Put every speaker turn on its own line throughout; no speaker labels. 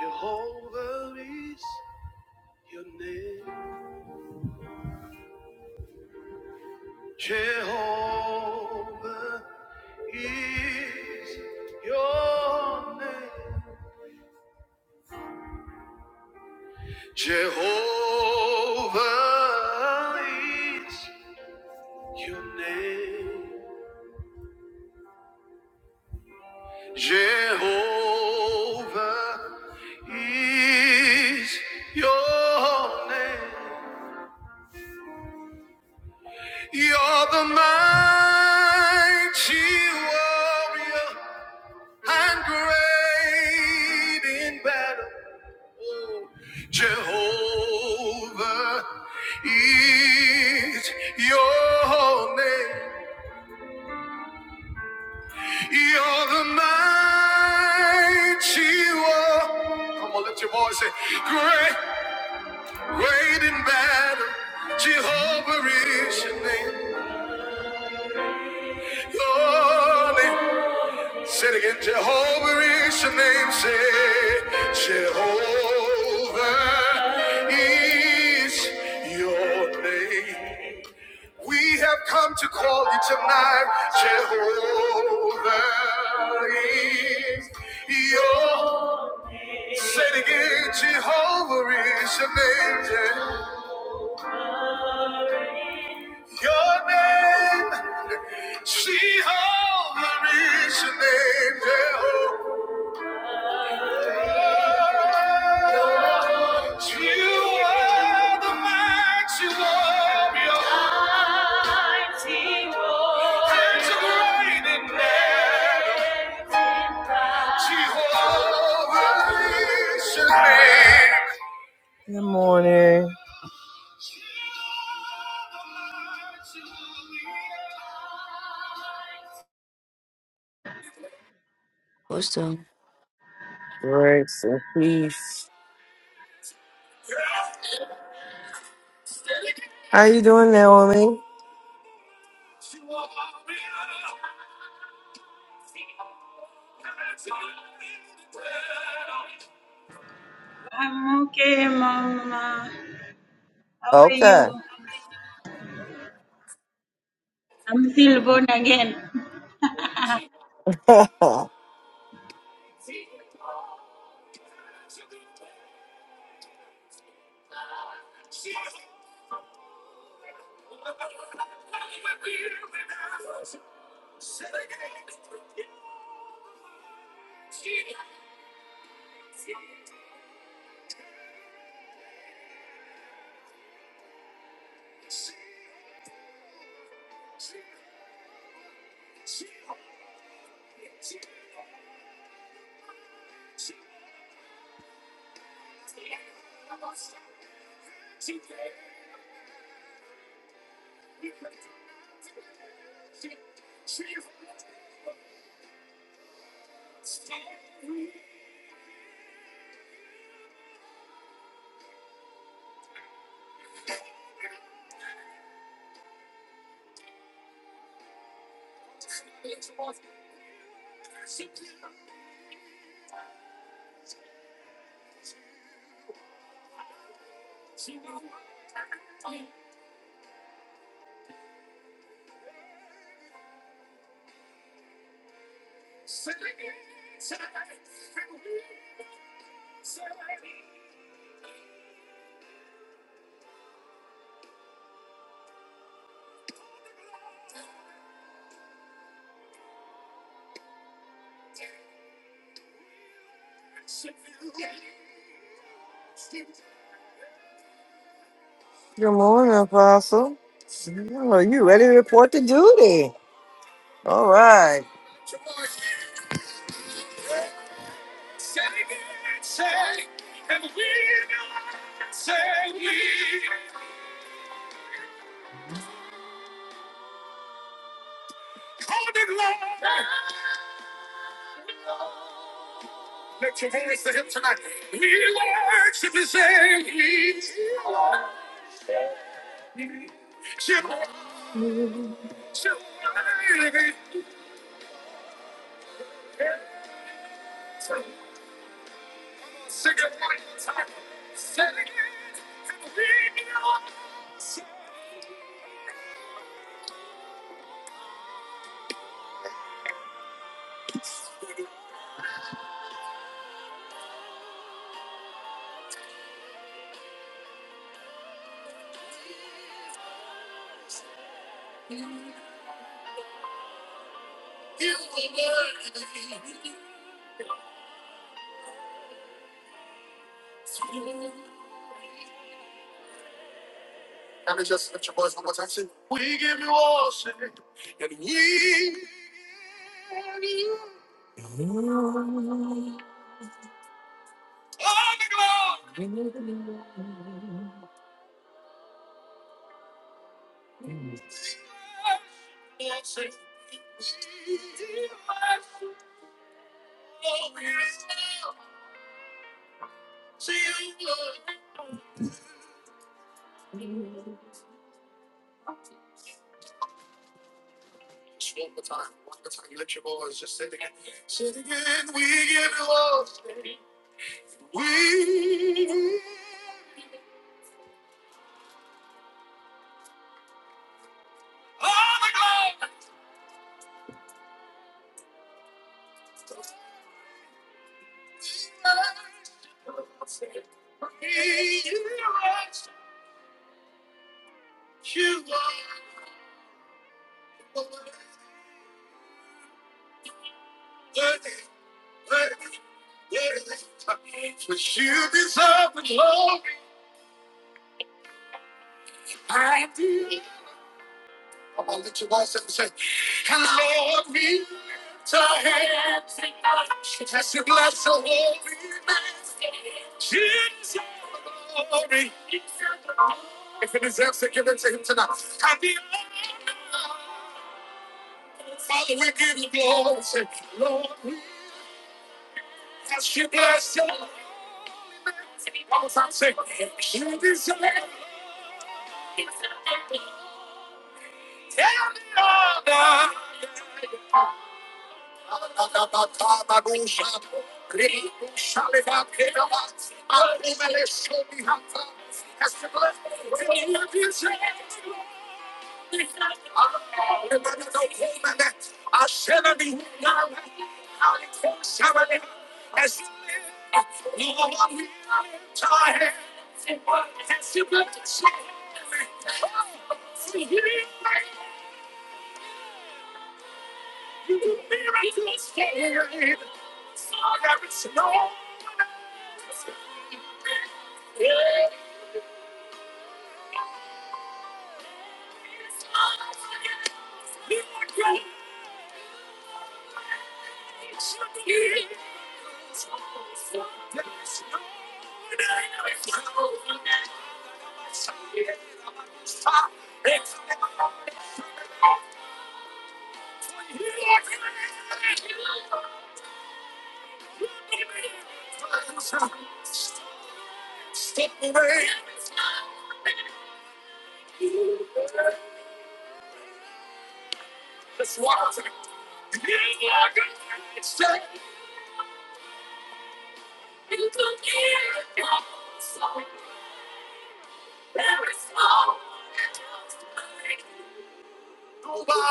Jehovah is your name. Jehovah is your name. Jehovah is your name. Jehovah is your name. You're the mighty warrior. and great in battle. Oh, Jehovah is your name. You're the mighty war. Come on, let your voice say, great, great in battle. Jehovah is your name. Your name. Say it again, Jehovah is your name. Say, Jehovah is your name. We have come to call you tonight. Jehovah is your. Say it again, Jehovah is your name. Yeah. Your name, Jehovah is your name. Jehovah. Good morning.
Awesome.
Grace and peace. How you doing, Naomi?
I'm okay, Mama. How are
Okay.
you? I'm still born again.
Good morning, Apostle. Oh, you ready to report to duty? All right. Can we just lift your voice one more time? Sing. We give you all worship and we give you all the glory. And we, we,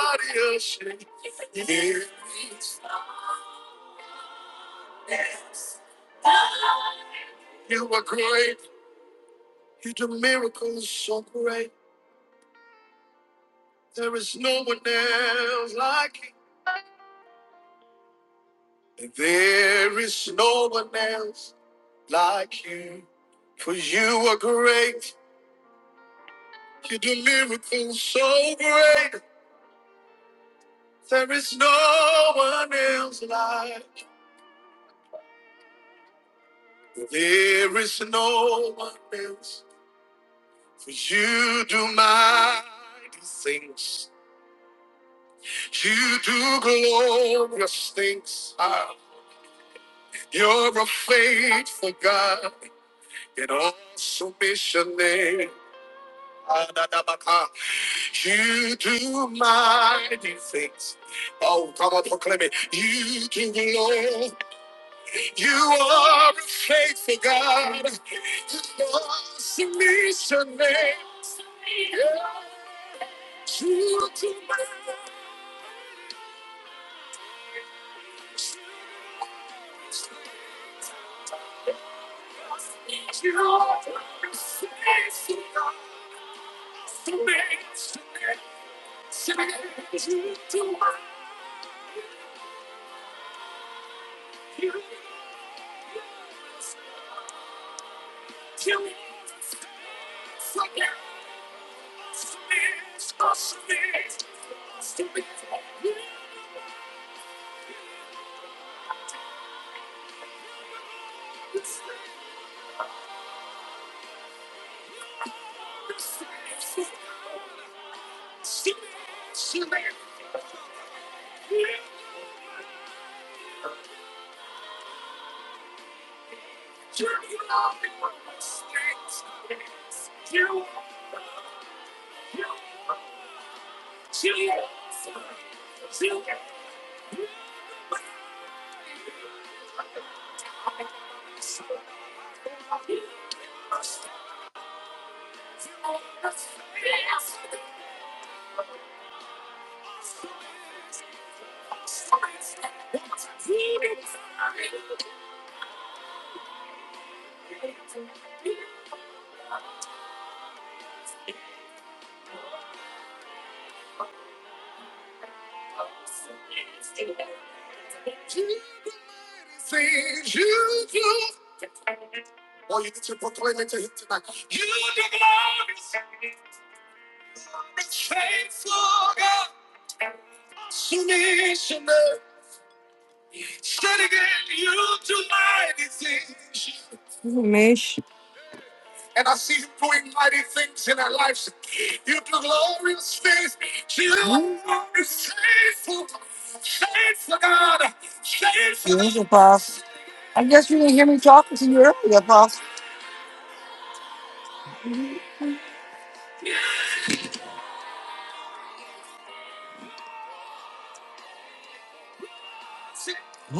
nobody else. You are great. You do miracles so great. There is no one else like you. There is no one else like you. For you are great. You Mish, Apostle. I guess you didn't hear me talking to you earlier, Apostle. I'm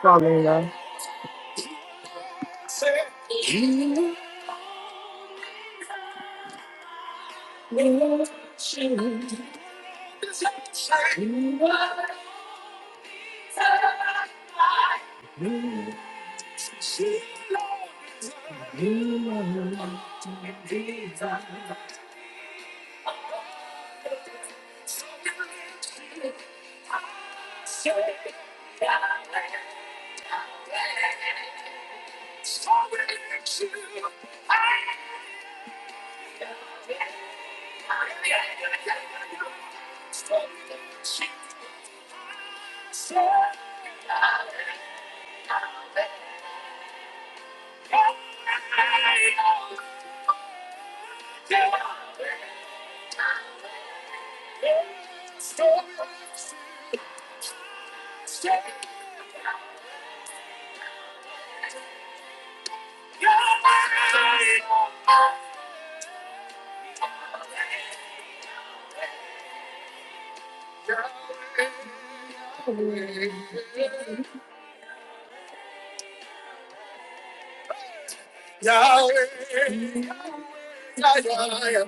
problem, though. Yahweh, Yahweh,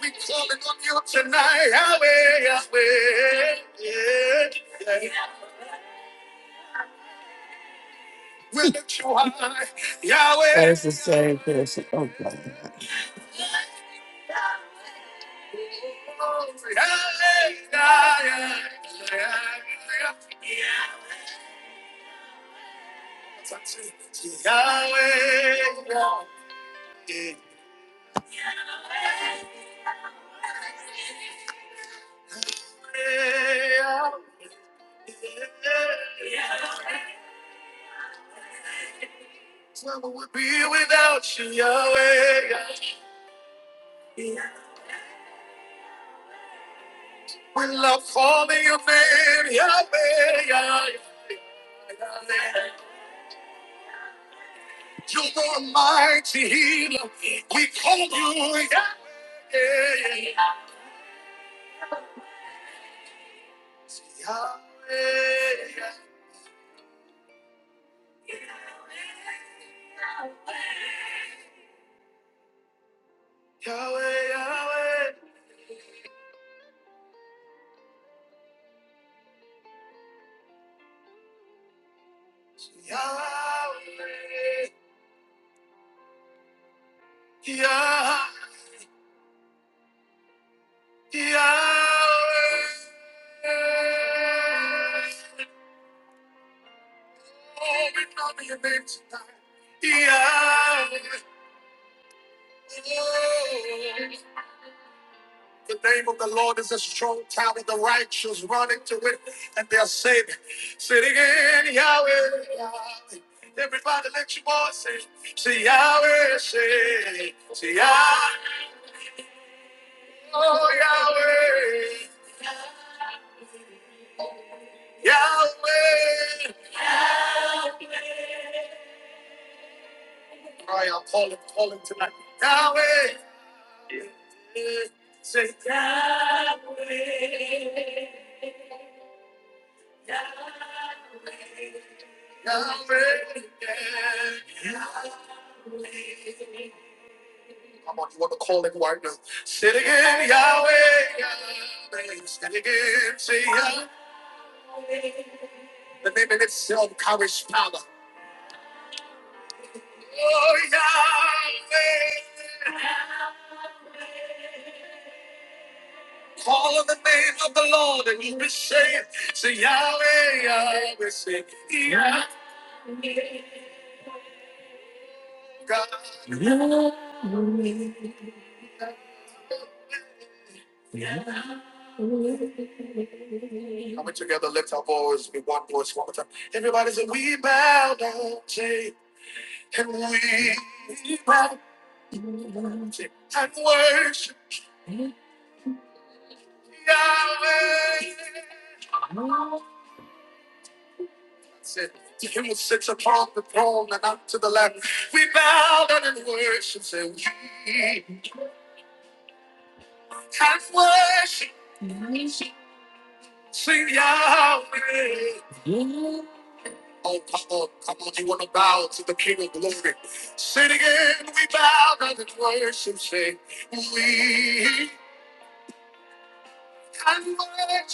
we calling on you tonight, Yahweh, Yahweh. Yeah, yeah. We lift you high, Yahweh. That is the same person. Oh, God. Yahweh, Yahweh, Yahweh, Yahweh. Yeah, yeah. Where would we be without you, Yahweh? Will love for me, your name, Yahweh, Yahweh, Yahweh, Yahweh, Yahweh, Yah- Yahweh, Yahweh, to it, and they'll say, say it again, Yahweh, everybody, say Yahweh, say, say Yahweh, Yahweh, Yahweh. I'm on you want to call it right now. Say it again, Yahweh. praise that it is. Say, yeah. The name in itself carries power. Oh, Yahweh. Call on the name of the Lord and you'll be saved. Say, Yahweh, Yahweh, say, God. Put together, lift our voice, be one voice, one more time. Everybody say, we bow down, say, and we, Yahweh. Oh, come on, you want to bow to the King of Glory. Say it again, we bow down and worship, say, we, and worship.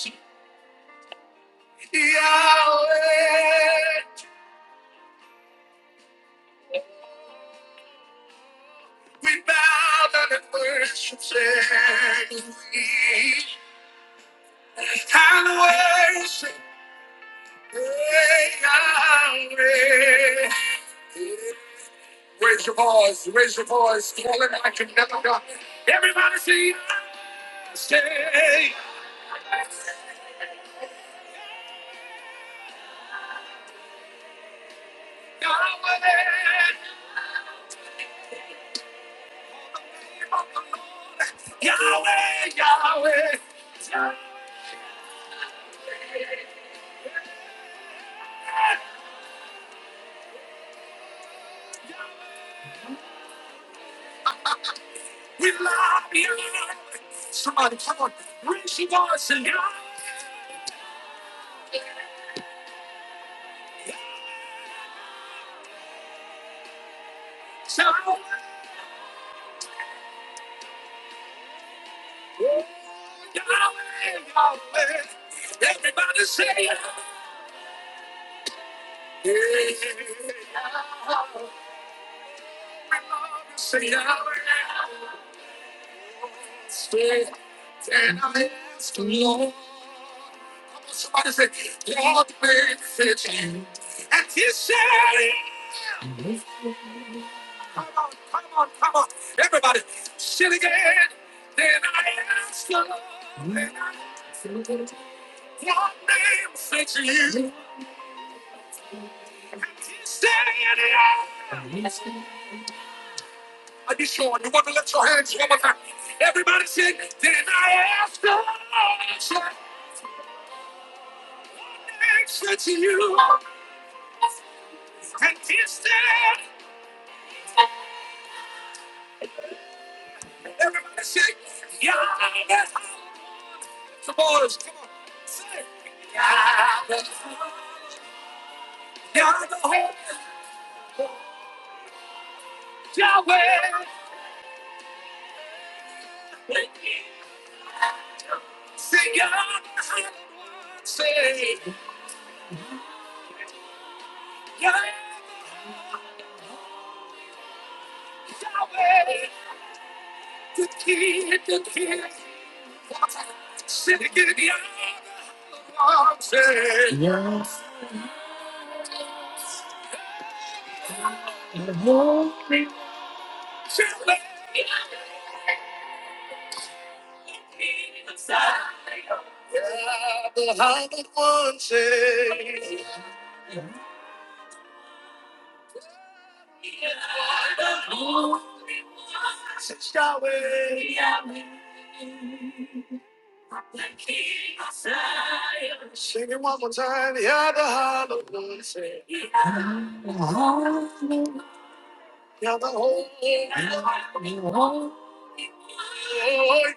Yahweh, we bow down and worship you. And worship the hallowed one. say, Sing it one more time. You're the hallowed one. You're the holy one.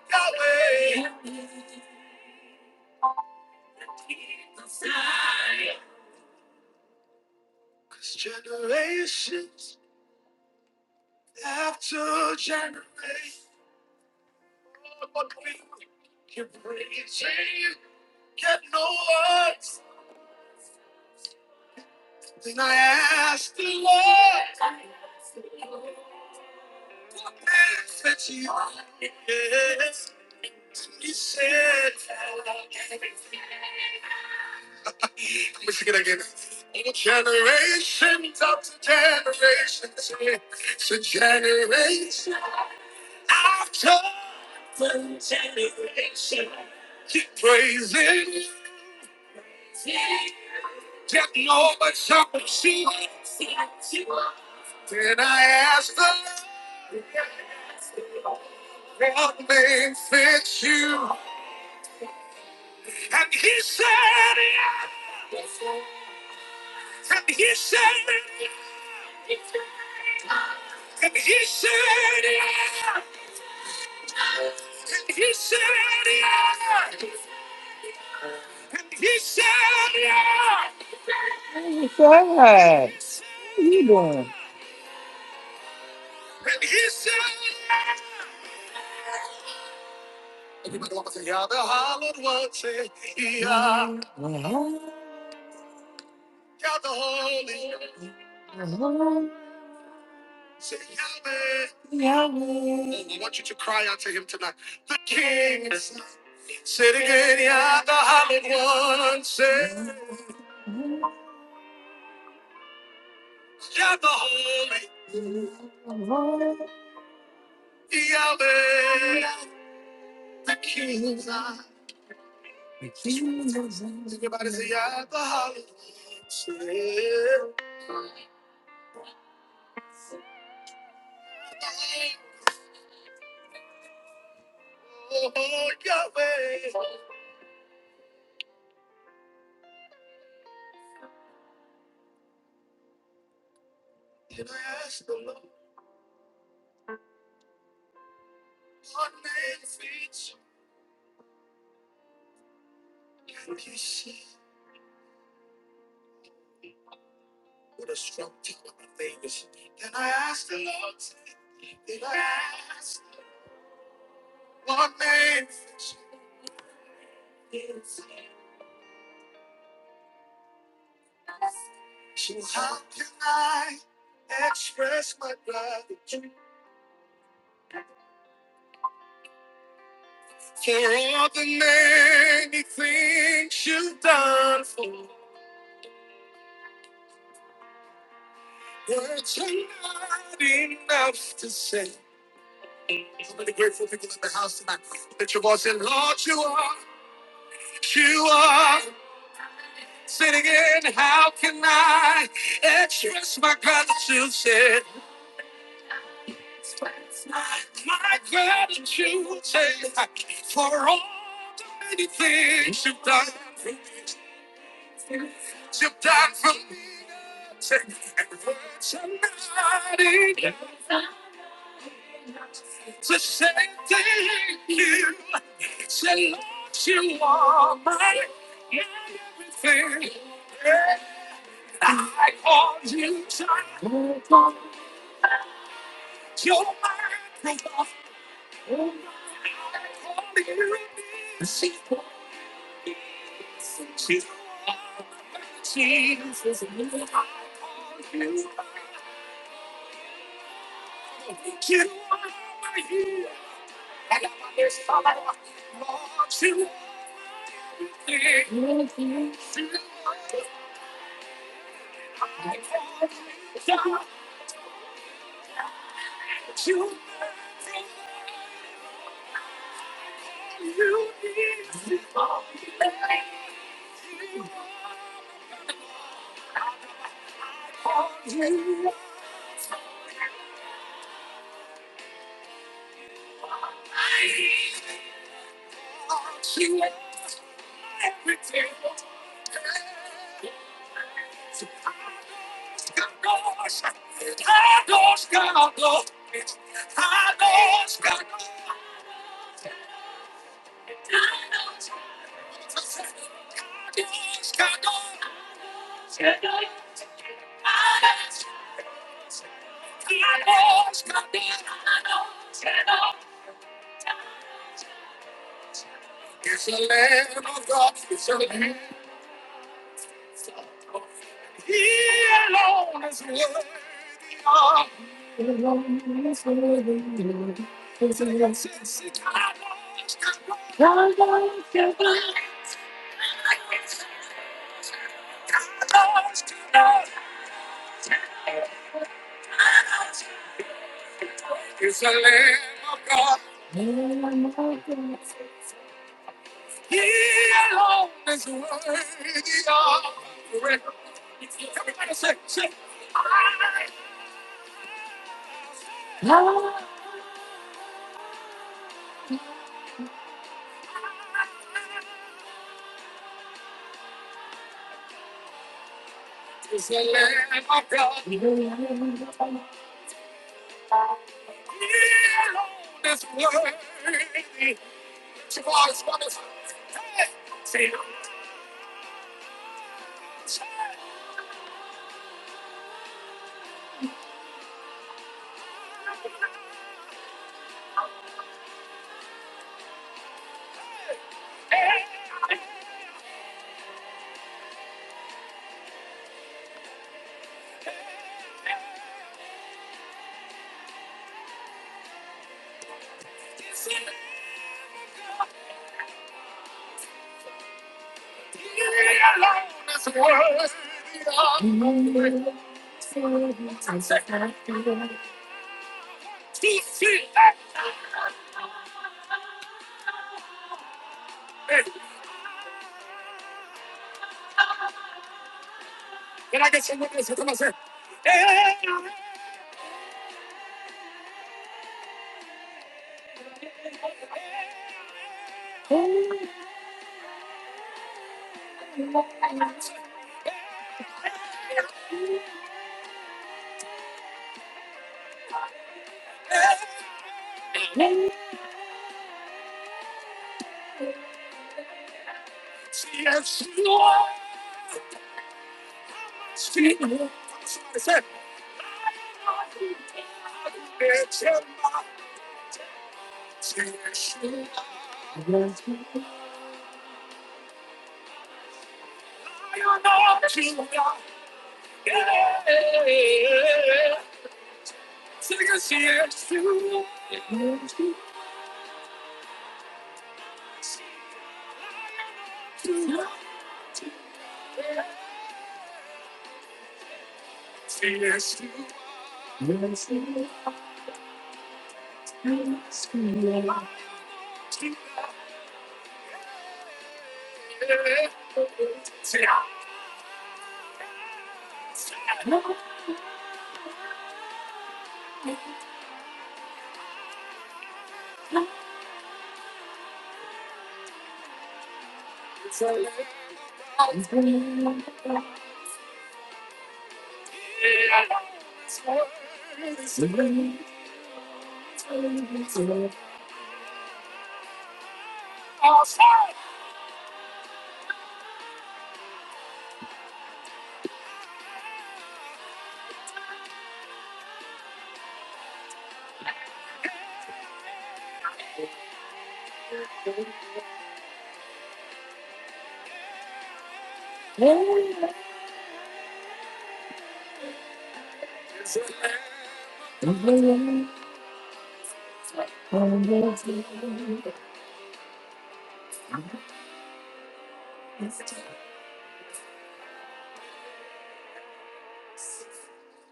Hey, Fred, how you doing? Everybody want to say, You're the hallowed one. Say, you're the holy one. Say Yahweh. Yahweh. I want you to cry out to him tonight. The King is nigh. Say it again, Yah the Holy One. Say Yah the Holy. Yahweh. Everybody say Yah the Holy One. Say oh, Yahweh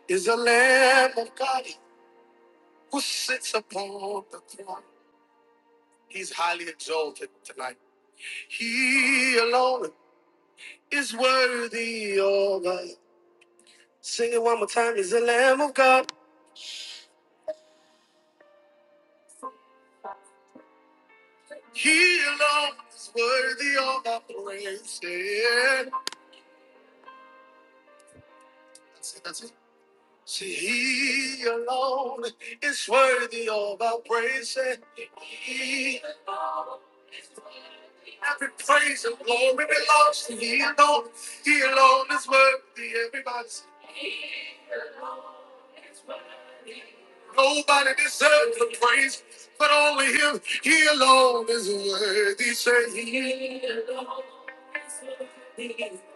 is the Lamb of God who sits upon the throne. He's highly exalted tonight. He alone is worthy of us. Sing it one more time. He's the Lamb of God. He alone is worthy of our praise. Yeah. That's it, that's it. See, he alone is worthy of our praise. Yeah. He, he alone is worthy, everybody. say, Nobody deserves the praise, but only him. He alone is worthy. Say,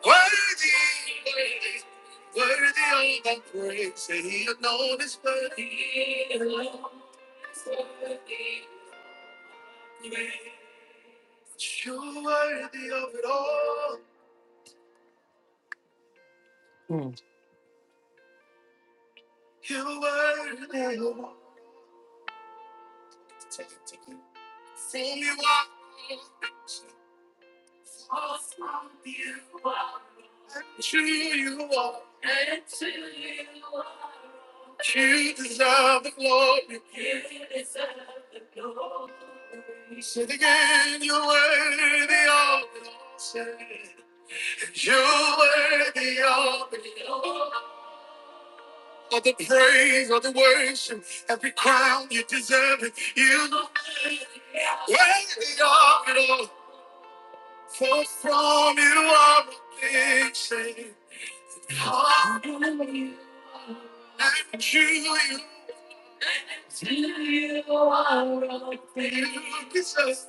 worthy, worthy praise. Say, he alone is worthy. Mm. Oh, and truly, you deserve.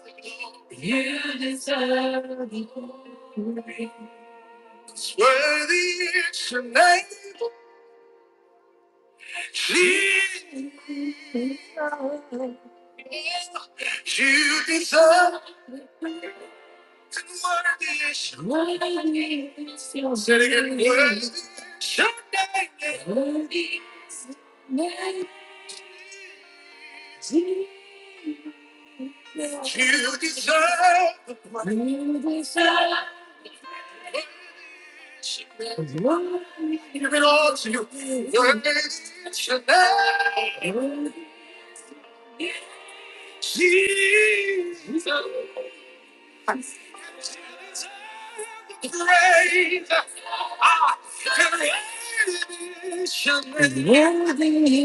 Worthy is your name, Jesus. You deserve and worthy is your name. You deserve. it. Worthy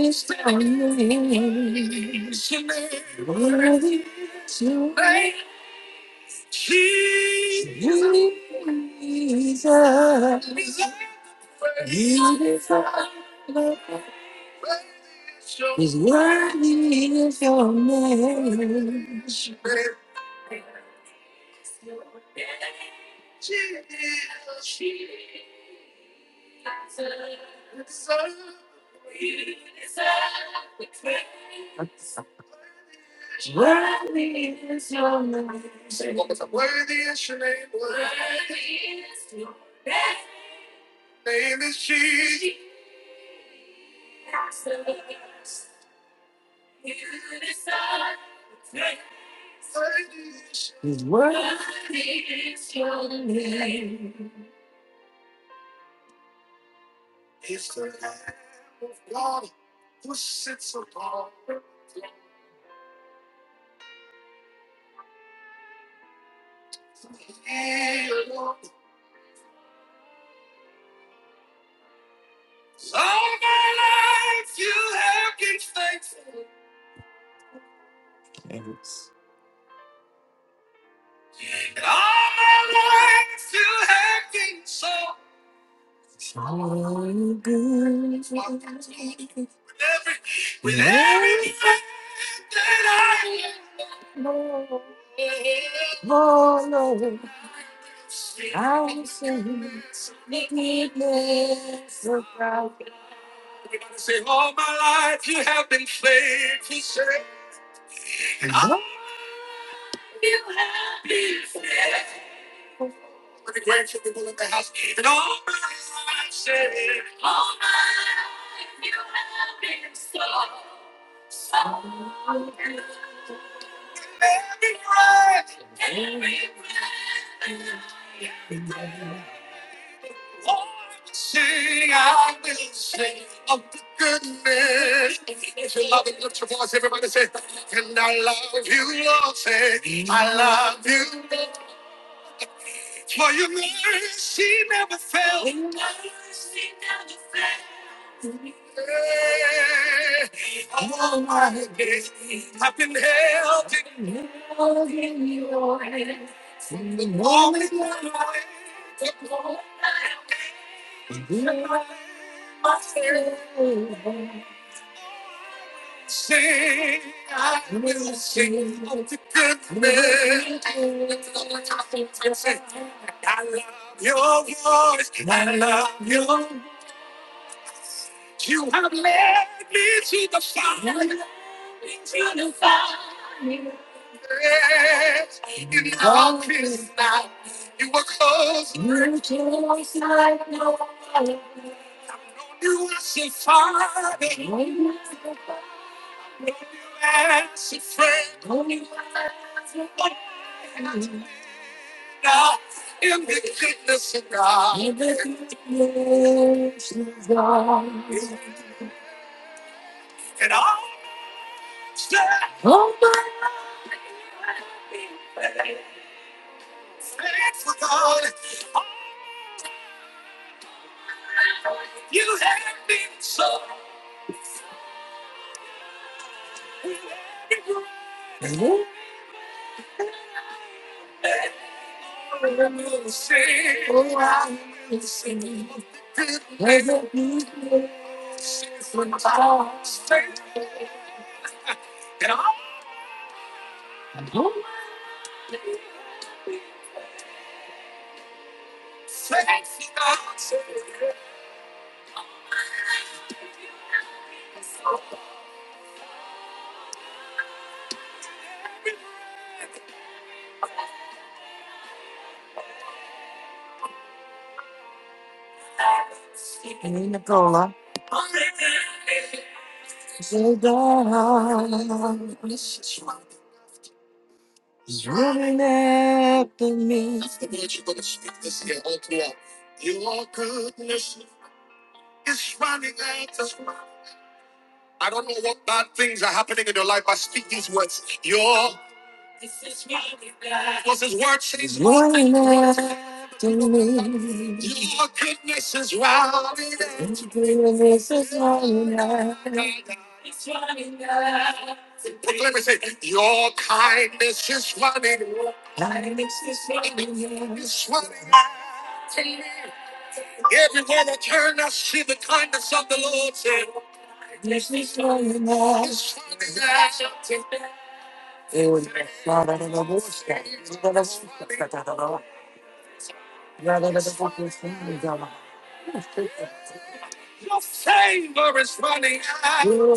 is your name. Worthy is your name. Jesus. You deserve. it. Is worthy is your name. Worthy is your name. Worthy name is Jesus. His word. Oh, good Lord, oh, Lord, I will sing the goodness of thy love. Oh, my Nicola, so God is running after me, after me. His goodness is running after me. It was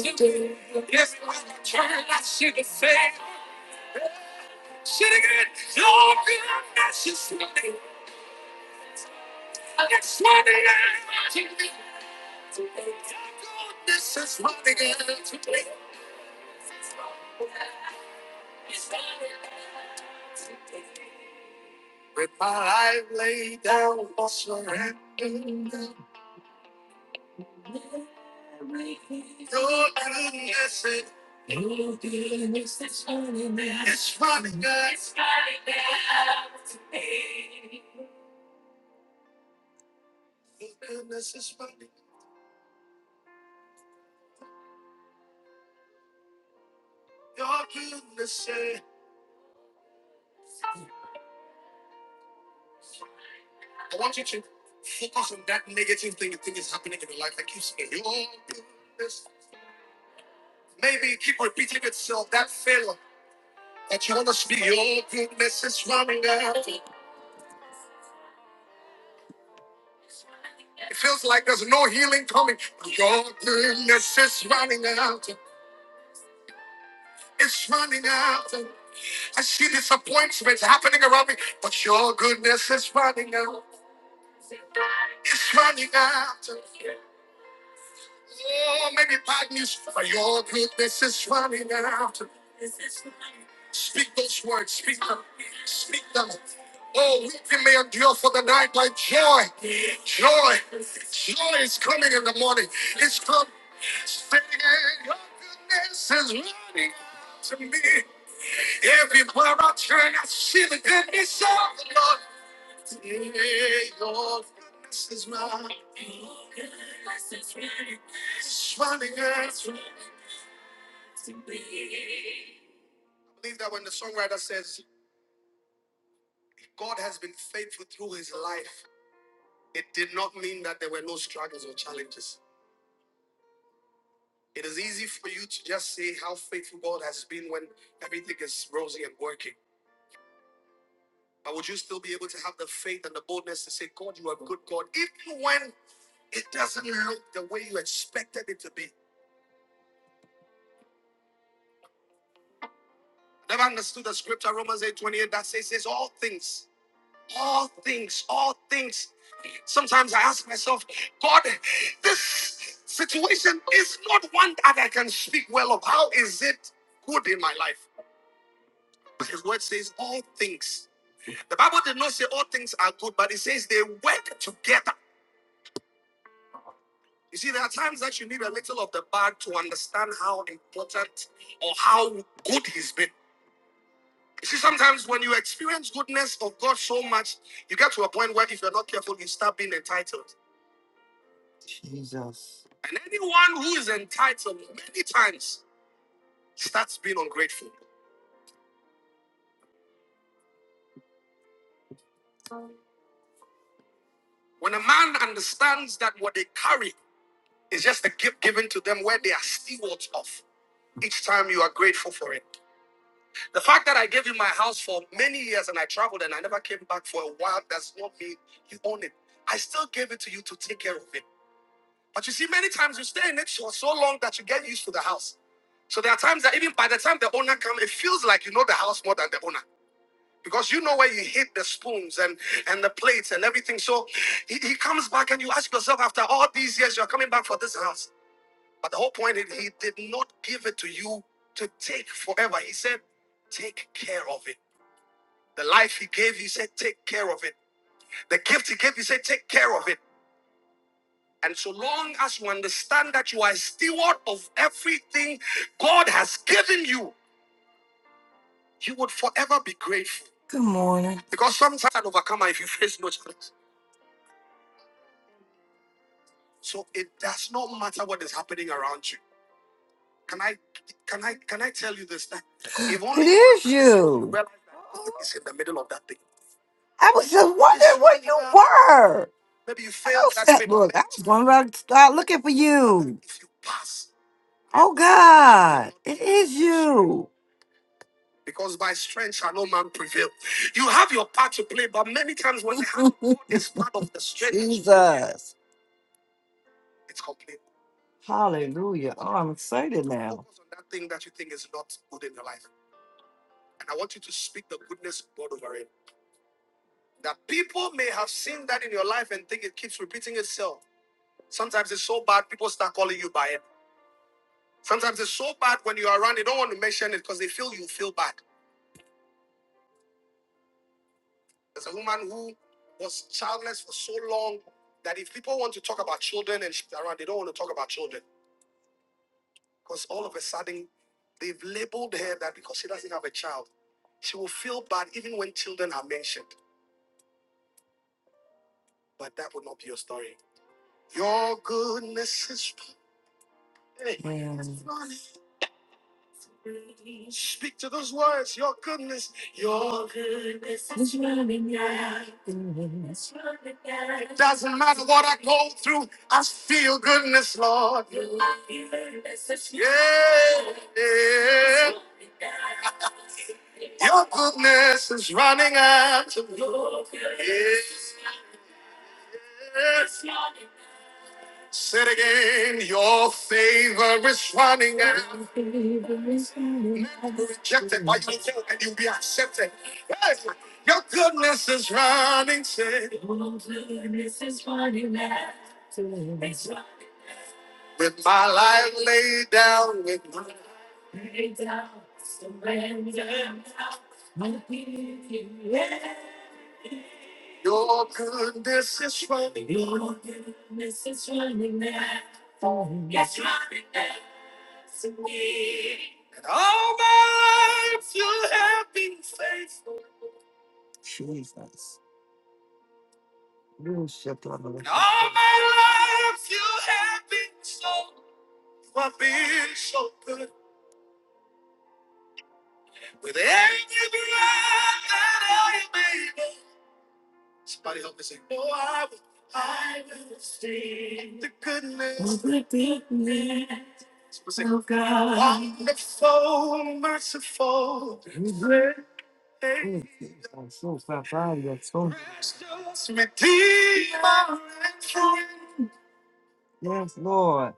Jesus. Good morning. There's you. I was just what word. I was going to start looking for you. Oh God, it is you. Jesus. Hallelujah. Oh, I'm excited now. And- Said again, your favor is running. Accept it. Your goodness is running. Said, with my life laid down with Jesus. You should love me. Thank you. I'm so sorry. I'm so yes, Lord.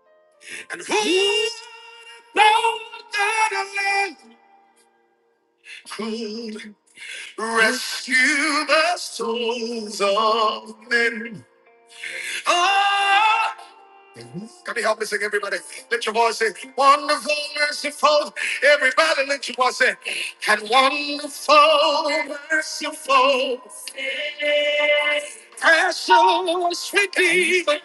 Could Rescue the souls of men. Ah! Can you help me sing, everybody? Let your voice say, Wonderful, merciful. Everybody, let your voice say, And wonderful, merciful, precious, redeemer.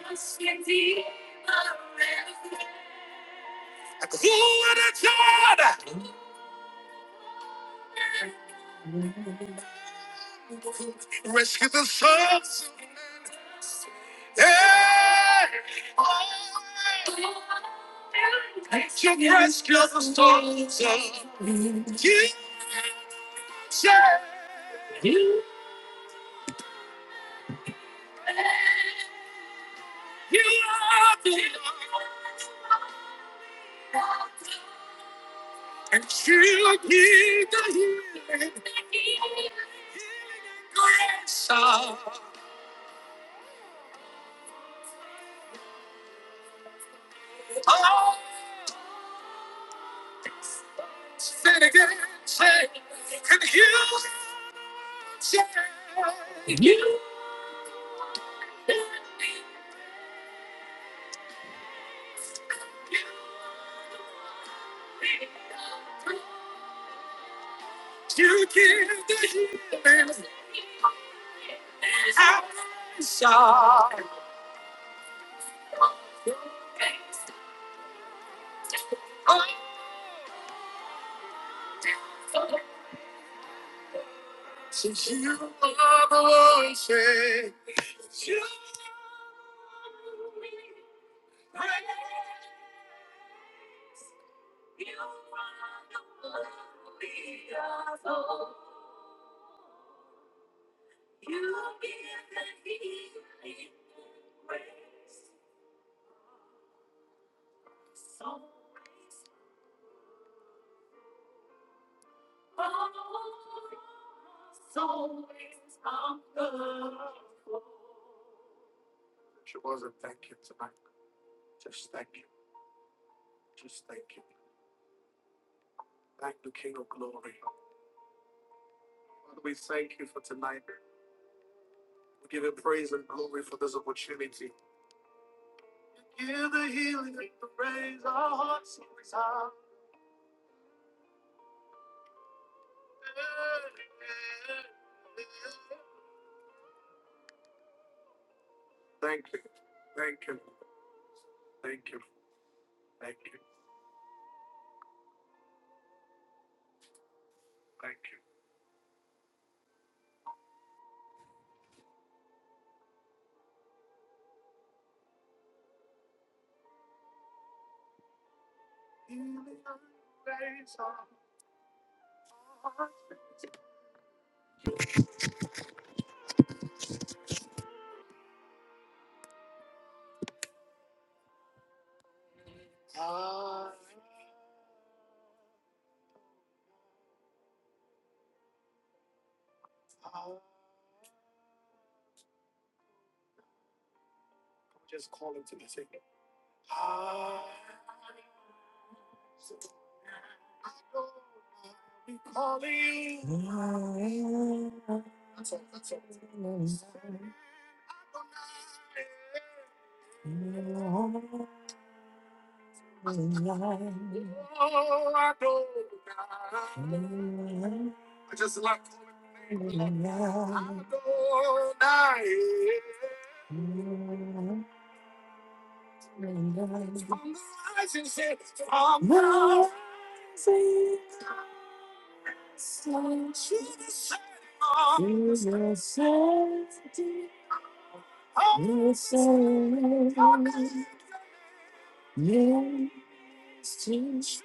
I just like to your name. Adonai. From the rising sun, from the rising to the setting of the sun. Oh, sun. Your name Yes, to shout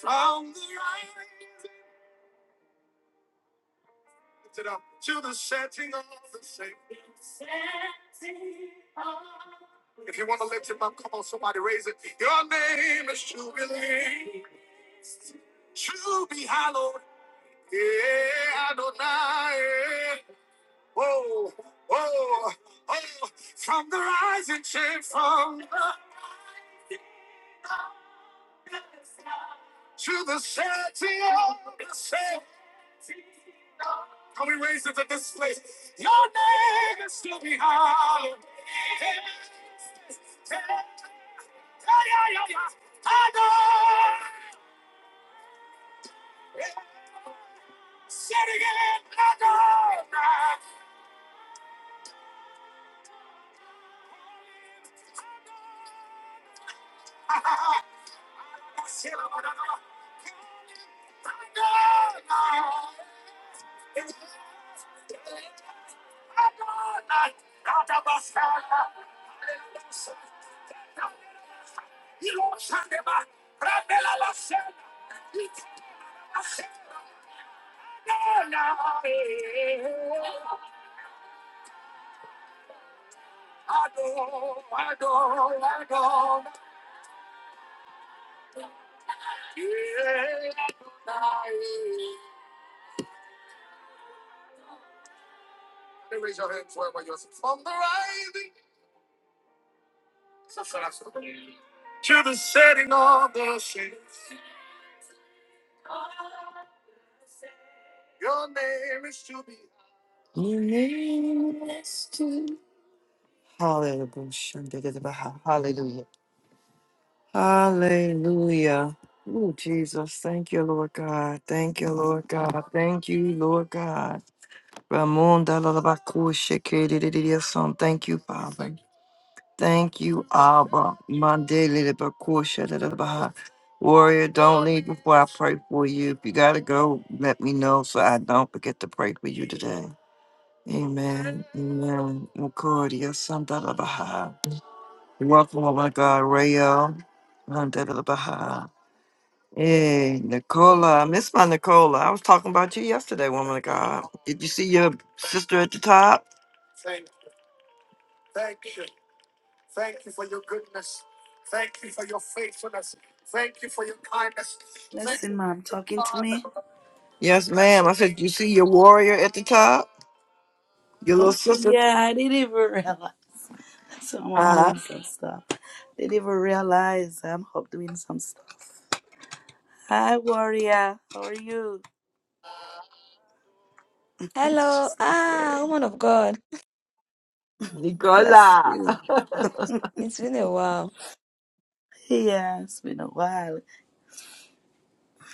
from the rising to the to the setting of the sun. If you want to lift him up, come on, somebody raise it. Your name is Jubilee. Jubilee hallowed. Yeah, Adonai. Oh, oh, oh. From the rising shade from the... Your name is to... Hallelujah. Hallelujah. Hallelujah. Oh, Jesus. Thank you, Lord God. Thank you, Lord God. Thank you, Lord God. Ramon da la la ba ku she ke di di di di son. Thank you, Father. Thank you, Abba. Monday, little Bakusha, little Baha. Warrior, don't leave before I pray for you. If you gotta go, let me know so I don't forget to pray for you today. Amen. Amen. Mukordia, Santa little Baha. Welcome, oh my God, Rayo. Monday, little Baha. Hey, Nicola. I miss my Nicola. I was talking about you yesterday, woman of God. Did you see your sister at the top?
Blessing, mom, talking to me.
Yes, ma'am. I said, you see your warrior at the top? Your little
Oh,
sister?
yeah, I didn't even realize. So I'm up doing some stuff. Didn't even realize I'm up doing some stuff. Hi, warrior. How are you?
Hello,
She's not
ah,
hearing.
woman of God.
Bless
Nicola.
you.
It's been a while.
Yeah, it's been a while.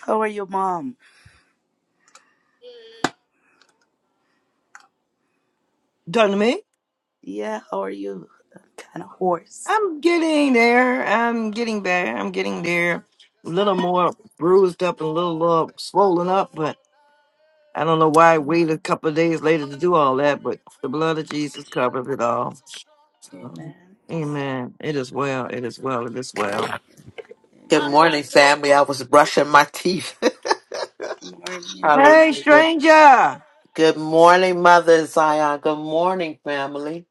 How are you, mom?
Done to me?
Yeah, how are you? I'm kind of hoarse.
I'm getting there. I'm getting there. I'm getting there. A little more bruised up and a little uh, swollen up, but I don't know why I waited a couple of days later to do all that, but the blood of Jesus covers it all. So,
Amen.
amen. It is well. It is well. It is well.
Good
Amen.
morning, family. I was brushing my teeth.
Good morning.
Hey,
Hallelujah.
stranger.
Good morning, Mother Zion. Good morning, family.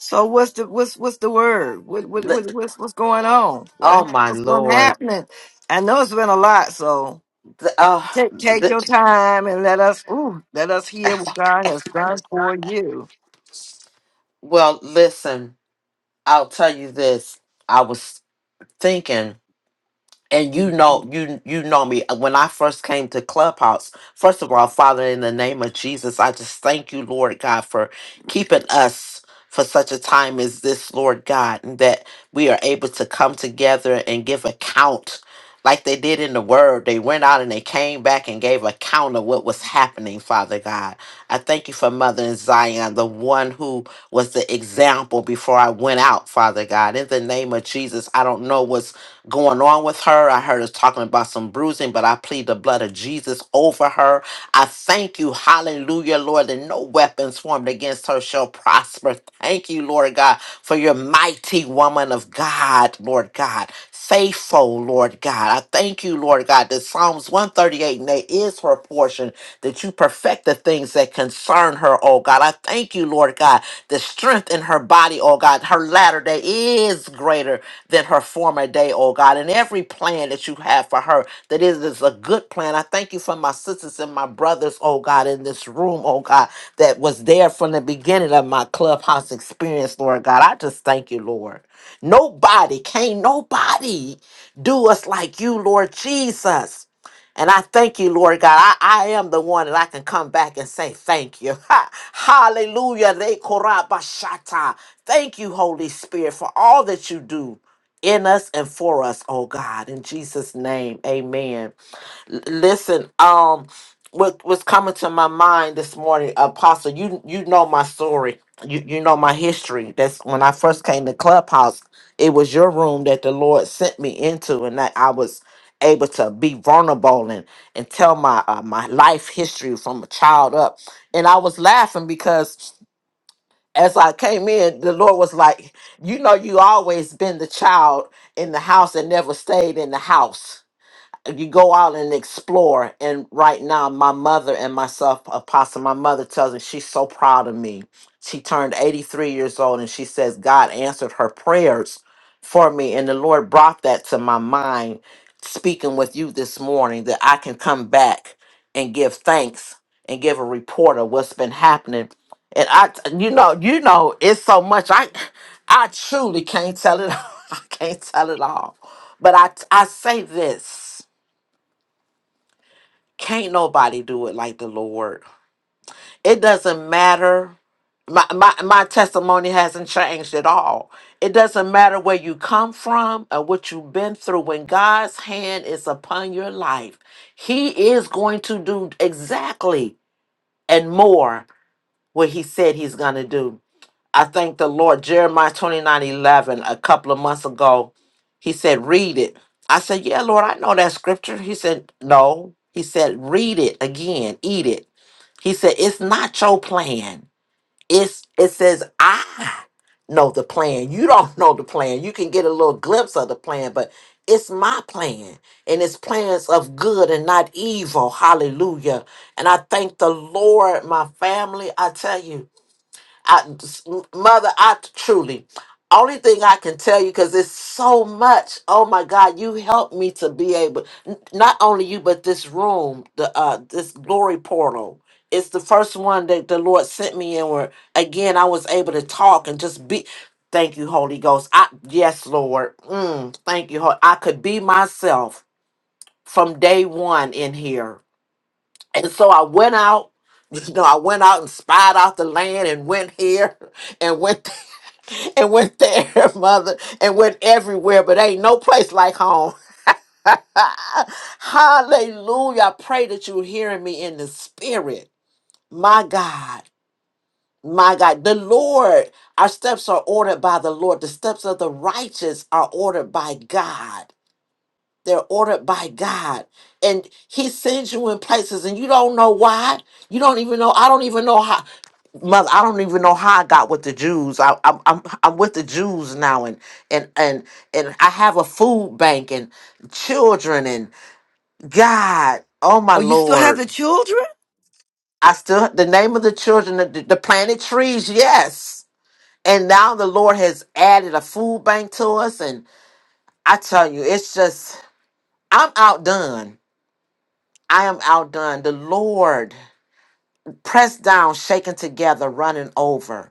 So what's the what's what's the word? What what,
Li-
what what's what's going on? What
Oh,
hap-
my
what's going
Lord.
happening? I know it's been a lot, so.
The- Oh,
Take, take your
the-
time and let us ooh, let us hear what God has done for you.
well, listen, I'll tell you this. I was thinking. and you know you you know me uh, when i first came to clubhouse first of all father in the name of jesus i just thank you lord god for keeping us for such a time as this lord god and that we are able to come together and give account like they did in the word. They went out and they came back and gave account of what was happening, Father God. I thank you for Mother in Zion, the one who was the example before I went out, Father God. In the name of Jesus, I don't know what's going on with her. I heard us talking about some bruising, but I plead the blood of Jesus over her. I thank you, hallelujah, Lord, that no weapons formed against her shall prosper. Thank you, Lord God, for your mighty woman of God, Lord God faithful, Lord God. I thank you, Lord God, that Psalms 138 and 8 is her portion, that you perfect the things that concern her, oh God. I thank you, Lord God, the strength in her body, oh God. Her latter day is greater than her former day, oh God. And every plan that you have for her, that it is a good plan. I thank you for my sisters and my brothers, oh God, in this room, oh God, that was there from the beginning of my clubhouse experience, Lord God. I just thank you, Lord. Nobody, can't nobody do us like you, Lord Jesus. And I thank you, Lord God. I, I am the one that I can come back and say thank you. Ha, hallelujah. Re korabashata. Thank you, Holy Spirit, for all that you do in us and for us, oh God. In Jesus' name, amen. L- listen, um, what was coming to my mind this morning, Apostle, you you know my story. You you know my history. That's when I first came to Clubhouse, it was your room that the Lord sent me into and that I was able to be vulnerable and, and tell my uh, my life history from a child up. And I was laughing because as I came in, the Lord was like, you know, you always been the child in the house that never stayed in the house you go out and explore. And right now, my mother and myself, Apostle, my mother tells me she's so proud of me. She turned 83 years old and she says God answered her prayers for me. And the Lord brought that to my mind, speaking with you this morning, that I can come back and give thanks and give a report of what's been happening. And I, you know, you know, it's so much. I, I truly can't tell it. I can't tell it all. But I, I say this. Can't nobody do it like the Lord. It doesn't matter. My, my, my testimony hasn't changed at all. It doesn't matter where you come from or what you've been through. When God's hand is upon your life, He is going to do exactly and more what He said He's going to do. I thank the Lord. Jeremiah twenty nine eleven. a couple of months ago, He said, Read it. I said, Yeah, Lord, I know that scripture. He said, No. He said, Read it again, eat it. He said, It's not your plan. It's it says I know the plan. You don't know the plan. You can get a little glimpse of the plan, but it's my plan. And it's plans of good and not evil. Hallelujah. And I thank the Lord, my family. I tell you. I, mother, I truly, only thing I can tell you because it's so much. Oh my God, you helped me to be able, n- not only you, but this room, the uh, this glory portal. It's the first one that the Lord sent me in where again I was able to talk and just be. Thank you, Holy Ghost. I yes, Lord. Mm, thank you. Hol- I could be myself from day one in here and so I went out. You know, I went out and spied out the land and went here and went and went there, mother, and went everywhere, but ain't no place like home. Hallelujah. I pray that you're hearing me in the spirit. My God, my God, the Lord, our steps are ordered by the Lord. The steps of the righteous are ordered by God. They're ordered by God. And He sends you in places and you don't know why. You don't even know. I don't even know how. mother i don't even know how i got with the jews I, i'm i'm i'm with the jews now and and and and i have a food bank and children and god oh my
Oh, you still have the
lord
children?
i still the name of the children the, the planted trees yes and now the lord has added a food bank to us and i tell you it's just i'm outdone i am outdone the lord pressed down shaken together running over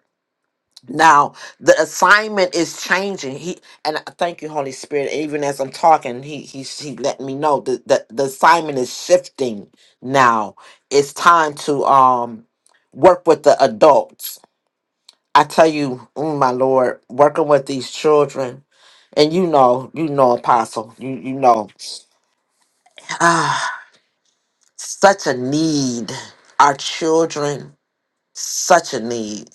Now the assignment is changing. He and I thank you, Holy Spirit. Even as I'm talking, he he's he letting me know that the, the assignment is shifting now. It's time to um work with the adults. I tell you, mm, my Lord, working with these children, and you know, you know, Apostle, you you know, ah, such a need. Our children, such a need.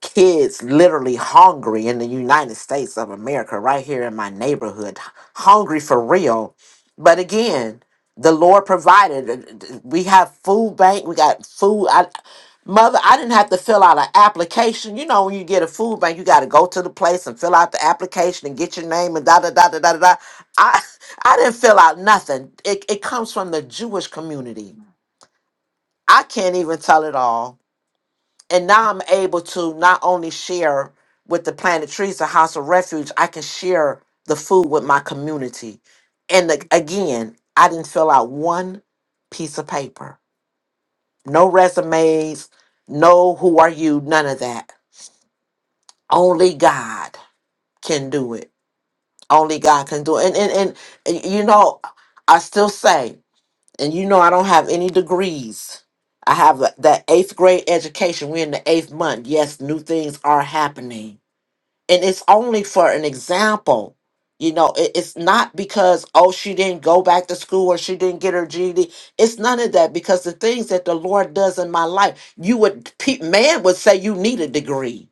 kids literally hungry in the United States of America, right here in my neighborhood, hungry for real. But again, the Lord provided. We have food bank. We got food. I, mother, I didn't have to fill out an application. You know, when you get a food bank, you got to go to the place and fill out the application and get your name and da da da da da da. da. I I didn't fill out nothing. It it comes from the Jewish community. I can't even tell it all and now I'm able to not only share with the Planet Trees, the House of Refuge, I can share the food with my community. And ag- again, I didn't fill out one piece of paper, no resumes, no who are you, none of that. Only God can do it. Only God can do it. And and and, and you know, I still say, and you know, I don't have any degrees. I have that eighth grade education. We're in the eighth month. Yes, new things are happening and it's only for an example you know it, it's not because oh she didn't go back to school or she didn't get her ged it's none of that because the things that the lord does in my life you would pe- man would say you need a degree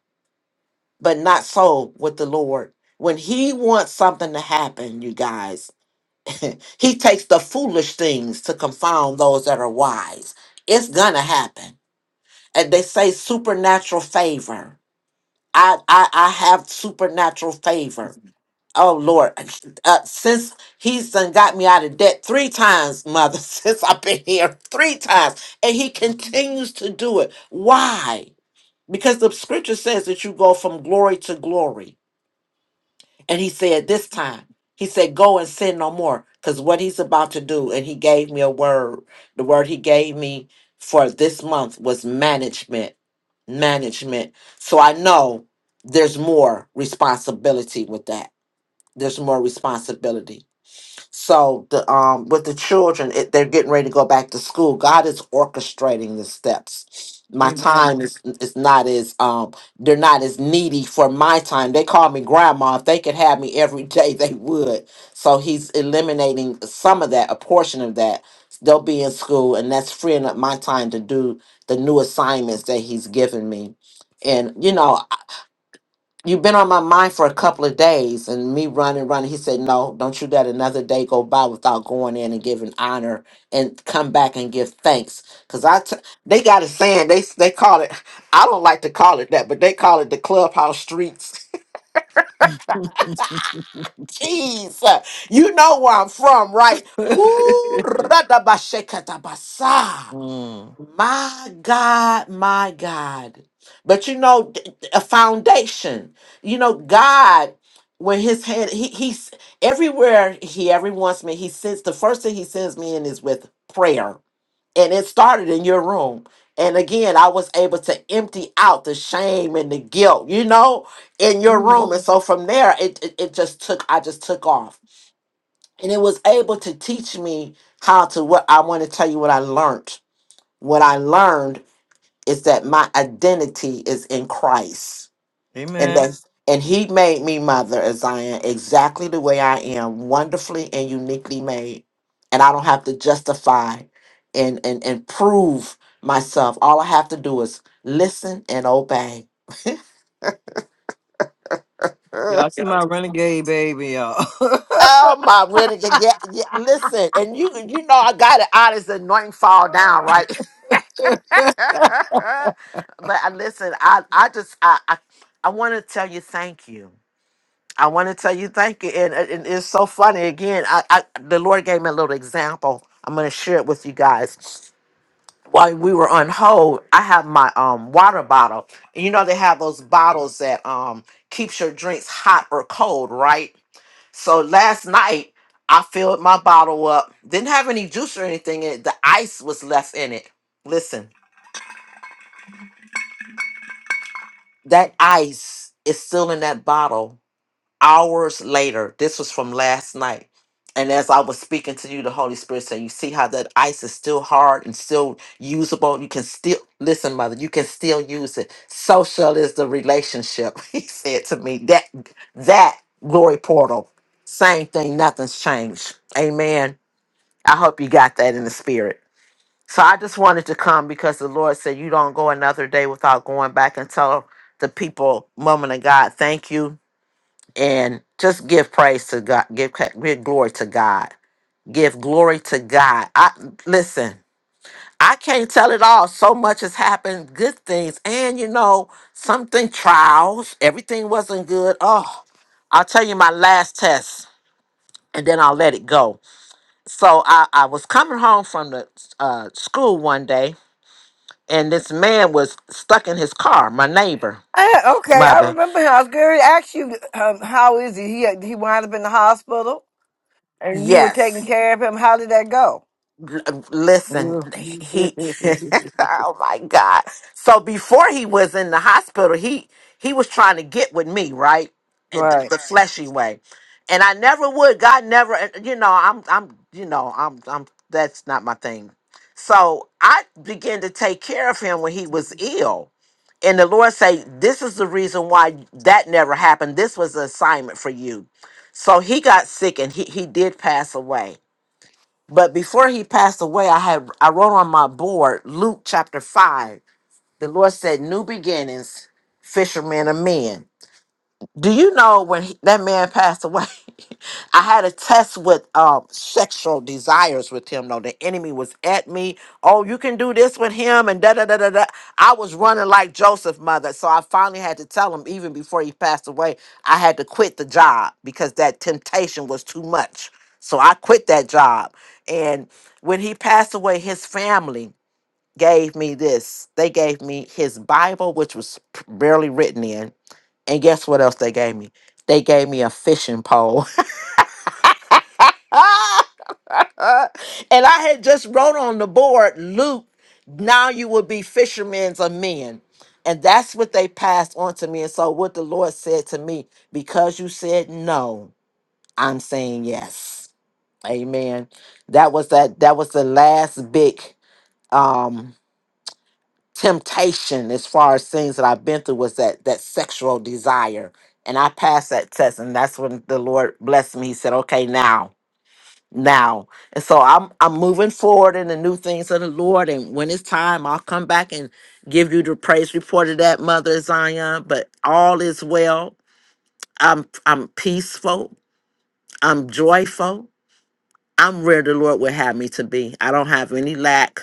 but not so with the lord when he wants something to happen you guys he takes the foolish things to confound those that are wise it's gonna happen and they say supernatural favor i i, I have supernatural favor Oh Lord, uh, since he's done got me out of debt three times, mother, since I've been here three times, and he continues to do it. Why? Because the scripture says that you go from glory to glory. And he said this time, he said, Go and sin no more, because what he's about to do, and he gave me a word. The word he gave me for this month was management. Management. So I know there's more responsibility with that there's more responsibility. So the um with the children, it, they're getting ready to go back to school. God is orchestrating the steps. My
Amen.
time is is not as um they're not as needy for my time. They call me grandma. If they could have me every day, they would. So he's eliminating some of that, a portion of that. They'll be in school, and that's freeing up my time to do the new assignments that he's given me. And you know, you've been on my mind for a couple of days and me running running he said no don't you let another day go by without going in and giving honor and come back and give thanks because i t- they got a saying they they call it i don't like to call it that but they call it the clubhouse streets jeez uh, you know where i'm from right Woo, radabashekatabasa.
Mm.
My God, my God. But you know, th- th- a foundation. You know, God, when his hand, he, he's everywhere he ever wants me, he sends the first thing he sends me in is with prayer. And it started in your room. And again, I was able to empty out the shame and the guilt, you know, in your room. And so from there, it, it, it just took, I just took off. And it was able to teach me how to what I want to tell you what I learned. What I learned is that my identity is in Christ. And
Amen.
that and he made me mother as I am, exactly the way I am, wonderfully and uniquely made. And I don't have to justify and and, and prove myself. All I have to do is listen and obey.
Y'all see my renegade baby, y'all.
Oh my renegade! Yeah, yeah. yeah, Listen, and you you know I got it out as anointing fall down, right? but I listen, I I just I I, I want to tell you thank you. I want to tell you thank you, and, and it's so funny. Again, I, I the Lord gave me a little example. I'm going to share it with you guys while we were on hold, I have my um water bottle. And you know they have those bottles that um keeps your drinks hot or cold, right? So last night I filled my bottle up. Didn't have any juice or anything in it. The ice was left in it. Listen, that ice is still in that bottle. hours later, this was from last night. And as I was speaking to you, the Holy Spirit said, You see how that ice is still hard and still usable? You can still, listen, mother, you can still use it. Social is the relationship, he said to me. That, that glory portal, same thing, nothing's changed. Amen. I hope you got that in the spirit. So I just wanted to come because the Lord said, You don't go another day without going back and tell the people, woman of God, thank you and just give praise to God, give give glory to God, give glory to God. I listen. I can't tell it all. So much has happened, good things, and you know, something trials. Everything wasn't good. Oh, I'll tell you my last test, and then I'll let it go. So I, I was coming home from the uh, school one day, and this man was stuck in his car. My neighbor,
I, okay, I
mother.
remember him. I was going to ask you, um, how is he? He he wound up in the hospital, and you were taking
Yes.
care of him. How did that go?
L- listen,
Ugh.
he he oh my god. So before he was in the hospital, he he was trying to get with me, right? And th-
Right.
The, Right. fleshy way. And I never would. God never and, you know, I'm I'm you know, I'm I'm that's not my thing. So I began to take care of him when he was ill. And the Lord say, This is the reason why that never happened. This was an assignment for you. So he got sick and he, he did pass away but before he passed away, I had I wrote on my board Luke chapter five. The Lord said, "New beginnings, fishermen of men." Do you know when he, that man passed away? I had a test with um, sexual desires with him. Though the enemy was at me. Oh, you can do this with him, and da da da da da. I was running like Joseph, mother. So I finally had to tell him, even before he passed away, I had to quit the job because that temptation was too much. So I quit that job. And when he passed away, his family gave me this. They gave me his Bible, which was barely written in and guess what else they gave me? They gave me a fishing pole. and I had just wrote on the board, Luke, now you will be fishermen of men. And that's what they passed on to me. And so what the Lord said to me, because you said no, I'm saying yes. Amen. That was that that was the last big um temptation as far as things that I've been through was that that sexual desire. And I passed that test and that's when the Lord blessed me. He said, Okay, now, now. And so I'm I'm moving forward in the new things of the Lord. And when it's time, I'll come back and give you the praise report of that, Mother Zion. But all is well. I'm I'm peaceful. I'm joyful. I'm where the Lord would have me to be. I don't have any lack.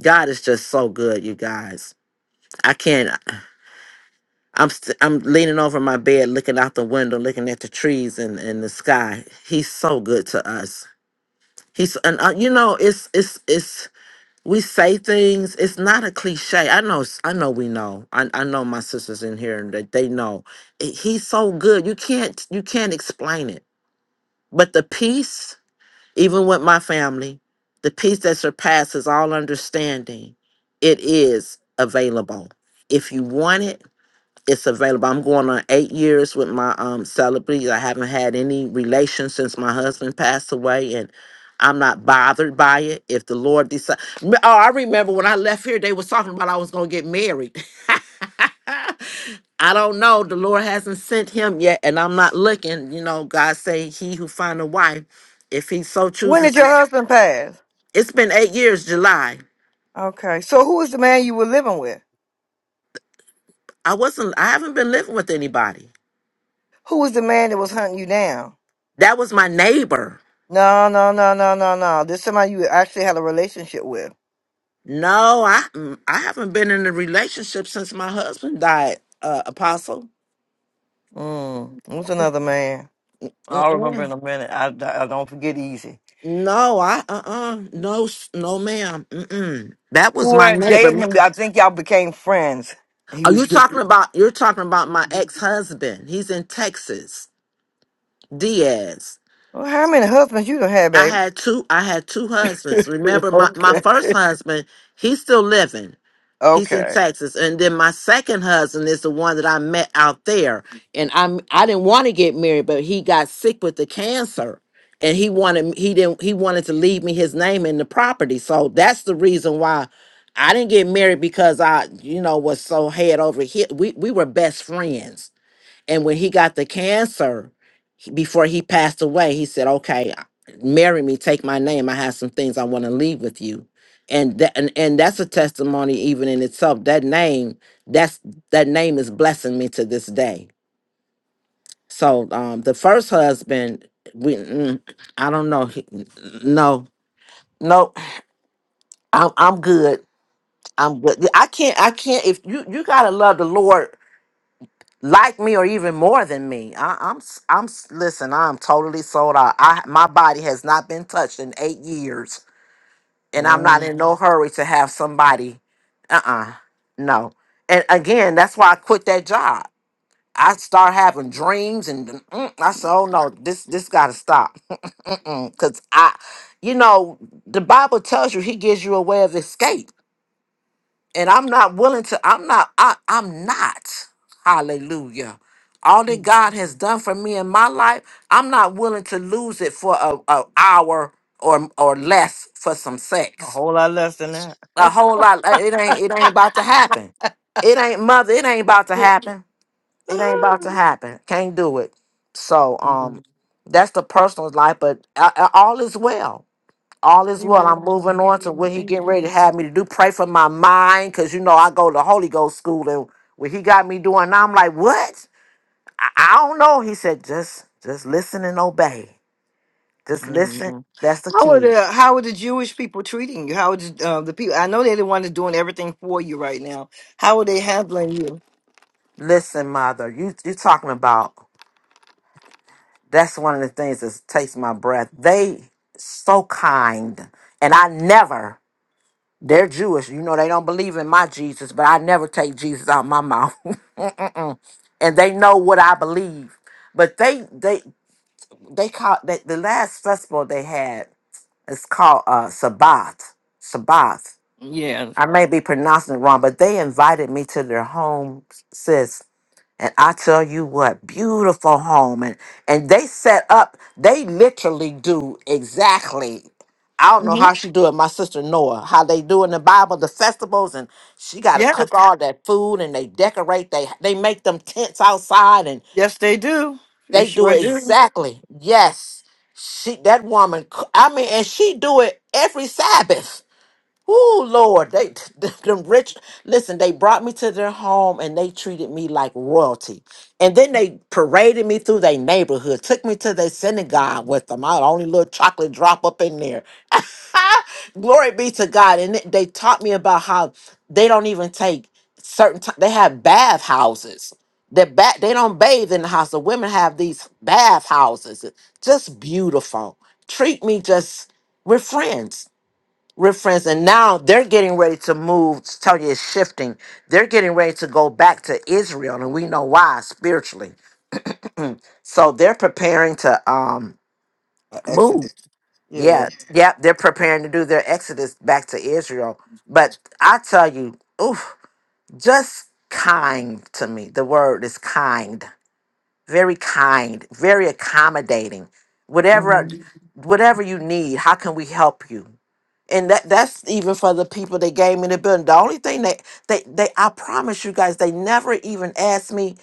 God is just so good, you guys. I can't. I'm st- I'm leaning over my bed, looking out the window, looking at the trees and, and the sky. He's so good to us. He's and uh, you know it's it's it's we say things. It's not a cliche. I know s- I know we know. I I know my sisters in here and that they know. I- He's so good. You can't you can't explain it. But the peace, even with my family, the peace that surpasses all understanding, it is available. If you want it it's available. I'm going on eight years with my um celebrity. I haven't had any relations since my husband passed away, and I'm not bothered by it. If the Lord decides, oh, I remember when I left here, they was talking about I was going to get married. I don't know. The Lord hasn't sent him yet, and I'm not looking. You know, God say He who find a wife, if He so
When
chooses.
did
When
your
did you-
husband pass?
It's been eight years, July.
Okay, so who was the man you were living with?
I wasn't. I haven't been living with anybody.
Who was the man that was hunting you down?
That was my neighbor.
No, no, no, no, no, no. This somebody you actually had a relationship with.
No, I mm, I haven't been in a relationship since my husband died. Uh, Apostle.
Mm. Who's another man? I'll remember in
Mm-mm.
a minute. I, I, I don't forget easy.
No, I uh uh no s- no ma'am. Mm-mm. That
You
was my
weren't
neighbor.
dating
M-
him. I think y'all became friends. He
Are
was
you talking
different.
about? You're talking about my ex husband. He's in Texas, Diaz.
Well, how many husbands you done had,
I
babe?
had two. I had two husbands. Remember my my
okay.
first husband. He's still living. He's in
Okay.
Texas. And then my second husband is the one that I met out there. And I'm I didn't want to get married, but he got sick with the cancer. And he wanted he didn't he wanted to leave me his name and the property. So that's the reason why I didn't get married because I, you know, was so head over here. We we were best friends. And when he got the cancer, he- before he passed away, he said, "Okay, I- marry me, take my name. I have some things I want to leave with you." And that and, and that's a testimony even in itself. That name, that's that name is blessing me to this day. So um the first husband, we mm, I don't know. He, no, no, nope, I'm I'm good. I'm good. I can't I can't if you you gotta love the Lord like me or even more than me. I, I'm s- I'm s- listen. I'm totally sold out. I my body has not been touched in eight years, and I'm not
Mm.
in no hurry to have somebody. Uh uh no. And again, that's why I quit that job. I start having dreams, and mm, I said, "Oh no, this this got to stop," because I, you know, the Bible tells you He gives you a way of escape and I'm not willing to. I'm not. I, I'm not. Hallelujah. All that God has done for me in my life, I'm not willing to lose it for a, a hour or or less for some
A
sex.
whole lot less than that.
A whole lot. uh, It ain't. It ain't about to happen. It ain't mother. It ain't about to happen. It ain't about to happen. Can't do it. So um,
Amen.
that's the personal life. But uh, uh, all is well all is well. I'm moving on to
Amen.
what he
Amen.
getting ready to have me to do. Pray for my mind, cause you know I go to Holy Ghost school, and what he got me doing, now, I'm like, what? I, I don't know. He said, just, just listen and obey. Just listen.
Amen.
That's the
How are
key.
the how are the Jewish people treating you? How are the, uh, the people? I know they're the ones that's doing everything for you right now. How are they handling you?
Listen, mother. You, you talking about? That's one of the things that takes my breath. They so kind, and I never. They're Jewish. You know, they don't believe in my Jesus, but I never take Jesus out my mouth. Mm-mm. and they know what I believe. But they they they call they, the last festival they had is called uh Sabbath. Sabbath.
Yes.
I may be pronouncing it wrong, but they invited me to their home, sis. And I tell you what, beautiful home. And and they set up, they literally do exactly. I don't know
hmm
how she do it, my sister Noah, how they do in the Bible, the festivals, and she gotta
Yes.
cook all that food and they decorate, they they make them tents outside and
Yes, they do. They
they do
sure
it
do.
exactly. Yes. She that woman c- I mean, and she do it every Sabbath Oh Lord, they them rich. Listen, they brought me to their home and they treated me like royalty. And then they paraded me through their neighborhood, took me to their synagogue with them. I only little chocolate drop up in there. Glory be to God. And th- they taught me about how they don't even take certain time. They have bath houses. They ba- they don't bathe in the house. The women have these bath houses. Just beautiful. Treat me just. We're friends reference and now they're getting ready to move target is shifting they're getting ready to go back to israel and we know why spiritually so they're preparing to um
Uh,
move
Exodus. Yeah.
yeah yeah they're preparing to do their exodus back to israel but i tell you oof just kind to me the word is kind very kind very accommodating whatever
hmm
whatever you need how can we help you and that that's even for the people that gave me the building. The only thing they they they I promise you guys, they never even asked me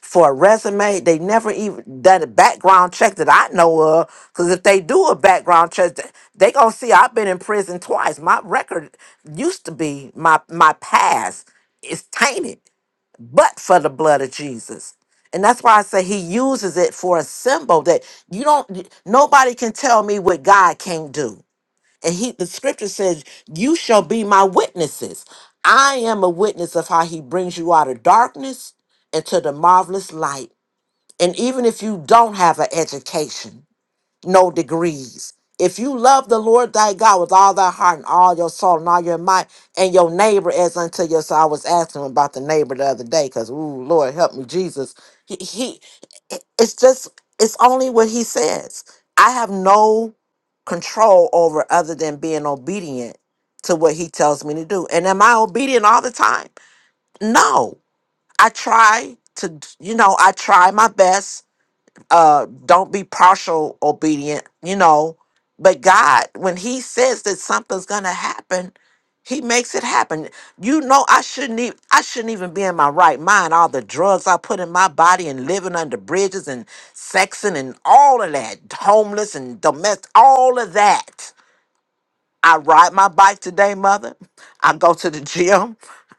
for a resume. They never even done a background check that I know of. Because if they do a background check, th- they gonna see I've been in prison twice. My record used to be my my past is tainted, but for the blood of Jesus. And that's why I say he uses it for a symbol that you don't, nobody can tell me what God can't do. And he the scripture says, You shall be my witnesses. I am a witness of how he brings you out of darkness into the marvelous light. And even if you don't have an education, no degrees. If you love the Lord thy God with all thy heart and all your soul and all your might, and your neighbor as unto yourself, I was asking him about the neighbor the other day because, ooh, Lord, help me, Jesus. He, he, it's just, it's only what he says. I have no control over other than being obedient to what he tells me to do. And am I obedient all the time? No. I try to, you know, I try my best uh don't be partial obedient you know but god when he says that something's gonna happen he makes it happen you know i shouldn't even i shouldn't even be in my right mind all the drugs i put in my body and living under bridges and sexing and all of that homeless and domestic all of that i ride my bike today mother i go to the gym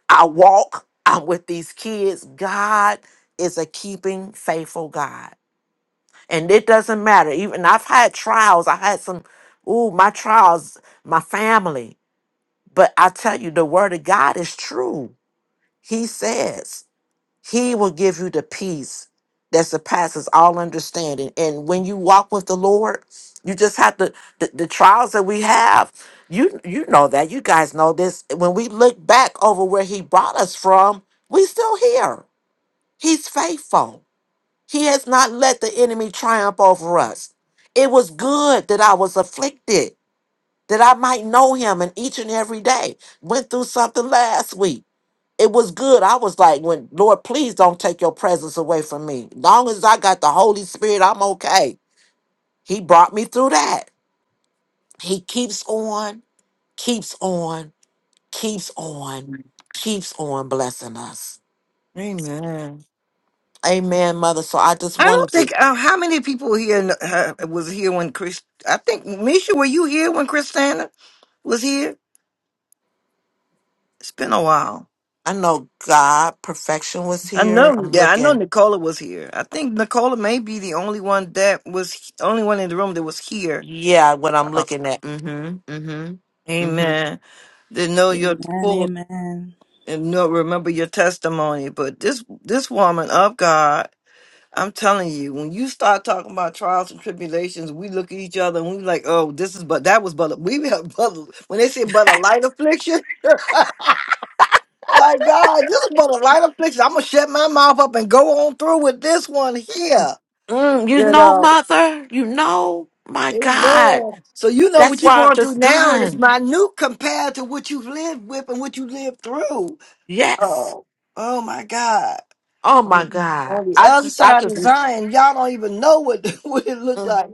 i walk i'm with these kids god is a keeping faithful god and it doesn't matter. Even I've had trials. I had some, ooh, my trials, my family. But I tell you, the word of God is true. He says he will give you the peace that surpasses all understanding. And when you walk with the Lord, you just have to the, the trials that we have. You you know that. You guys know this. When we look back over where he brought us from, we still here. He's faithful. He has not let the enemy triumph over us. It was good that I was afflicted, that I might know him and each and every day. Went through something last week. It was good. I was like, when Lord, please don't take your presence away from me. Long as I got the Holy Spirit, I'm okay. He brought me through that. He keeps on, keeps on, keeps on, keeps on blessing us.
Amen.
Amen, mother. So I just
I
wanted
don't
to,
think uh, how many people here kn- uh, was here when Chris. I think Misha, were you here when Christina was here? It's been a while.
I know God, perfection was
I
here.
know,
I'm
yeah, I know
looking.
Nicola was here. I think Nicola may be the only one that was only one in the room that was here.
Yeah, what I'm looking at. Mm-hmm. Mm-hmm. Mm-hmm.
Amen. To know your
Amen.
full
Amen.
and know remember your testimony. But this this woman of God, I'm telling you, when you start talking about trials and tribulations, we look at each other and we like, oh, this is but that was but a, we have but a- when they say but a light affliction. Like God, this is but a light affliction. I'm gonna shut my mouth up and go on through with this one here.
Mm, you
You
know,
know.
mother, you know, my God.
Amen. So you know what
That's
you're
why I'm
going through
just
now is
done.
minute compared to what you've lived with and what you lived through.
Yes.
Oh, oh my God.
Oh my
On
God.
on the
I
other
just I
side
just
of Zion, y'all don't even know what what it looked
mm,
like.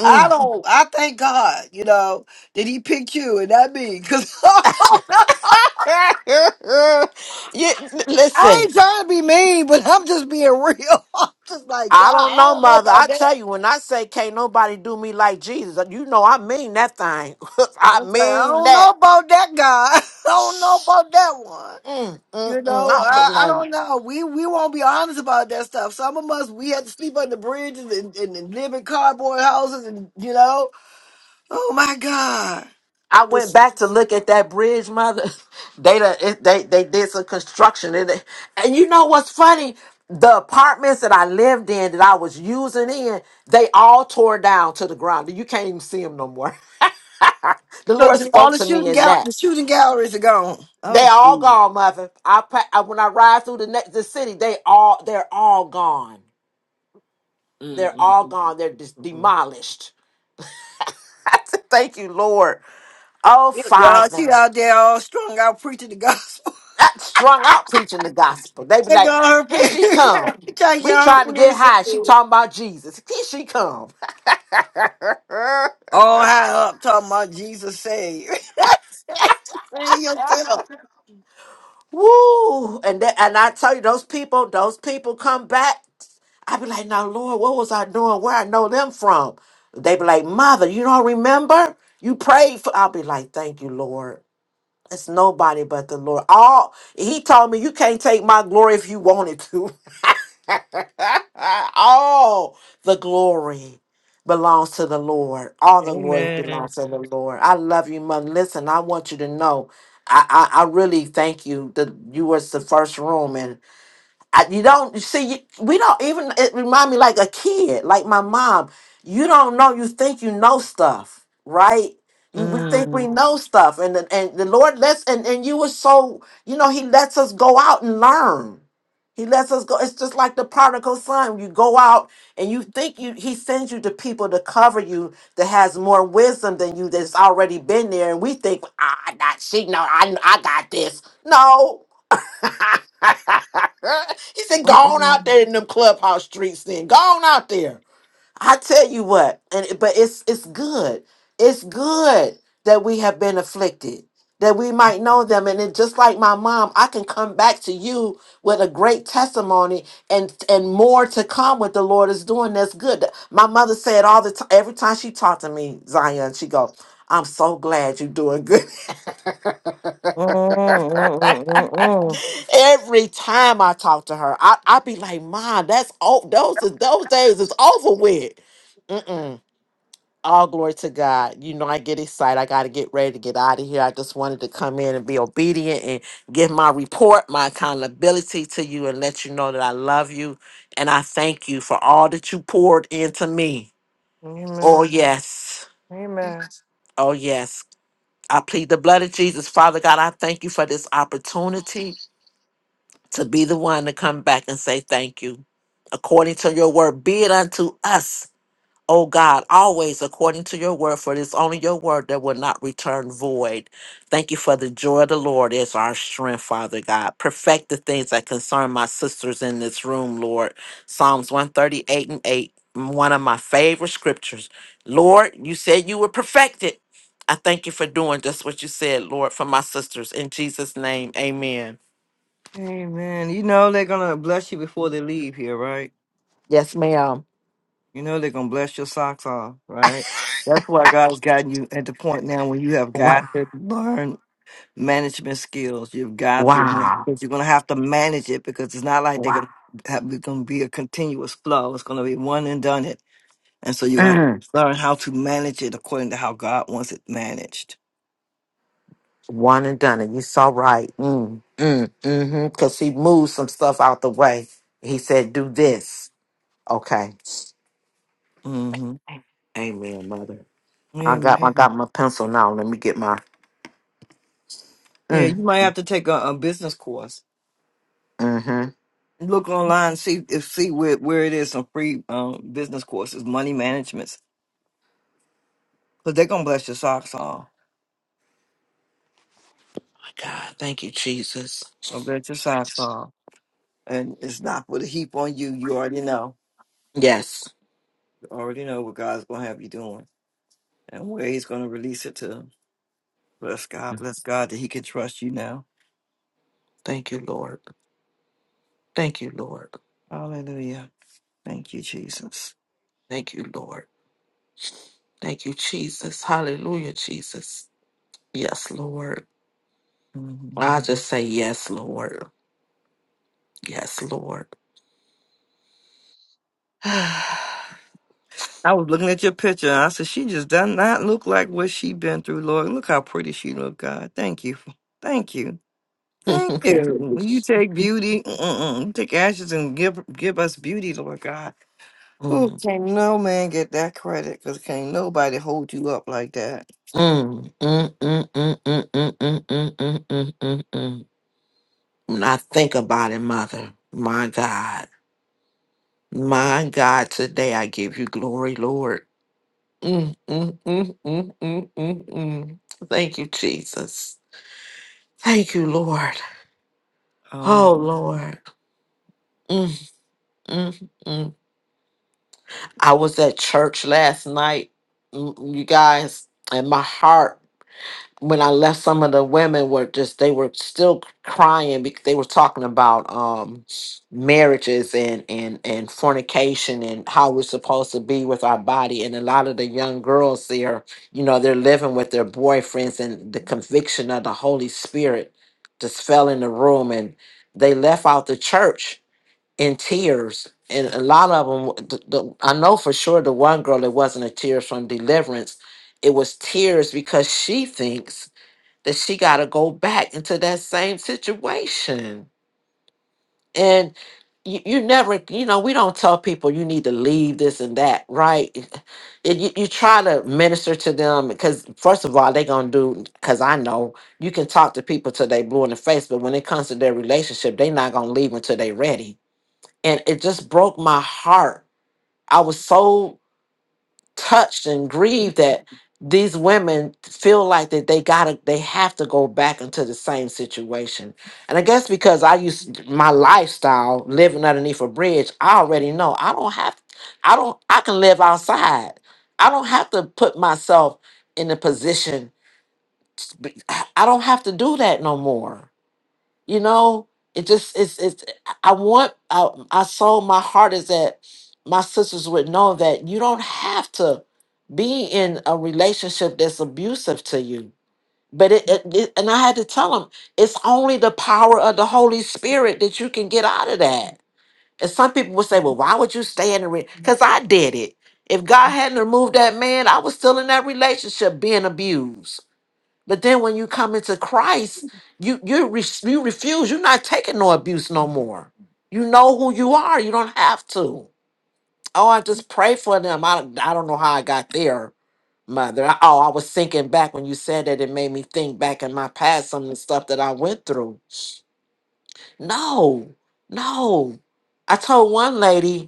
I don't. I thank God, you know, that He picked you and not me. Cause
you,
I
listen.
ain't trying to be mean, but I'm just being real. I'm just like
I
God. I
don't know,
don't know
mother.
about
I
that.
tell you, when I say can't nobody do me like Jesus, uh, you know I mean that thing. I
It's like I
mean
don't know
that.
about that guy. I don't know about that one.
Mm,
You
mm, mm.
know,
I'll be
I, I
like.
don't know. We we won't be honest about that stuff. Some of us we had to sleep under bridges and, and, and live in cardboard houses, and you know, oh my God!
I went
This-
back to look at that bridge, mother. They done- it, they they did some construction in it, and you know what's funny? The apartments that I lived in, that I was using in, they all tore down to the ground. You can't even see them no more. The
So
Lord
this- all
spoke
the
to me
shooting
in
gal-
that.
the shooting galleries are gone. Oh,
They all
gee.
gone, mother. I, pa- I when I ride through the next the city, they all they're all gone.
Mm.
They're all gone. They're just demolished. I said, Thank you, Lord. Oh,
y'all, she
Father.
out there all strung out preaching the gospel.
not strung out preaching the gospel. They be
They
like,
all her
here
friends,
she come.
trying to get
We
her
trying to get
friends
high. She talking about Jesus. Here she come.
all high up talking about Jesus save. save yourself.
Woo! And that, and I tell you, those people, those people come back. I be like, now Lord, what was I doing? Where I know them from? They be like, Mother, you don't remember? You prayed for. I'll be like, thank you, Lord. It's nobody but the Lord. All he told me, you can't take my glory if you wanted to. All the glory belongs to the Lord. All the glory belongs to the Lord. I love you, mother. Listen, I want you to know. I, I, I really thank you that you was the first room I, you don't see. You, we don't even. It remind me like a kid, like my mom. You don't know. You think you know stuff, right? We, we think
Mm.
we know stuff, and the, and the Lord lets and and you were so you know He lets us go out and learn. He lets us go. It's just like the prodigal son. You go out and you think you. He sends you to people to cover you that has more wisdom than you that's already been there, and we think ah, not she know I I got this. No, he said, "Go on out there in them clubhouse streets, then. Go on out there." I tell you what, and it- but it's it's good. It's good that we have been afflicted, that we might know them, and it, just like my mom, I can come back to you with a great testimony and and more to come. What the Lord is doing, that's good. My mother said all the time, every time she talked to me, Zion, she go, "I'm so glad you're doing good." Every time I talk to her, I I be like, "Mom, that's all. Those is- those days is over with." Mm-mm. All glory to God. You know, I get excited. I got to get ready to get out of here. I just wanted to come in and be obedient and give my report, my accountability to you, and let you know that I love you and I thank you for all that you poured into me. Oh yes. Oh, yes. I plead the blood of Jesus. Father God, I thank you for this opportunity. to be the one to come back and say thank you according to your word. Be it unto us, O God, always according to your word, for it is only your word that will not return void. Thank you for the joy of the Lord is our strength, Father God. Perfect the things that concern my sisters in this room, Lord. Psalms 138 and 8, one of my favorite scriptures. Lord, you said you would perfect it. I thank you for doing just what you said, Lord, for my sisters. In Jesus' name, amen.
Hey man, You know they're gonna bless you before they leave here, right?
Yes, ma'am.
You know they're gonna bless your socks off, right? That's why God's gotten you at the point now when you have got
Wow.
to learn management skills. You've got to learn
Wow.
because you're gonna have to manage it because it's not like they're
Wow.
gonna have it's gonna be a continuous flow. It's gonna be one and done it. And so you have to
Mm.
learn how to manage it according to how God wants it managed.
One and done. And you saw right. Mm. Mm. Mm-hmm. Because he moved some stuff out the way. He said, do this. Okay.
mm
Amen, mother.
hmm
I got I
Amen.
got my pencil now. Let me get my
Yeah,
mm.
you might have to take a, a business course
Mm-hmm.
look online, see if see where, where it is. Some free um, business courses, money managements, because they're gonna bless your socks off.
My God. Thank you, Jesus.
Gonna bless your socks off, and it's not with a heap on you. You already know.
Yes.
You already know what God's gonna have you doing and where He's gonna release it to. Bless God, bless God that He can trust you now.
Thank you, Lord. Thank you, Lord.
Hallelujah. Thank you, Jesus.
Thank you, Lord. Thank you, Jesus. Hallelujah, Jesus. Yes, Lord.
Mhm.
I just say yes, Lord. Yes, Lord.
I was looking at your picture. And I said, "She just does not look like what she been through, Lord. Look how pretty she look, God. Thank you, thank you. Thank you. You take beauty, mm-mm, you take ashes and give give us beauty, Lord God. Ooh,
Mm,
can't no man get that credit because can't nobody hold you up like that.
mm, mm, mm, mm, mm, mm, mm, mm, mm, mm, mm, mm. When I think about it, Mother, my God, my God, today I give you glory, Lord. Mm, mm, mm, mm, mm, mm, mm. Thank you, Jesus. Thank you, Lord. Oh,
Hallelujah.
Lord. Mm, mm, mm. I was at church last night, mm, you guys, and my heart. when I left, some of the women were just they were still crying because they were talking about um marriages and and and fornication and how we're supposed to be with our body. And a lot of the young girls there, you know, they're living with their boyfriends, and the conviction of the Holy Spirit just fell in the room, and they left out the church in tears. And a lot of them, the, the, I know for sure, the one girl it wasn't a tears from deliverance. It was tears because she thinks that she got to go back into that same situation. And you, you never, you know, we don't tell people you need to leave this and that, right? It, you, you try to minister to them because, first of all, they're going to do, because I know you can talk to people till they blue in the face, but when it comes to their relationship, they're not going to leave until they're ready. And it just broke my heart. I was so touched and grieved that these women feel like that they gotta they have to go back into the same situation and i guess because i used my lifestyle living underneath a bridge i already know i don't have i don't i can live outside i don't have to put myself in a position i don't have to do that no more you know it just it's it's i want i, I so my heart is that my sisters would know that you don't have to be in a relationship that's abusive to you but it, it, it and i had to tell them it's only the power of the holy spirit that you can get out of that and some people would say well why would you stay in a because i did it if god hadn't removed that man i was still in that relationship being abused but then when you come into Christ, you you re- you refuse. You're not taking no abuse no more. You know who you are. You don't have to. Oh, I just pray for them. I I don't know how I got there, mother. I- oh, I was thinking back when you said that. It made me think back in my past, some of the stuff that I went through. No, no. I told one lady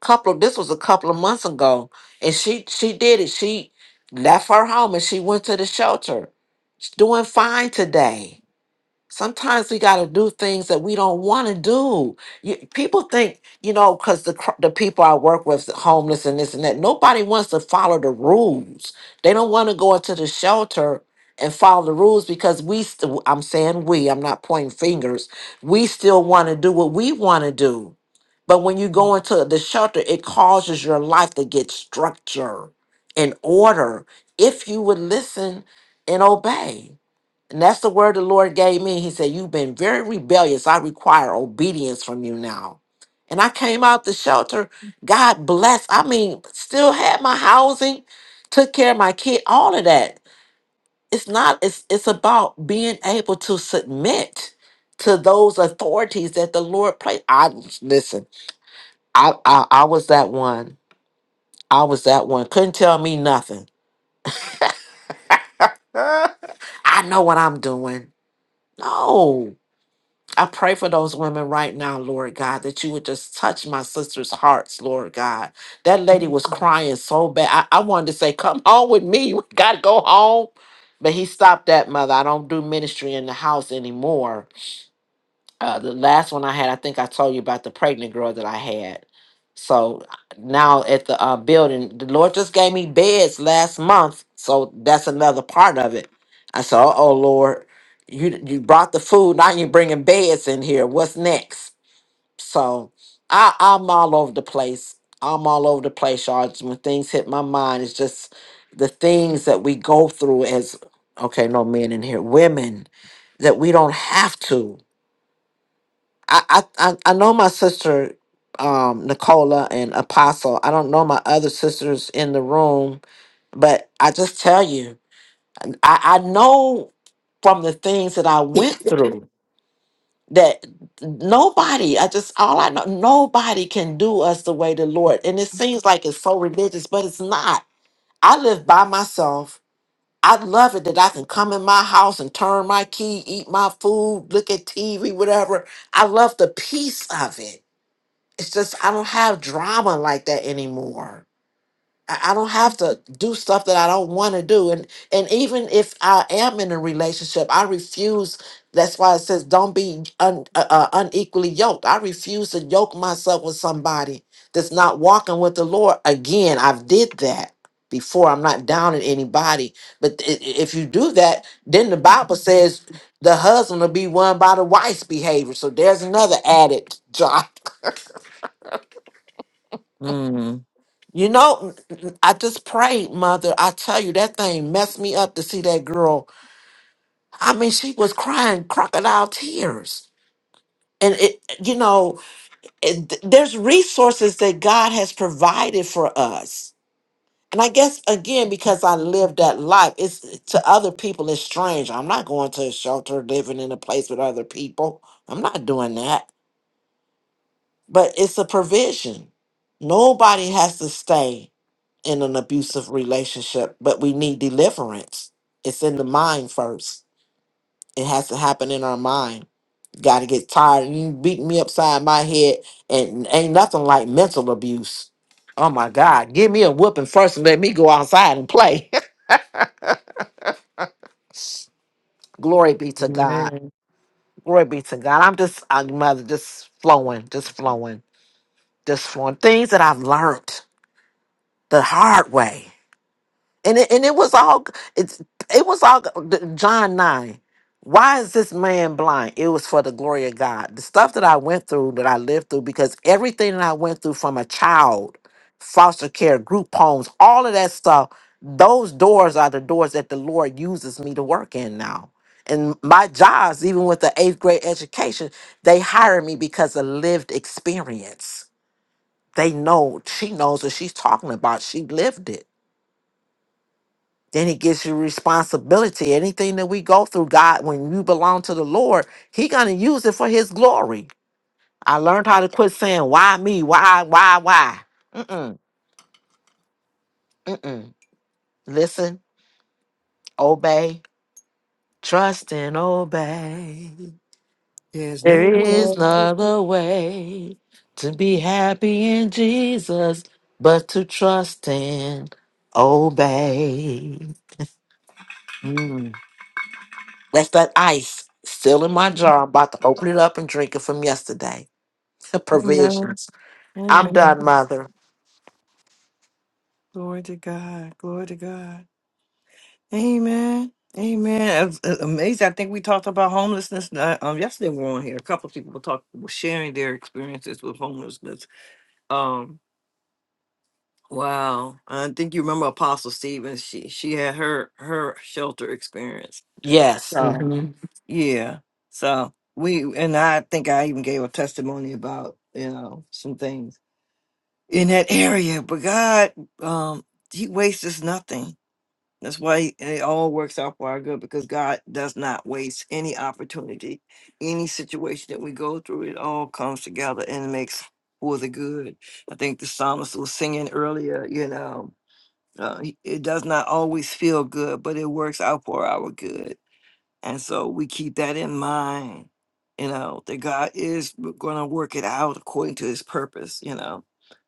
couple of this was a couple of months ago and she she did it she left her home and she went to the shelter she's doing fine today Sometimes we got to do things that we don't want to do. You, people think, you know, because the cr- the people I work with, homeless and this and that, nobody wants to follow the rules. They don't want to go into the shelter and follow the rules because we. St- I'm saying we. I'm not pointing fingers. We still want to do what we want to do, but when you go into the shelter, it causes your life to get structure and order if you would listen and obey. And that's the word the Lord gave me. He said, You've been very rebellious. I require obedience from you now. And I came out the shelter. God bless. I mean, still had my housing, took care of my kid, all of that. It's not, it's it's about being able to submit to those authorities that the Lord placed. I listen, I I, I was that one. I was that one. Couldn't tell me nothing. I know what I'm doing. No. I pray for those women right now, Lord God, that you would just touch my sister's hearts, Lord God. That lady was crying so bad. I, I wanted to say, Come home with me. You got to go home. But he stopped that, mother. I don't do ministry in the house anymore uh, the last one I had, I think I told you about the pregnant girl that I had. So now at the uh, building, the Lord just gave me beds last month. So that's another part of it. I said, "Uh "Oh Lord, you you brought the food. Now you're bringing beds in here. What's next?" So I, I'm all over the place. I'm all over the place, y'all. Just When things hit my mind, it's just the things that we go through as okay, no men in here, women that we don't have to. I, I I I know my sister, um, Nicola and Apostle. I don't know my other sisters in the room, but I just tell you, I, I know from the things that I went through that nobody, I just all I know, nobody can do us the way the Lord. And it seems like it's so religious, but it's not. I live by myself. I love it that I can come in my house and turn my key, eat my food, look at TV, whatever. I love the peace of it it's just I don't have drama like that anymore. I, I don't have to do stuff that I don't want to do. And and even if I am in a relationship, I refuse. That's why it says don't be un, uh, uh, unequally yoked. I refuse to yoke myself with somebody that's not walking with the Lord. Again, I've did that before. I'm not downing anybody, but i- i- if you do that, then the Bible says the husband will be won by the wife's behavior. So there's another added drama.
Mm.
You know, I just prayed, mother. I tell you, that thing messed me up to see that girl. I mean, she was crying crocodile tears. And it, you know, it, there's resources that God has provided for us. And I guess again, because I lived that life, it's to other people it's strange. I'm not going to a shelter living in a place with other people. I'm not doing that But it's a provision. Nobody has to stay in an abusive relationship, but we need deliverance. It's in the mind first. It has to happen in our mind. Got to get tired. You beat me upside my head, and ain't nothing like mental abuse. Oh my God. Give me a whooping first and let me go outside and play. Glory be to God.
Amen.
Glory be to God. I'm just, I'm mother, just flowing, just flowing, just flowing. Things that I've learned the hard way and it, and it was all it's it was all the- John nine. Why is this man blind? It was for the glory of God. The stuff that I went through, that I lived through, because everything that I went through from a child, foster care, group homes, all of that stuff, those doors are the doors that the Lord uses me to work in now. And my jobs, even with the eighth grade education, they hire me because of lived experience. They know, she knows what she's talking about. She lived it then he gives you responsibility. Anything that we go through, God, when you belong to the Lord, he gonna use it for his glory. I learned how to quit saying, why me? Why, why, why? Mm-mm. Mm-mm. Listen, obey, trust and obey.
There's
There
no
is no
love.
other way to be happy in Jesus but to trust and obey.
Mm.
That's that ice still in my jar. I'm about to open it up and drink it from yesterday.
Amen.
provisions. I'm
Amen.
done, mother.
Glory to God. Glory to God. Amen. Amen. It's- it's amazing. I think we talked about homelessness uh, um, yesterday. We were on here. A couple of people were talking, were sharing their experiences with homelessness. Um, wow. I think you remember Apostle Stevens. She she had her her shelter experience.
Yes.
Um,
hmm
yeah. So we and I think I even gave a testimony about you know some things in that area. But God, um, He wastes nothing That's why it all works out for our good because God does not waste any opportunity, any situation that we go through. It all comes together and makes for the good. I think the psalmist was singing earlier, you know, uh, he- it does not always feel good, but it works out for our good. And so we keep that in mind, you know, that God is going to work it out according to his purpose, you know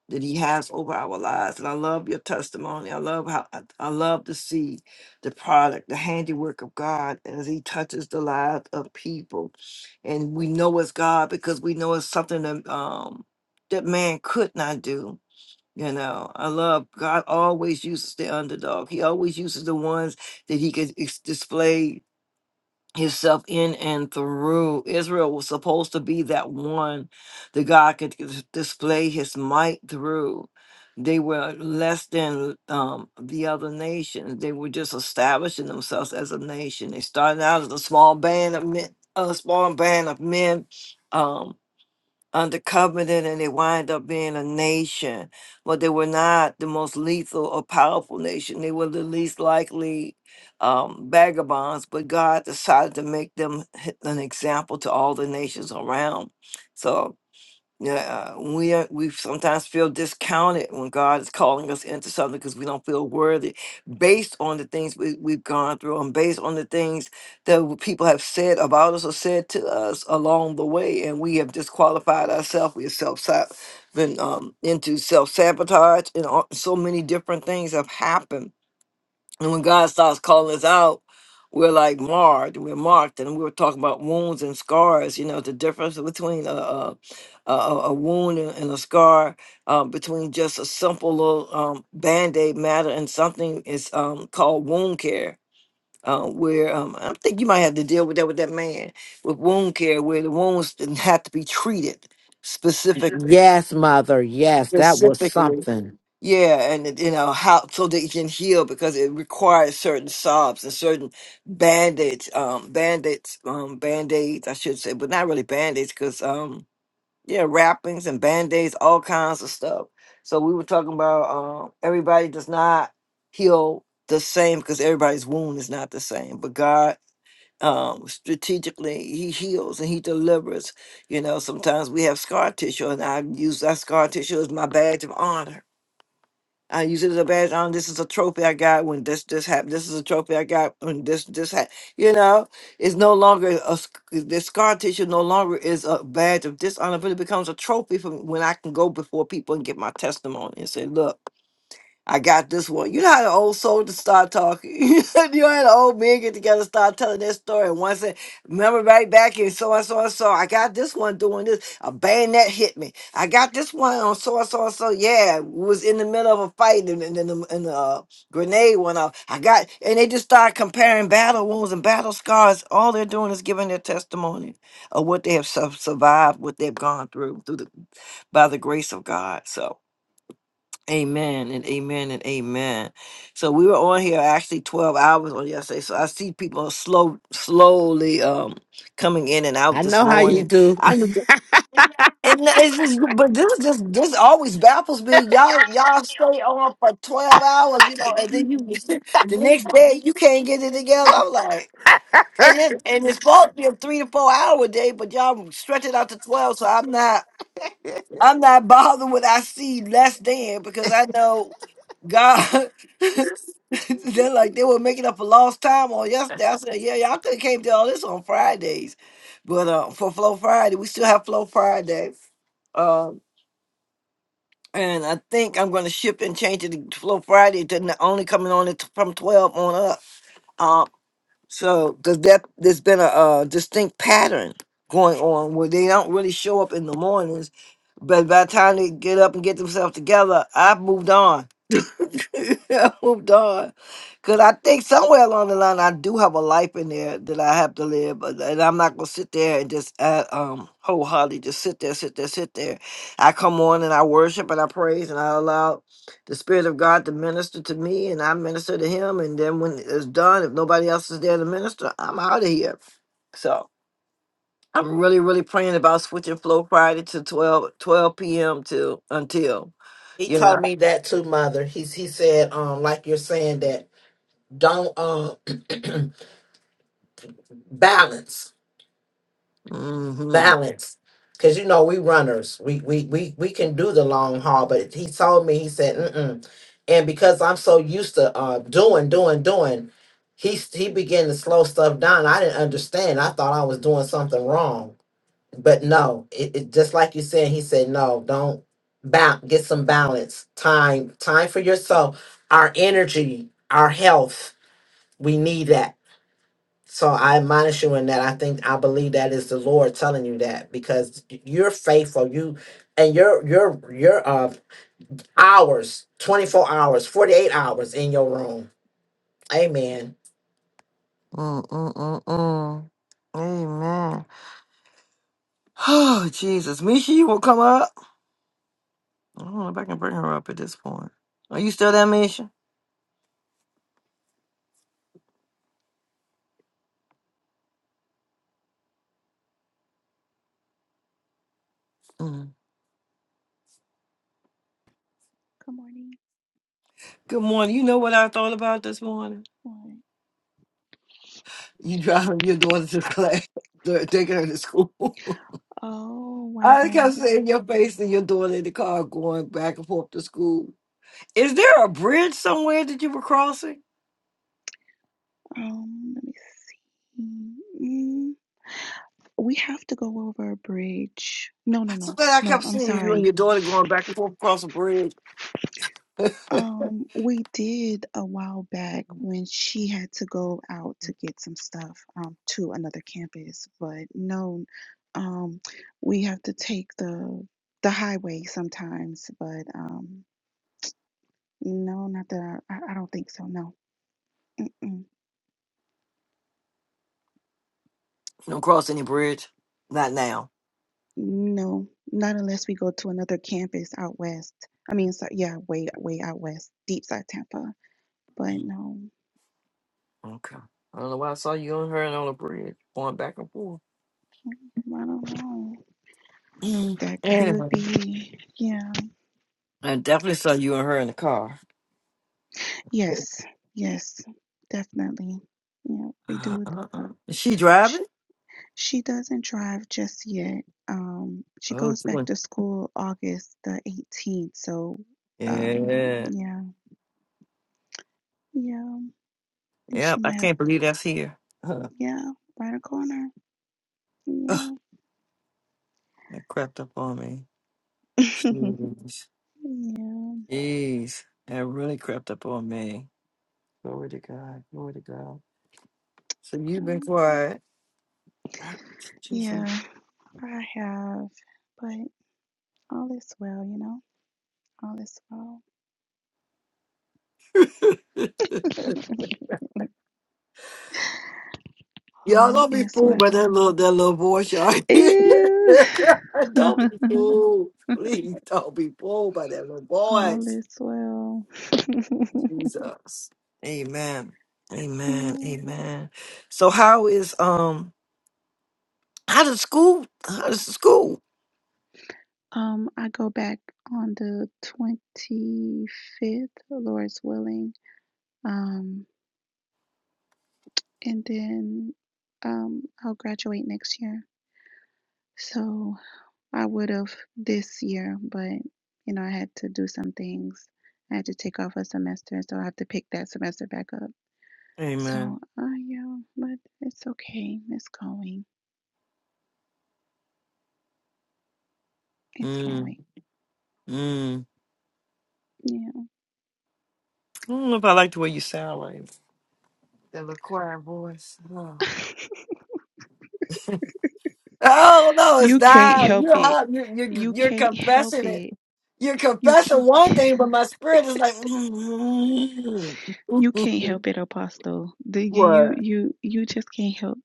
that he has over our lives. And I love your testimony. I love how I, I love to see the product, the handiwork of God as he touches the lives of people. And we know it's God because we know it's something that um that man could not do. You know, I love God always uses the underdog. He always uses the ones that he can ex- display himself in and through. Israel was supposed to be that one that God could dis- display his might through. They were less than um, the other nations. They were just establishing themselves as a nation. They started out as a small band of men, a small band of men. um, under covenant and they wind up being a nation. But they were not the most lethal or powerful nation. They were the least likely um, vagabonds, but God decided to make them h- an example to all the nations around. So yeah, uh, we are, we sometimes feel discounted when God is calling us into something because we don't feel worthy, based on the things we, we've gone through and based on the things that w- people have said about us or said to us along the way, and we have disqualified ourselves. We have self been um, into self sabotage, and all, so many different things have happened and when God starts calling us out, we're like marred, we're marked. And we were talking about wounds and scars, you know, the difference between a, a, a, a a wound and and a scar, uh, between just a simple little um, band aid matter and something is um, called wound care. Uh, where um, I think you might have to deal with that with that man with wound care, where the wounds didn't have to be treated specifically.
Yes, mother. Yes, that was
Specifically,
something.
yeah, and it- you know how so they can heal because it requires certain sobs and certain band-aids, um, band-aids, um, band-aids, I should say, but not really band-aids because um, yeah, wrappings and band-aids, all kinds of stuff. So we were talking about um, everybody does not heal the same because everybody's wound is not the same, but God um strategically he heals and he delivers you know sometimes we have scar tissue and i use that scar tissue as my badge of honor I use it as a badge on. This is a trophy I got when this this happened. This is a trophy I got when this this happened. You know, it's no longer a sc- the scar tissue. No longer is a badge of dishonor, but it becomes a trophy for when I can go before people and get my testimony and say, "Look." I got this one. You know how the old soldiers start talking. you know how the old men get together, start telling their story. And one said, "Remember right back in so and so and so. I got this one doing this. A bayonet hit me. I got this one on so and so and so. Yeah, was in the middle of a fight, and then and, the- and the uh, grenade went off. I got, and they just start comparing battle wounds and battle scars. All they're doing is giving their testimony of what they have su- survived, what they've gone through, through the by the grace of God. So." Amen and amen and amen. So we were on here actually 12 hours on yesterday. So I see people slow slowly um coming in and out
I
this
know how you
morning.
do.
I just- and it's just but this is just this always baffles me. Y'all y'all stay on for 12 hours, you know, and then you the next day you can't get it together. I'm like and it, and it's supposed to be a three to four hour day, but y'all stretch it out to twelve. So I'm not. I'm not bothered when I see less than because I know God. they're like they were making up a lost time on yesterday. I said, yeah, y'all could have came to all this on Fridays, but uh, for Flow Friday, we still have Flow Friday. Um, and I think I'm going to ship and change it to Flow Friday to n- only coming on it t- from 12 on up. Um, so does that there's been a, uh distinct pattern going on where they don't really show up in the mornings, but by the time they get up and get themselves together, I've moved on. I moved on. Because I think somewhere along the line, I do have a life in there that I have to live. but- uh, And I'm not going to sit there and just uh, um, wholeheartedly just sit there, sit there, sit there. I come on and I worship and I praise and I allow the Spirit of God to minister to me and I minister to Him. And then when it's done, if nobody else is there to minister, I'm out of here. So I'm really, really praying about switching Flow Friday to 12 12 p.m. to until,
He
you know.
told me that too, mother. He's he said, um, like you're saying that don't um balance.
hmm
balance because you know we runners we we we we can do the long haul but he told me he said Mm-mm. and because i'm so used to uh doing doing doing he s- he began to slow stuff down i didn't understand i thought i was doing something wrong but no it, it just like you said he said no don't ba- get some balance time time for yourself our energy our health we need that so I admonish you in that. I think I believe that is the Lord telling you that because you're faithful. You and your your your uh hours, 24 hours, 48 hours in your room. Amen.
Mm, mm, mm, mm. Amen. Oh, Jesus. Misha, you will come up. I don't know if I can bring her up at this point. Are you still there, Misha? Mm.
Good morning.
Good morning. You know what I thought about this morning?
One.
You driving your daughter to class, to- taking her to school.
Oh
I
wow.
kept seeing your face and your daughter in the car going back and forth to school. Is there a bridge somewhere that you were crossing?
Um, let me see. Mm, we have to go over a bridge. No, no,
So
no,
that I
no.
kept
I'm
seeing you and
sorry.
your daughter going back and forth across a bridge.
Um, we did a while back when she had to go out to get some stuff um to another campus, but no, um, we have to take the the highway sometimes, but um, no, not that I, I I don't think so. No. Mm.
You don't cross any bridge. Not now.
No, not unless we go to another campus out west. I mean, so yeah, way way out west, deep side Tampa. But no,
Okay. I don't know why I saw you and her and on the bridge going back and forth.
I don't know.
Mm.
That could
Anyway,
be. Yeah.
I definitely saw you and her in the car.
Yes. Yes. Definitely. Yeah, we
Uh,
do.
uh,
That.
uh. Is she
She
driving?
she doesn't drive just yet. Um, she
Oh,
goes
she
back
went.
to school August the 18th. So, um,
Yeah.
yeah, yeah, and she
Yep. I
might have.
can't believe that's here. Huh.
Yeah, right a corner.
Ugh,
Yeah.
that crept up on me. Jeez.
Yeah.
Jeez. That really crept up on me. Glory to God. Glory to God. So you've been
Um,
quiet. Jesus.
yeah, I have, but all is well, you know. All is well.
Y'all
all
don't be
is
fooled by that
well.
little that little voice, y'all.
Ew.
don't be fooled. Please don't be fooled by that little
all
voice.
is well.
Jesus. Amen. Amen.
yeah.
Amen. So how is um how does school how does the school?
Um, I go back on the twenty fifth, Lord's willing. Um, and then um, I'll graduate next year. So I would have this year, but you know, I had to do some things. I had to take off a semester, so I have to pick that semester back up.
Amen.
So, uh, yeah, but it's okay. It's going. It's
Mm,
going.
mm.
Yeah.
I don't know if I like the way you sound like that little choir voice. Oh no, it's
You can't
not.
help
You're
it.
hot. You're, you're
You
you're
can't help
confessing it.
it.
You're
You
confessing one
ca-
thing, but my spirit is like,
you can't help it, Apostle. The you you
what?
you you just can't help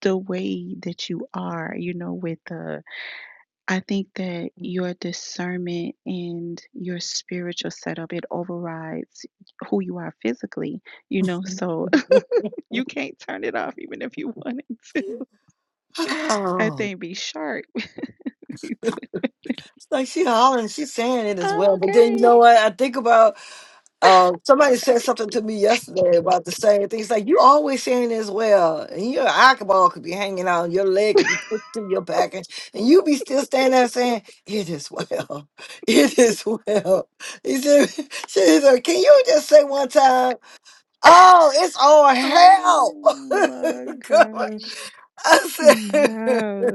the way that you are. You know, with the I think that your discernment and your spiritual setup, it overrides who you are physically, you know, so you can't turn it off even if you wanted to. That
Oh,
thing be sharp.
it's like she hollering, she's saying it as
I'm
well. But then you know
okay.
what? I think about. Uh,
All
somebody said something to me yesterday about the same thing. It's like you always saying this well, and your eyeball could be hanging out, and your leg could
right.
be twisting your back, and, and you be still standing there saying, "It is well, it is well." He said, she said, "Can you just say one time, oh, it's all hell?"
Oh my
God.
gosh.
I said,
Wow.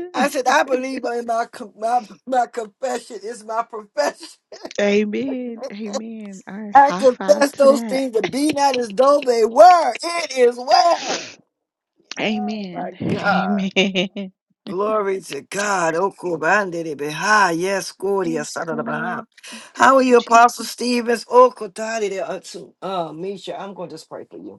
"I said I believe in my co- my my confession is my profession."
Amen. Amen. All right.
I
High five
confess
to
those
that.
things to be not as though they were. It is well. Oh
Amen.
my God.
Amen.
Glory to God. Okubandere beha. Yes, Gloria
Yes,
Sarada
Lord.
Baha.
Thank
How are
you,
you,
Jesus.
Apostle Stevens? Okutari de Atsu. Uh, Misha, I'm going to just pray for you.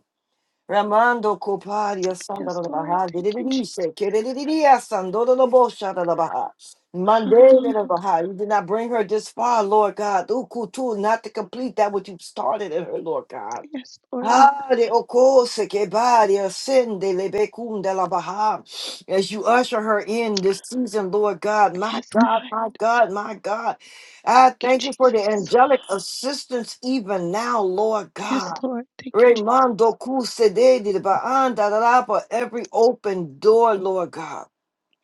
Ramando Copadia Santa
Yes,
da
Lord.
Baha,
Thank you,
Dididididiche,
Jesus.
Kedididia Sandodo da Bosha da Baha, Monday da
Hallelujah,
Baha.
God.
You did not bring her this far, Lord God. Ukutu, not to complete that which you started in her, Lord God.
Yes, Lord.
Hare o cose che vari ascende le becum della Baha. As you usher her in this season, Lord God, my
Yes,
God,
God.
my God, my God. I
Thank you,
thank you for the
Jesus.
angelic assistance even now, Lord God.
Yes, Lord. Thank you, Jesus.
Raymando Kusededi Baandarapa, every open door, Lord God.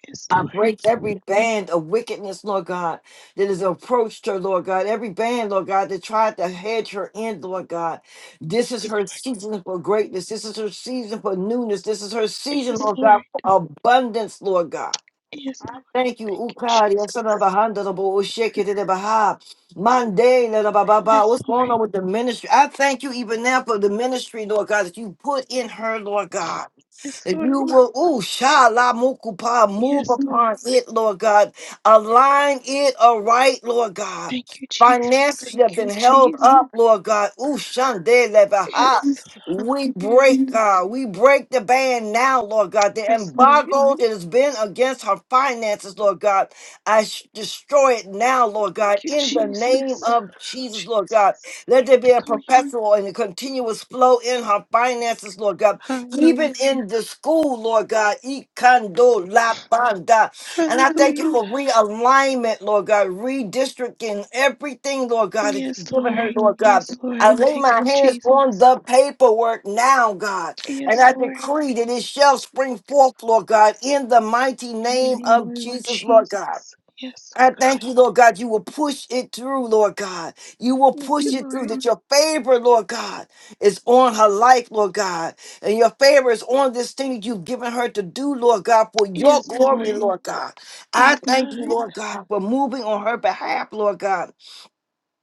Yes,
I
Lord.
break every band of wickedness, Lord God, that has approached her, Lord God. Every band, Lord God, that tried to hedge her in, Lord God. This is
Yes,
her
Lord.
season for greatness. This is her season for newness. This is her season,
Yes,
Lord God,
Lord.
for abundance, Lord God.
Yes, Lord.
Thank you,
Thank you,
Ukari,
Jesus.
Osana the Bo, Shake it in the Baha, Monday, Lord, Ba Ba Ba.
Yes,
What's going
Lord.
on with the ministry? I thank you even now for the ministry, Lord God, that you put in her, Lord God.
Yes,
That
Lord.
you will, ooh, shala mukupa, move
Yes, Lord.
upon it, Lord God. Align it aright, Lord God.
Thank you, Jesus.
Finances that
Thank
have been
you,
held
Jesus.
up, Lord God. Ooh, shande lebaha.
Yes.
We
Hallelujah.
break, God. We break the ban now, Lord God. The
Yes, Lord. Thank
embargo that has been against her finances, Lord God. I sh- destroy it now, Lord God,
you,
in the name
Jesus.
of Jesus, Lord God.
Jesus.
Let there be a
Hallelujah.
perpetual and a continuous flow in her finances, Lord God
Hallelujah.
even in the school, Lord God. Ikando la banda. And I thank you
Hallelujah.
for realignment, Lord God, redistricting everything, Lord God, that
Yes,
you've given her,
Lord.
Lord God.
Yes, Lord.
I lay
Thank you,
my hands on
Jesus.
the paperwork now, God, and
Yes,
I
Lord.
decree that it shall spring forth, Lord God, in the mighty
In the
name
name
of
of
Jesus, Lord
Jesus.
God.
Yes,
I
oh
thank you,
God.
Lord God. You will push it through, Lord God. You will
Thank
push
you,
it through
Lord.
that your favor, Lord God, is on her life, Lord God. And your favor is on this thing that you've given her to do, Lord God, for your
Yes,
glory,
Lord.
Lord God. I
Yes,
thank you,
God.
Lord God, for moving on her behalf, Lord God.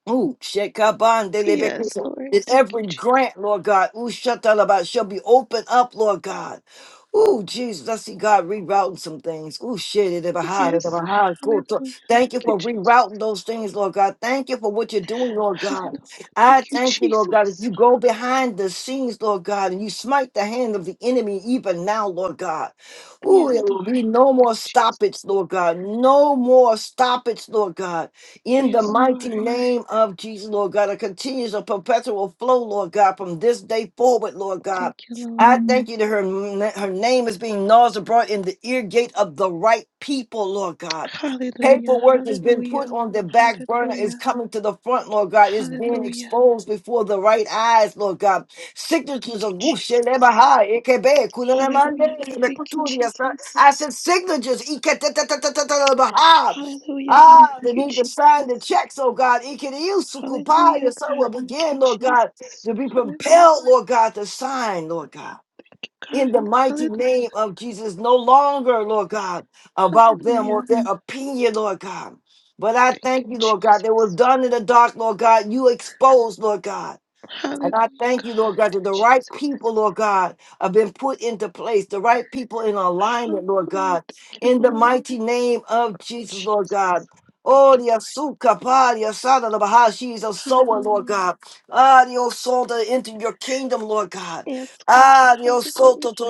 Ooh,
Yes,
shekabandelebekusa.
Lord.
That
Thank you,
every
Jesus.
grant, Lord God, ooh, shatalaba, shall be opened up, Lord God. Ooh, Jesus, I see God rerouting some things. Ooh, shit, it behind it
Yes.
behind. Cool. So
Hallelujah.
Thank
Thank
you
you,
for
Jesus.
rerouting those things, Lord God. Thank you for what you're doing, Lord God.
Hallelujah.
I
Thank you,
thank you, Lord God, that you
Jesus.
go behind the scenes, Lord God, and you smite the hand of the enemy even now, Lord God. Ooh, there
Yes,
will be
Lord.
no
Thank
more
you, Jesus.
stoppage, Lord God. No more stoppage, Lord God in the
Yes, Lord.
mighty name of Jesus, Lord God. A continuous, a perpetual flow, Lord God, from this day forward, Lord God.
Thank you, Lord.
I thank you that her, her name is being noised abroad in the ear gate of the right people, Lord God.
Hallelujah.
Paperwork has been put
Hallelujah.
on the back burner, is
Hallelujah.
coming to the front, Lord God. It's being
Hallelujah.
exposed before the right eyes, Lord God.
Thank
Signatures
you,
of
Jesus.
Wushelebaha, Ekebe,
Hallelujah,
Kulelemande,
God. Thank you,
Lekuturi, yes, sir. I
Jesus.
said signatures, Iketetatatatabaha.
Hallelujah, God.
Ah, the
Thank you,
need to sign the
Jesus.
checks, oh God.
Hallelujah,
Ikiriusukupaya, So
God.
will
Thank
begin,
you,
Lord God,
Jesus.
to be
Hallelujah,
compelled, Lord God, to sign, Lord God.
God.
In the mighty
Hallelujah.
name of Jesus, no longer, Lord God, about them or
Hallelujah.
their opinion, Lord God. But I
Thank you,
thank you, Lord God, that was
Jesus.
done in the dark, Lord God. You exposed, Lord God. And I
Hallelujah,
thank you,
God.
Lord God,
Thank
that
you,
the right
Jesus.
people, Lord God, have been put into place, the right people in alignment, Lord
Hallelujah.
God,
Thank you,
in the
Lord.
mighty name of Jesus, Lord
Jesus.
God.
Thank
Oh,
you,
the Asuka, Pa, the Asada, the Bahashi is a
Lord.
sower, Lord
Hallelujah.
God. Ah, the Osoda into your kingdom, Lord God.
Yes, God.
Ah, your soul
Hallelujah.
to to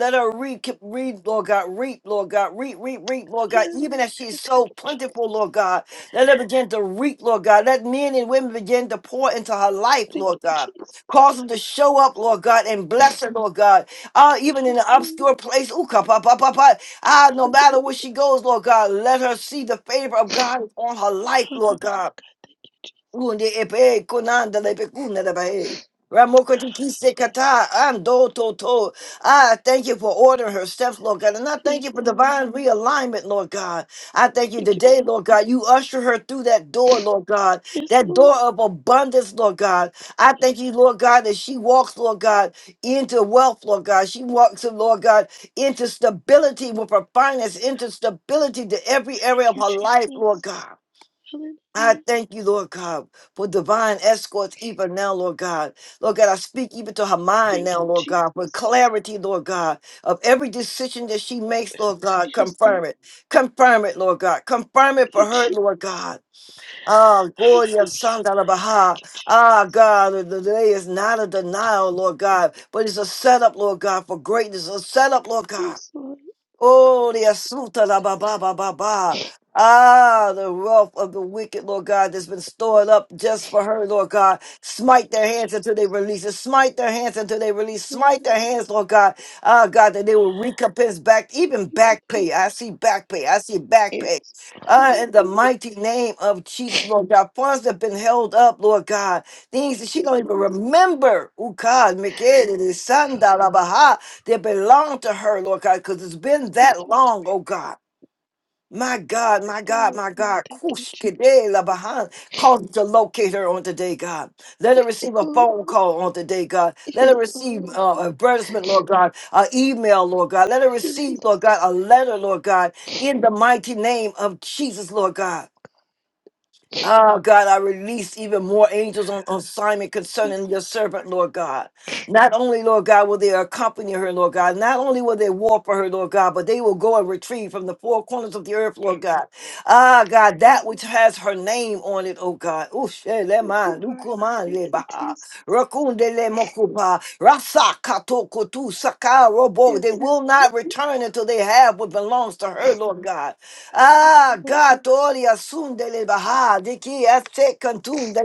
Let her reap, keep- reap, Lord God, reap, Lord God, reap, reap, reap, Lord God. Even as
Hallelujah,
she
God.
is
Thank
so
you, Jesus.
plentiful, Lord God, let her begin to reap, Lord God. Let men and women begin to pour into her life,
Thank
Lord
you,
God.
Jesus.
Cause them to show up, Lord God, and bless her, Lord God. Ah, even in an
Hallelujah.
obscure place, ooh, ka, pa, pa, pa, pa. ah, no matter where she goes, Lord God, let her see the favor of God on her life, Lord
Hallelujah,
God.
God. Thank you, Jesus.
Kunde epe konanda lepe kunda da bae. Ramokoti kise kata ando toto. I thank you for ordering her steps, Lord God. And I thank you
Yes,
for
Lord.
divine realignment, Lord God. I thank you
Thank you,
today,
Lord.
Lord God. You usher her through that door, Lord God.
Yes,
That
Lord.
door of abundance, Lord God. I thank you, Lord God, that she walks, Lord God, into wealth, Lord God. She walks, Lord God, into stability with her finance, into stability to every
Thank
area of
you,
her life, Lord
Jesus.
God. I
Hallelujah.
thank you, Lord God, for divine escorts even now, Lord God. Lord God, I speak even to her mind
Thank
now,
you,
Lord God, for
Jesus.
clarity, Lord God, of every decision that she makes, Lord God.
Yes, Lord.
Confirm it. Confirm it, Lord God. Confirm it
Thank
for
you,
her,
Je-
Lord God. Ah, Gloria
Hallelujah.
Santa la
Thank
Baha.
you,
Ah,
Jesus.
God, the the day is not a denial, Lord God, but it's a setup, Lord God, for greatness. A setup, Lord God.
Yes, Lord.
Oh, the asuta la ba ba ba ba ba. Ah, the wealth of the wicked, Lord God, that's been stored up just for her, Lord God. Smite their hands
Jesus.
until they release it. Smite their hands until they
Thank
release.
you, Lord.
Smite their hands, Lord God. Ah, God, that they will recompense back, even
Thank you,
back
Lord.
pay. I see back pay. I see back pay.
Yes.
Ah,
Hallelujah.
in the mighty name of Jesus, Lord God. Funds that have been held up, Lord God. Things that
Thank
she
you,
don't even
Lord.
remember. Oh, God, make it. It is Sanda la Baha. They belong to her, Lord God, because it's been
Thank
that
you,
long, oh God. My God, my God,
Lord.
my
God.
God.
Thank you, Jesus.
Kushkede la bahan. Cause to locate her on today, God. Let her
Yes,
receive a
Lord.
phone call on today, God. Let her
Yes,
receive
Lord.
uh, advertisement, Lord God, an email, Lord God. Let her
Yes, Lord.
receive, Lord God, a letter, Lord God, in the mighty name of Jesus, Lord God. Oh God, I release even more angels on on assignment concerning
Yes,
your servant, Lord God. Not only, Lord God, will they accompany her, Lord God, not only will they war for her, Lord God, but they will go and retrieve from the four corners of the earth, Lord God. Ah,
thank
God,
you, Lord.
that which has her name on it, oh God.
Yes,
Ushelema,
Lord.
lukuma,
Thank you,
lebaha,
Jesus.
rakunde, lemokuba, rasa, katokotu, saka, robo. They
Yes,
will not return until they have what belongs to her, Lord God.
Lord.
Ah,
Hallelujah.
God, Oli asunde baha, diki ete kantunde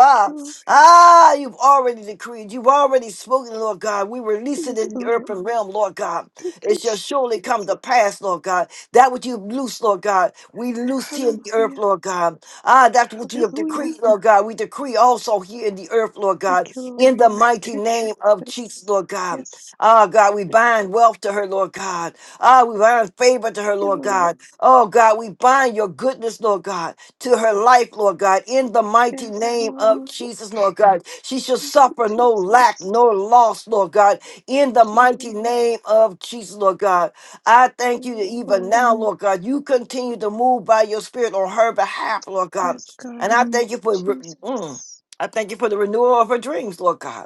Thank you, Lord.
Ah, you've already decreed, you've already spoken, Lord God. We release it
Yes,
in the
Lord.
earthen realm, Lord God.
Thank
It shall
you,
surely
Jesus.
come to pass, Lord God. That which you've loosed, Lord God, we loose here in the earth,
Hallelujah.
Lord God. Ah, that which you have
Hallelujah.
decreed, Lord God, we decree also here in the earth, Lord
Thank
God,
you, Lord.
in the
Thank
mighty
you,
name of Jesus,
Jesus.
Lord God.
Yes,
Ah, God, we bind wealth to her, Lord God. Ah, we bind favor to
thank
her,
you,
Lord
Lord.
God. Oh God, we bind your goodness, Lord God, to her life, Lord God, in the mighty
Yes,
name
Lord.
of Jesus, Lord God. She shall
Thank you,
suffer no lack,
Jesus.
no loss, Lord God, in the
Thank you,
mighty
Lord.
name of Jesus, Lord God. I thank you that
Yes,
even
Lord.
now, Lord God, you continue to move by your spirit on her behalf, Lord God.
Yes, God.
And
Thank
I thank you for, mm,
Jesus.
I thank you for the renewal of her dreams, Lord God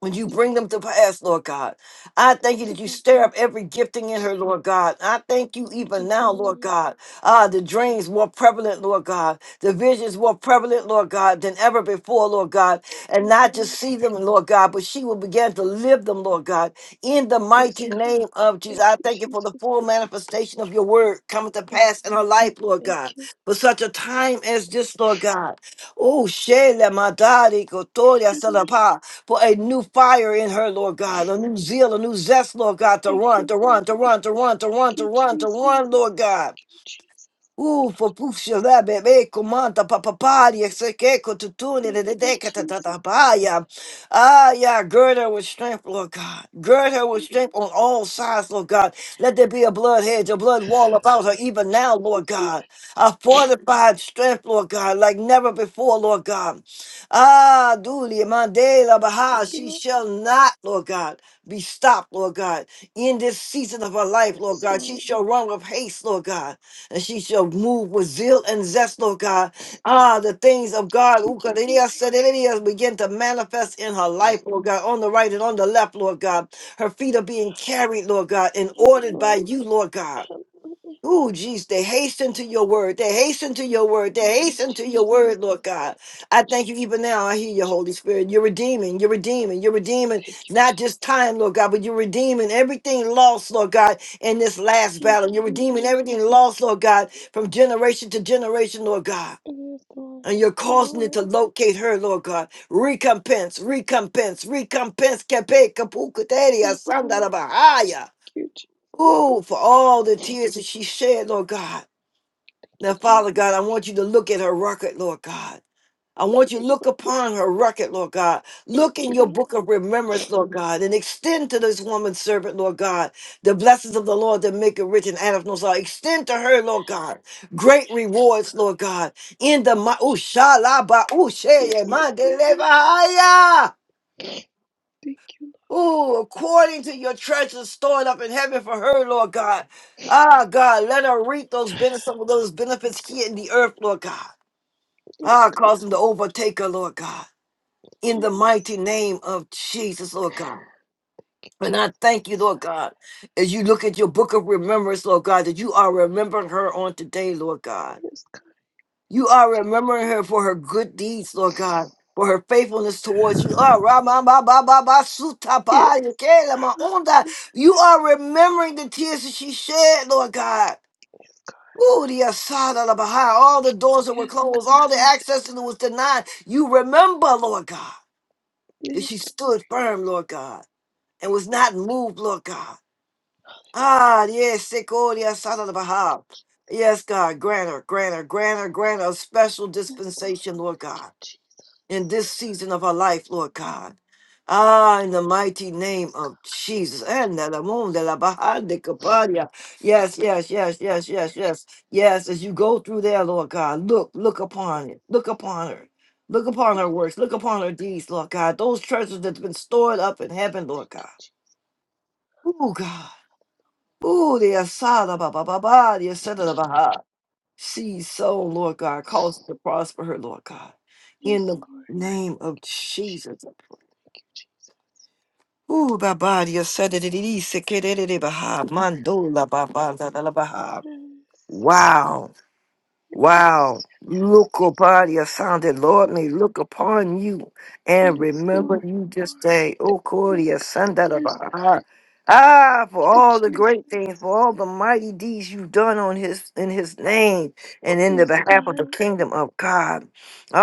when you
Thank you,
bring them to
Lord.
pass, Lord God. I thank you
Thank
that
you,
you
Lord.
stir up every gifting in her, Lord God. I thank you even
Thank you,
now, Lord
Lord.
God. Ah, the dreams more prevalent, Lord God. The visions more prevalent, Lord God, than ever before, Lord God. And
Yes,
not
Lord.
just see them, Lord God, but she will begin to live them, Lord God. In the
Yes,
mighty
God.
name of Jesus,
Thank
I
you,
thank you for the
Jesus.
full manifestation of your word coming to pass in her
Mhm.
life, Lord God.
Thank you.
For such a time as this, Lord God. Oh, Shele Madari Kotoria
Hallelujah.
Salapa. for a new fire in her, Lord God. A
Thank
new zeal, a new zest, Lord God, to run,
you,
to
Lord.
run, to run, to run, to run,
Thank
to
you,
run, to
Jesus.
run, Lord God.
Thank you, Jesus.
Ufa, puxa, lá, bebê, comanda, papapária, sei que, cotutune,
Thank you,
dedeca,
Jesus.
tatatapaya. Ah, yeah, gird her with strength, Lord God. Gird her with
Thank
strength on all sides, Lord God. Let there be a blood hedge, a blood wall about her,
you,
even now, Lord
Jesus.
God. A fortified strength, Lord God, like never before, Lord God. Ah, Dulia, Mandela,
Thank
Baha,
you,
she
Lord.
shall not, Lord God be stopped, Lord God, in this season of her life, Lord
Yes,
God. She
Lord.
shall run with haste, Lord God, and she shall move with zeal and zest, Lord God. Ah, the things of God,
Thank you,
ukadidiya,
Lord.
sadidiya, begin to manifest in her life, Lord God, on the right and on the left, Lord God. Her feet are being carried, Lord God, and
Yes,
ordered by
Lord.
you, Lord God.
Hallelujah.
Ooh, geez, they hasten to your word. They hasten to your word.
Thank
They
you,
hasten to your word,
Jesus.
Lord God. I thank you
Jesus.
even now. I hear your
Jesus.
Holy Spirit. You're redeeming. You're redeeming. You're redeeming
Thank you,
not
Jesus.
just time, Lord God, but you're redeeming everything lost, Lord God, in this last
Thank
battle. You're
you,
redeeming everything
Jesus.
lost, Lord God, from generation to generation, Lord God.
Yes, Lord.
And you're
Thank you,
causing it
Lord.
to locate her, Lord God. Recompense, recompense, recompense. Kepe kapukuteria
Yes, Lord.
sandarabahaya.
Thank you, Jesus.
Ooh, for all the
Thank
tears that she shed, Lord God now,
you, Lord.
Father God, I want you to look at her record, Lord God. I want
Yes,
you to look
Lord.
upon her record, Lord God.
Yes,
Look in your
God.
book of remembrance, Lord God, and extend to this woman servant, Lord God, the blessings of the Lord that make it rich and out of no sorrow. Extend to her, Lord God, great
Yes, God.
rewards, Lord God. In the
Thank
mi-
you,
ooh,
Jesus.
shalaba, ooh, sheye,
Yes,
mande,
Lord.
leba,
Thank you, Lord.
Ooh, according to your treasures stored up in heaven for her, Lord God. Ah, God, let her reap those benefits, those benefits here in the earth, Lord God.
Yes,
Ah,
God.
cause them to overtake her, Lord God. In the
Yes.
mighty name of Jesus, Lord God. And I thank you, Lord God, as you look at your book of remembrance, Lord God, that you are remembering her on today, Lord God.
Yes, God.
You are remembering her for her good deeds, Lord
Yes.
God, for her faithfulness towards you. Ah, ra ma ba, ba, ba, ba, su, ta, ba, ya, ke, la, ma, onda.
Hallelujah.
You are remembering the tears that she shed, Lord God.
Yes, God.
Ooh, the Asada the Baha, all the doors that were
Yes,
closed, all
God.
the access that was denied. You remember, Lord God, that she
Yes.
stood firm, Lord God, and
Yes.
was not moved, Lord God.
Hallelujah.
Ah, yes, Seko, the Asada the Baha. Yes, God, grant her, grant her, grant her, grant her a special
Yes, Lord.
dispensation, Lord
Thank you,
God
Jesus.
in this season of our life, Lord God. Ah, in the mighty name of Jesus. And the moon, the la behind the Kapadia. Yes, yes, yes, yes, yes, yes. Yes, as you go through there, Lord God, look, look upon it. Look upon her. Look upon her works. Look upon her deeds, Lord God. Those treasures that's been stored up in heaven, Lord God. Oh God. Oh, the Asada ba ba ba ba, the Asada da Baha. She's so, Lord God, cause to prosper her, Lord God. In
Yes,
the
Lord.
name of Jesus.
Thank you, Jesus.
Ooh, Baba, Dia Sada Didi, Sekere Baha, Mandola Baba, Dada Baha.
Yes.
Wow. Wow. Look upon your sounded, Lord, may look upon you
Yes.
and
Yes,
remember
Lord.
you this day. O
Yes,
Cordia,
God.
son
Thank
that of our heart. Ah, for
you,
all the
Jesus.
great things, for all the mighty deeds you've done on his in his name and in the
Yes,
behalf of the
God.
kingdom of God.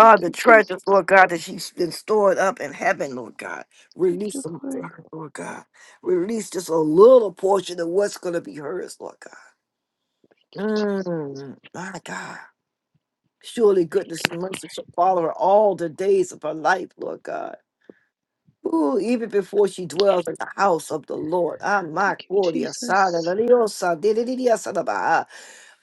Thank
the
you, Jesus.
treasures, Lord God, that you've been stored up in heaven, Lord God.
Thank
Release
you,
them to
Lord.
her, Lord God. Release just a little portion of what's gonna be hers, Lord God.
Jesus.
Mm, my God. Surely
Thank
goodness
you,
and
Lord.
mercy shall follow her all the days of her life, Lord God. Ooh, even before she dwells in the house of the Lord. Ah, my
Thank you,
Gloria, Sada,
Jesus.
la diosa, di- di- di- dia, sada, ba. Ah,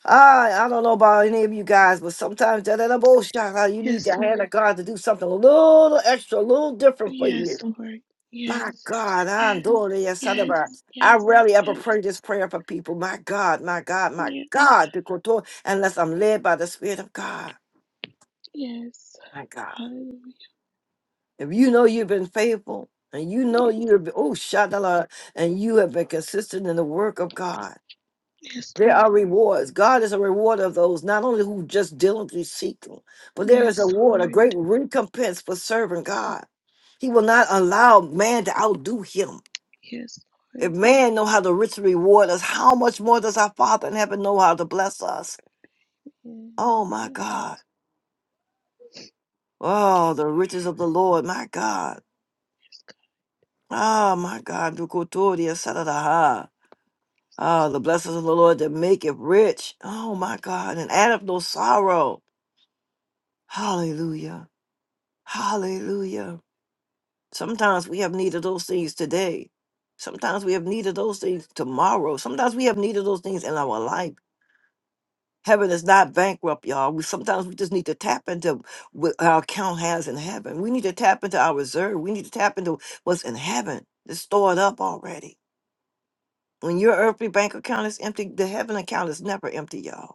Ah, I don't know about any of you guys, but sometimes da- da- da- bo- sha- ah, you need
Yes,
the hand
Lord.
of God to do something a little extra, a little different for
Yes,
you.
Lord.
My
Yes.
God, I'm
Yes.
doing it. Sada,
Yes.
ba. I
Yes.
rarely ever
Yes.
pray this prayer for people. My God, my God, my
Yes.
God, the Kotor, unless I'm led by the Spirit of God.
Yes.
My God.
Hallelujah.
If you know you've been faithful and you know you have oh Shadala and you have been consistent in the work of God,
Yes,
there
Lord.
are rewards. God is a rewarder of those not only who just diligently seek him, but there is a
Yes,
reward, a
Lord.
great recompense for serving God. He will not allow man to outdo him.
Yes, Lord.
If man know how to richly reward us, how much more does our Father in heaven know how to bless us?
Yes.
Oh my
yes.
God. Oh, the riches of the Lord, my God. Ah, my God. Dukotoria Sadadaha. Ah, the blessings of the Lord that make it rich. Oh my God, and add up no sorrow. Hallelujah. Hallelujah. Sometimes we have needed those things today. Sometimes we have needed those things tomorrow. Sometimes we have needed those things in our life. Heaven is not bankrupt, y'all. We sometimes we just need to tap into what our account has in heaven. We need to tap into our reserve. We need to tap into what's in heaven. It's stored up already. When your earthly bank account is empty, the heaven account is never empty, y'all.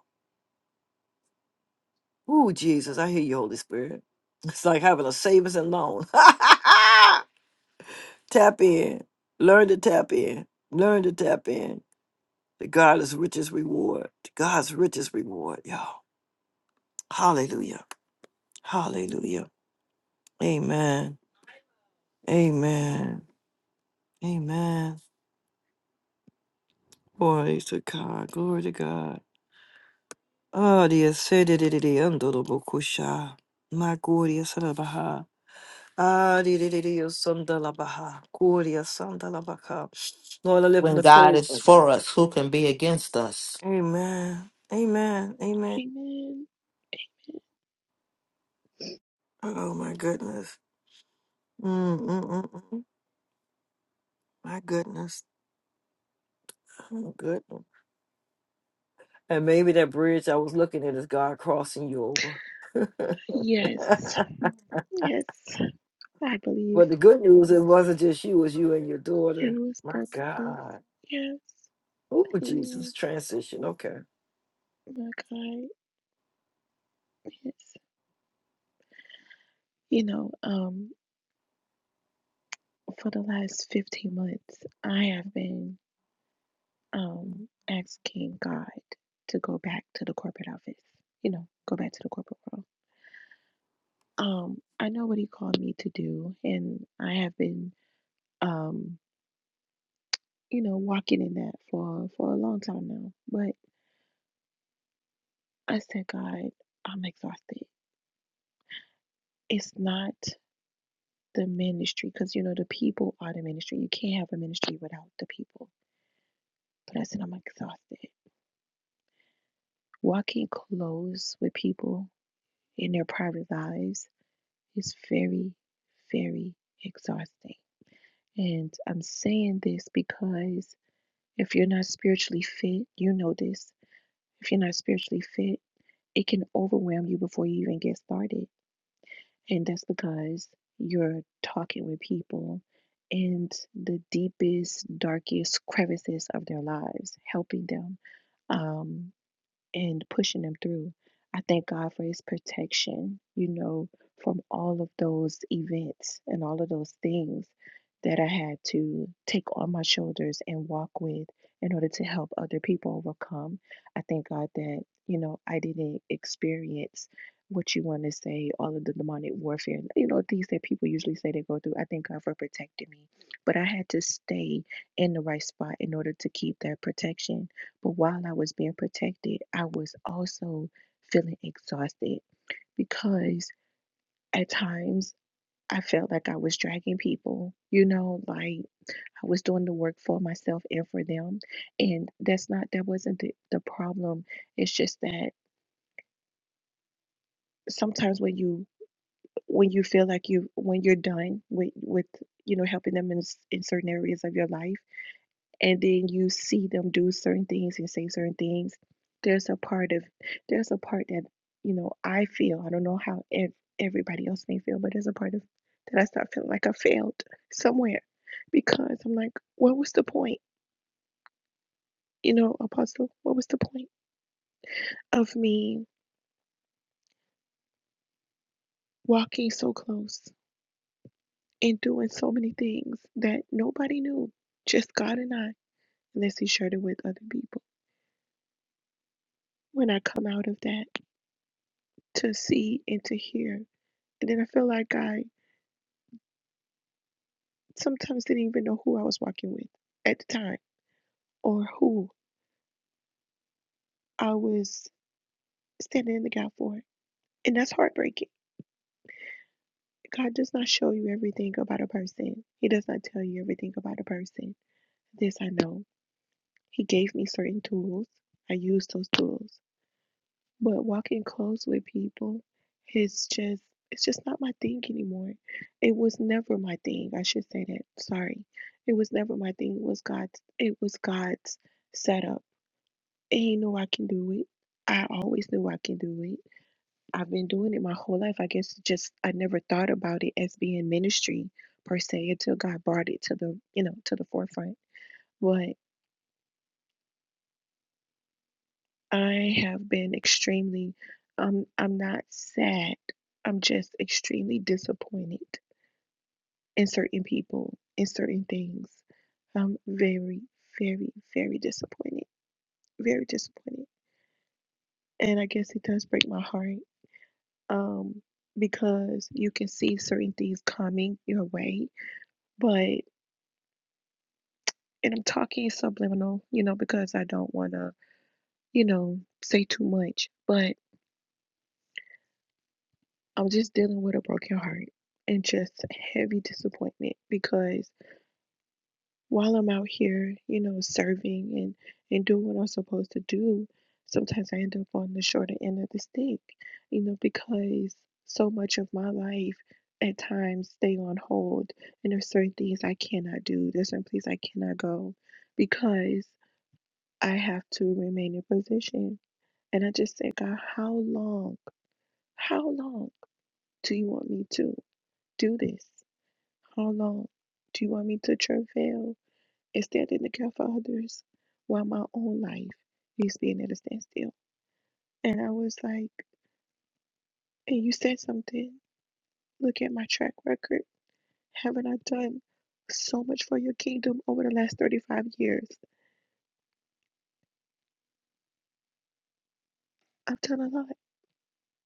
Ooh, Jesus, I hear you, Holy Spirit. It's like having a savings and loan. tap in. Learn to tap in. Learn to tap in. The God's richest reward. To God's richest reward, y'all. Hallelujah. Hallelujah. Amen. Amen. Amen. Glory to God. Glory to God. Oh, dear. Say, did it, did it, under the Bokusha. My glory. Ah, di- di- di- di- yo, sunda la baha, kuria sunda la baka. Lord, I lift
When God
Nicole.
is
up.
for us, who can be against us?
Amen. Amen. Amen.
Amen.
Oh my goodness. Mm, mm, mm, mm. My goodness. Oh, goodness. And maybe that bridge I was looking at is God crossing you over.
Yes. Yes. I believe
but the good news it wasn't just you, it was you and your
it
daughter.
was
My
both of us.
God.
Yes.
Oh Jesus,
Amen.
transition. Okay.
My God. Yes. You know, um, for the last 15 months, I have been um asking God to go back to the corporate office. You know, go back to the corporate world. Um, I know what he called me to do and I have been um, you know, walking in that for for a long time now. But I said, God, I'm exhausted. It's not the ministry because, you know, the people are the ministry. You can't have a ministry without the people. But I said, I'm exhausted. Walking close with people in their private lives is very, very exhausting. And I'm saying this because if you're not spiritually fit, you know this. If you're not spiritually fit, it can overwhelm you before you even get started And that's because you're talking with people in the deepest, darkest crevices of their lives, helping them. Um, and pushing them through. I thank God for his protection, you know, from all of those events and all of those things that I had to take on my shoulders and walk with in order to help other people overcome. I thank God that, you know, I didn't experience what you want to say, all of the demonic warfare, you know, things that people usually say they go through. I thank God for protecting me. But I had to stay in the right spot in order to keep that protection but while I was being protected, I was also feeling exhausted because at times I felt like I was dragging people, you know, like I was doing the work for myself and for them. And that's not, that wasn't the, the problem. It's just that sometimes when you, when you feel like you, when you're done with, with, you know, helping them in, s- in certain areas of your life, and then you see them do certain things and say certain things there's a part of there's a part that you know i feel i don't know how ev- everybody else may feel but there's a part of that i start feeling like i failed somewhere because i'm like what was the point you know apostle what was the point of me walking so close and doing so many things that nobody knew just god and i unless he shared it with other people when i come out of that to see and to hear and then i feel like i Sometimes didn't even know who I was walking with at the time or who I was standing in the gap for. And that's heartbreaking. God does not show you everything about a person. He does not tell you everything about a person. This I know. He gave me certain tools. I used those tools. But walking close with people is just it's just not my thing anymore. It was never my thing. I should say that. Sorry. It was never my thing. It was God's it was God's setup And he knew I can do it. I always knew I can do it. I've been doing it my whole life. I guess it just I never thought about it as being ministry per se until God brought it to the, you know, to the forefront. But I have been extremely um I'm not sad. I'm just extremely disappointed in certain people, in certain things. I'm very, very, very disappointed. Very disappointed. And I guess it does break my heart um, because you can see certain things coming your way. But, and I'm talking subliminal, you know, because I don't want to, you know, say too much, but I'm just dealing with a broken heart and just heavy disappointment because while I'm out here, you know, serving and and doing what I'm supposed to do, sometimes I end up on the shorter end of the stick, you know, because so much of my life at times stay on hold, and there's certain things I cannot do, there's certain places I cannot go because I have to remain in position. And I just say, God, how long, how long do you want me to do this? How long do you want me to travail? and standing to care for others while my own life is being at a standstill. And I was like, and you said something. Look at my track record. Haven't I done so much for your kingdom over the last 35 years? I've done a lot.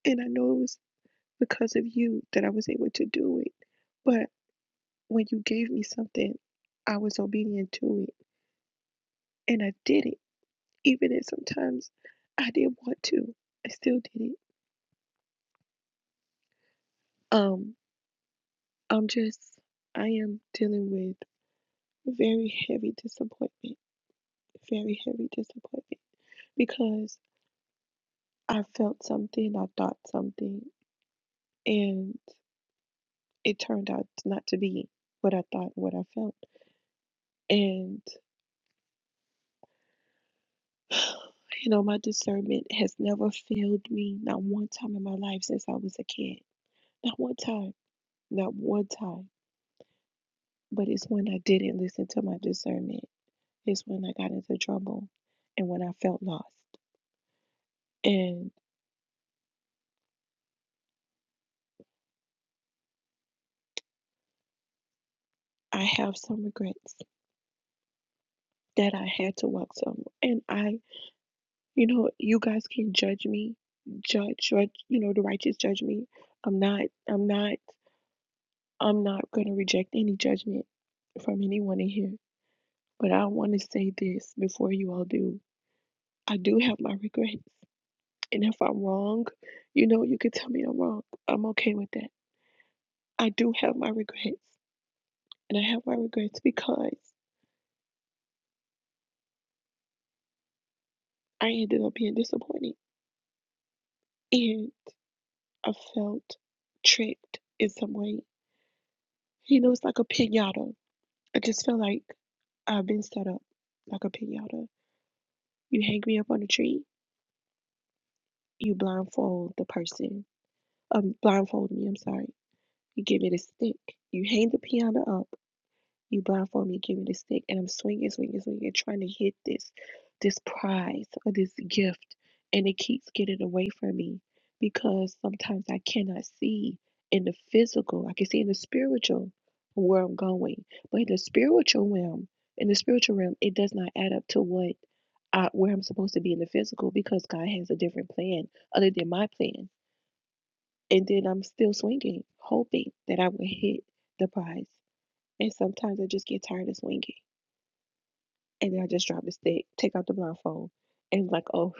And I know it was because of you that I was able to do it. But when you gave me something, I was obedient to it. And I did it, even if sometimes I didn't want to. I still did it. Um, I'm just, I am dealing with very heavy disappointment, very heavy disappointment because I felt something, I thought something, and it turned out not to be what I thought, what I felt. And, you know, my discernment has never failed me, not one time in my life since I was a kid. Not one time, not one time. But it's when I didn't listen to my discernment, it's when I got into trouble and when I felt lost. And I have some regrets that I had to walk some. And I, you know, you guys can judge me, judge, judge, you know, the righteous judge me. I'm not, I'm not, I'm not going to reject any judgment from anyone in here. But I want to say this before you all do. I do have my regrets. And if I'm wrong, you know, you can tell me I'm wrong. I'm okay with that. I do have my regrets. And I have my regrets because I ended up being disappointed. And I felt tricked in some way. You know, it's like a pinata. I just feel like I've been set up like a pinata. You hang me up on a tree, you blindfold the person. Um, blindfold me, I'm sorry. You give me the stick. You hang the piano up. You blindfold me, give me the stick, and I'm swinging, swinging, swinging, trying to hit this, this prize or this gift, and it keeps getting away from me because sometimes I cannot see in the physical. I can see in the spiritual where I'm going, but in the spiritual realm, in the spiritual realm, it does not add up to what I, where I'm supposed to be in the physical because God has a different plan other than my plan. And then I'm still swinging, hoping that I will hit the prize. And sometimes I just get tired of swinging and then I just dropped the stick, take out the blindfold, and like, oh,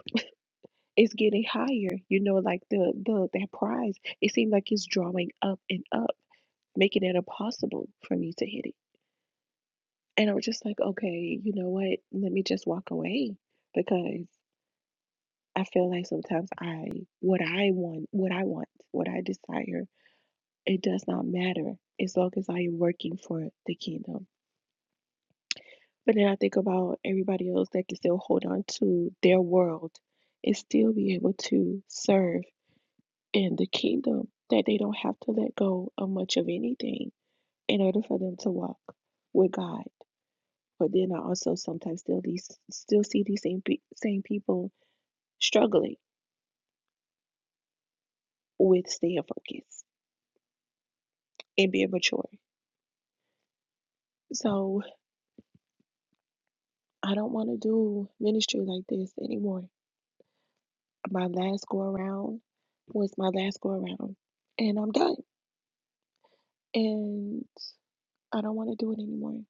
it's getting higher. You know, like the the that prize, it seemed like it's drawing up and up, making it impossible for me to hit it. And I was just like, okay, you know what? Let me just walk away because I feel like sometimes I what I want, what I want, what I desire, it does not matter as long as I am working for the kingdom But then I think about everybody else that can still hold on to their world and still be able to serve in the kingdom, that they don't have to let go of much of anything in order for them to walk with God. But then I also sometimes still these still see these same pe- same people struggling with staying focused and being mature. So I don't want to do ministry like this anymore. My last go around was my last go around, and I'm done. And I don't want to do it anymore.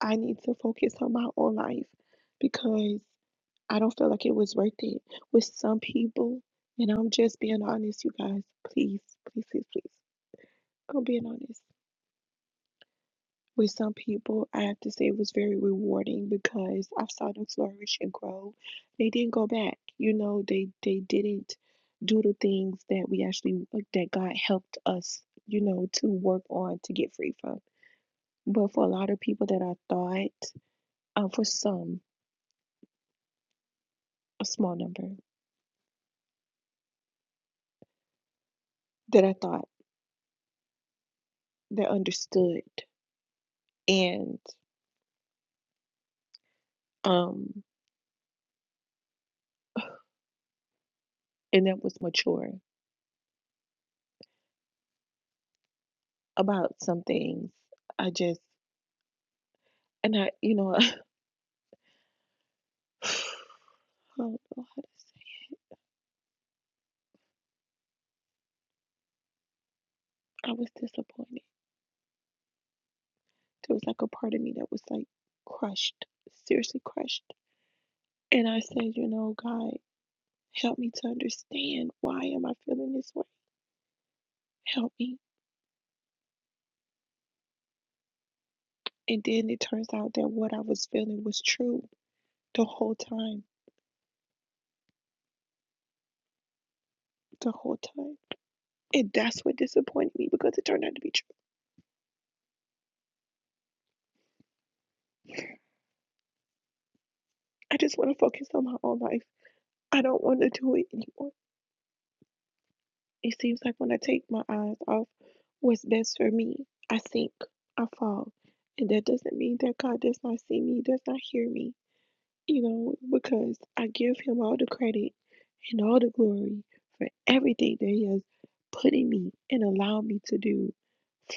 I need to focus on my own life because I don't feel like it was worth it with some people. And I'm just being honest, you guys. Please, please, please, please. I'm being honest. With some people, I have to say it was very rewarding because I saw them flourish and grow. They didn't go back. You know, they they didn't do the things that we actually uh, that God helped us, you know, to work on to get free from. But for a lot of people that I thought uh, for some, a small number that I thought that understood and um and that was mature about some things. I just and I you know I I don't know how to say. I was disappointed. There was like a part of me that was like crushed, seriously crushed. And I said, you know, God, help me to understand why am I feeling this way? Help me. And then it turns out that what I was feeling was true the whole time. The whole time And that's what disappointed me because it turned out to be true. I just want to focus on my own life. I don't want to do it anymore. It seems like when I take my eyes off what's best for me, I sink, I fall. And that doesn't mean that God does not see me, does not hear me. you know, because I give him all the credit and all the glory for everything that he has put in me and allowed me to do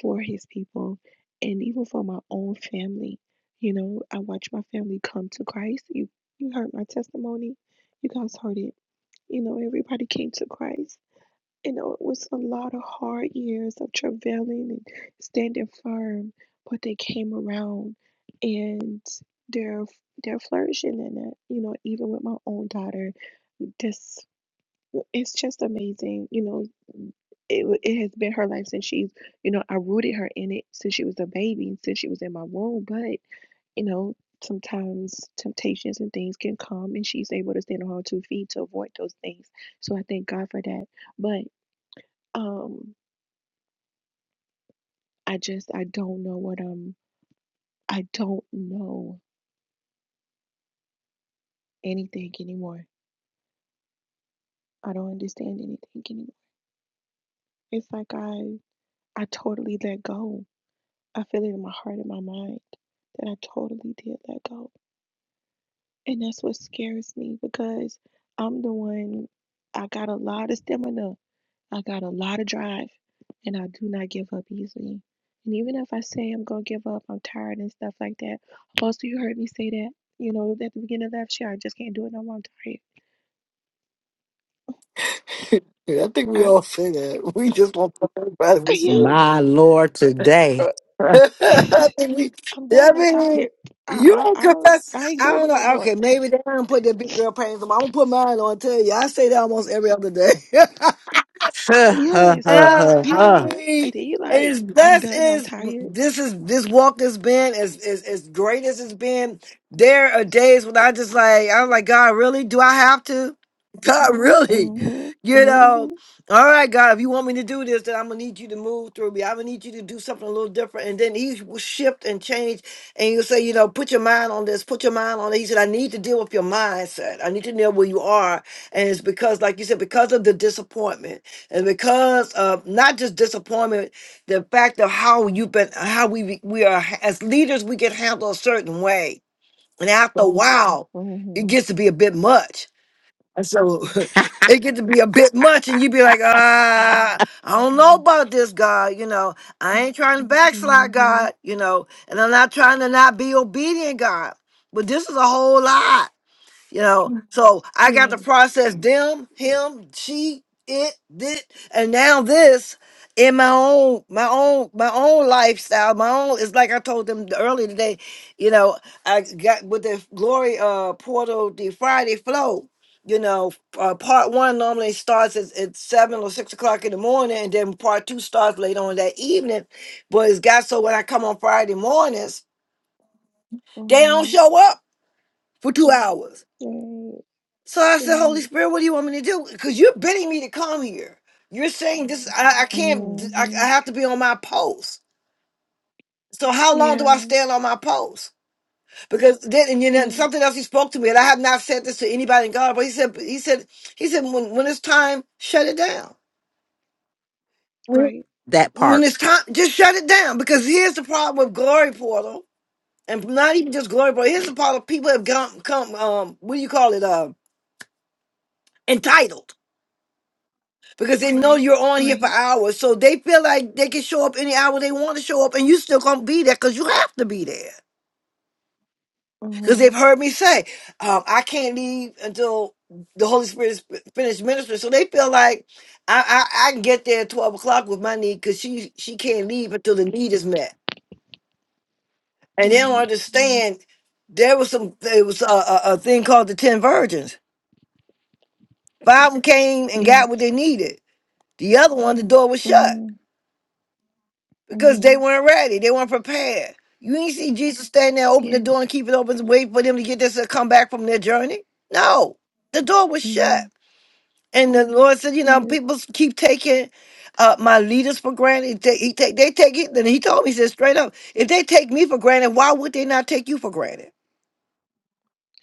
for his people and even for my own family. You know, I watched my family come to Christ. You you heard my testimony. You guys heard it. You know, everybody came to Christ you know, it was a lot of hard years of travailing and standing firm, but they came around and they're they're flourishing in it. You know, even with my own daughter, this it's just amazing. You know, it wa- it has been her life since she's you know I rooted her in it since she was a baby, since she was in my womb. But you know. Sometimes temptations and things can come, and she's able to stand on her two feet to avoid those things. So I thank God for that. But um I just I don't know what um I don't know anything anymore. I don't understand anything anymore. It's like I I totally let go. I feel it in my heart and my mind that I totally did let go. And that's what scares me because I'm the one I got a lot of stamina. I got a lot of drive and I do not give up easily. And even if I say I'm gonna give up, I'm tired and stuff like that. Also you heard me say that, you know, at the beginning of last year, I just can't do it no more, I'm tired
Yeah, I think we
I,
all say that. We just want to talk about
yeah,
it.
My Lord, today.
uh,
I mean,
I'm
you- I
done. I'm
mean,
tired.
you
I,
don't
I, I, I
confess.
ain't
I
doing
don't
it no
know.
more.
Okay, maybe they don't put their big girl panties on. I'm gonna put mine on. Tell you, I say that almost every other day.
that
Yes,
Yeah,
you
I
know.
mean,
And then you
and
like,
as
I'm
best
done. I'm
as
tired.
this is this walk has been, as as as great as it's been, there are days when I just like I'm like, God, really? Do I have to? God, really?
Mm-hmm.
You know,
Mm-hmm.
all right, God, if you want me to do this, then I'm gonna need you to move through me. I'm gonna need you to do something a little different. And then he will shift and change, and you'll say, you know, put your mind on this, put your mind on it. He said, I need to deal with your mindset. I need to know where you are. And it's because, like you said, because of the disappointment and because of not just disappointment, the fact of how you've been, how we we are as leaders, we get handled a certain way, and after a Mhm. while, it
Mm-hmm.
gets to be a bit much. And so it gets to be a bit much, and you be like, ah, I
Yeah.
don't know about this, God. You know, I ain't trying to Mhm. backslide,
Mm-hmm.
God. You know, and I'm not trying to not be obedient, God. But this is a whole lot. You know, so I got to
Yes.
process them, him, she, it, did, and now this in my own, my own, my own lifestyle, my own. It's like I told them earlier today. You know, I got with the glory uh portal, the Friday flow. You know, uh, part one normally starts at, at seven or six o'clock in the morning, and then part two starts later on that evening. But it's got so when I come on Friday mornings, they don't
Mm-hmm.
show up for two hours so I said, Holy
Right. Right.
Spirit, what do you want me to do? Because you're bidding me to come here. You're saying this, I, I can't, d- I, I
Mm-hmm.
have to be on my post. So how long do
Yeah.
I stand on my post? Because then, and you know, and
Yes.
something else he spoke to me, and I have not said this to anybody in God, but he said, he said, he said, when, when it's time, shut it down. When,
Right.
when
part.
it's time, just shut it down. Because here's the problem with Glory Portal, and not even just Glory Portal, here's the problem, people have come, come um, what do you call it, um, entitled because they know
Right.
you're on here for
Right.
hours. So they feel like they can show up any hour they want to show up, and you still gonna be there because you have to be there. Because
Mm-hmm.
they've heard me say, um, I can't leave until the Holy Spirit is finished ministering. So they feel like I, I, I can get there at twelve o'clock with my need because she she can't leave until the need is met, and they don't
Right. Right.
understand. There was some there was a, a, a thing called the ten virgins. Five of them came and got
Yes.
what they needed. The other one, the door was shut.
Mm-hmm.
because
mm-hmm,
they weren't ready. They weren't prepared. You ain't see Jesus stand there, open the door
Yes.
and keep it open, and wait for them to get this and come back from their journey. No, the door was
Mm-hmm.
shut. And the Lord said, you know,
Yes.
people keep taking uh, my leaders for granted. They, he take, they take it. Then he told me, he said straight up, if they take me for granted, why would they not take you for granted?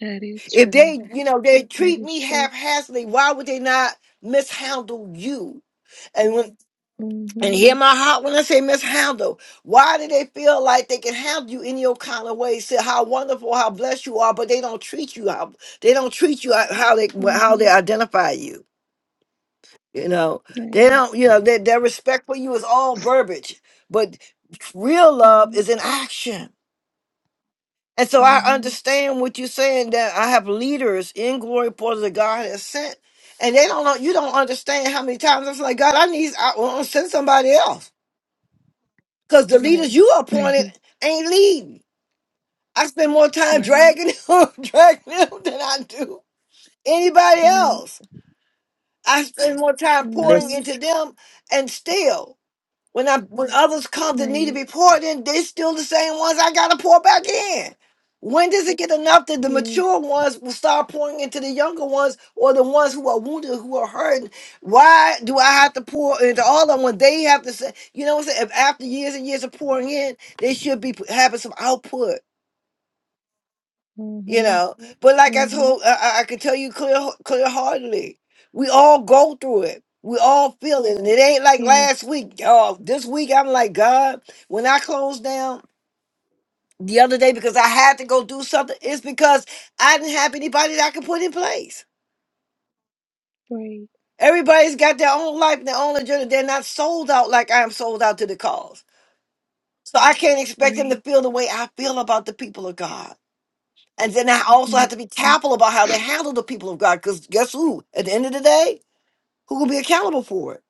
That is
If
true.
they, you know, they
That
treat
is
me
true.
haphazardly, why would they not mishandle you? And when And hear
Mhm.
my heart when I say mishandle. Why do they feel like they can handle you in your kind of way? Say how wonderful, how blessed you are, but they don't treat you how they don't treat you how how they how they
Mhm.
identify you. You know, they
Right.
don't. You know, their their respect for you is all verbiage, but real love
Mhm.
is in action. And so I
Mhm.
understand what you're saying that I have leaders in glory portals that God has sent, and they don't know. You don't understand how many times I'm like, God, I need. I want to send somebody else. Because the
Right.
leaders you appointed ain't leading. I spend more time
right.
dragging them, dragging them than I do anybody
Right.
else. I spend more time pouring
Mhm.
into
Listen,
them and still. When I when others come that need to
Right.
be poured in, they are still the same ones I gotta pour back in. When does it get enough that the
Yes.
mature ones will start pouring into the younger ones or the ones who are wounded, who are hurting? Why do I have to pour into all of them when they have to say, you know what I'm saying? If after years and years of pouring in, they should be having some output you
Mhm.
know. But like I
Mhm.
told, I, I I could tell you clear, clear heartedly, we all go through it. We all feel it, and it ain't like
Yes.
last week. Oh, this week I'm like God. When I closed down the other day because I had to go do something, it's because I didn't have anybody that I could put in place.
Right.
Everybody's got their own life, their own agenda. They're not sold out like I am sold out to the cause. So I can't expect them to
Right.
feel the way I feel about the people of God. And then I also have to be
Mhm.
careful about how they handle the people of God, because guess who? At the end of the day, who will be accountable for it?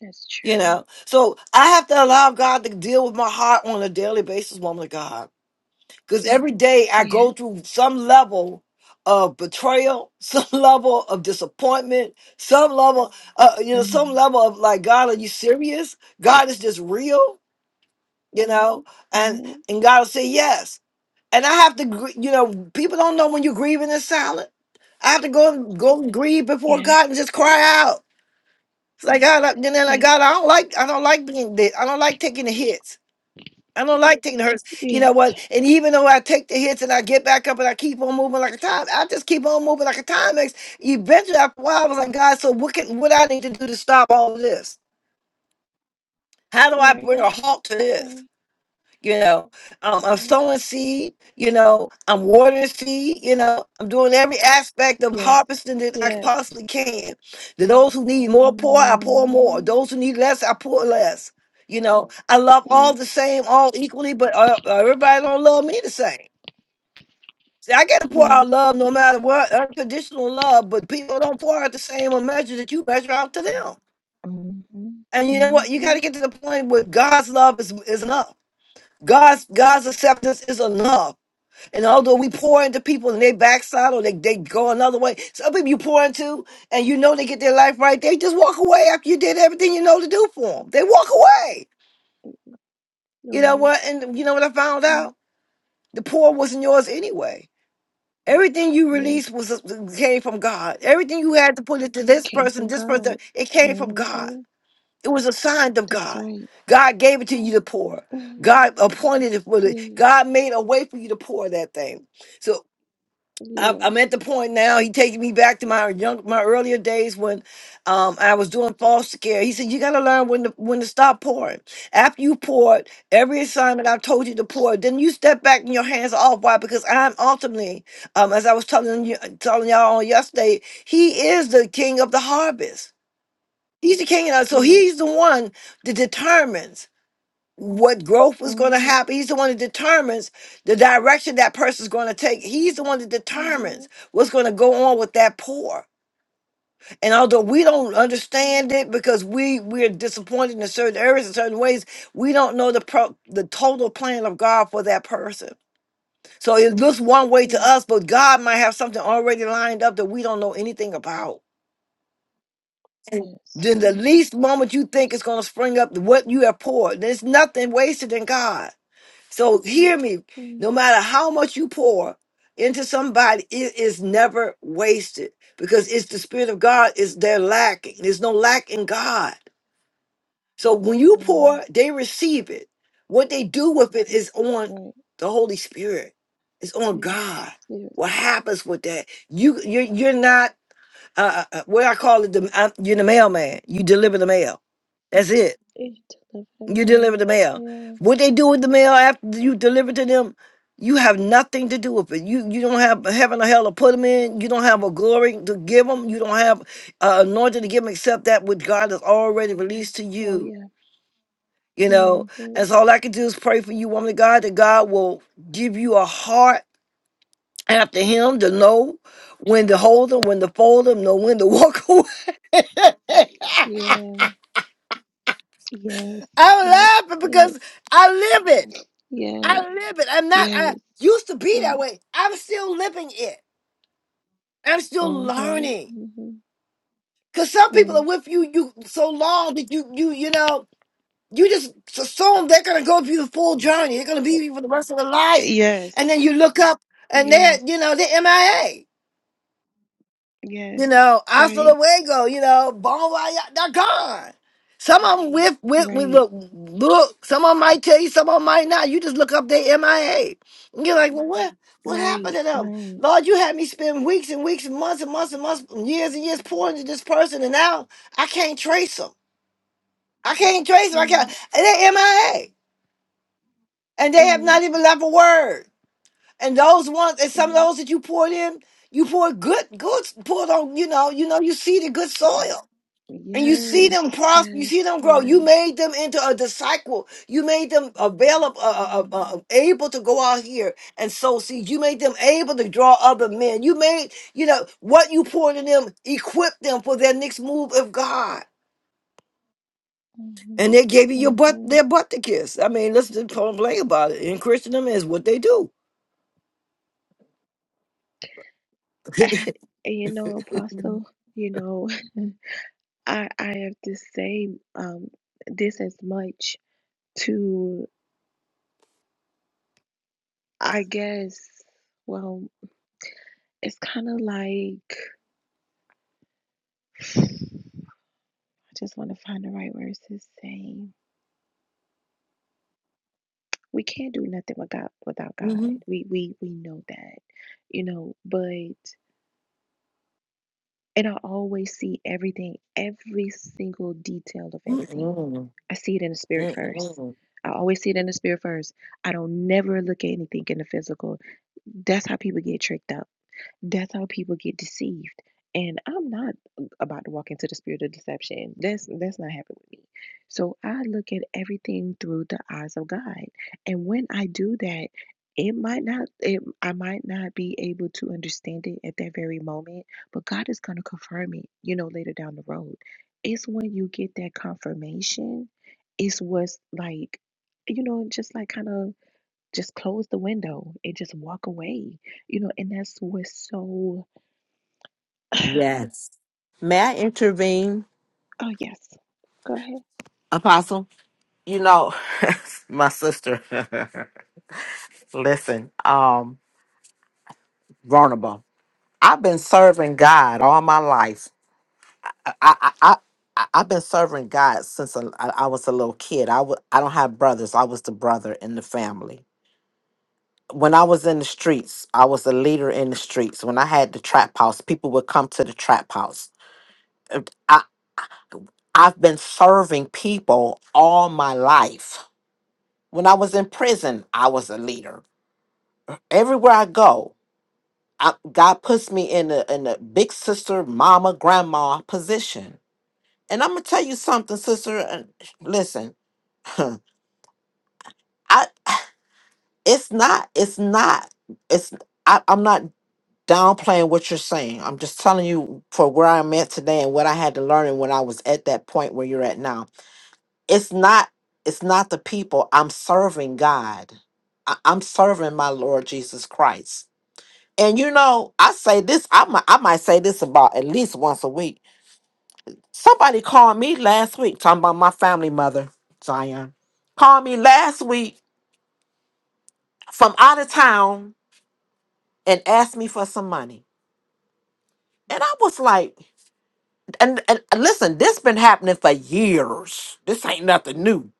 That's
You
true.
know? So I have to allow God to deal with my heart on a daily basis, woman of God. Because every day I go
Yes.
through some level of betrayal, some level of disappointment, some level, uh, you know, some
Mhm.
level of like, God, are you serious? God is just real, you know? And
Mhm.
and God will say yes. And I have to, gr- you know, people don't know when you're grieving in silence I have to go go grieve before
Yes.
God and just cry out. It's like God, I- and then like
Yes.
God, I don't like I don't like being this. I don't like taking the hits. I don't like taking the hurts. You
Yes.
know what? And even though I take the hits and I get back up and I keep on moving like a time, I just keep on moving like a Timex. Eventually, after a while, I was like, God, so what can what I need to do to stop all this? How do I
Right.
bring a halt to this?
Right.
you know um, i'm
Right.
sowing seed you know i'm watering seed you know i'm doing every aspect of
Yes.
harvesting that i
Yes.
possibly can to those who need more pour i pour more
Mhm.
those who need less i pour less you know i love all
Yes.
the same all equally but uh, uh, everybody don't love me the same See, I gotta pour
Yes.
out love no matter what, unconditional love, but people don't pour out the same or measure that you measure out to them.
Mhm.
And you know what? You gotta
Mhm.
get to the point where God's love is, is enough. God's God's acceptance is enough. And although we pour into people and they backside or they, they go another way, some people you pour into and you know they get their life right, they just walk away after you did everything you know to do for them. They walk away. You know
Right.
what? And you know what I found
Right.
out? The pour wasn't yours anyway. Everything you released
Yes.
was uh, came from God. Everything you had to put into
It
this
came
person,
from
this person,
God.
it came from God.
Mhm.
It was assigned of
That's
God.
right.
God gave it to you to pour.
Mhm.
God appointed it for it.
Yes.
God made a way for you to pour that thing. So I- I'm
Yes.
at the point now. He taking me back to my young, my earlier days when um, I was doing foster care. He said, "You got to learn when to when to stop pouring. After you poured every assignment I told you to pour, then you step back and your hands are off. Why? Because I'm ultimately, um, as I was telling you, telling y'all on yesterday, he is the king of the harvest. He's the king of so
Yes.
he's the one that determines what growth was going to
Mhm.
happen. He's the one that determines the direction that person's going to take. He's the one that determines
Mhm.
what's going to go on with that poor. And although we don't understand it because we we're disappointed in certain areas in certain ways, we don't know the pro, the total plan of God for that person. So it looks one way to
Yes.
us, but God might have something already lined up that we don't know anything about.
Yes. Yes.
Then the
Yes.
least moment you think is
Yes.
going to spring up what you have poured, there's nothing wasted in God. So hear me, no
Mm.
matter how much you pour into somebody, it is never wasted because it's the spirit of God is there lacking. There's no lack in God. So when you
Mm.
pour, they receive it. What they do with it is on
Right.
the Holy Spirit. It's on God.
Yes.
What happens with that? You you're, you're not uh, uh, uh, what I call it. The, I'm, you're the mailman. You deliver the mail. That's it.
It delivered a
You
meal.
deliver the mail.
Yeah.
What they do with the mail after you deliver to them, you have nothing to do with it. You you don't have heaven or hell to put them in. You don't have a glory to give them. You don't have uh, anointing to give them except that which God has already released to
Oh
you.
yeah.
You know, and
Mhm.
so all I can do is pray for you, woman of God, that God will give you a heart after Him to know when to hold them, when to fold them, know when to walk away.
Yeah. Yes.
I'm
Yes.
laughing
Yes.
because I live it.
Yes.
I live it. I'm not, I
Yes.
used to be that
Yes.
way. I'm still living it. I'm still
Mhm.
learning.
Mhm.
Cause some people are
Right.
with you you so long that you you you know you just assume they're gonna go through the full journey. They're gonna be with you for the rest of their life, and
Yes.
then you look up and they're
Yes.
you know they're MIA. You
Yes.
know, hasta
Right.
luego, you know, bon voyage, they're gone. Some of them with, with, with
Right.
look, look, some of them might tell you, some of them might not. You just look up their MIA. And you're like, well, what, what happened
Right.
to them?
Right.
Lord, you had me spend weeks and weeks and months and months and months, years and years pouring to this person, and now I can't trace them. I can't trace them. I can't.
Right.
And they're MIA. And they have
Right.
not even left a word. And those ones, and some of
Right.
those that you poured in, you poured good, good, poured on, you know, you know, you seeded good soil And you see
Yes.
them prosper. You see
Yes.
them grow. You
Yes.
made them into a disciple. You made them available, uh, uh, uh, uh,
Mm-hmm.
able to go out here and sow seeds. You made them able to draw other men. You made, you know, what you poured in them, equip them for their next move of God. And they gave you
Mm-hmm.
your butt,
Mm-hmm.
their butt to kiss. I mean, let's just complain about it. In Christendom, is what they do.
You know, Apostle, you know, I I have to say um this as much to I guess well it's kind of like I just want to find the right words to say we can't do nothing without without God.
Mhm.
We we we know that, you know. But and I always see everything, every single detail of everything.
Mm-mm.
I see it in the spirit first.
Mm-mm.
I always see it in the spirit first. I don't never look at anything in the physical. That's how people get tricked up that's how people get deceived. And I'm not uh, about to walk into the spirit of deception. That's that's not happening with me. So I look at everything through the eyes of God. And when I do that, it might not it, I might not be able to understand it at that very moment, but God is going to confirm it, you know, later down the road. It's when you get that confirmation, it's what's like, you know, just like kind of just close the window and just walk away. You know, and that's what's so oh
Yes. may I intervene,
yes. Go ahead.
Apostle? You know, my sister. Listen, vulnerable. I've been serving God all my life. I I I, I I've been serving God since a- I I was a little kid. I w- I don't have brothers. I was the brother in the family. When I was in the streets, I was a leader in the streets. When I had the trap house, people would come to the trap house. Uh, I I've been serving people all my life. When I was in prison, I was a leader. Everywhere I go, I, God puts me in a in a big sister, mama, grandma position And I'm gonna tell you something, sister. and Listen, I it's not it's not it's I, I'm not downplaying what you're saying. I'm just telling you for where I'm at today and what I had to learn and when I was at that point where you're at now. It's not it's not the people. I'm serving God. I, I'm serving my Lord Jesus Christ. And you know, I say this. I might I might say this about at least once a week Somebody called me last week talking about my family mother, Zion. Called me last week from out of town and asked me for some money. And I was like, and, and listen, this been happening for years. This ain't nothing new.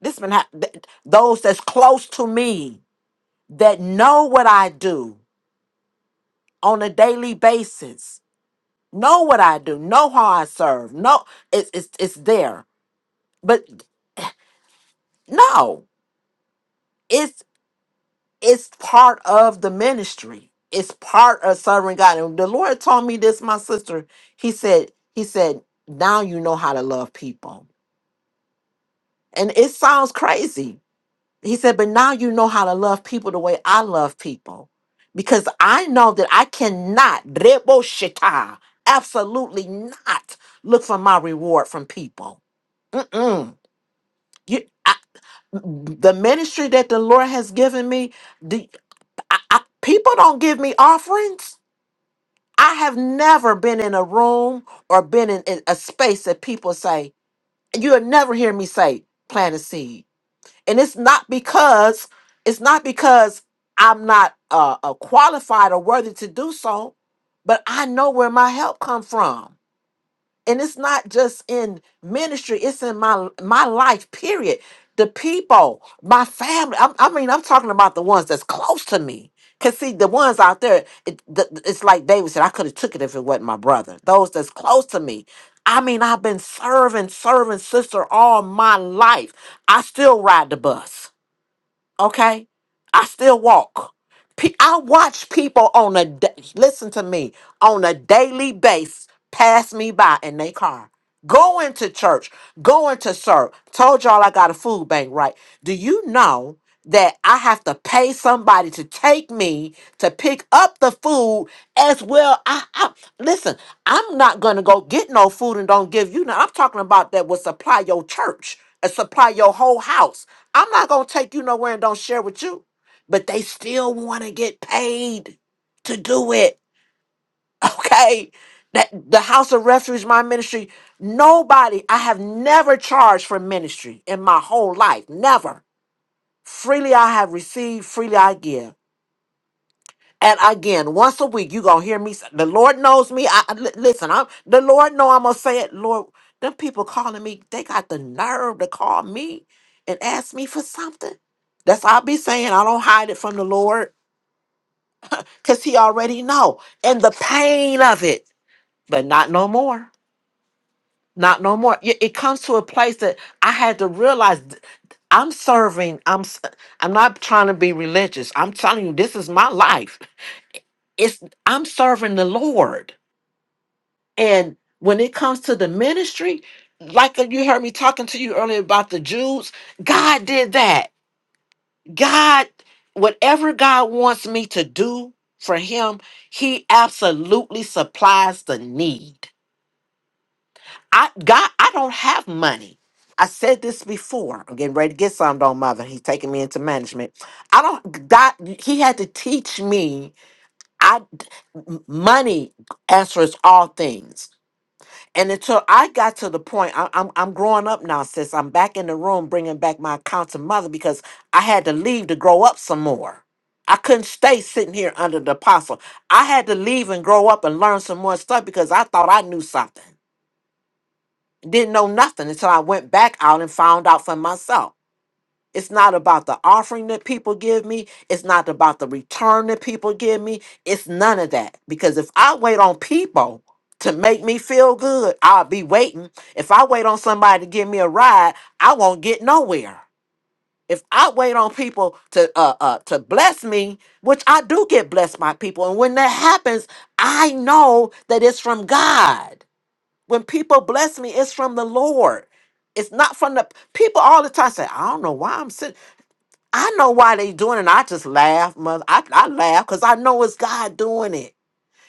This been happening. Those that's close to me that know what I do on a daily basis, know what I do, know how I serve. No, it's it's it's there. But no, it's part of the ministry. It's part of serving God. And the Lord told me this, my sister. He said, He said, now you know how to love people. And it sounds crazy. He said, but now you know how to love people the way I love people. Because I know that I cannot, Rebo Shita, absolutely not look for my reward from people. Mm-mm. You, I, the ministry that the Lord has given me, the, I, I, people don't give me offerings I have never been in a room or been in, in a space that people say, you'll never hear me say, plant a seed. And it's not because, it's not because I'm not uh, uh, qualified or worthy to do so, but I know where my help comes from and it's not just in ministry it's in my my life period the people my family I'm, i mean i'm talking about the ones that's close to me because see the ones out there it, the, it's like david said i could have took it if it wasn't my brother those that's close to me i mean i've been serving serving sister all my life i still ride the bus Okay? I still walk. Pe- I watch people on a da- listen to me on a daily base pass me by in their car. Going to church, going to serve. Told y'all I got a food bank, right? Do you know that I have to pay somebody to take me to pick up the food as well? I, I listen. I'm not gonna go get no food and don't give you. Now I'm talking about that will supply your church and supply your whole house. I'm not gonna take you nowhere and don't share with you. But they still want to get paid to do it. Okay. That the House of Refuge, my ministry, nobody, I have never charged for ministry in my whole life. Never. Freely I have received, freely I give. And again, once a week, you gonna hear me. say- The Lord knows me. I I- li- listen. I'm the Lord know I'm gonna say it. Lord, them people calling me, they got the nerve to call me and ask me for something. That's all I be saying. I don't hide it from the Lord because He already know and the pain of it. But not no more. Not no more. It it comes to a place that I had to realize th- I'm serving. I'm. s- I'm not trying to be religious. I'm telling you, this is my life. It's I'm serving the Lord And when it comes to the ministry, like you heard me talking to you earlier about the Jews, God did that. God, whatever God wants me to do for him, he absolutely supplies the need. I God, I don't have money. I said this before. I'm getting ready to get some, don't mother. He's taking me into management. I don't God he had to teach me I money answers all things. And until I got to the point, I, I'm I'm growing up now, sis. I'm back in the room, bringing back my accountant mother because I had to leave to grow up some more. I couldn't stay sitting here under the apostle. I had to leave and grow up and learn some more stuff because I thought I knew something. Didn't know nothing until I went back out and found out for myself. It's not about the offering that people give me. It's not about the return that people give me. It's none of that. Because if I wait on people to make me feel good, I'll be waiting. If I wait on somebody to give me a ride, I won't get nowhere. If I wait on people to uh, uh to bless me, which I do get blessed by people, and when that happens, I know that it's from God. When people bless me, it's from the Lord. It's not from the people all the time say, I don't know why I'm sitting. I know why they doing it. And I just laugh, mother. I, I laugh because I know it's God doing it.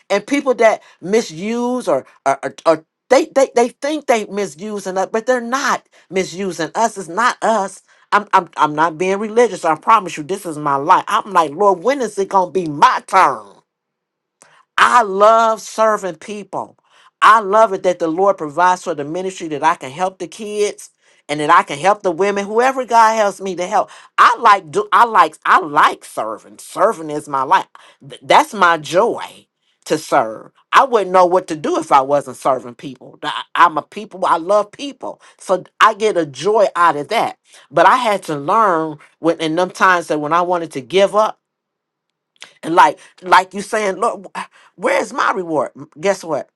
And people that misuse or or, or, or they, they they think they misusing us, but they're not misusing us. It's not us. I'm I'm I'm not being religious. I promise you, this is my life. I'm like, Lord, when is it gonna be my turn? I love serving people. I love it that the Lord provides for the ministry that I can help the kids and that I can help the women, whoever God helps me to help. I like do I like I like serving. Serving is my life. Th- That's my joy to serve. I wouldn't know what to do if I wasn't serving people. Th- I- I'm a people, I love people. So I get a joy out of that. But I had to learn when in them times that when I wanted to give up. And like like you saying, Lord, where's my reward? M- Guess what?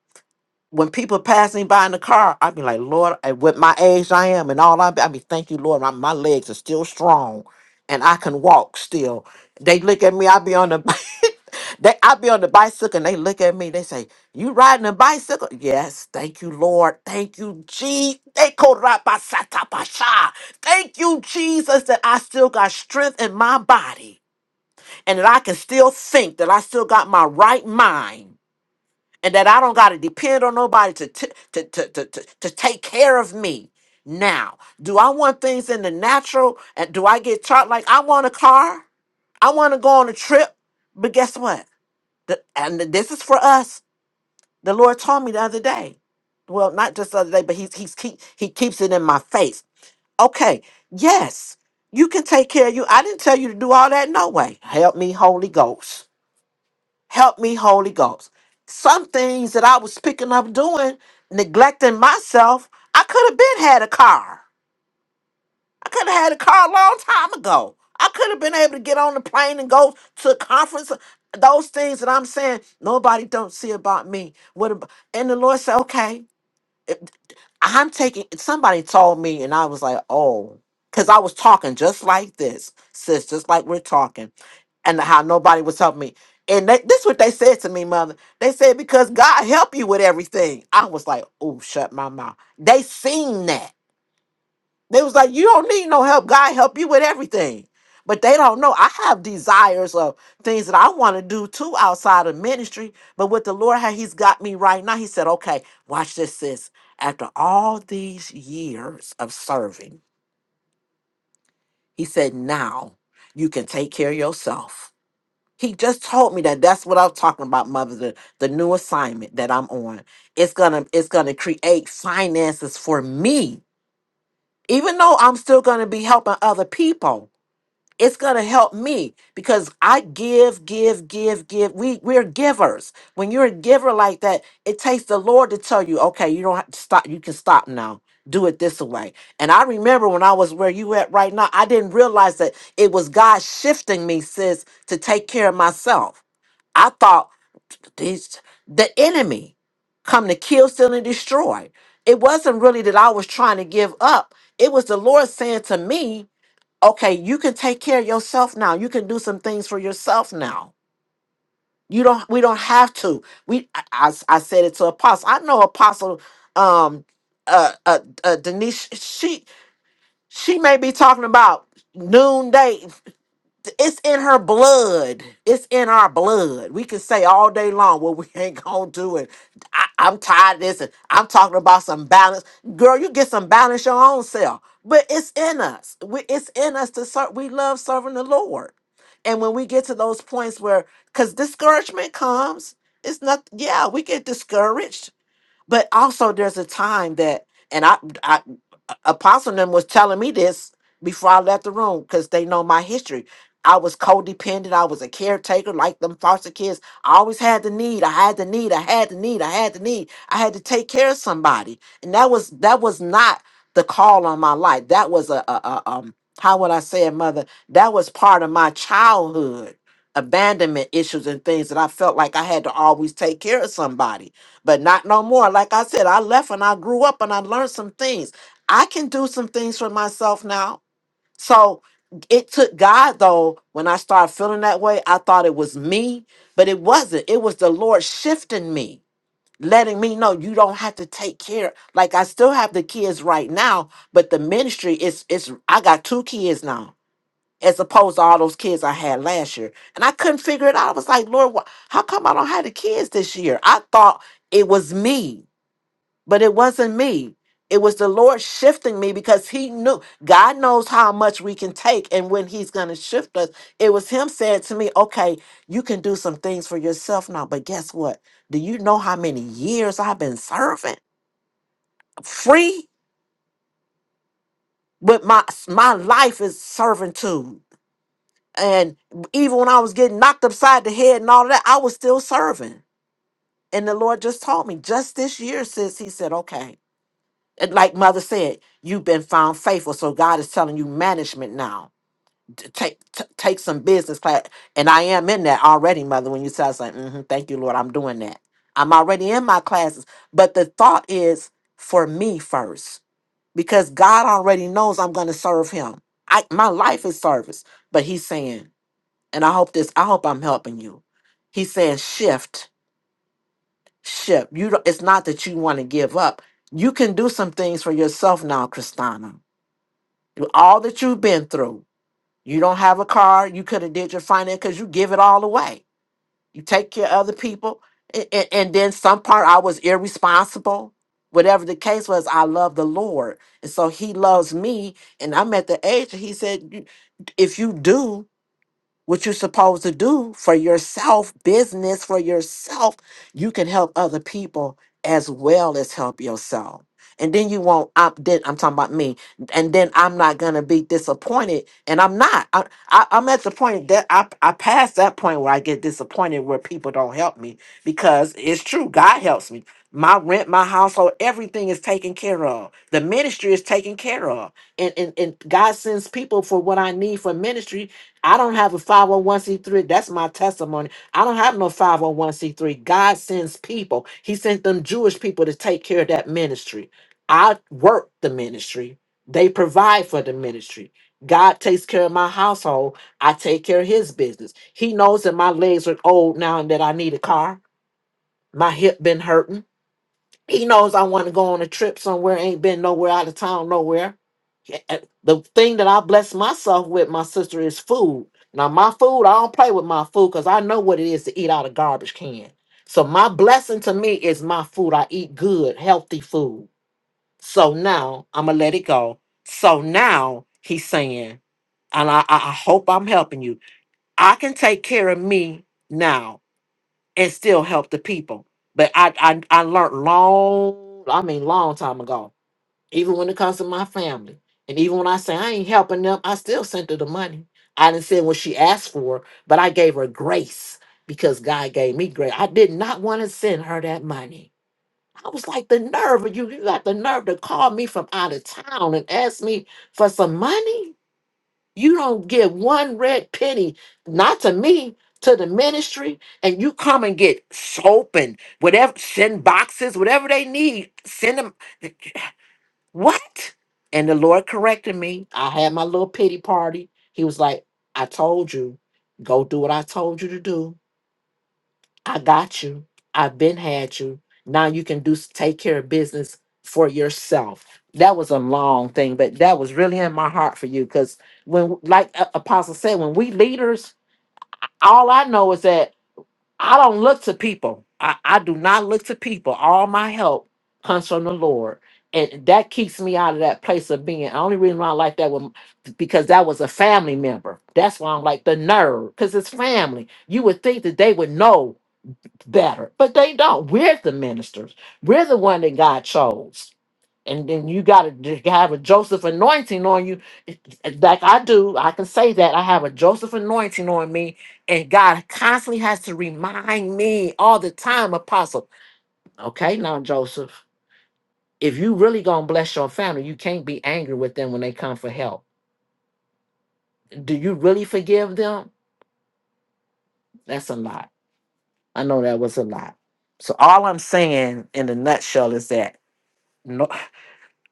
When people pass me by in the car, i be like, Lord, and with my age I am and all I be, i be, thank you, Lord, my, my legs are still strong and I can walk still. They look at me, i be on the they i be on the bicycle and they look at me, they say, You riding a bicycle? Yes, thank you, Lord. Thank you, Jesus. Thank you, Jesus, that I still got strength in my body and that I can still think that I still got my right mind and that I don't got to depend on nobody to, t- to, to, to, to, to take care of me. Now, do I want things in the natural? And do I get taught like I want a car? I want to go on a trip. But guess what? The, and this is for us. The Lord told me the other day. Well, not just the other day, but he's, he's keep, he keeps it in my face. Okay, yes, you can take care of you. I didn't tell you to do all that. No way. Help me, Holy Ghost. Help me, Holy Ghost. Some things that I was picking up doing, neglecting myself, I could have been had a car. I could have had a car a long time ago. I could have been able to get on the plane and go to a conference. Those things that I'm saying, nobody don't see about me. What about, and the Lord said, okay, if- I'm taking, somebody told me and I was like, oh, because I was talking just like this, sis, just like we're talking and how nobody was helping me. And they, this what they said to me, mother. They said because God help you with everything. I was like, oh, shut my mouth. They seen that. They was like, you don't need no help. God help you with everything. But they don't know. I have desires of things that I want to do too outside of ministry. But with the Lord, how He's got me right now, He said, okay, watch this, sis. After all these years of serving, He said, now you can take care of yourself He just told me that that's what I'm talking about, mother. The, the new assignment that I'm on. It's gonna it's gonna create finances for me. Even though I'm still gonna be helping other people, it's gonna help me because I give, give, give, give. We we're givers. When you're a giver like that, it takes the Lord to tell you, okay, you don't have to stop, you can stop now. Do it this way. And I remember when I was where you at right now, I didn't realize that it was God shifting me, sis, to take care of myself I thought these the enemy come to kill, steal, and destroy. It wasn't really that I was trying to give up. It was the Lord saying to me, okay, you can take care of yourself now. You can do some things for yourself now. You don't we don't have to. We I, I, I said it to Apostle. I know Apostle um uh, uh uh Denise she she may be talking about noonday it's in her blood. It's in our blood. We can say all day long what we ain't gonna do, and I, I'm tired of this, and I'm talking about some balance. Girl, you get some balance your own self. But it's in us. We, it's in us to serve. We love serving the Lord, and when we get to those points where, because discouragement comes, it's not. Yeah, we get discouraged but also, there's a time that, and I, I Apostle them was telling me this before I left the room because they know my history. I was codependent. I was a caretaker like them foster kids. I always had the need. I had the need. I had the need. I had the need. I had to take care of somebody, and that was that was not the call on my life. That was a, a, a um how would I say it, mother? That was part of my childhood abandonment issues and things that I felt like I had to always take care of somebody but not no more. Like I said, I left and I grew up and I learned some things. I can do some things for myself now. So it took God though. When I started feeling that way, I thought it was me, but it wasn't. It was the Lord shifting me, letting me know you don't have to take care. Like I still have the kids right now, but the ministry is it's I got two kids now. As opposed to all those kids I had last year. And I couldn't figure it out. I was like, Lord, wh- how come I don't have the kids this year? I thought it was me but it wasn't me. It was the Lord shifting me because He knew God knows how much we can take and when He's going to shift us. It was Him saying to me, Okay, you can do some things for yourself now, but guess what? Do you know how many years I've been serving free? But my my life is servitude. And even when I was getting knocked upside the head and all that, I was still serving. And the Lord just told me just this year, sis, He said, Okay, And like mother said you've been found faithful so god is telling you management now T- take t- take some business class and i am in that already mother when you tell us like hmm thank you lord i'm doing that i'm already in my classes but the thought is for me first because god already knows i'm going to serve him I, my life is service but he's saying and i hope this i hope i'm helping you he's saying shift shift you don't, it's not that you want to give up you can do some things for yourself now christina through all that you've been through. You don't have a car. You could have did your finance because you give it all away. You take care of other people, and, and, and then some part I was irresponsible. Whatever the case was, I love the Lord, and so He loves me. And I'm at the age. that He said, "You- "If you do, what you're supposed to do for yourself, business for yourself, you can help other people as well as help yourself. And then you won't opt then I'm talking about me. And then I'm not gonna be disappointed. And I'm not. I, I I'm at the point that I I passed that point where I get disappointed where people don't help me because it's true, God helps me. My rent, my household, everything is taken care of. The ministry is taken care of. And and, and God sends people for what I need for ministry I don't have a 501c3. That's my testimony. I don't have no 501c3. God sends people. He sent them Jewish people to take care of that ministry. I work the ministry. They provide for the ministry. God takes care of my household. I take care of hhis business. He knows that my legs are old now and that I need a car. My hip been hurting. He knows I want to go on a trip somewhere, ain't been nowhere out of town, nowhere. Yeah, uh, The thing that I bless myself with, my sister, is food. Now, my food, I don't play with my food because I know what it is to eat out of garbage can. So, my blessing to me is my food. I eat good, healthy food. So now I'm going to let it go. So now he's saying, and I, I I hope I'm helping you, I can take care of me now and still help the people. But I I, I learned long, I mean long time ago, even when it comes to my family. And even when I say I ain't helping them, I still sent her the money. I didn't send what she asked for, but I gave her grace because God gave me grace. I did not want to send her that money. I was like, the nerve of you, you got the nerve to call me from out of town and ask me for some money? You don't give one red penny, not to me, to the ministry, and you come and get soap and whatever, send boxes, whatever they need, send them. What? And the Lord corrected me. I had my little pity party. He was like, I told you, go do what I told you to do I got you. I've been had you. Now you can do take care of business for yourself. That was a long thing, but that was really in my heart for you because when, like A- Apostle said, when we leaders, all I know is that I don't look to people. I, I do not look to people. All my help comes from the Lord. And that keeps me out of that place of being. The only reason why I like that was because that was a family member. That's why I'm like the nerve, because it's family. You would think that they would know better. But they don't. We're the ministers. We're the one that God chose. And then you got to have a Joseph anointing on you. Like I do, I can say that. I have a Joseph anointing on me. And God constantly has to remind me all the time, Apostle. Okay, now, Joseph, if you really going to bless your family, you can't be angry with them when they come for help. Do you really forgive them? That's a lot. I know that was a lot. So all I'm saying in the nutshell is that no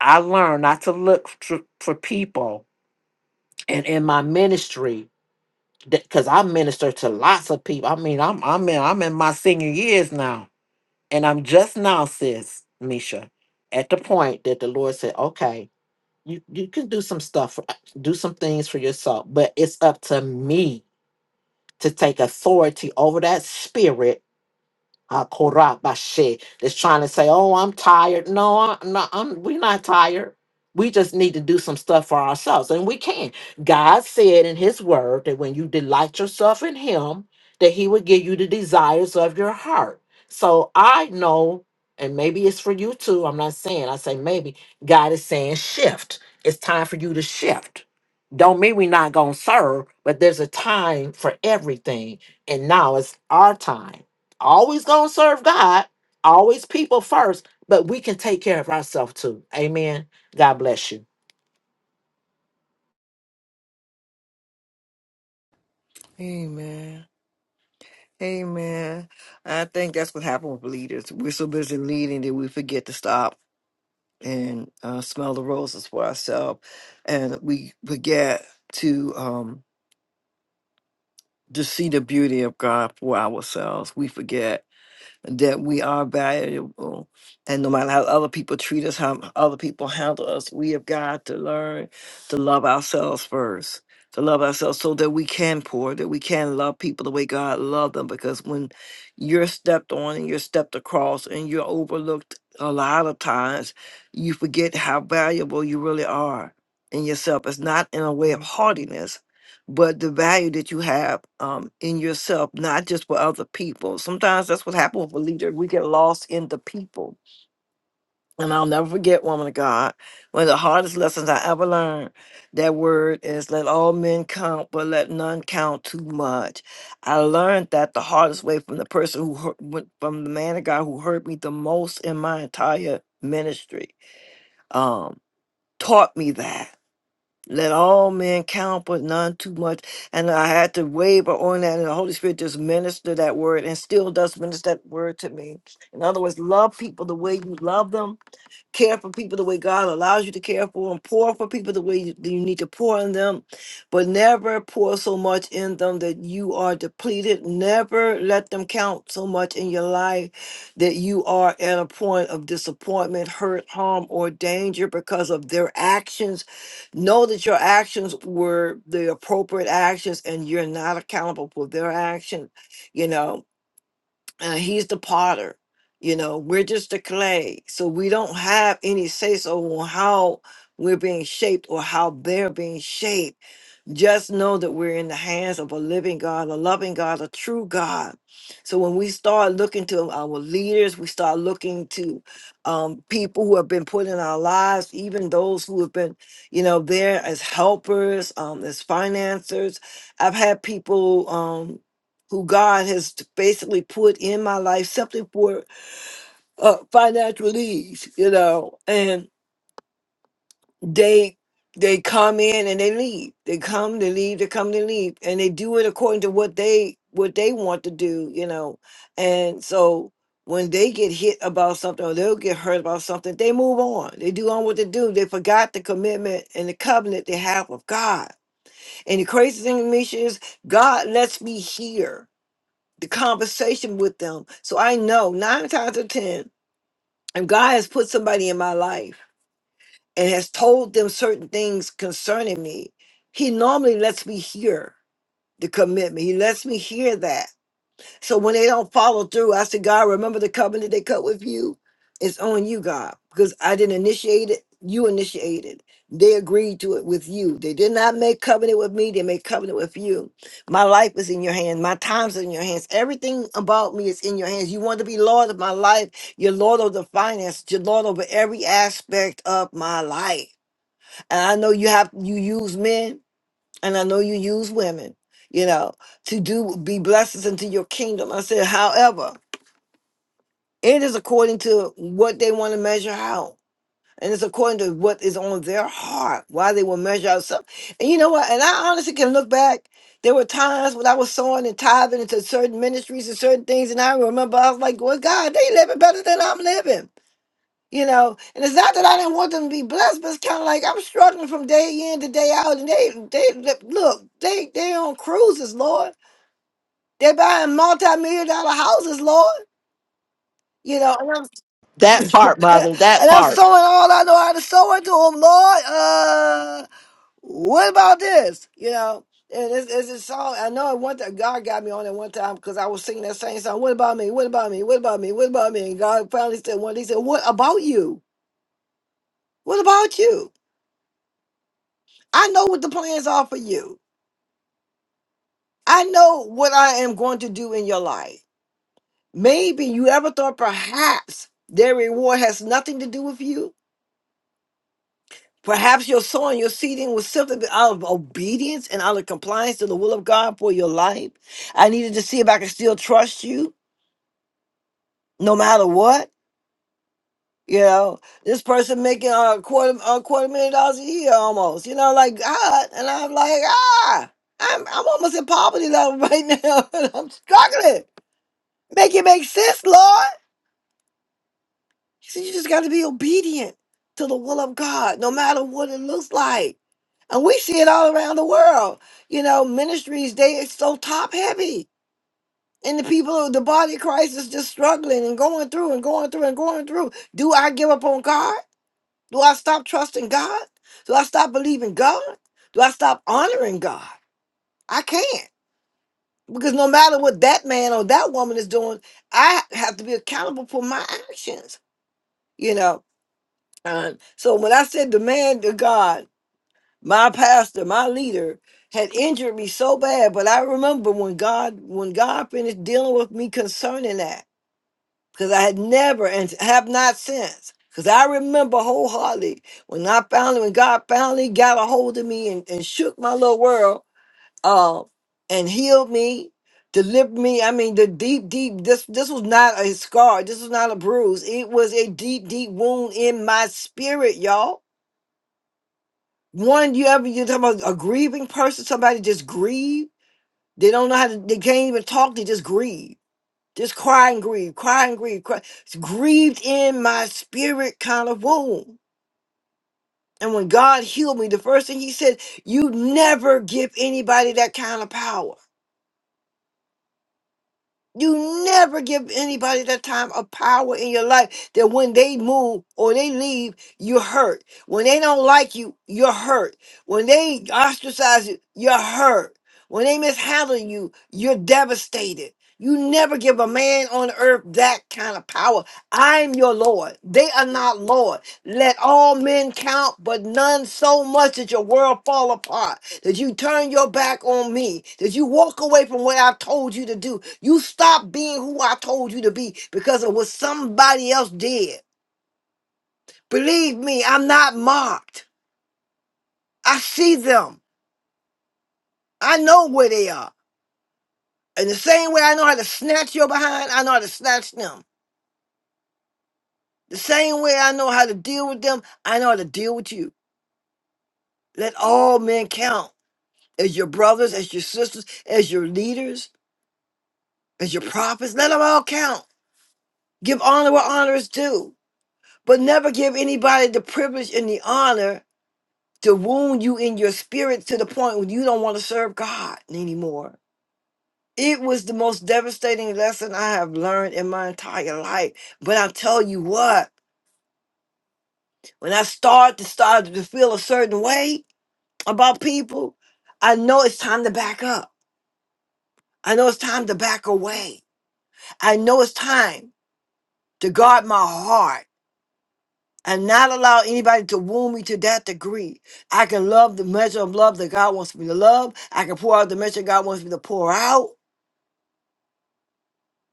I learned not to look for, for people and in my ministry because I minister to lots of people. I mean, I'm I'm in I'm in my senior years now, and I'm just now, sis Misha, at the point that the Lord said, "Okay, you you can do some stuff, for- do some things for yourself, but it's up to me to take authority over that spirit." Ah, Korabashe that's trying to say, "Oh, I'm tired." No, I, no, I'm, we're not tired. We just need to do some stuff for ourselves, and we can. God said in His Word that when you delight yourself in Him, that He would give you the desires of your heart. So I know, and maybe it's for you too. I'm not saying. I say maybe God is saying shift. It's time for you to shift. Don't mean we're not gonna serve, but there's a time for everything, and now it's our time always gonna serve God, always people first, but we can take care of ourselves too. Amen. God bless you.
Amen. Amen. I think that's what happened with leaders. We're so busy leading that we forget to stop and uh, smell the roses for ourselves, and we forget to um, to see the beauty of God for ourselves. We forget that we are valuable. And no matter how other people treat us, how other people handle us, we have got to learn to love ourselves first, to love ourselves so that we can pour, that we can love people the way God loved them. Because when you're stepped on and you're stepped across and you're overlooked a lot of times, you forget how valuable you really are in yourself. It's not in a way of haughtiness but the value that you have um, in yourself, not just for other people. Sometimes that's what happens with a leader. We get lost in the people. And I'll never forget, woman of God, one of the hardest lessons I ever learned. That word is let all men count, but let none count too much. I learned that the hardest way from the person who hurt, went- from the man of God who hurt me the most in my entire ministry, um, taught me that let all men count, but none too much. And I had to waver on that, and the Holy Spirit just ministered that word and still does minister that word to me. In other words, love people the way you love them care for people the way God allows you to care for them, pour for people the way you, that you need to pour in them, but never pour so much in them that you are depleted. Never let them count so much in your life that you are at a point of disappointment, hurt, harm, or danger because of their actions. Know that your actions were the appropriate actions and you're not accountable for their actions, you know uh, he's the potter you know we're just the clay so we don't have any say so on how we're being shaped or how they're being shaped just know that we're in the hands of a living God, a loving God, a true God. So when we start looking to our leaders, we start looking to um, people who have been put in our lives, even those who have been, you know, there as helpers, um, as financiers. I've had people um, who God has basically put in my life simply for uh, financial needs, you know, they they come in and they leave. They come, they leave, they come, they leave, and they do it according to what they what they want to do, you know. And so when they get hit about something or they'll get hurt about something, they move on. They do on what they do. They forgot the commitment and the covenant they have with God. And the crazy thing to me is God lets me hear the conversation with them. So I know nine times out of ten, if God has put somebody in my life and has told them certain things concerning me, he normally lets me hear the commitment. He lets me hear that. So when they don't follow through, I said, God, remember the covenant they cut with you? It's on you, God, because I didn't initiate it. You initiated. They agreed to it with you. They did not make covenant with me. They made covenant with you. My life is in your hands. My times are in your hands. Everything about me is in your hands. You want to be Lord of my life. You're Lord of the finance. You're Lord over every aspect of my life. And I know you have you use men and I know you use women, you know, to do be blessings into your kingdom. I said, however, it is according to what they want to measure out. And it's according to what is on their heart, why they will measure out something. And you know what? And I honestly can look back. There were times when I was sowing and tithing into certain ministries and certain things. And I remember I was like, well, God, they living better than I'm living. You know, and it's not that I didn't want them to be blessed, but it's kind of like I'm struggling from day in to day out. And they, they they- look, they they on cruises, Lord. They're buying multi-million dollar houses, Lord. You know, and
That part,
I'm,
mother, that
and I'm
part.
sowing all I know how to sow into them, Lord. Uh, what about this? You know, and it's, it's a song. I know at one time God got me on it one time because I was singing that same song. What about me? What about me? What about me? What about me? And God finally said one. day, He said, "What about you? What about you?" I know what the plans are for you. I know what I am going to do in your life. Maybe you ever thought perhaps their reward has nothing to do with you. Perhaps your sowing, your seeding was simply out of obedience and out of compliance to the will of God for your life. I needed to see if I could still trust you no matter what. You know, this person making a quarter a quarter million dollars a year almost, you know, like God. And I'm like, ah, I'm, I'm almost in poverty level right now and I'm struggling. Make it make sense, Lord. He said, you just got to be obedient to the will of God, no matter what it looks like. And we see it all around the world. You know, ministries, they it's so top heavy. And the people, the body of Christ is just struggling and going through and going through and going through. Do I give up on God? Do I stop trusting God? Do I stop believing God? Do I stop honoring God? I can't. Because no matter what that man or that woman is doing, I have to be accountable for my actions, you know. time. So when I said the man to God, my pastor, my leader, had injured me so bad, but I remember when God when God finished dealing with me concerning that, because I had never and have not since. Because I remember wholeheartedly when I finally when God finally got a hold of me and, and shook my little world uh, and healed me, delivered me. I mean, the deep, deep this this was not a scar, this was not a bruise. It was a deep, deep wound in my spirit, y'all One, you ever you talk about a grieving person, somebody just grieve. They don't know how to they can't even talk, they just grieve. Just cry and grieve, cry and grieve, cry. It's grieved in my spirit kind of wound. And when God healed me, the first thing he said, you never give anybody that kind of power. You never give anybody that time of power in your life that when they move or they leave, you're hurt. When they don't like you, you're hurt. When they ostracize you, you're hurt. When they mishandle you, you're devastated. You never give a man on earth that kind of power. I'm your Lord. They are not Lord. Let all men count, but none so much that your world fall apart that you turn your back on me, that you walk away from what I've told you to do. You stop being who I told you to be because of what somebody else did. Believe me, I'm not mocked. I see them. I know where they are. And the same way I know how to snatch your behind, I know how to snatch them. The same way I know how to deal with them, I know how to deal with you. Let all men count as your brothers, as your sisters, as your leaders, as your prophets. Let them all count. Give honor where honor is due. but never give anybody the privilege and the honor to wound you in your spirit to the point where you don't want to serve God anymore. It was the most devastating lesson I have learned in my entire life. But I'll tell you what, when I start to start to feel a certain way about people, I know it's time to back up. I know it's time to back away. I know it's time to guard my heart. and not allow anybody to wound me to that degree. I can love the measure of love that God wants me to love. I can pour out the measure God wants me to pour out.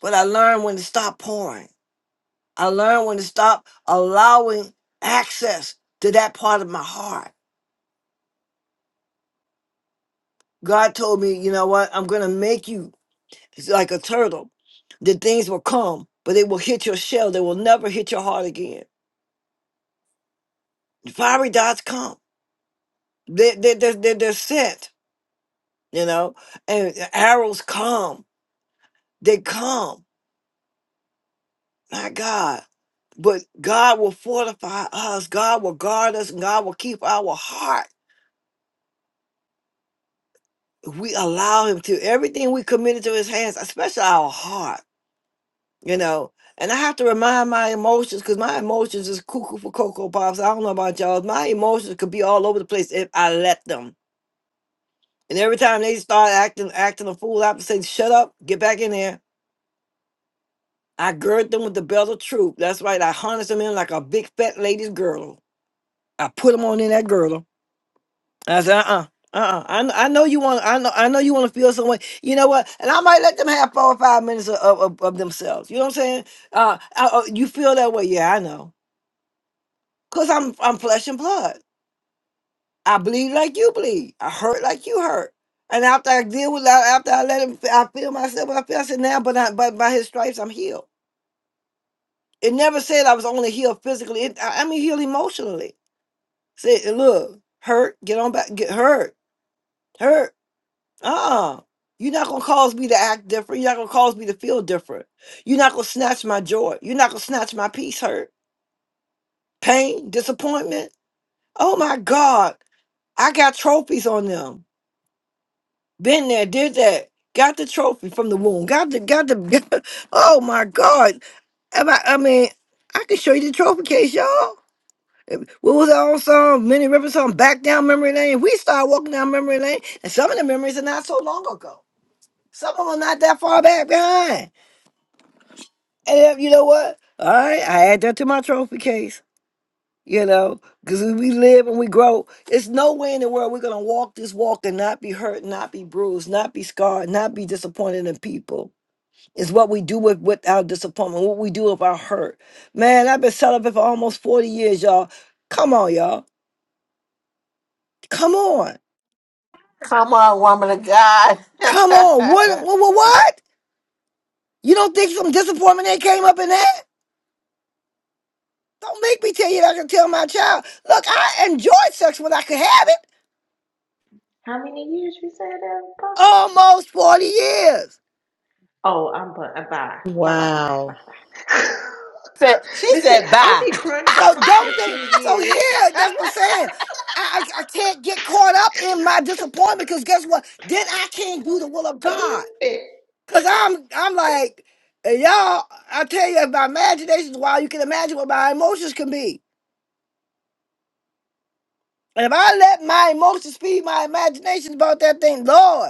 But I learn when to stop pouring. I learn when to stop allowing access to that part of my heart. God told me, you know what? I'm going to make you like a turtle. The things will come, but they will hit your shell. They will never hit your heart again. Fiery dots come. They, they, they, they're they're sent, you know, and arrows come They come, my God. But God will fortify us. God will guard us and God will keep our heart. We allow him to everything we commit into his hands, especially our heart, you know. And I have to remind my emotions because my emotions is cuckoo for cocoa pops. I don't know about y'all. My emotions could be all over the place if I let them. And every time they start acting acting a fool, I have to say, shut up, get back in there. I gird them with the belt of truth. That's right. I harness them in like a big fat lady's girdle I put him on in that girdle. I said, uh-uh. Uh-uh. I, kn- I know you want I know I know you want to feel some way. You know what? And I might let them have four or five minutes of, of, of of themselves. You know what I'm saying? Uh, uh uh, you feel that way. Yeah, I know. Cause I'm I'm flesh and blood. I bleed like you bleed. I hurt like you hurt. And after I deal with that, after I let him fe- I feel myself, what I feel I said now, but I, but by his stripes I'm healed. It never said I was only healed physically. It, I, I mean healed emotionally. Said, look, hurt, get on back, get hurt, hurt. Uh-uh. You're not gonna cause me to act different. You're not gonna cause me to feel different. You're not gonna snatch my joy. You're not gonna snatch my peace, hurt, pain, disappointment. Oh my God. I got trophies on them. Been there, did that. Got the trophy from the wound. Got the got the oh my God. Am I, I mean, I can show you the trophy case, y'all. What was that old song? Many Rivers song, Back Down Memory Lane. We start walking down memory lane, and some of the memories are not so long ago. Some of them are not that far back behind. And if, you know what? All right, I add that to my trophy case. You know, because we live and we grow. It's no way in the world we're gonna walk this walk and not be hurt, not be bruised, not be scarred, not be disappointed in people. It's what we do with, with our disappointment, what we do with our hurt. Man, I've been celibate for almost 40 years, y'all. Come on, y'all. Come on.
Come on, woman of God.
Come on. What what what? what? You don't think some disappointment that came up in that? Don't make me tell you that I can tell my child. Look, I enjoyed sex when I could have it.
How many years you said that, Apostle?
almost 40 years.
Oh, I'm bu- uh, bye. Bye bye bye bye
Wow.
bye.
Said- She
Listen,
said,
I'll
bye.
be crying
So
about my
don't think
15
so
years.
here, that's what I'm saying. I, I, I can't get caught up in my disappointment because guess what? Then I can't do the will of God.
Listen.
Cause I'm I'm like, and y'all, I tell you, if my imagination is wild, you can imagine what my emotions can be. And if I let my emotions feed my imagination about that thing, Lord.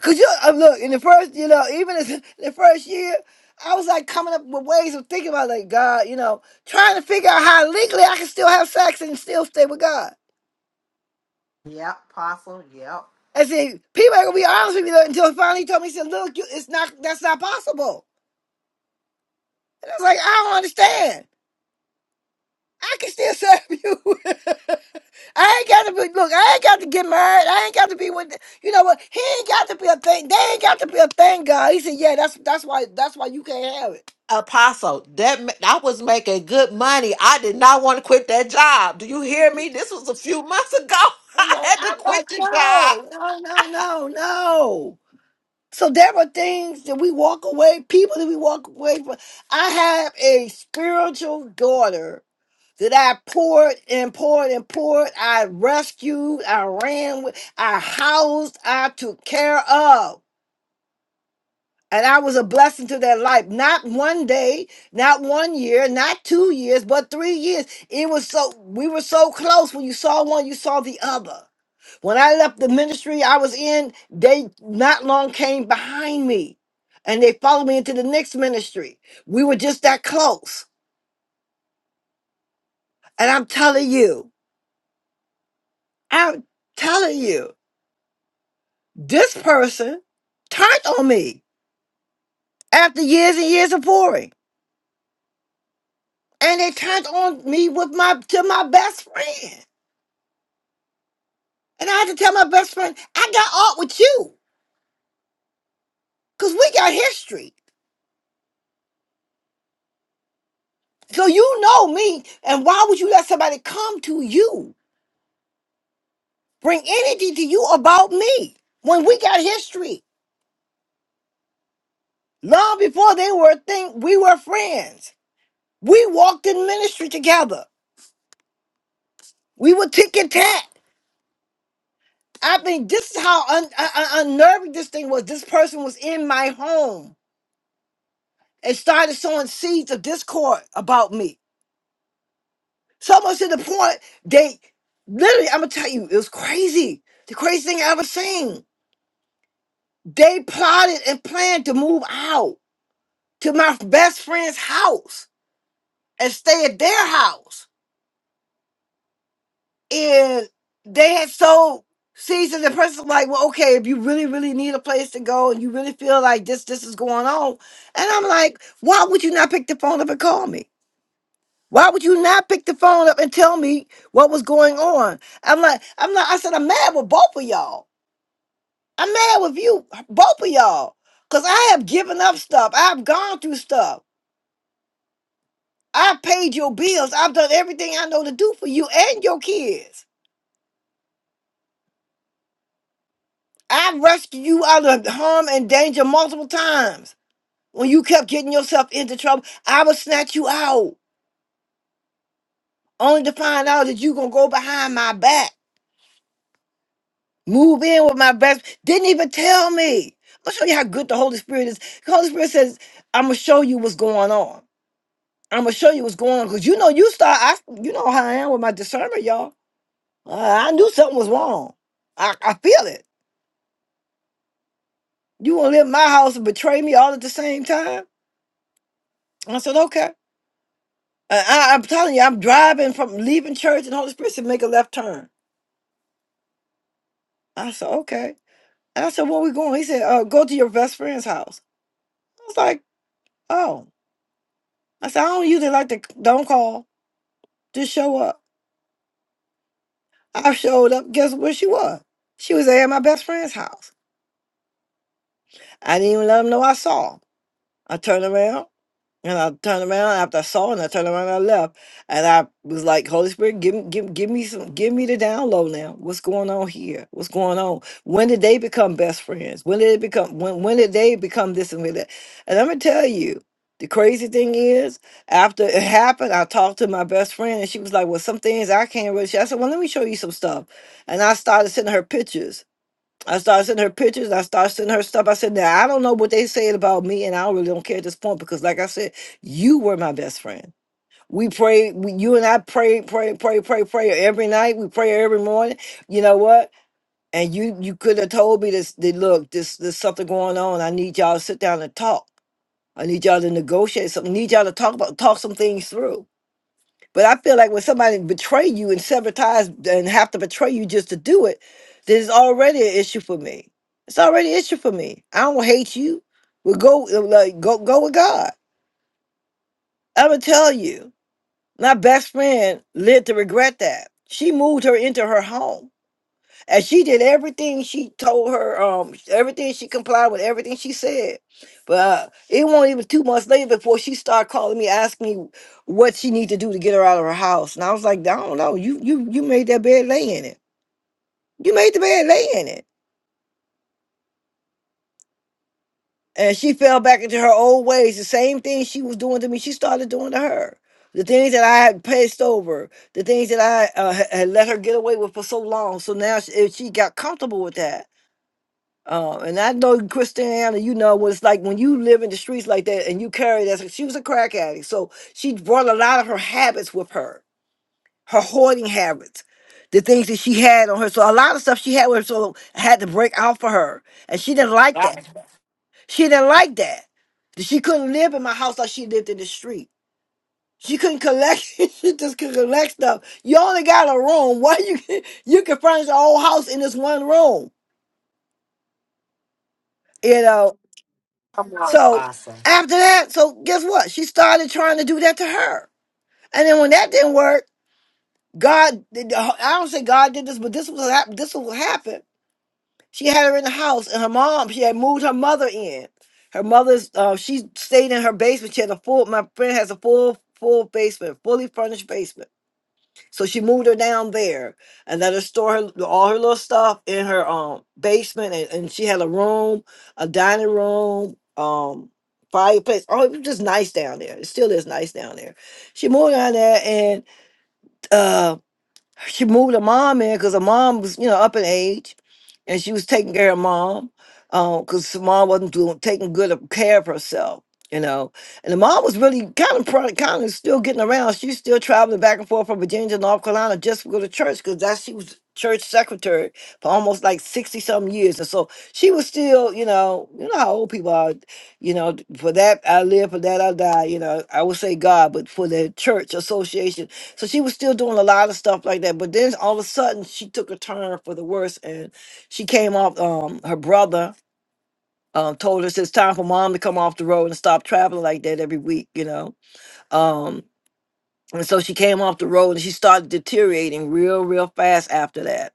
Cause you uh, look in the first, you know, even as, in the first year, I was like coming up with ways of thinking about like God, you know, trying to figure out how legally I can still have sex and still stay with God.
yep, apostle. Yep.
I said, people ain't gonna be honest with me though, until finally he told me, he said, look, you, it's not, that's not possible. And I was like, I don't understand. I can still serve you. I ain't got to be, look, I ain't got to get married. I ain't got to be with, you know what? He ain't got to be a thing. They ain't got to be a thing, God. He said, yeah, that's that's why that's why you can't have it.
Apostle, that ma- I was making good money. I did not want to quit that job. Do you hear me? This was a few months ago.
I'm
I
like,
had to
I'm
quit
like,
the job.
no, no, no, no, no. So there were things that we walk away, people that we walk away from. I have a spiritual daughter that I poured and poured and poured. I rescued, I ran with, I housed, I took care of. And I was a blessing to their life. Not one day, not one year, not two years, but three years. It was so, we were so close. When you saw one, you saw the other. When I left the ministry I was in, they not long came behind me and they followed me into the next ministry. We were just that close. And I'm telling you, I'm telling you, this person turned on me after years and years of pouring. And they turned on me with my to my best friend. And I had to tell my best friend, I got art with you because we got history. So you know me. And why would you let somebody come to you, bring energy to you about me when we got history? Long before they were a thing, we were friends. We walked in ministry together. We were tick and tack. I mean, this is how un- un- un- unnerving this thing was. This person was in my home and started sowing seeds of discord about me. So much to the point they literally, I'm gonna tell you, it was crazy. The craziest thing I ever seen. They plotted and planned to move out to my best friend's house and stay at their house. And they had sold seasons and person like, well, okay, if you really, really need a place to go and you really feel like this, this is going on. And I'm like, why would you not pick the phone up and call me? Why would you not pick the phone up and tell me what was going on? I'm like, I'm not, I said, I'm mad with both of y'all. I'm mad with you, both of y'all, because I have given up stuff. I've gone through stuff. I've paid your bills. I've done everything I know to do for you and your kids. I've rescued you out of harm and danger multiple times. When you kept getting yourself into trouble, I would snatch you out, only to find out that you going to go behind my back, move in with my best. Didn't even tell me. I'm going to show you how good the Holy Spirit is. The Holy Spirit says, I'm going to show you what's going on. I'm gonna show you what's going on because you know you start. I you know how I am with my discernment, y'all. Uh, I knew something was wrong. I, I feel it. You wanna live in my house and betray me all at the same time? I said okay. And I, I'm telling you, I'm driving from leaving church, and Holy Spirit said make a left turn. I said okay. And I said where we going? He said uh, go to your best friend's house. I was like oh. I said I don't usually like to don't call, just show up. I showed up. Guess where she was? She was at my best friend's house. I didn't even let him know I saw. I turned around and I turned around after I saw it and I turned around and I left. And I was like, Holy Spirit, give, me- give, give me some, give me the download now. What's going on here? What's going on? When did they become best friends? When did it become, when, when did they become this and that? And I'm going to tell you, the crazy thing is, after it happened, I talked to my best friend and she was like, Well, some things I can't really. I said, Well, let me show you some stuff. And I started sending her pictures I started sending her pictures. I started sending her stuff. I said, now I don't know what they said about me, and I really don't care at this point because, like I said, you were my best friend. We pray. We, you and I pray, pray, pray, pray, pray every night. We pray every morning. You know what? And you you could have told me this. That, look, this there's something going on. I need y'all to sit down and talk. I need y'all to negotiate something. I need y'all to talk about talk some things through. But I feel like when somebody betray you and sever ties and have to betray you just to do it, then it's already an issue for me. It's already an issue for me. I don't hate you. Well, go like go go with God. I'm gonna tell you, my best friend lived to regret that. She moved her into her home. And she did everything she told her, um, everything she complied with, everything she said. But uh, it wasn't even two months later before she started calling me, asking me what she need to do to get her out of her house. And I was like, I don't know. You you you made that bed lay in it. You made the bed lay in it. And she fell back into her old ways. The same thing she was doing to me, she started doing to her. The things that I had passed over, the things that I uh, had had let her get away with for so long. So now she, if she got comfortable with that Um, and I know Christiana, you know what it's like when you live in the streets like that and you carry that. She was a crack addict, so she brought a lot of her habits with her, her hoarding habits, the things that she had on her. So a lot of stuff she had with her, so had to break out for her, and she didn't like that.
Yep.
She didn't like that. That She couldn't live in my house like she lived in the street. She couldn't collect. she just could collect stuff. You only got a room. Why you you can furnish a whole house in this one room? You know,
Come on,
So
Apostle.
after that, so guess what? She started trying to do that to her. And then when that didn't work, God, I don't say God did this, but this was hap- this was what happened. She had her in the house, and her mom, she had moved her mother in. Her mother's, uh, she stayed in her basement. She had a full. My friend has a full, full basement, fully furnished basement so she moved her down there and let her store her, all her little stuff in her um basement, and, and she had a room, a dining room, um fireplace. Oh, it was just nice down there. It still is nice down there. She moved down there, and uh, she moved her mom in because her mom was, you know, up in age, and she was taking care of mom because mom wasn't doing taking good of care of herself, you know. And the mom was really kind of kind of still getting around. She was still traveling back and forth from Virginia to North Carolina just to go to church because that she was church secretary for almost like 60 some years and so she was still you know you know how old people are you know for that i live for that i die you know i would say god but for the church association so she was still doing a lot of stuff like that. But then all of a sudden, she took a turn for the worse, and she came off. Um, her brother um, told her it's time for mom to come off the road and stop traveling like that every week, you know. Um, and so she came off the road, and she started deteriorating real, real fast after that.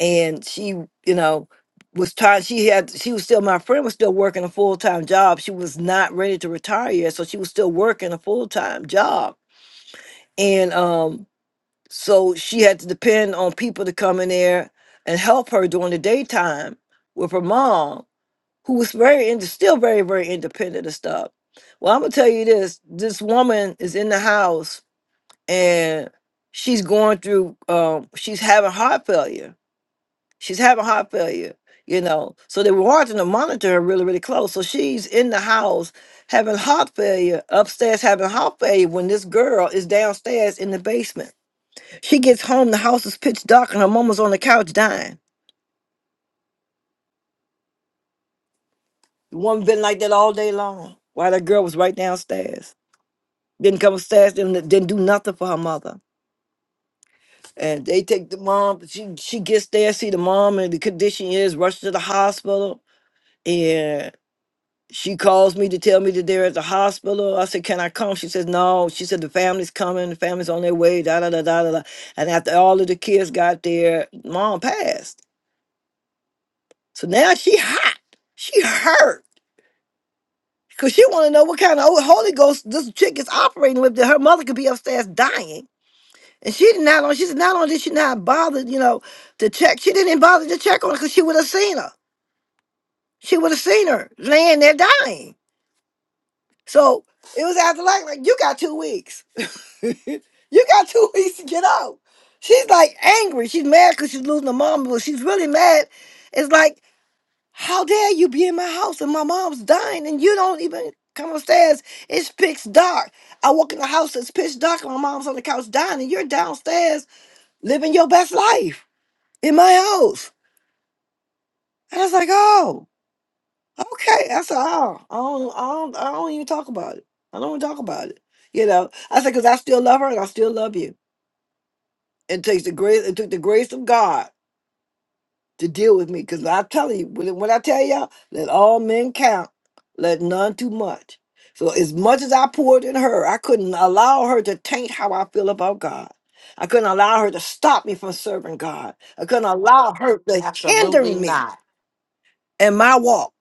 And she, you know, was trying. She had. She was still. My friend was still working a full time job. She was not ready to retire yet, so she was still working a full time job. And um, So she had to depend on people to come in there and help her during the daytime with her mom, who was very ind- still very, very independent and stuff. Well, I'm gonna tell you this: this woman is in the house and she's going through. Um, she's having heart failure. She's having heart failure. You know, so they were wanting to monitor her really, really close. So she's in the house having heart failure, upstairs having heart failure when this girl is downstairs in the basement she gets home, the house is pitch dark, and her mama's on the couch dying. The woman been like that all day long while that girl was right downstairs. Didn't come upstairs, didn't, didn't do nothing for her mother. And they take the mom, she, she gets there, see the mom, and the condition is rushed to the hospital. And she calls me to tell me that they're at the hospital. I said, Can I come? She says, No. She said, The family's coming, the family's on their way, da da da da da. da." And after all of the kids got there, mom passed. So now she hot, she hurt. Cause she want to know what kind of Holy Ghost this chick is operating with that her mother could be upstairs dying. And she did not on she said not only did she not bother, you know, to check, she didn't even bother to check on her because she would have seen her. She would have seen her laying there dying. So it was after like, like you got two weeks. you got two weeks to get out. She's like angry. She's mad because she's losing her mom, but she's really mad. It's like How dare you be in my house and my mom's dying and you don't even come upstairs? It's pitch dark. I walk in the house, it's pitch dark, and my mom's on the couch dying, and you're downstairs living your best life in my house. And I was like, oh, okay. I said, oh, I don't, I don't, I don't even talk about it. I don't even talk about it. You know, I said, because I still love her and I still love you. It takes the grace, it took the grace of God to deal with me because I'm telling you, when when I tell y'all, let all men count, let none too much. So as much as I poured in her, I couldn't allow her to taint how I feel about God. I couldn't allow her to stop me from serving God. I couldn't allow her to hinder
Absolutely
me
not.
in my walk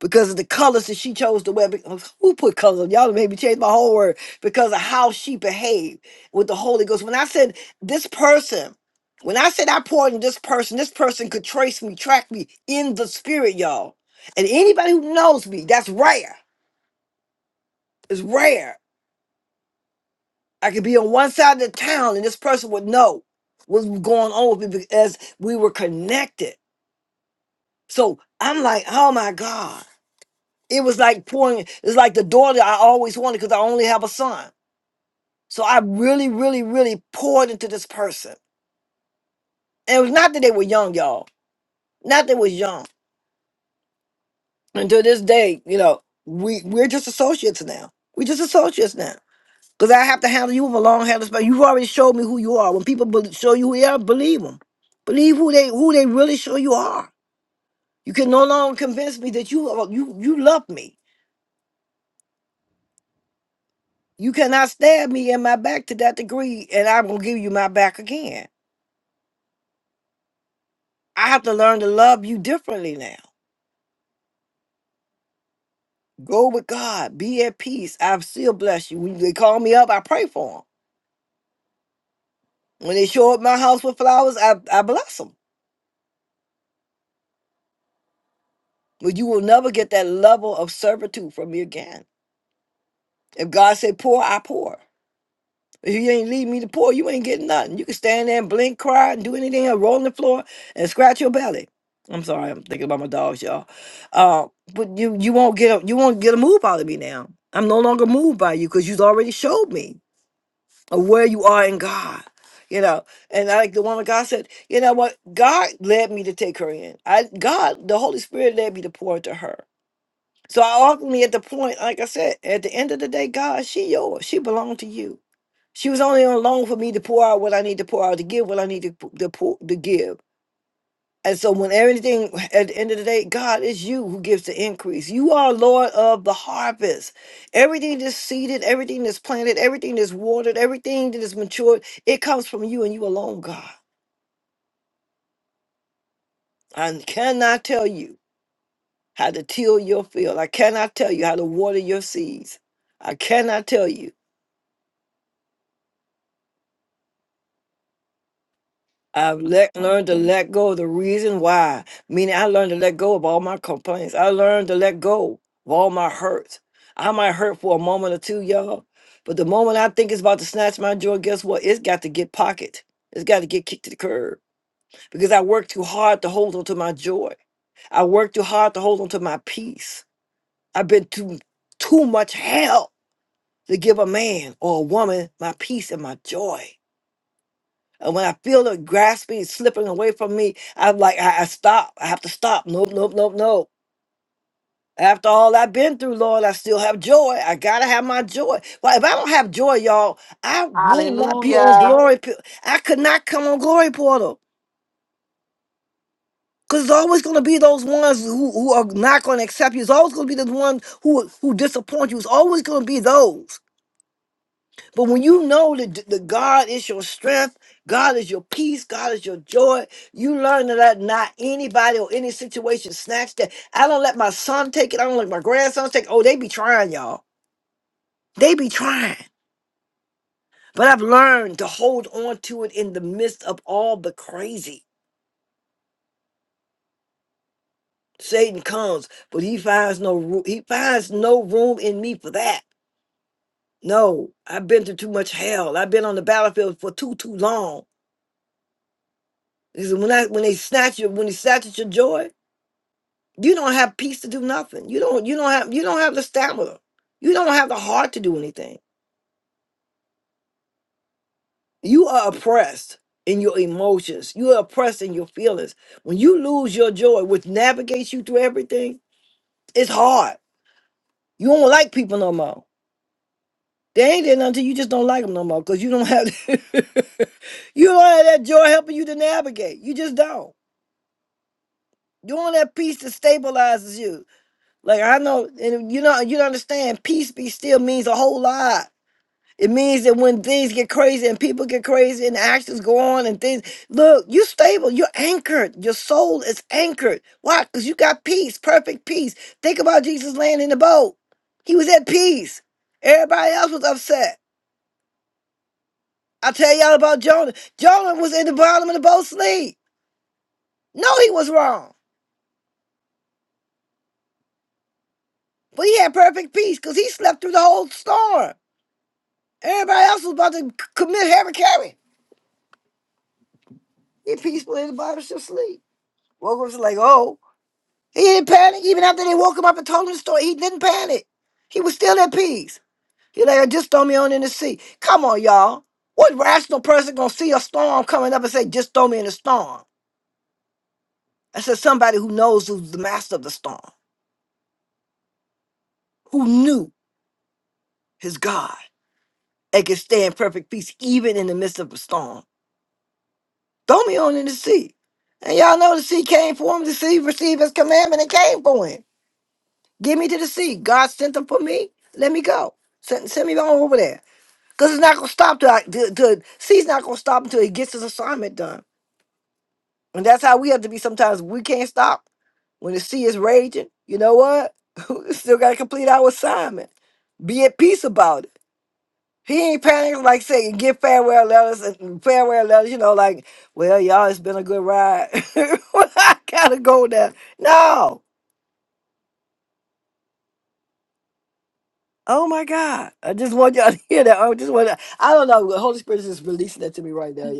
because of the colors that she chose to wear. Because who put colors on? Y'all made me change my whole word because of how she behaved with the Holy Ghost. When I said this person, when I said I poured in this person, this person could trace me, track me in the spirit, y'all. And anybody who knows me, that's rare. It's rare. I could be on one side of the town and this person would know what's going on with me because we were connected. So I'm like, oh my God. It was like pouring, it's like the daughter I always wanted because I only have a son. So I really, really, really poured into this person. And it was not that they were young, y'all. Not that they was young. And to this day, you know, we we're just associates now. We're just associates now. Because I have to handle you with a long handle spell. You've already showed me who you are. When people bel show you who they are, believe them. Believe who they who they really show you are. You can no longer convince me that you are- you you love me. You cannot stab me in my back to that degree, and I'm gonna give you my back again I have to learn to love you differently now. Go with God. Be at peace. I still bless you. When they call me up, I pray for them. When they show up my house with flowers, I, I bless them. But you will never get that level of servitude from me again. If God say pour, I pour. If you ain't leave me to pour, you ain't getting nothing. You can stand there and blink, cry, and do anything, or roll on the floor and scratch your belly. I'm sorry, I'm thinking about my dogs, y'all. Uh, but you you won't get a you won't get a move out of me now. I'm no longer moved by you because you've already showed me. or where you are in God. You know, and I like the woman God said, you know what? God led me to take her in. I God, the Holy Spirit led me to pour into her. So I ultimately at the point, like I said, at the end of the day, God, she yours. She belonged to you. She was only on loan for me to pour out what I need to pour out, to give what I need to, p- to pour to give. And so, when everything at the end of the day, God is you who gives the increase. You are Lord of the harvest. Everything that's seeded, everything that's planted, everything that's watered, everything that is matured, it comes from you and you alone, God. I cannot tell you how to till your field. I cannot tell you how to water your seeds. I cannot tell you. I've let, learned to
Apostle.
let go of the reason why. Meaning, I learned to let go of all my complaints. I learned to let go of all my hurts. I might hurt for a moment or two, y'all, but the moment I think it's about to snatch my joy, guess what? It's got to get pocket. It's got to get kicked to the curb because I worked too hard to hold on to my joy. I worked too hard to hold on to my peace. I've been too too much hell to give a man or a woman my peace and my joy. And when I feel it grasping, slipping away from me, I'm like, I, I stop. I have to stop. Nope, nope, nope, nope. After all I've been through, Lord, I still have joy. I gotta have my joy. Well, if I don't have joy, y'all, I will not be on
Hallelujah.
glory. p- I could not come on glory portal. Cause it's always gonna be those ones who, who are not gonna accept you. It's always gonna be the ones who who disappoint you. It's always gonna be those. But when you know that, the God is your strength, God is your peace, God is your joy, you learn to let not anybody or any situation snatch that. I don't let my son take it. I don't let my grandson take it. Oh, they be trying, y'all. They be trying. But I've learned to hold on to it in the midst of all the crazy. Satan comes, but he finds no room. He finds no room in me for that. No, I've been through too much hell. I've been on the battlefield for too too long. He said, when I when they snatch you, when they snatch at your joy, You don't have peace to do nothing. You don't you don't have you don't have the stamina. You don't have the heart to do anything. You are oppressed in your emotions. You are oppressed in your feelings. When you lose your joy, which navigates you through everything, it's hard. You don't like people no more. They ain't there until you just don't like them no more because you don't have you don't have that joy helping you to navigate. You just don't. You don't have peace that stabilizes you. Like I know, and you know, you don't understand. Peace be still means a whole lot. It means that when things get crazy and people get crazy and actions go on and things, look, you're stable, you're anchored, your soul is anchored. Why? Because you got peace, perfect peace. Think about Jesus laying in the boat. He was at peace. Everybody else was upset. I tell y'all about Jonah. Jonah was in the bottom of the boat sleep. No, he was wrong. But he had perfect peace because he slept through the whole storm. Everybody else was about to c- commit hara carry. He peaceful in the bottom of the sleep. Woke up and was like, oh. He didn't panic even after they woke him up and told him the story. He didn't panic. He was still at peace. He like, just throw me on in the sea. Come on, y'all. What rational person gonna see a storm coming up and say, just throw me in the storm? I said somebody who knows who's the master of the storm, who knew his God and can stay in perfect peace even in the midst of a storm. Throw me on in the sea. And y'all know the sea came for him. The sea received his commandment and came for him. Give me to the sea. God sent him for me. Let me go. Send, send me on over there. Because it's not going to stop till, I, till, till C's not going to stop until he gets his assignment done. And that's how we have to be sometimes. We can't stop. When the sea is raging, you know what? we still got to complete our assignment. Be at peace about it. He ain't panicking like saying, get farewell letters and farewell letters, you know, like, well, y'all, it's been a good ride. I got to go now. No. Oh my God. I just want y'all to hear that. I just want to, I don't know. The Holy Spirit is just releasing that to me right now,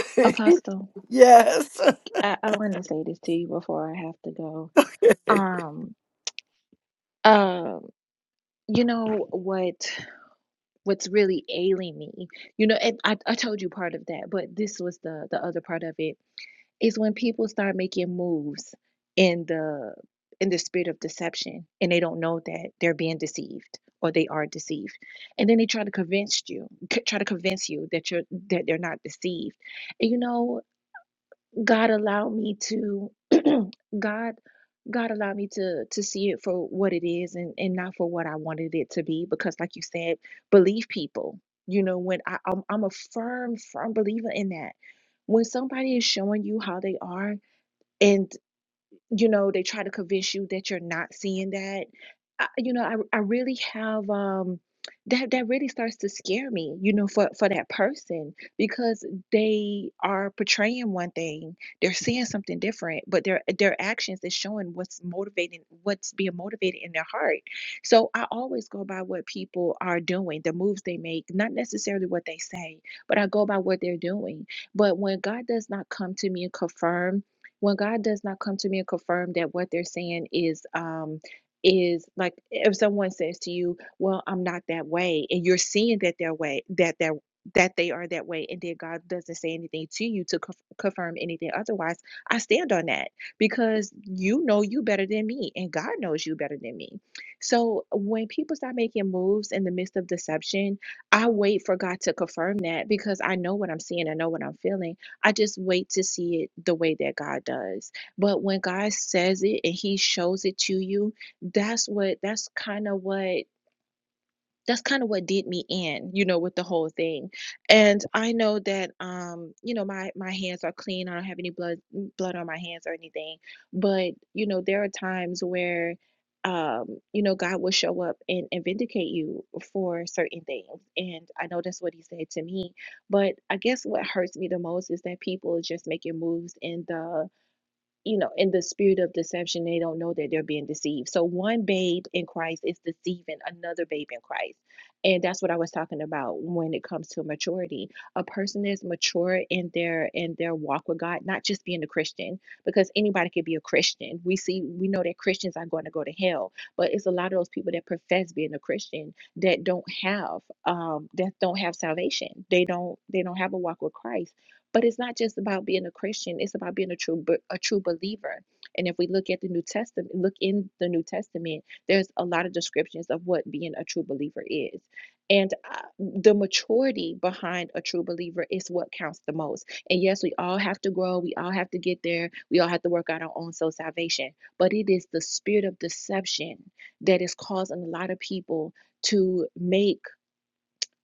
y'all.
Apostle.
yes.
I, I want to say this to you before I have to go. Um um uh, you know what? what's really ailing me. You know, and I, I told you part of that, but this was the the other part of it is when people start making moves in the in the spirit of deception and they don't know that they're being deceived or they are deceived and then they try to convince you c- try to convince you that you're that they're not deceived and you know god allowed me to god God allowed me to to see it for what it is and and not for what I wanted it to be because like you said believe people you know when I I'm, I'm a firm firm believer in that when somebody is showing you how they are and you know they try to convince you that you're not seeing that I, you know I, I really have um that that really starts to scare me you know for for that person because they are portraying one thing they're seeing something different but their their actions is showing what's motivating what's being motivated in their heart so i always go by what people are doing the moves they make not necessarily what they say but i go by what they're doing but when god does not come to me and confirm when God does not come to me and confirm that what they're saying is um is like if someone says to you, "Well, I'm not that way," and you're seeing that their way that that that they are that way, and then God doesn't say anything to you to conf- confirm anything otherwise. I stand on that because you know you better than me, and God knows you better than me. So when people start making moves in the midst of deception, I wait for God to confirm that because I know what I'm seeing, I know what I'm feeling I just wait to see it the way that God does. But when God says it and He shows it to you, that's what that's kind of what that's kind of what did me in, you know, with the whole thing. And I know that um, you know, my my hands are clean. I don't have any blood mm, blood on my hands or anything. But, you know, there are times where um, you know, God will show up and, and vindicate you for certain things. And I know that's what he said to me. But I guess what hurts me the most is that people are just making moves in the you know, in the spirit of deception, they don't know that they're being deceived. So one babe in Christ is deceiving another babe in Christ. And that's what I was talking about when it comes to maturity. A person is mature in their in their walk with God, not just being a Christian, because anybody could be a Christian. We see we know that Christians are going to go to hell, but it's a lot of those people that profess being a Christian that don't have um that don't have salvation. They don't they don't have a walk with Christ but it's not just about being a Christian; it's about being a true a true believer. And if we look at the New Testament, look in the New Testament, there's a lot of descriptions of what being a true believer is. And uh, the maturity behind a true believer is what counts the most. And yes, we all have to grow. We all have to get there. We all have to work out our own soul salvation. But it is the spirit of deception that is causing a lot of people to make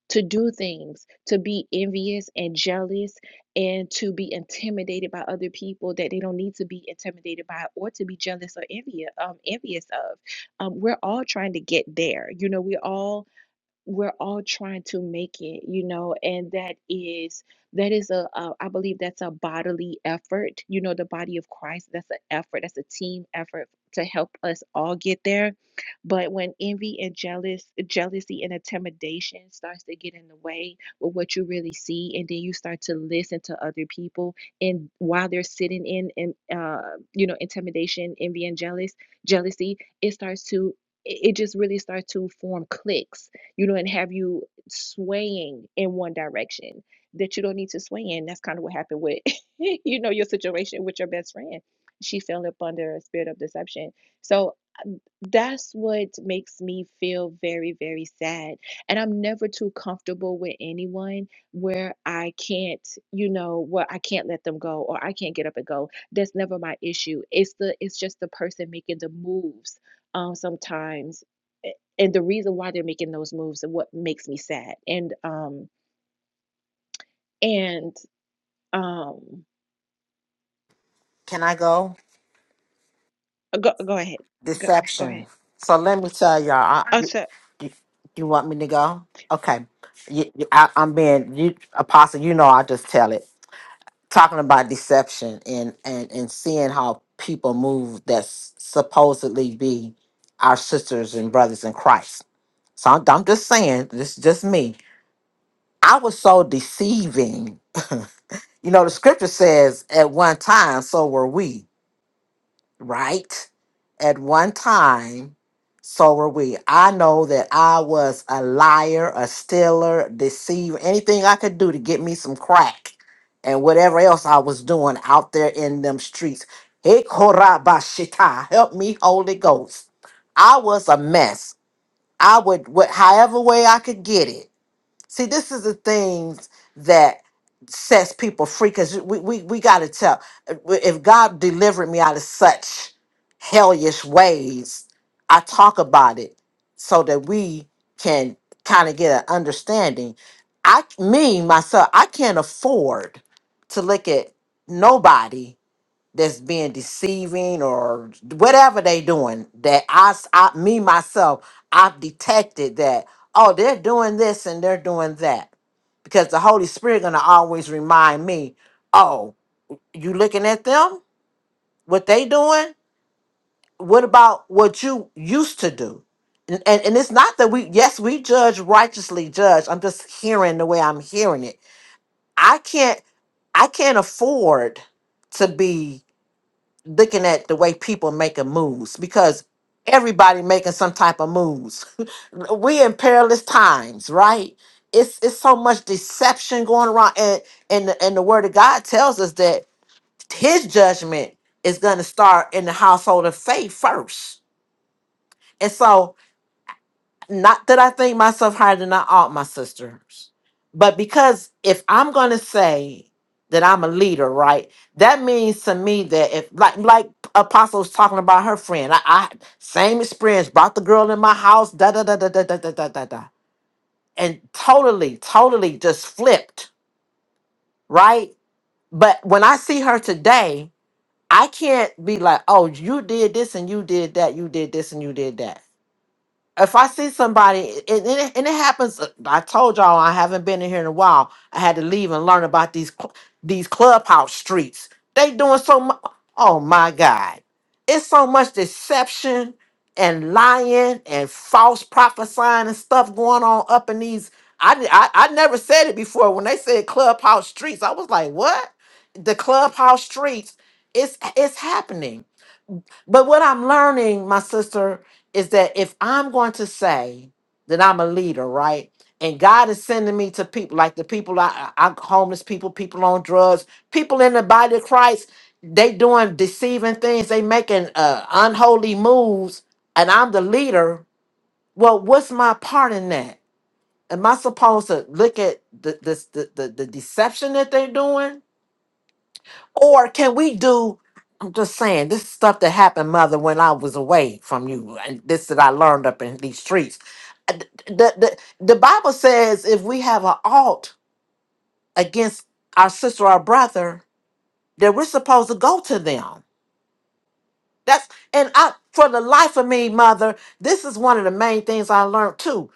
to do things, to be envious and jealous, and to be intimidated by other people that they don't need to be intimidated by or to be jealous or envious, um, envious of. Um, we're all trying to get there. You know, we are all we're all trying to make it you know and that is that is a, a i believe that's a bodily effort you know the body of christ that's an effort that's a team effort to help us all get there but when envy and jealous jealousy and intimidation starts to get in the way with what you really see and then you start to listen to other people and while they're sitting in and uh you know intimidation envy and jealous jealousy it starts to it it just really starts to form cliques you know, and have you swaying in one direction that you don't need to sway in. That's kind of what happened with, you know, your situation with your best friend. She fell up under a spirit of deception. So that's what makes me feel very, very sad. And I'm never too comfortable with anyone where I can't, you know, where I can't let them go or I can't get up and go. That's never my issue. It's the it's just the person making the moves um sometimes a- and the reason why they're making those moves and what makes me sad. And um and um
Can I go?
go go ahead. Go go ahead.
Deception. So let me tell y'all.
Oh,
I,
so.
you, you want me to go? Okay. You, you- I, am being you, apostle. You know, I just tell it. Talking about deception and and and seeing how people move that's supposedly be our sisters and brothers in Christ. So I'm, I'm just saying. This is just me. I was so deceiving. you know, the scripture says at one time, so were we. right? At one time, so were we. I know that I was a liar, a stealer, deceiver, anything I could do to get me some crack and whatever else I was doing out there in them streets. Hey, Korabashita, help me, Holy Ghost. I was a mess. I would, what, however way I could get it. See, this is the things that sets people free because we, we, we got to tell. If God delivered me out of such hellish ways, I talk about it so that we can kind of get an understanding. I, me, myself, I can't afford to look at nobody that's being deceiving or whatever they doing that I, s- I- me myself i've detected that oh they're doing this and they're doing that because the holy spirit gonna always remind me oh you looking at them what they doing what about what you used to do and, and, and it's not that we yes we judge righteously judge i'm just hearing the way i'm hearing it i can't i can't afford to be looking at the way people making moves because everybody making some type of moves. we in perilous times, right? It's it's so much deception going around, and and the, and the word of God tells us that His judgment is going to start in the household of faith first, and so not that I think myself higher than I ought my sisters, but because if I'm gonna say that I'm a leader, right? That means to me that if like like Apostle's talking about her friend, I, I same experience, brought the girl in my house, da da da da da da da da da da. And totally, totally just flipped, right? But when I see her today, I can't be like, oh, you did this and you did that, you did this and you did that if I see somebody, and, and, it, and it happens, uh, I told y'all I haven't been in here in a while. I had to leave and learn about these cl- these clubhouse streets. They doing so much. Oh my God, it's so much deception and lying and false prophesying and stuff going on up in these. I di- I, I never said it before when they said clubhouse streets. I was like, what? The clubhouse streets. It's it's happening but what I'm learning, my sister, is that if I'm going to say that I'm a leader, right? And God is sending me to people like the people I, I homeless people, people on drugs, people in the body of Christ, they doing deceiving things, they making uh, unholy moves, and I'm the leader. Well, what's my part in that? Am I supposed to look at the this the, the, the deception that they're doing? Or can we do? I'm just saying, this is stuff that happened, mother, when I was away from you, and this that I learned up in these streets. Uh, th- The, the, the Bible says if we have an alt against our sister or brother, that we're supposed to go to them. That's and I for the life of me, mother, this is one of the main things I learned too.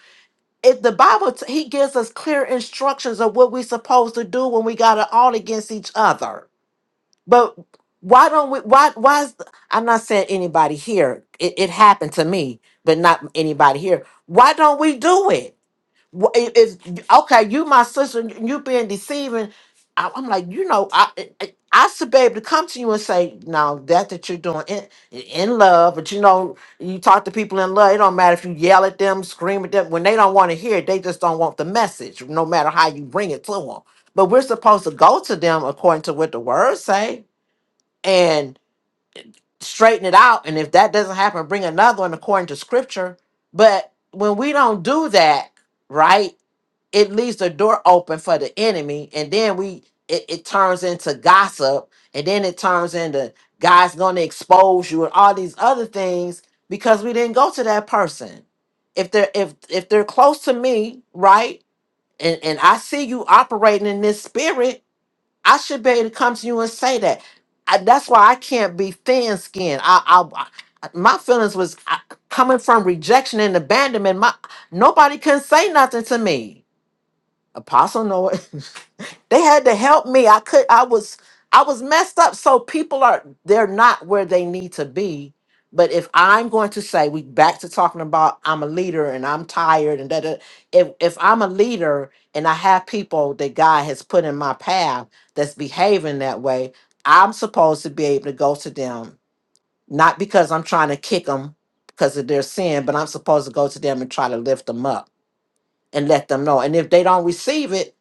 If the Bible t- he gives us clear instructions of what we're supposed to do when we got an alt against each other But why don't we? Why? Why? Is, I'm not saying anybody here. It, it happened to me, but not anybody here. Why don't we do it? Wh- it- It's okay. You, my sister, and you being deceiving. I, I'm like, you know, I, I I should be able to come to you and say, no, that that you're doing in in love, but you know, you talk to people in love. It don't matter if you yell at them, scream at them. When they don't want to hear it, they just don't want the message. No matter how you bring it to them. But we're supposed to go to them according to what the words say and straighten it out. And if that doesn't happen, bring another one according to scripture. But when we don't do that, right, it leaves the door open for the enemy. And then we it, it turns into gossip. And then it turns into God's gonna expose you and all these other things because we didn't go to that person. If they're if if they're close to me, right? And and I see you operating in this spirit, I should be able to come to you and say that. I, that's why I can't be thin skinned. I, I, I- my feelings was uh, coming from rejection and abandonment. My nobody can say nothing to me. Apostle Noah, They had to help me. I could I was I was messed up. So people are they're not where they need to be. But if I'm going to say we back to talking about I'm a leader and I'm tired and that if if I'm a leader and I have people that God has put in my path that's behaving that way, I'm supposed to be able to go to them not because I'm trying to kick them because of their sin, but I'm supposed to go to them and try to lift them up and let them know. And if they don't receive it,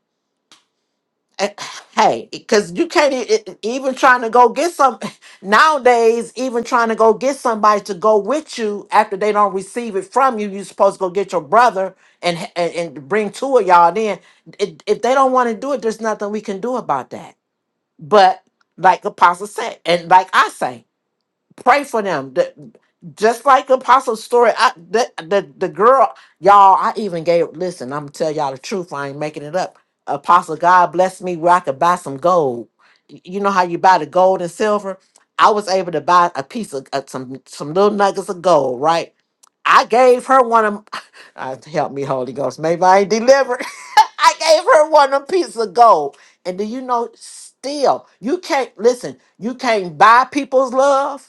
Eh, Hey, because you can't e- e- even trying to go get some nowadays. Even trying to go get somebody to go with you after they don't receive it from you, you supposed to go get your brother and h- and, and bring two of y'all. Then, if if they don't want to do it, there's nothing we can do about that. But like Apostle said, and like I say, Pray for them. That- just like Apostle story, I, the, the the girl, y'all, I even gave. Listen, I'm gonna tell y'all the truth. I ain't making it up. Apostle, God bless me where I could buy some gold. Y- You know how you buy the gold and silver. I was able to buy a piece of uh, some some little nuggets of gold. Right, I gave her one of. Uh, help me, Holy Ghost. Maybe I ain't delivered. I gave her one of piece of gold. And do you know? Still, you can't listen. You can't buy people's love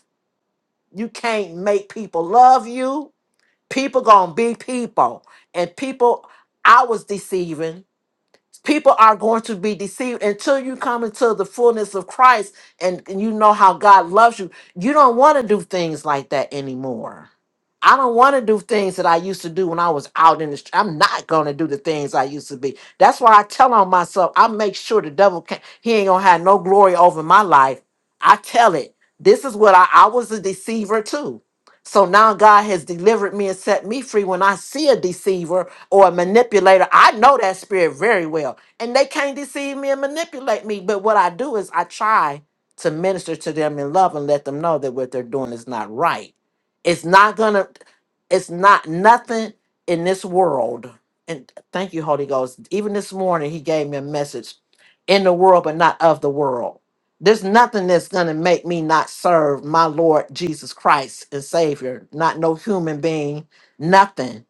you can't make people love you. People gonna be people. And people I was deceiving people are going to be deceived until you come into the fullness of Christ and, and you know how God loves you. You don't want to do things like that anymore. I don't want to do things that I used to do when I was out in the street. I'm not going to do the things I used to be. That's why I tell on myself, I make sure the devil can't, he ain't going to have no glory over my life. I tell it. This is what I, I was a deceiver too. So now God has delivered me and set me free. When I see a deceiver, or a manipulator. I know that spirit very well. And they can't deceive me and manipulate me. But what I do is I try to minister to them in love and let them know that what they're doing is not right. It's not gonna, it's not nothing in this world. And thank you, Holy Ghost. Even this morning, he gave me a message in the world, but not of the world. There's nothing that's going to make me not serve my Lord Jesus Christ and Savior, not no human being, nothing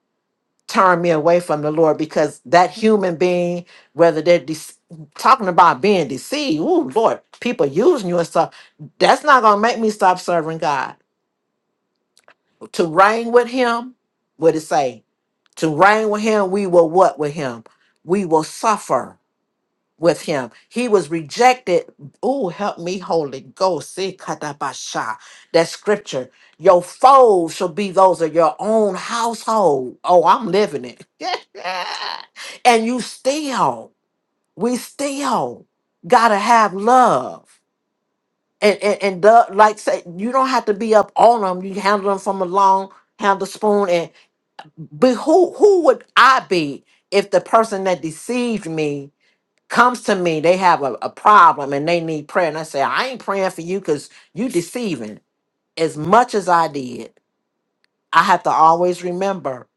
turn me away from the Lord because that human being, whether they're de- talking about being deceived, ooh, Lord, people using you and stuff, that's not going to make me stop serving God. To reign with Him, what it say? To reign with Him, we will what with Him? We will suffer with him. He was rejected. Oh, help me, Holy Ghost. See, katabasha. That scripture. Your foes shall be those of your own household. Oh, I'm living it. and you still, we still gotta have love. And and, and the, like say, you don't have to be up on them. You handle them from a long handle spoon. And but who who would I be if the person that deceived me? comes to me, they have a, a problem and they need prayer. And I say, I ain't praying for you because you deceiving. As much as I did, I have to always remember.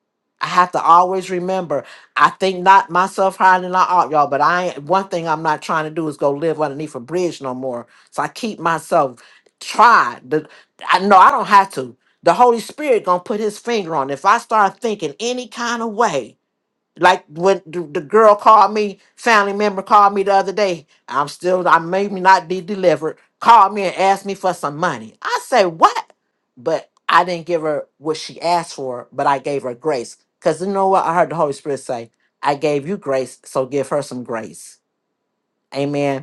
I have to always remember. I think not myself higher than I ought, y'all. But I ain't, one thing I'm not trying to do is go live underneath a bridge no more. So I keep myself tried. The, I know I don't have to. The Holy Spirit gonna put His finger on. it. If I start thinking any kind of way, like when the the girl called me, family member called me the other day. I'm still, I may not be delivered. Called me and asked me for some money. I say what? But I didn't give her what she asked for, but I gave her grace. Cause you know what? I heard the Holy Spirit say, "I gave you grace, so give her some grace." Amen.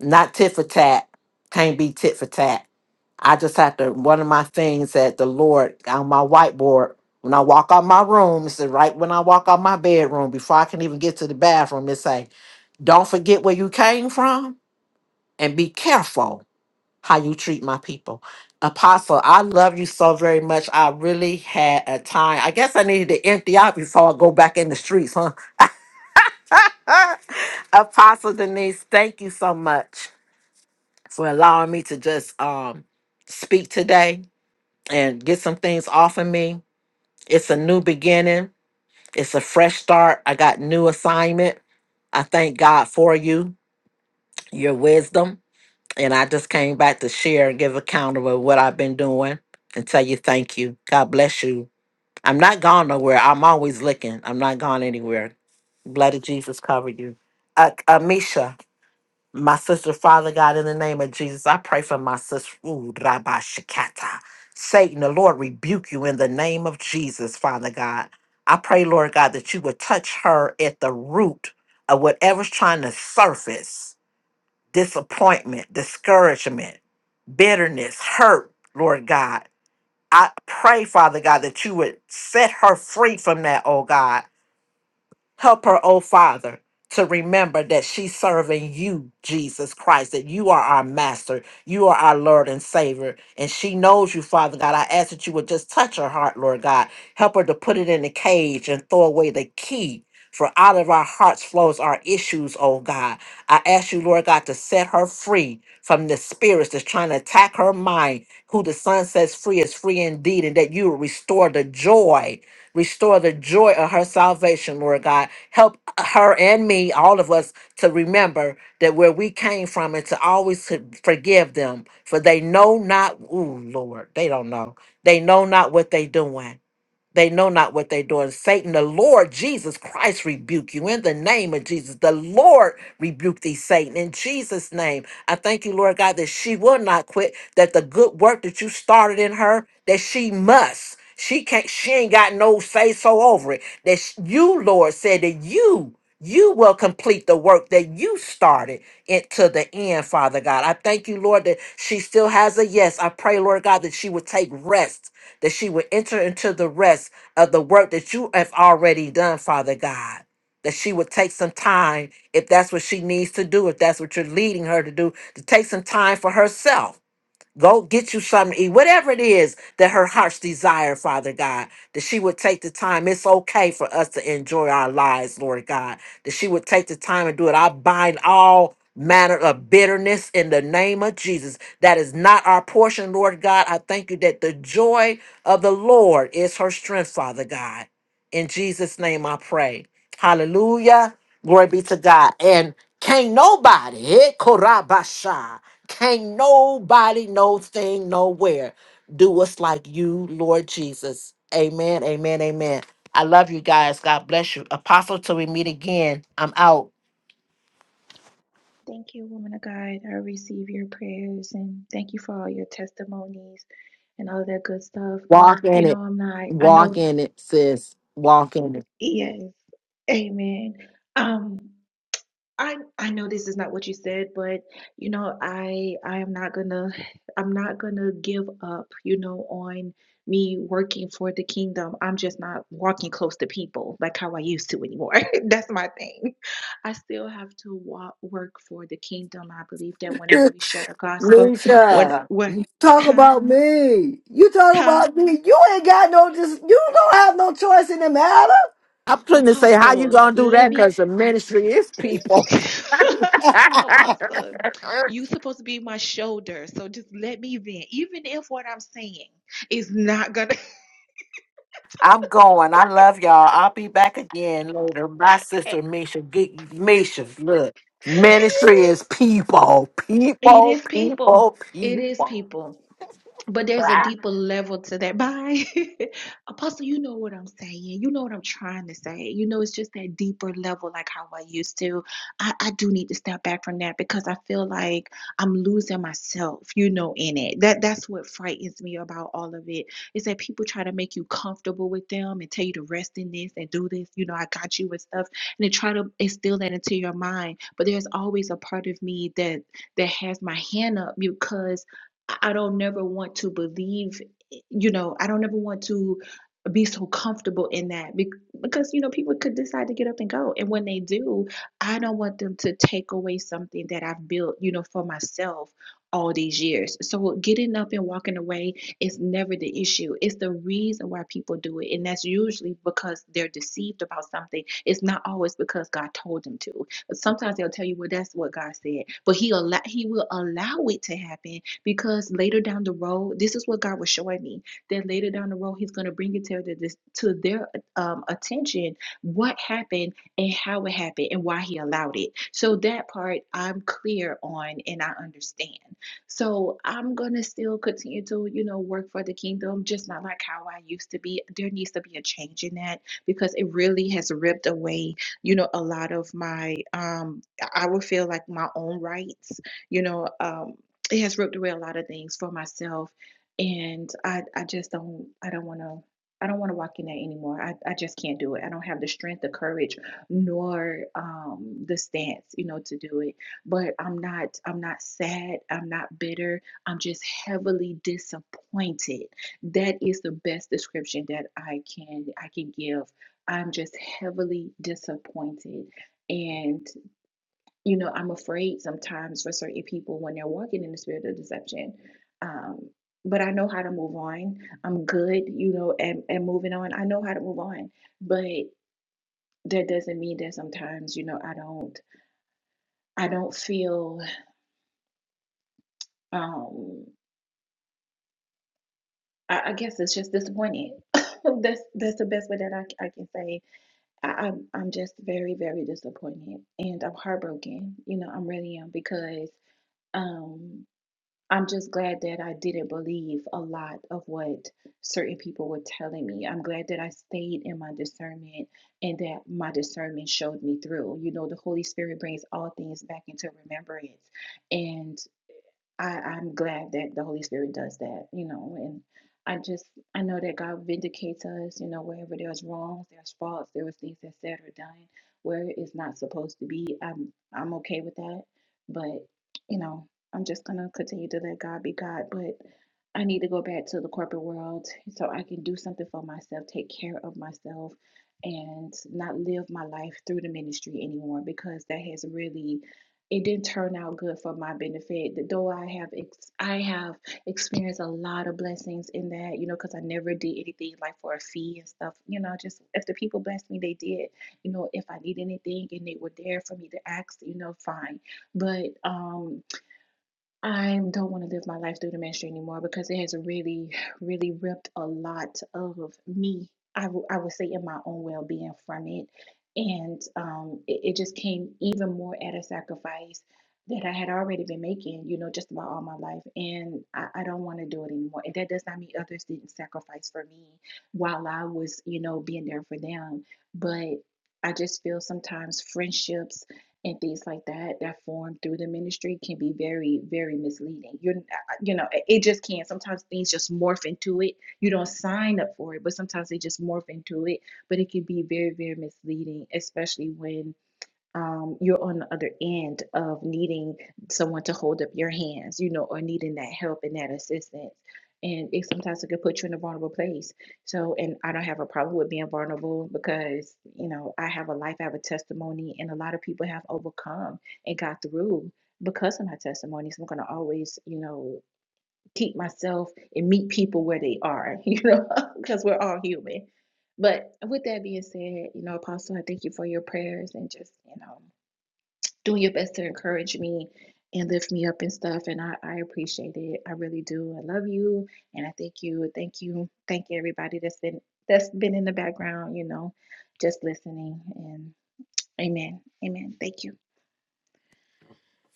Not tit for tat. Can't be tit for tat. I just have to, one of my things that the Lord on my whiteboard, when I walk out my room, it's right when I walk out my bedroom, before I can even get to the bathroom, it say, don't forget where you came from and be careful how you treat my people. Apostle, I love you so very much. I really had a time. I guess I needed to empty out before I go back in the streets, huh? Apostle Denise, thank you so much for allowing me to just um speak today and get some things off of me. It's a new beginning. It's a fresh start. I got new assignment. I thank God for you, your wisdom, and I just came back to share and give account of what I've been doing and tell you thank you. God bless you. I'm not gone nowhere. I'm always looking. I'm not gone anywhere. Blood of Jesus cover you. Uh, Amisha. My sister, Father God, in the name of Jesus, I pray for my sister. Ooh, Rabbi Shikata. Satan, the Lord rebuke you in the name of Jesus, Father God. I pray, Lord God, that you would touch her at the root of whatever's trying to surface disappointment, discouragement, bitterness, hurt, Lord God. I pray, Father God, that you would set her free from that, oh God Help her, oh Father, to remember that she's serving you, Jesus Christ, that you are our master, you are our Lord and Savior. And she knows you, Father God. I ask that you would just touch her heart, Lord God. Help her to put it in the cage and throw away the key. For out of our hearts flows our issues, oh God. I ask you, Lord God, to set her free from the spirits that's trying to attack her mind. Who the Son sets free is free indeed, and that you will restore the joy Restore the joy of her salvation, Lord God. Help her and me, all of us, to remember that where we came from and to always to forgive them, for they know not, ooh, Lord, they don't know. They know not what they doing. They know not what they're doing. Satan, the Lord Jesus Christ rebuke you in the name of Jesus. The Lord rebuke thee, Satan, in Jesus' name. I thank you, Lord God, that she will not quit, that the good work that you started in her, that she must. She can't, she ain't got no say so over it. That sh- you, Lord, said that you, you will complete the work that you started it to the end, Father God. I thank you, Lord, that she still has a yes. I pray, Lord God, that she would take rest that she would enter into the rest of the work that you have already done, Father God. That she would take some time, if that's what she needs to do, if that's what you're leading her to do, to take some time for herself Go get you something to eat, whatever it is that her heart's desire, Father God, that she would take the time. It's okay for us to enjoy our lives, Lord God, that she would take the time and do it. I bind all manner of bitterness in the name of Jesus. That is not our portion, Lord God. I thank you that the joy of the Lord is her strength, Father God. In Jesus' name I pray. Hallelujah. Glory be to God. And can't nobody, eh, Korabasha. Can't nobody, no thing, nowhere do us like you, Lord Jesus. Amen, amen, amen. I love you guys. God bless you. Apostle, till we meet again, I'm out.
Thank you, woman of God. I receive your prayers and thank you for all your testimonies and all that good stuff.
Walk
You
in it.
know, I'm not, I
Walk
know,
in it, sis. Walk in it.
yes, amen. Um. I I know this is not what you said, but you know, I I am not gonna I'm not gonna give up, you know, on me working for the kingdom. I'm just not walking close to people like how I used to anymore. That's my thing. I still have to walk, work for the kingdom. I believe that whenever we share the gospel, when
Misha,
when
you talk
huh?
about me. You talk
Huh?
about me. You ain't got no just. You don't have no choice in the matter.
I'm trying to say, how you
Apostle,
going to do
let
that?
me.
Because the ministry is people.
Apostle, you supposed to be my shoulder, so just let me vent. Even if what I'm saying is not gonna
I'm going. I love y'all. I'll be back again later. My
okay.
sister, Misha, get, Misha, look. Ministry
Yes.
is people,
It
people,
is people.
people,
It is
people.
people. but there's a
I
deeper level to that. Bye. Apostle, you know what I'm saying. You know what I'm trying to say. You know, it's just that deeper level, like how I used to. I, I do need to step back from that because I feel like I'm losing myself, you know, in it. That that's what frightens me about all of it. Is that people try to make you comfortable with them and tell you to rest in this and do this, you know, I got you and stuff. And they try to instill that into your mind. But there's always a part of me that that has my hand up because I I don't never want to believe, you know, I don't ever want to be so comfortable in that bec- because, you know, people could decide to get up and go. And when they do, I don't want them to take away something that I've built, you know, for myself all these years. So getting up and walking away is never the issue. It's the reason why people do it. And that's usually because they're deceived about something. It's not always because God told them to. Sometimes they'll tell you, well, that's what God said. But he allow he will allow it to happen because later down the road, this is what God was showing me that later down the road, He's going to bring it to, the, to their um, attention what happened and how it happened and why He allowed it. So that part I'm clear on and I understand. So I'm going to still continue to, you know, work for the kingdom, just not like how I used to be. There needs to be a change in that because it really has ripped away, you know, a lot of my, um, I would feel like my own rights, you know. Um, it has ripped away a lot of things for myself and i i just don't i don't want to i don't want to walk in that anymore I, I just can't do it i don't have the strength the courage nor um the stance you know to do it but i'm not i'm not sad i'm not bitter i'm just heavily disappointed that is the best description that i can i can give i'm just heavily disappointed and you know, I'm afraid sometimes for certain people when they're walking in the spirit of deception. Um, but I know how to move on. I'm good, you know, and, and moving on. I know how to move on. But that doesn't mean that sometimes, you know, I don't I don't feel um I, I guess it's just disappointed. that's that's the best way that I I can say. I, I'm I'm just very, very disappointed and I'm heartbroken. You know, I'm really am because um I'm just glad that I didn't believe a lot of what certain people were telling me. I'm glad that I stayed in my discernment and that my discernment showed me through. You know, the Holy Spirit brings all things back into remembrance. And I, I'm glad that the Holy Spirit does that, you know, and I just I know that God vindicates us, you know, wherever there's wrongs, there's faults, there was things that's said or done where it's not supposed to be. I'm I'm okay with that. But, you know, I'm just gonna continue to let God be God. But I need to go back to the corporate world so I can do something for myself, take care of myself, and not live my life through the ministry anymore because that has really it didn't turn out good for my benefit. Though I have ex- I have experienced a lot of blessings in that, you know, because I never did anything like for a fee and stuff. You know, just if the people blessed me, they did. You know, if I need anything and they were there for me to ask, you know, fine. But um I don't want to live my life through the ministry anymore because it has really, really ripped a lot of me. I w- I would say in my own well being from it, and um, it, it just came even more at a sacrifice that I had already been making, you know, just about all my life, and I, I don't want to do it anymore. And that does not mean others didn't sacrifice for me while I was, you know, being there for them, but I just feel sometimes friendships and things like that that form through the ministry can be very very misleading you're you know it just can sometimes things just morph into it you don't sign up for it but sometimes they just morph into it but it can be very very misleading especially when um, you're on the other end of needing someone to hold up your hands, you know, or needing that help and that assistance. And it sometimes it could put you in a vulnerable place. So, and I don't have a problem with being vulnerable because, you know, I have a life, I have a testimony, and a lot of people have overcome and got through because of my testimony. So I'm going to always, you know, keep myself and meet people where they are, you know, because we're all human. But with that being said, you know, Apostle, I thank you for your prayers and just, you know, doing your best to encourage me and lift me up and stuff. And I, I appreciate it. I really do. I love you. And I thank you. Thank you. Thank you, everybody that's been that's been in the background, you know, just listening. And amen. Amen. Thank you.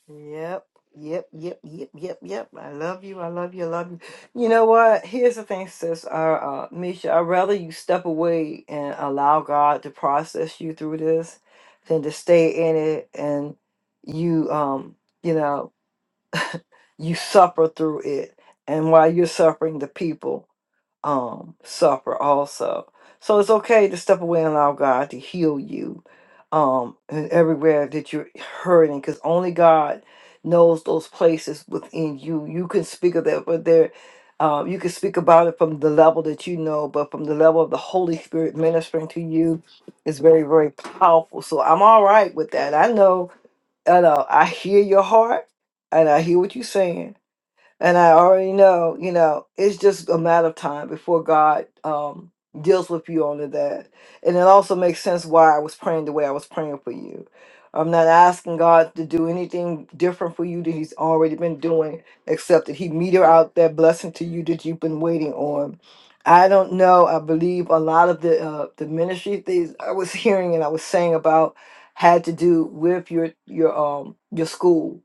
Yep, yep, yep, yep, yep, yep. I love you. I love you. I love you. You know what? Here's the thing, sis. Uh, uh, Misha, I'd rather you step away and allow God to process you through this than to stay in it and you, um, you know, you suffer through it. And while you're suffering, the people. um suffer also. So it's okay to step away and allow God to heal you um and everywhere that you're hurting because only God knows those places within you. You can speak of that, but there um, you can speak about it from the level that you know, but from the level of the Holy Spirit ministering to you is very, very powerful. So I'm all right with that. I know, I know, I hear your heart and I hear what you're saying and I already know, you know, it's just a matter of time before God um, deals with you on to that. And it also makes sense why I was praying the way I was praying for you. I'm not asking God to do anything different for you that He's already been doing, except that He meter out that blessing to you that you've been waiting on. I don't know. I believe a lot of the uh, the ministry things I was hearing and I was saying about had to do with your your um your school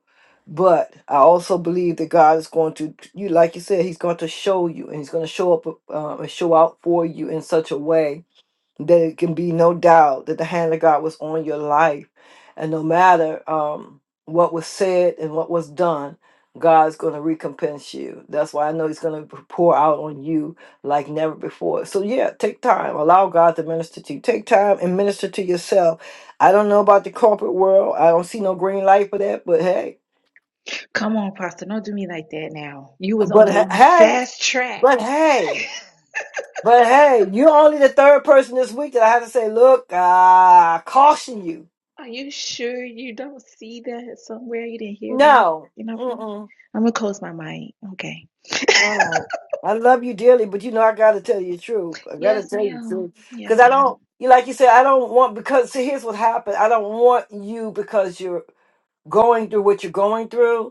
but I also believe that God is going to you, like you said, He's going to show you, and He's going to show up uh, and show out for you in such a way that it can be no doubt that the hand of God was on your life, and no matter um, what was said and what was done, God's going to recompense you. That's why I know He's going to pour out on you like never before. So yeah, take time, allow God to minister to you. Take time and minister to yourself. I don't know about the corporate world. I don't see no green light for that, but hey
Come on, Pastor. Don't do me like that now. You was on
But
the
he- hey,
fast track.
but hey, but hey, you're only the third person this week that I have to say, look, uh, I caution you.
Are you sure you don't see that somewhere? You didn't hear that?
No.
You know, for
Mm-mm.
I'm gonna close my mic. Okay.
All right. I love you dearly, but you know I gotta tell you the truth. I gotta
Yes,
tell you the
ma'am.
truth. Cause
Yes,
I
ma'am.
don't you like you said, I don't want because see here's what happened. I don't want you because you're going through what you're going through.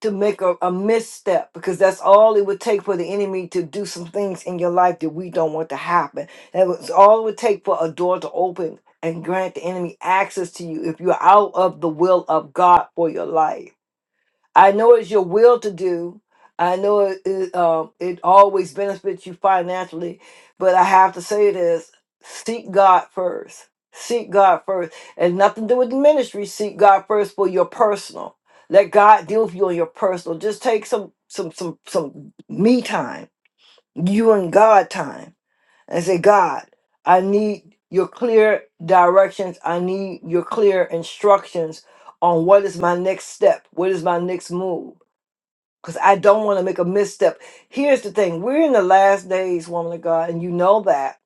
to make a, a misstep because that's all it would take for the enemy to do some things in your life that we don't want to happen. That was all it would take for a door to open and grant the enemy access to you if you're out of the will of God for your life. I know it's your will to do. I know it it, um, it always benefits you financially, but I have to say this: seek God first. Seek God first, and nothing to do with the ministry. Seek God first for your personal. Let God deal with you on your personal. Just take some some some some me time, you and God time, and say, God, I need your clear directions. I need your clear instructions on what is my next step. What is my next move because I don't want to make a misstep. Here's the thing we're in the last days, woman of God, and you know that.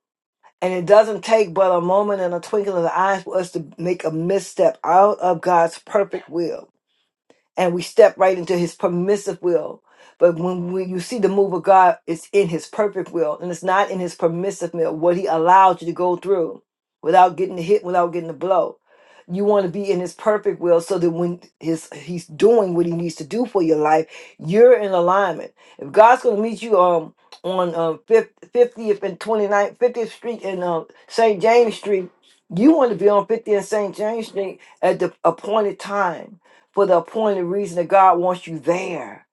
And it doesn't take but a moment and a twinkle of the eye for us to make a misstep out of God's perfect will and we step right into his permissive will. But when we, you see the move of God, it's in his perfect will and it's not in his permissive will, what he allowed you to go through without getting the hit, without getting the blow. You want to be in his perfect will so that when his he's doing what he needs to do for your life, you're in alignment. If God's going to meet you um, on um, 50th and 29th, 50th Street and um, St. James Street, you want to be on 50th and St. James Street at the appointed time for the appointed reason that God wants you there,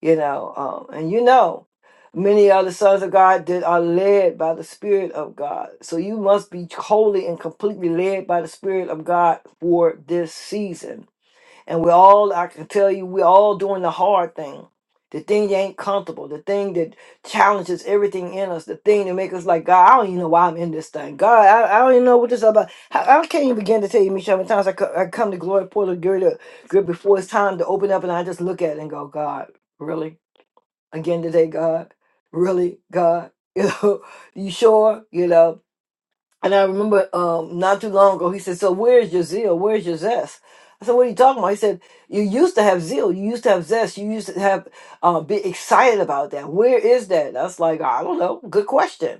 you know. Um, and you know, many other sons of God that are led by the Spirit of God. So you must be wholly and completely led by the Spirit of God for this season and we all, I can tell you, we all doing the hard thing. The thing that ain't comfortable, the thing that challenges everything in us, the thing that make us like, God, I don't even know why I'm in this thing. God, I, I don't even know what this is about. I, I can't even begin to tell you, Michelle, how many times I, co- I come to Glory Portal Girl before it's time to open up and I just look at it and go, God, really? Again today, God? Really, God? You know, you sure? You know? And I remember um, not too long ago, he said, So where's your zeal? Where's your zest? I said, What are you talking about? He said, You used to have zeal. You used to have zest. You used to have uh, be excited about that. Where is that? That's like, I don't know. Good question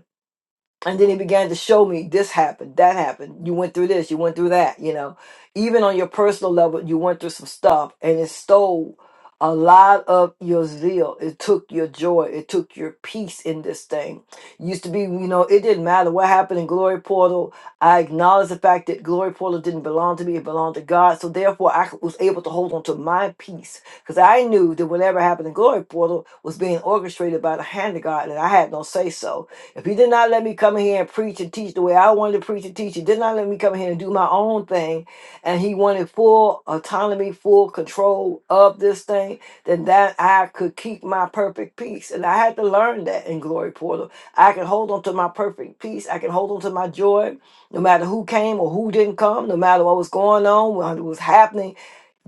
and then he began to show me this happened, that happened. You went through this, you went through that, you know. Even on your personal level, you went through some stuff and it stole a lot of your zeal. It took your joy. It took your peace in this thing. Used to be, you know, it didn't matter what happened in Glory Portal. I acknowledge the fact that Glory Portal didn't belong to me, it belonged to God. So therefore, I was able to hold on to my peace because I knew that whatever happened in Glory Portal was being orchestrated by the hand of God and I had no say so if he did not let me come here and preach and teach the way I wanted to preach and teach, he did not let me come here and do my own thing, and he wanted full autonomy, full control of this thing, then that I could keep my perfect peace. And I had to learn that in Glory Portal. I can hold on to my perfect peace. I can hold on to my joy, no matter who came or who didn't come, no matter what was going on, what was happening.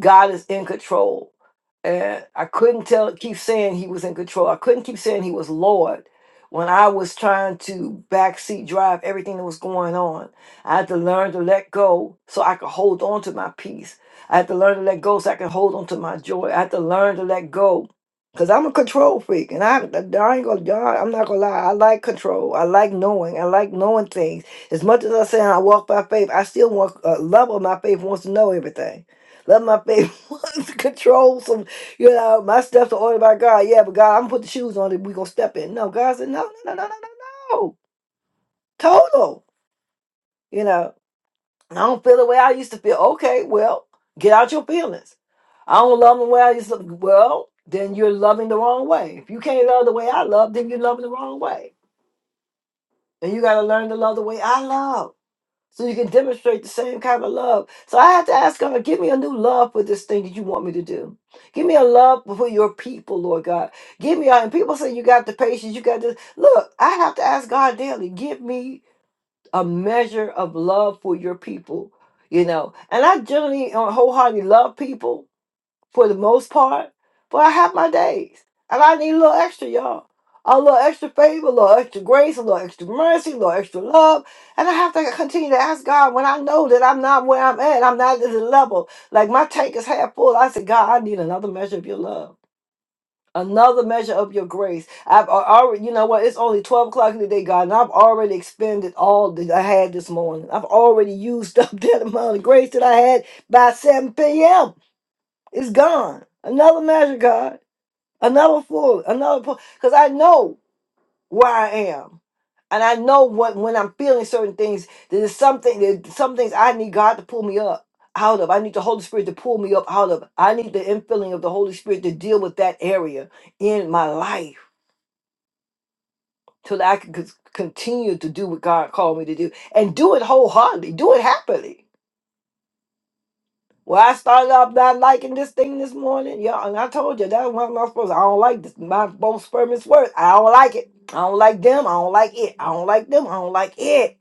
God is in control. And I couldn't tell keep saying he was in control. I couldn't keep saying he was Lord when I was trying to backseat drive everything that was going on. I had to learn to let go so I could hold on to my peace. I had to learn to let go so I could hold on to my joy. I had to learn to let go because I'm a control freak and I, I ain't gonna, I- I'm not gonna lie. I like control. I like knowing. I like knowing things. As much as I say I walk by faith, I still want, uh, love of my faith wants to know everything. Love my faith wants to control some. You know, my steps are ordered by God. Yeah, but God, I'm gonna put the shoes on that we gonna step in. No, God said, no, no, no, no, no, no, no. Total. You know, I don't feel the way I used to feel. Okay, well, get out your feelings. I don't love the way I used to. Well, then you're loving the wrong way. If you can't love the way I love, then you're loving the wrong way. And you gotta learn to love the way I love. so you can demonstrate the same kind of love. So I had to ask God, give me a new love for this thing that you want me to do. Give me a love for your people, Lord God. Give me, a, and people say you got the patience, you got this. Look, I have to ask God daily, give me a measure of love for your people, you know. And I generally uh, wholeheartedly love people, for the most part. But I have my days. And I need a little extra, y'all. A little extra favor, a little extra grace, a little extra mercy, a little extra love. And I have to continue to ask God when I know that I'm not where I'm at. I'm not at this level. Like my tank is half full. I said, God, I need another measure of your love. Another measure of your grace. I've al- already, you know what? It's only 12 o'clock in the day, God, and I've already expended all that I had this morning. I've already used up that amount of grace that I had by 7 p.m. It's gone. Another measure, God. Another full. Another full. Because I know where I am. And I know what when I'm feeling certain things, there's something there's some things I need God to pull me up out of. I need the Holy Spirit to pull me up out of. I need the infilling of the Holy Spirit to deal with that area in my life so that I can c- continue to do what God called me to do and do it wholeheartedly, do it happily Well, I started off not liking this thing this morning. Yeah, and I told you that's what I'm not supposed to. I don't like this. My both sperm is worth. I don't like it. I don't like them. I don't like it. I don't like them. I don't like it.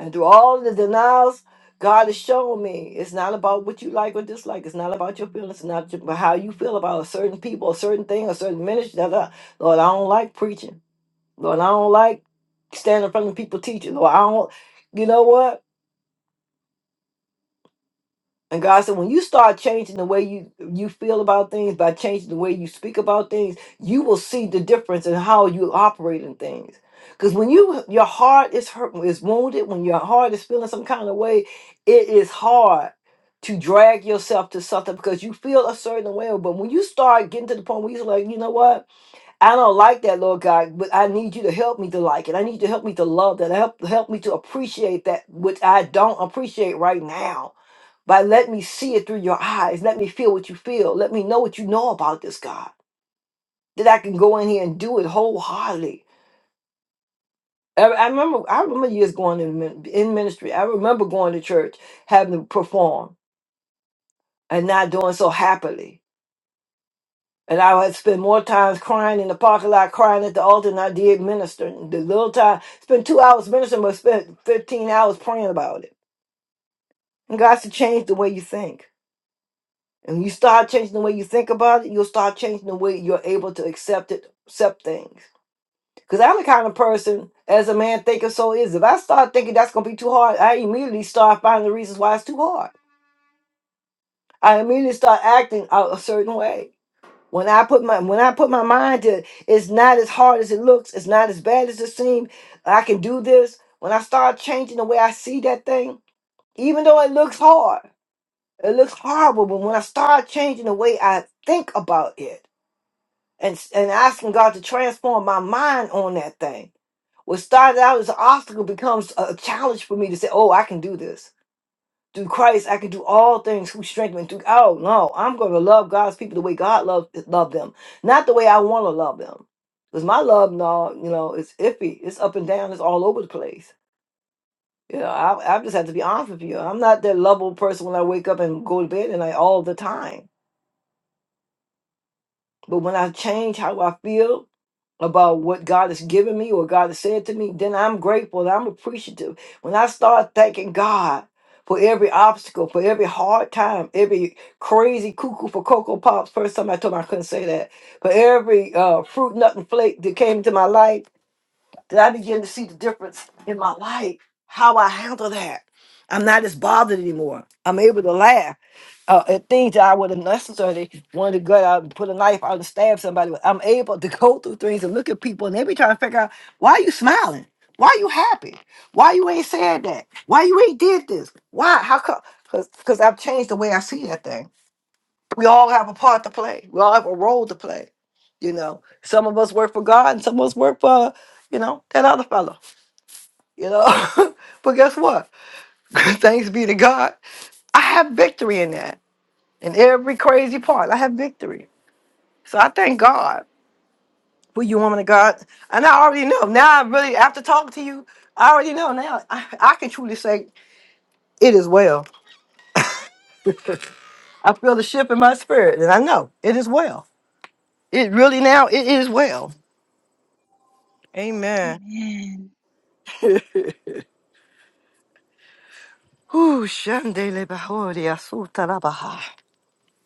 And through all the denials, God has shown me it's not about what you like or dislike. It's not about your feelings. It's not about how you feel about a certain people, a certain thing, a certain ministry. Da, da. Lord, I don't like preaching. Lord, I don't like standing in front of people teaching. Lord, I don't. You know what? And God said, when you start changing the way you you feel about things by changing the way you speak about things, you will see the difference in how you operate in things. Because when you your heart is hurt, is wounded, when your heart is feeling some kind of way, it is hard to drag yourself to something because you feel a certain way. But when you start getting to the point where you're like, you know what? I don't like that, Lord God, but I need you to help me to like it. I need you to help me to love that. Help help me to appreciate that which I don't appreciate right now. But let me see it through your eyes. Let me feel what you feel. Let me know what you know about this God. That I can go in here and do it wholeheartedly. I I remember I remember years going in min- in ministry. I remember going to church, having to perform and not doing so happily. And I would spend more times crying in the parking lot, crying at the altar than I did ministering. The little time, spent two hours ministering, but spent 15 hours praying about it. And God said, change the way you think. And when you start changing the way you think about it, you'll start changing the way you're able to accept it, accept things. Because I'm the kind of person, as a man thinketh, so is. If I start thinking that's going to be too hard, I immediately start finding the reasons why it's too hard. I immediately start acting out a certain way. When I put my when I put my mind to it's not as hard as it looks, it's not as bad as it seems. I can do this. When I start changing the way I see that thing, even though it looks hard, it looks horrible, but when I start changing the way I think about it and s- and asking God to transform my mind on that thing, what started out as an obstacle becomes a challenge for me to say, "Oh, I can do this." through Christ, I can do all things who strengthen me. Through oh no, I'm going to love God's people the way God love love them, not the way I want to love them. Because my love, no, you know, it's iffy. It's up and down. It's all over the place. You know, I, I just have to be honest with you. I'm not that lovable person when I wake up and go to bed and I all the time. But when I change how I feel about what God has given me, what God has said to me, then I'm grateful and I'm appreciative. When I start thanking God for every obstacle, for every hard time, every crazy cuckoo for Cocoa Pops, first time I told him I couldn't say that, for every uh, fruit, nut, and flake that came into my life, that I begin to see the difference in my life, how I handle that. I'm not as bothered anymore. I'm able to laugh uh, at things that I would have necessarily wanted to go out and put a knife out and stab somebody with. I'm able to go through things and look at people and they be trying to figure out why you smiling? Why you happy? Why you ain't said that? Why you ain't did this? Why? How come? Because I've changed the way I see that thing we all have a part to play. We all have a role to play. You know, some of us work for God and some of us work for, you know, that other fellow, you know. but guess what? Thanks be to God. I have victory in that. In every crazy part, I have victory. So I thank God for you, woman of God. And I already know. Now I really, after talking to you, I already know now. I, I can truly say, it is well. I feel the shift in my spirit, and I know it is well. It really now, it is well. Amen.
Amen.
Ooh, Shandele Bahoria Sutarabaha.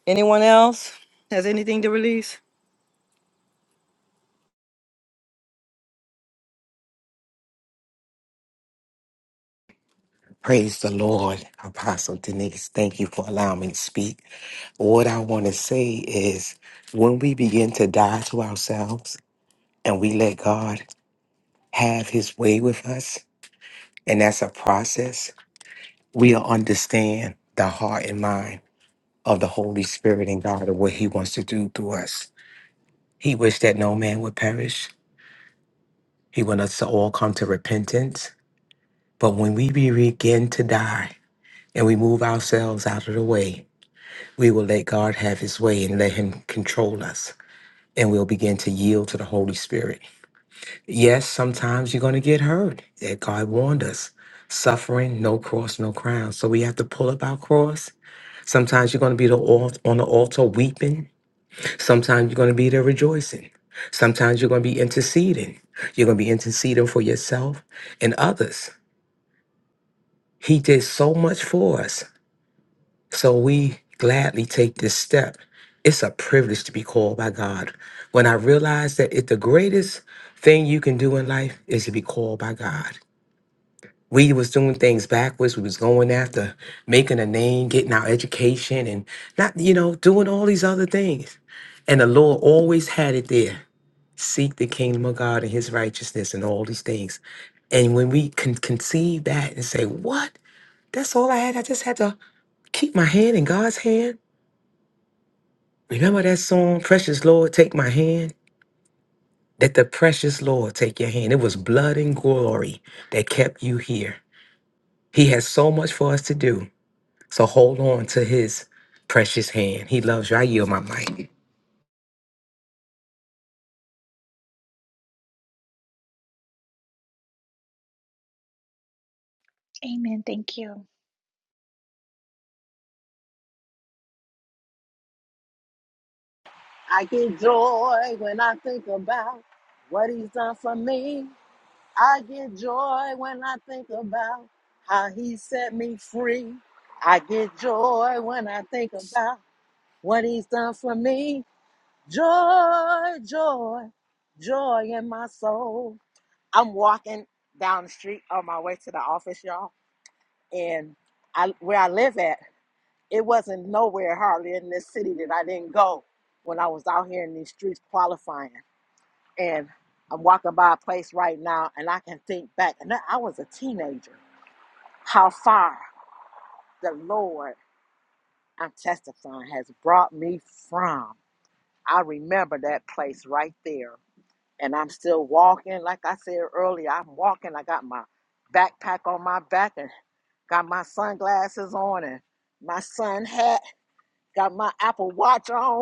Anyone else has anything to release?
Praise the Lord, Apostle Denise. Thank you for allowing me to speak. What I want to say is when we begin to die to ourselves and we let God have his way with us, and that's a process, we'll understand the heart and mind of the Holy Spirit and God and what he wants to do through us. He wished that no man would perish. He wants us to all come to repentance. But when we begin to die and we move ourselves out of the way, we will let God have his way and let him control us. And we'll begin to yield to the Holy Spirit. Yes, sometimes you're going to get hurt. That God warned us. Suffering, no cross, no crown. So we have to pull up our cross. Sometimes you're going to be the al- on the altar weeping. Sometimes you're going to be there rejoicing. Sometimes you're going to be interceding. You're going to be interceding for yourself and others. He did so much for us. So we gladly take this step. It's a privilege to be called by God. When I realized that it the greatest thing you can do in life is to be called by God. We was doing things backwards. We was going after making a name, getting our education, and not, you know, doing all these other things. And the Lord always had it there. Seek the kingdom of God and his righteousness and all these things. And when we can conceive that and say, What? That's all I had. I just had to keep my hand in God's hand Remember that song, Precious Lord, Take My Hand? Let the precious Lord take your hand. It was blood and glory that kept you here. He has so much for us to do. So hold on to his precious hand. He loves you. I yield my mic.
Amen. Thank you.
get joy when I think about what he's done for me. I get joy when I think about how he set me free. I get joy when I think about what he's done for me. Joy, joy, joy in my soul. I'm walking down the street on my way to the office, y'all, and I, where I live at, it wasn't nowhere hardly in this city that I didn't go when I was out here in these streets qualifying. And I'm walking by a place right now and I can think back, and I was a teenager, how far the Lord, I'm testifying, has brought me from. I remember that place right there. And I'm still walking. Like I said earlier, I'm walking. I got my backpack on my back and got my sunglasses on and my sun hat, got my Apple Watch on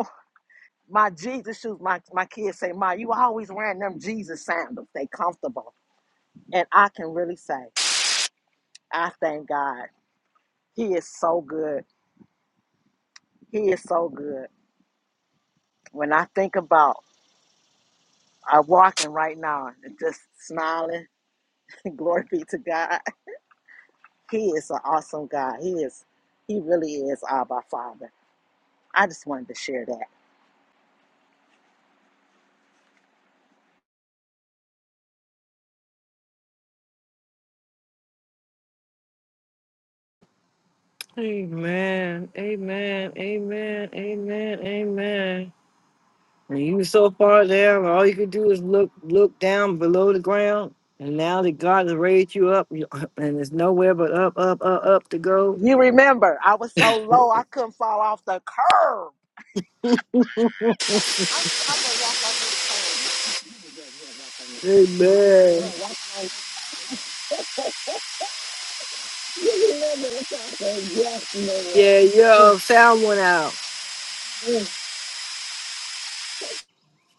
My Jesus shoes, my, my kids say, Ma, you always wearing them Jesus sandals. They comfortable. And I can really say, I thank God. He is so good. He is so good. When I think about I walking right now and just smiling, glory be to God. He is an awesome God. He is, he really is Abba Father. I just wanted to share that.
Amen. Amen. Amen. Amen. Amen. And you were so far down, all you could do is look look down below the ground. And now that God has raised you up, you- and there's nowhere but up, up, up, up to go.
You remember, I was so low I couldn't fall off the curb. I, I would walk off this curb. You- you- you would just walk off this curb.
Amen.
Yes,
Yeah, yeah. Sound went out.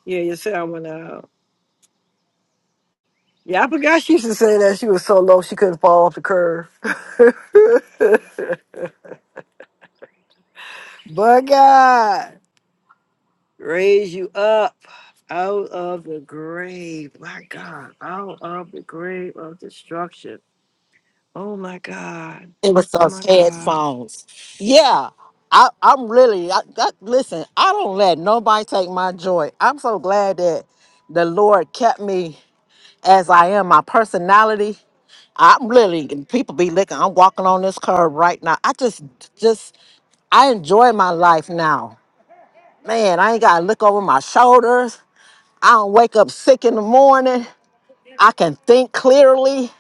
Yeah, your sound went out. Yeah, I forgot she used to say that she was so low she couldn't fall off the curve. but God raise you up out of the grave. My God, out of the grave of destruction. Oh my God.
It was
Oh
those
my God.
headphones. Yeah, I, I'm really. I, that, listen, I don't let nobody take my joy. I'm so glad that the Lord kept me as I am. My personality. I'm really. and People be licking. I'm walking on this curb right now. I just, just, I enjoy my life now. Man, I ain't gotta look over my shoulders. I don't wake up sick in the morning. I can think clearly.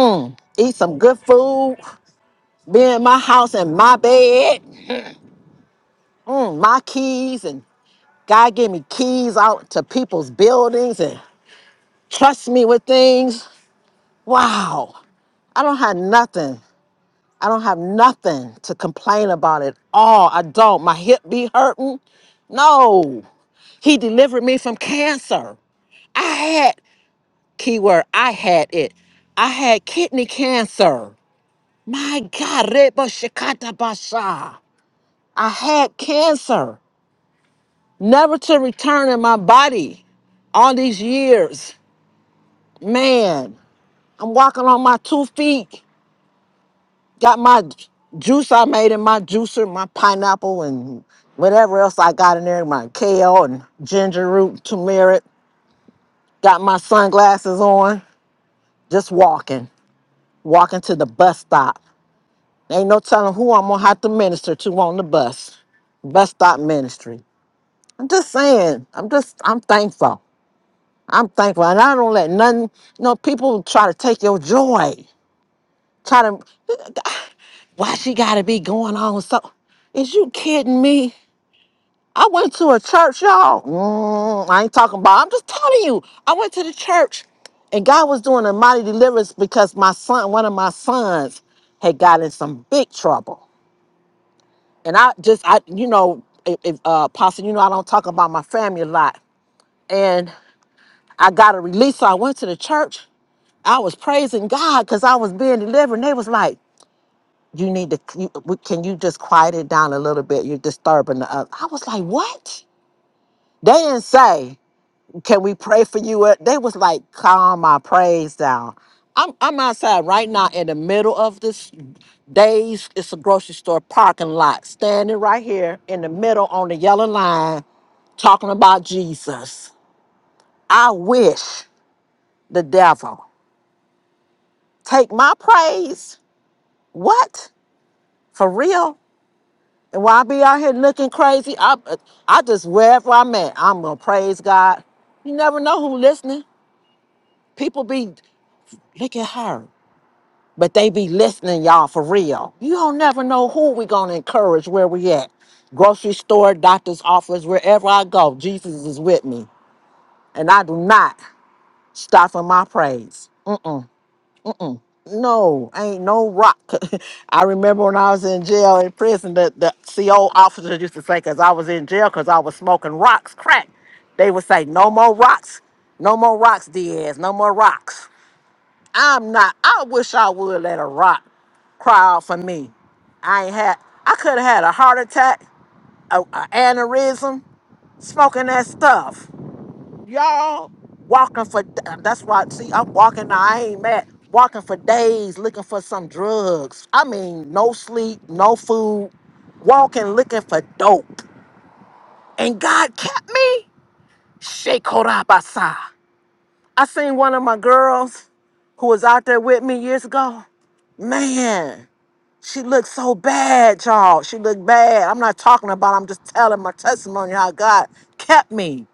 Mm, eat some good food, be in my house and my bed, mm, my keys, and God gave me keys out to people's buildings and trust me with things. Wow, I don't have nothing. I don't have nothing to complain about at all. I don't. My hip be hurting. No, He delivered me from cancer. I had, keyword, I had it. I had kidney cancer. My God, Reba Shikata Basha. I had cancer, never to return in my body all these years. Man, I'm walking on my two feet. Got my juice I made in my juicer, my pineapple and whatever else I got in there, my kale and ginger root, turmeric. Got my sunglasses on, just walking, walking to the bus stop. Ain't no telling who I'm gonna have to minister to on the bus. Bus stop ministry. I'm just saying, I'm just, I'm thankful. I'm thankful, and I don't let none. No people try to take your joy. Try to why she got to be going on so? Is you kidding me? I went to a church, y'all. Mm, I ain't talking about. I'm just telling you. I went to the church, and God was doing a mighty deliverance because my son, one of my sons, had got in some big trouble. And I just, I, you know, if, if, uh, Pastor, you know, I don't talk about my family a lot. And I got a release, so I went to the church I was praising God because I was being delivered. And they was like, you need to, you- we- can you just quiet it down a little bit? You're disturbing the other. I was like, what? They didn't say, can we pray for you? Uh, They was like, calm my praise down. I'm, I'm outside right now in the middle of this days. It's a grocery store parking lot, standing right here in the middle on the yellow line, talking about Jesus. I wish the devil take my praise. What? For real? And while I be out here looking crazy, I I just wherever I'm at, I'm gonna praise God. You never know who listening. People be look at her, but they be listening, y'all, for real. You don't never know who we gonna encourage where we at. Grocery store, doctor's office, wherever I go, Jesus is with me, and I do not stop in my praise. Mm-mm. No, ain't no rock. I remember when I was in jail in prison, that the CO officers used to say, because I was in jail because I was smoking rocks, crack. They would say, no more rocks, no more rocks, Diaz, no more rocks. I'm not, I wish I would let a rock cry out for me. I ain't had, I could have had a heart attack, a, a aneurysm, smoking that stuff y'all walking for um, that's why see i'm walking i ain't mad walking for days looking for some drugs i mean no sleep no food walking looking for dope and god kept me shake basah. i seen one of my girls who was out there with me years ago man she looked so bad y'all she looked bad i'm not talking about i'm just telling my testimony how god kept me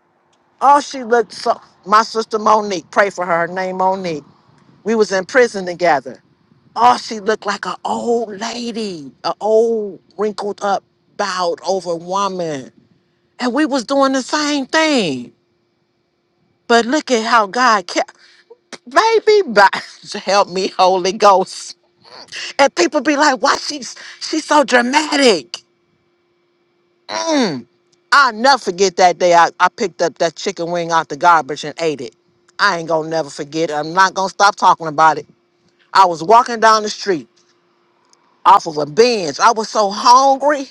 Oh, she looked so. My sister Monique, pray for her. Her name Monique. We was in prison together. Oh, she looked like an old lady, an old wrinkled up, bowed over woman, and we was doing the same thing. But look at how God kept, baby, by, help me, Holy Ghost. And people be like, why she's she's so dramatic. Mm. I'll never forget that day I, I picked up that chicken wing out the garbage and ate it. I ain't gonna never forget it. I'm not gonna stop talking about it. I was walking down the street off of a bench. I was so hungry,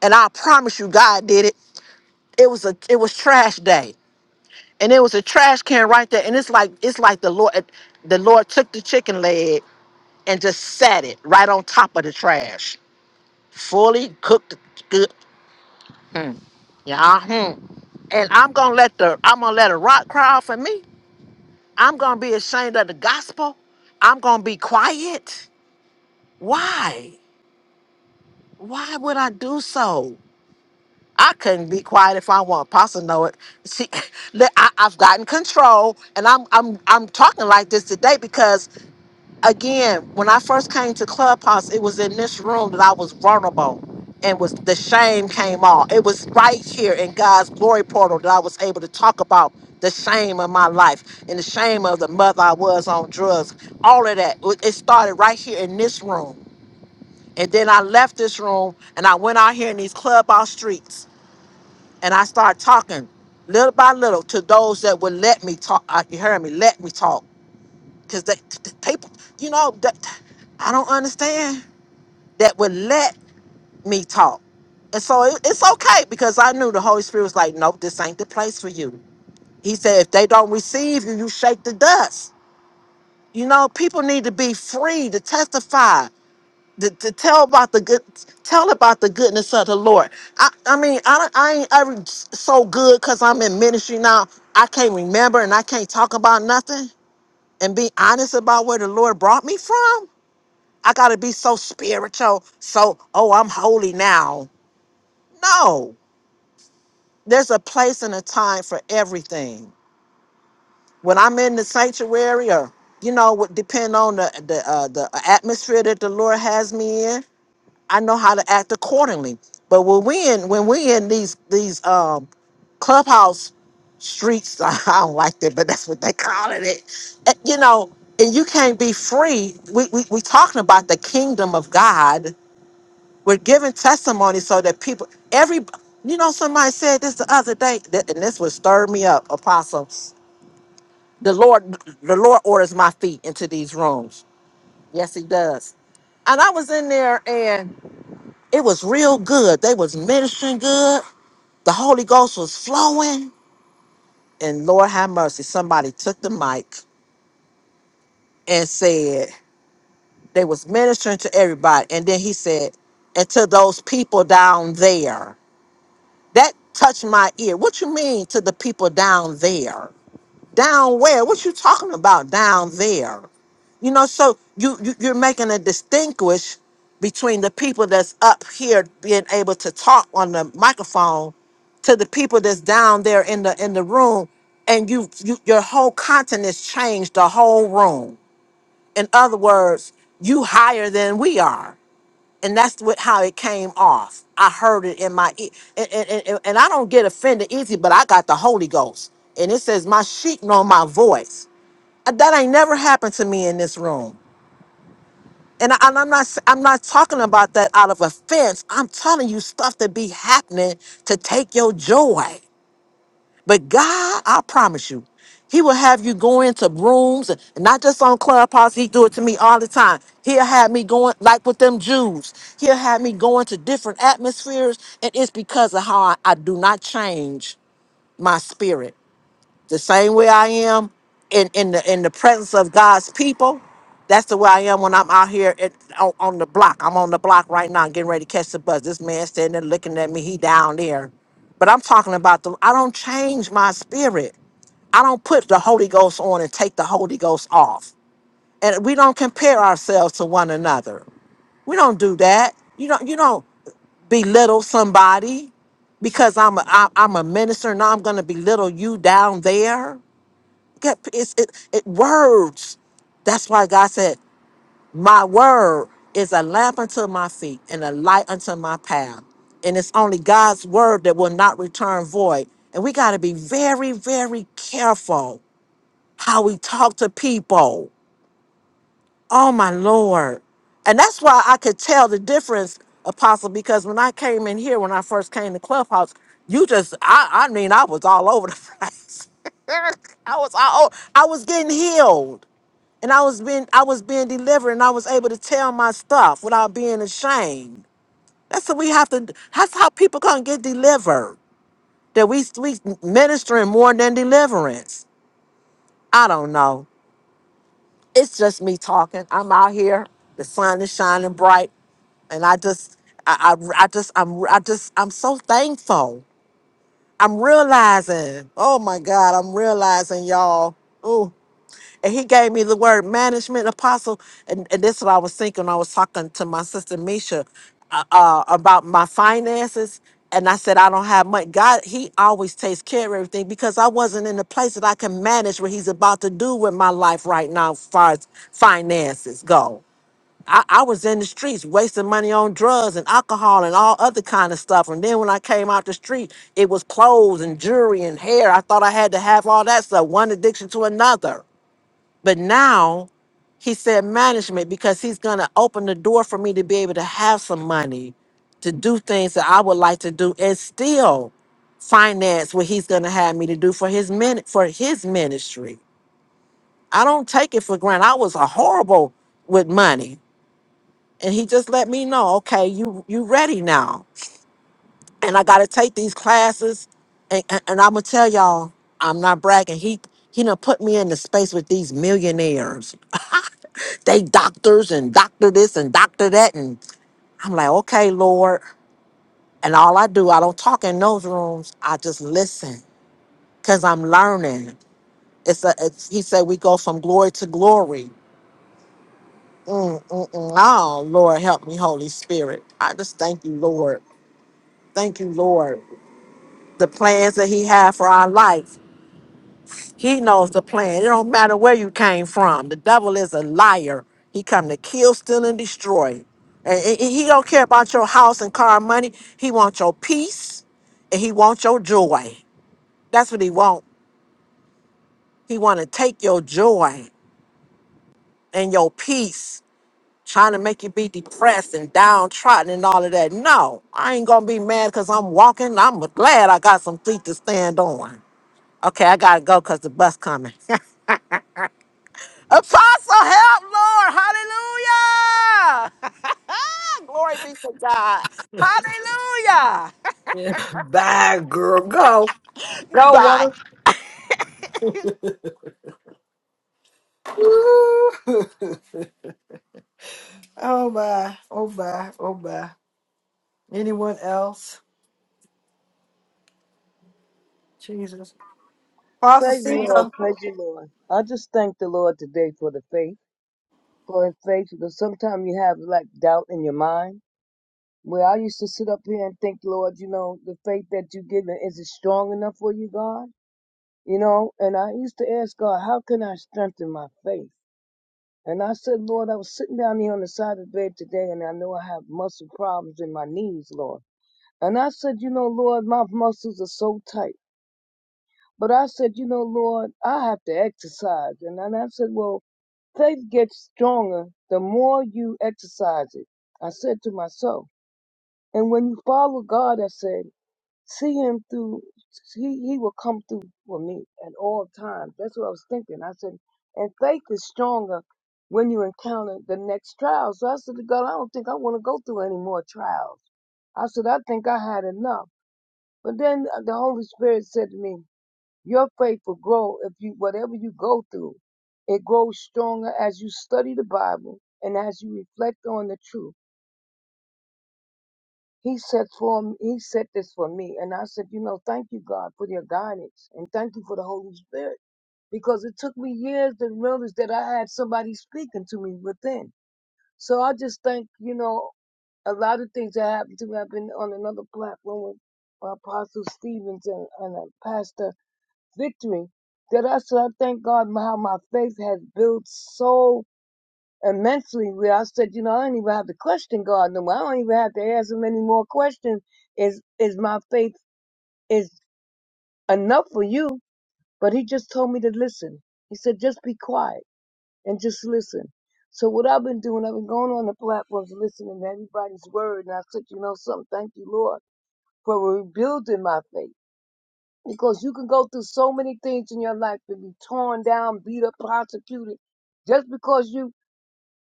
and I promise you, God did it. It was a it was trash day, and it was a trash can right there. And it's like it's like the Lord the Lord took the chicken leg and just sat it right on top of the trash, fully cooked. Good, yeah. Hmm. And I'm gonna let the I'm gonna let a rock cry out for me. I'm gonna be ashamed of the gospel. I'm gonna be quiet. Why? Why would I do so? I couldn't be quiet if I want. Apostle know it. See, look, I, I've gotten control, and I'm I'm I'm talking like this today because again, when I first came to Clubhouse, it was in this room that I was vulnerable, and was the shame came off. It was right here in God's glory portal that I was able to talk about the shame of my life and the shame of the mother I was on drugs. All of that it it started right here in this room, and then I left this room and I went out here in these clubhouse streets and I started talking little by little to those that would let me talk. Uh, you heard me? Let me talk because they, t- t- people, you know, that I don't understand that would let me talk. And so it, it's okay because I knew the Holy Spirit was like, nope, this ain't the place for you. He said, if they don't receive you, you shake the dust. You know, people need to be free to testify to, to tell about the good tell about the goodness of the lord i i mean i don't- i ain't ever so good because i'm in ministry now i can't remember and i can't talk about nothing and be honest about where the lord brought me from i gotta be so spiritual so oh i'm holy now no there's a place and a time for everything when i'm in the sanctuary or you know, would depend on the the uh, the atmosphere that the Lord has me in. I know how to act accordingly. But when we in when we in these these um clubhouse streets, I don't like that, but that's what they calling it. eh, You know, and you can't be free. We we we talking about the kingdom of God. We're giving testimony so that people every you know somebody said this the other day, that, and this would stir me up, apostle. The Lord the Lord orders my feet into these rooms. Yes, he does. And I was in there it was real good. They was ministering good. The Holy Ghost was flowing. And Lord have mercy, somebody took the mic and said they was ministering to everybody. And then he said, and to those people down there. That touched my ear. What you mean to the people down there? Down where? What you talking about down there? You know, so you, you you're making a distinguish between the people that's up here being able to talk on the microphone to the people that's down there in the in the room and you, you your whole content has changed the whole room. In other words, you higher than we are and that's what how it came off. I heard it in my ear, and, and, and, and I don't get offended easy, but I got the Holy Ghost, and it says, "My sheep know my voice." Uh, That ain't never happened to me in this room, and, I, and I'm not s- I'm not talking about that out of offense. I'm telling you stuff that be happening to take your joy. But God, I promise you, He will have you go into rooms, and not just on Clubhouse. He do it to me all the time. He'll have me going like with them Jews. He'll have me going to different atmospheres, and it's because of how I, I do not change my spirit the same way I am in in the in the presence of God's people. That's the way I am when I'm out here at, on, on the block. I'm on the block right now, getting ready to catch the bus. This man standing there looking at me. He down there, but I'm talking about the. I don't change my spirit. I don't put the Holy Ghost on and take the Holy Ghost off. And we don't compare ourselves to one another. We don't do that. You don't you don't belittle somebody because I'm a I, I'm a minister and I'm gonna belittle you down there. Get- It's, it, it words. That's why God said, My word is a lamp unto my feet and a light unto my path. And it's only God's word that will not return void. And we got to be very, very careful how we talk to people. Oh, my Lord. And that's why I could tell the difference, Apostle, because when I came in here, when I first came to Clubhouse, you just, I, I mean, I was all over the place. I was all, I was getting healed and I was being I was being delivered and I was able to tell my stuff without being ashamed. That's what we have to that's how people gonna get delivered. That we we ministering more than deliverance. I don't know. It's just me talking. I'm out here. The sun is shining bright, and I just, I, I, I just, I'm, I just, I'm so thankful. I'm realizing. Oh my God, I'm realizing, y'all. And he gave me the word management apostle. And, and this is what I was thinking. I was talking to my sister Misha uh, uh, about my finances. And I said, I don't have much. God, he always takes care of everything because I wasn't in the place that I can manage what he's about to do with my life right now, as far as finances go. I, I was in the streets wasting money on drugs and alcohol and all other kind of stuff. And then when I came out the street, it was clothes and jewelry and hair. I thought I had to have all that stuff, one addiction to another. But now he said management because he's going to open the door for me to be able to have some money to do things that I would like to do and still finance what he's going to have me to do for his min- for his ministry. I don't take it for granted. I was a horrible with money. And he just let me know, okay, you you ready now and I gotta take these classes. And, and, and I'm gonna tell y'all, I'm not bragging. He he done put me in the space with these millionaires. they doctors and doctor this and doctor that, and I'm like, okay, Lord. And all I do, I don't talk in those rooms. I just listen, cause I'm learning. It's a. It's, he said we go from glory to glory. Mm, mm, mm. Oh, Lord, help me, Holy Spirit. I just thank you, Lord. Thank you, Lord. The plans that He had for our life He knows the plan. It don't matter where you came from. The devil is a liar. He come to kill, steal, and destroy. And and- and he don't care about your house and car and money. He wants your peace and he wants your joy. That's what he want. He want to take your joy and your peace, trying to make you be depressed and downtrodden and all of that. No, I ain't gonna be mad because I'm walking. I'm glad I got some feet to stand on. Okay, I gotta go because the bus coming. Apostle, help, Lord. Hallelujah. Glory be to God. Hallelujah.
Yeah. Bye, girl. Go. Go,
Bye.
water. Woo. oh my. Oh my. Oh my. Anyone else? Jesus. Apostle
Praise the Lord,
Stephen.
praise the Lord. I just thank the Lord today for the faith, for His faith, because sometimes you have like doubt in your mind. Where I used to sit up here and think, Lord, you know, the faith that you give me, is it strong enough for you, God? You know, and I used to ask God, how can I strengthen my faith? And I said, Lord, I was sitting down here on the side of the bed today, and I know I have muscle problems in my knees, Lord. And I said, you know, Lord, my muscles are so tight. But I said, you know, Lord, I have to exercise. And then I said, well, faith gets stronger the more you exercise it. I said to myself. And when you follow God, I said, see him through, he, he will come through for me at all times. That's what I was thinking. I said, and faith is stronger when you encounter the next trial. So I said to God, I don't think I want to go through any more trials. I said, I think I had enough. But then the Holy Spirit said to me, your faith will grow if you, whatever you go through, it grows stronger as you study the Bible and as you reflect on the truth. He said for m- he said this for me, and I said, you know, thank you God for your guidance and thank you for the Holy Spirit because it took me years to realize that I had somebody speaking to me within. So I just think, you know, a lot of things that happened to me. I've been on another platform with uh, Apostle Stevens and, and a pastor victory that I said, I thank God how my faith has built so immensely where I said, you know, I don't even have to question God no more. I don't even have to ask him any more questions. Is is my faith is enough for you? But he just told me to listen. He said, just be quiet and just listen. So what I've been doing, I've been going on the platforms listening to everybody's word and I said, you know something, thank you, Lord, for rebuilding my faith. Because you can go through so many things in your life and be torn down, beat up, prosecuted, just because you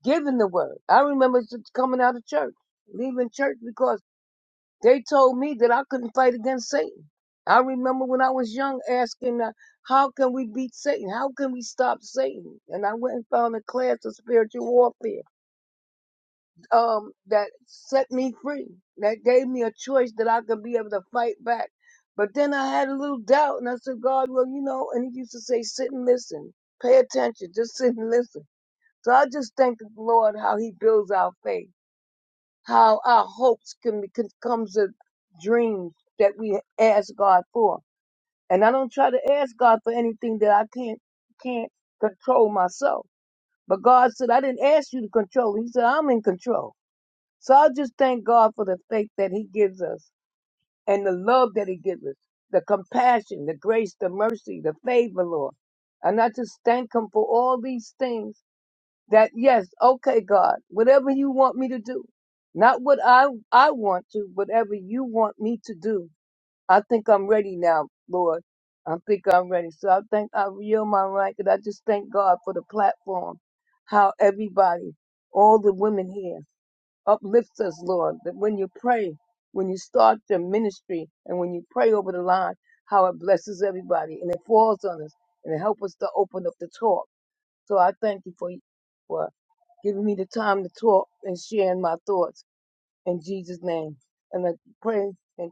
given the word. I remember just coming out of church, leaving church because they told me that I couldn't fight against Satan. I remember when I was young asking, uh, how can we beat Satan? How can we stop Satan? And I went and found a class of spiritual warfare um, that set me free, that gave me a choice that I could be able to fight back. But then I had a little doubt, and I said, God, well, you know, and He used to say, sit and listen, pay attention, just sit and listen. So I just thank the Lord how He builds our faith, how our hopes can becomes a to dreams that we ask God for. And I don't try to ask God for anything that I can't can't control myself. But God said, I didn't ask you to control. He said, I'm in control. So I just thank God for the faith that He gives us and the love that He gives us, the compassion, the grace, the mercy, the favor, Lord. And I just thank Him for all these things that, yes, okay, God, whatever you want me to do, not what I, I want to, whatever you want me to do. I think I'm ready now, Lord. I think I'm ready. So I think I yield my right and I just thank God for the platform, how everybody, all the women here. Uplifts us, Lord, that when you pray, when you start the ministry, and when you pray over the line, how it blesses everybody and it falls on us and it helps us to open up the talk. So I thank you for, for giving me the time to talk and sharing my thoughts in Jesus' name. And I pray and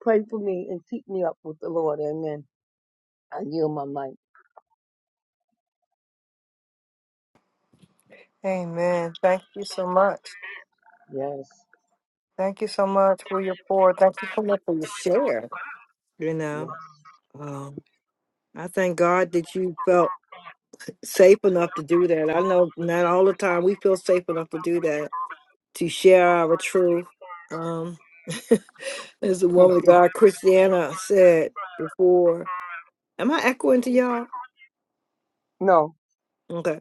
pray for me and keep me up with the Lord. Amen. I yield my mic.
Amen. Thank you so much.
Yes.
Thank you so much for your pour. Thank you so much for your share. You know,
Yes.
um, I thank God that you felt safe enough to do that. I know not all the time we feel safe enough to do that, to share our truth. Um, as the woman of God, Christiana, said before, am I echoing to y'all?
no.
Okay.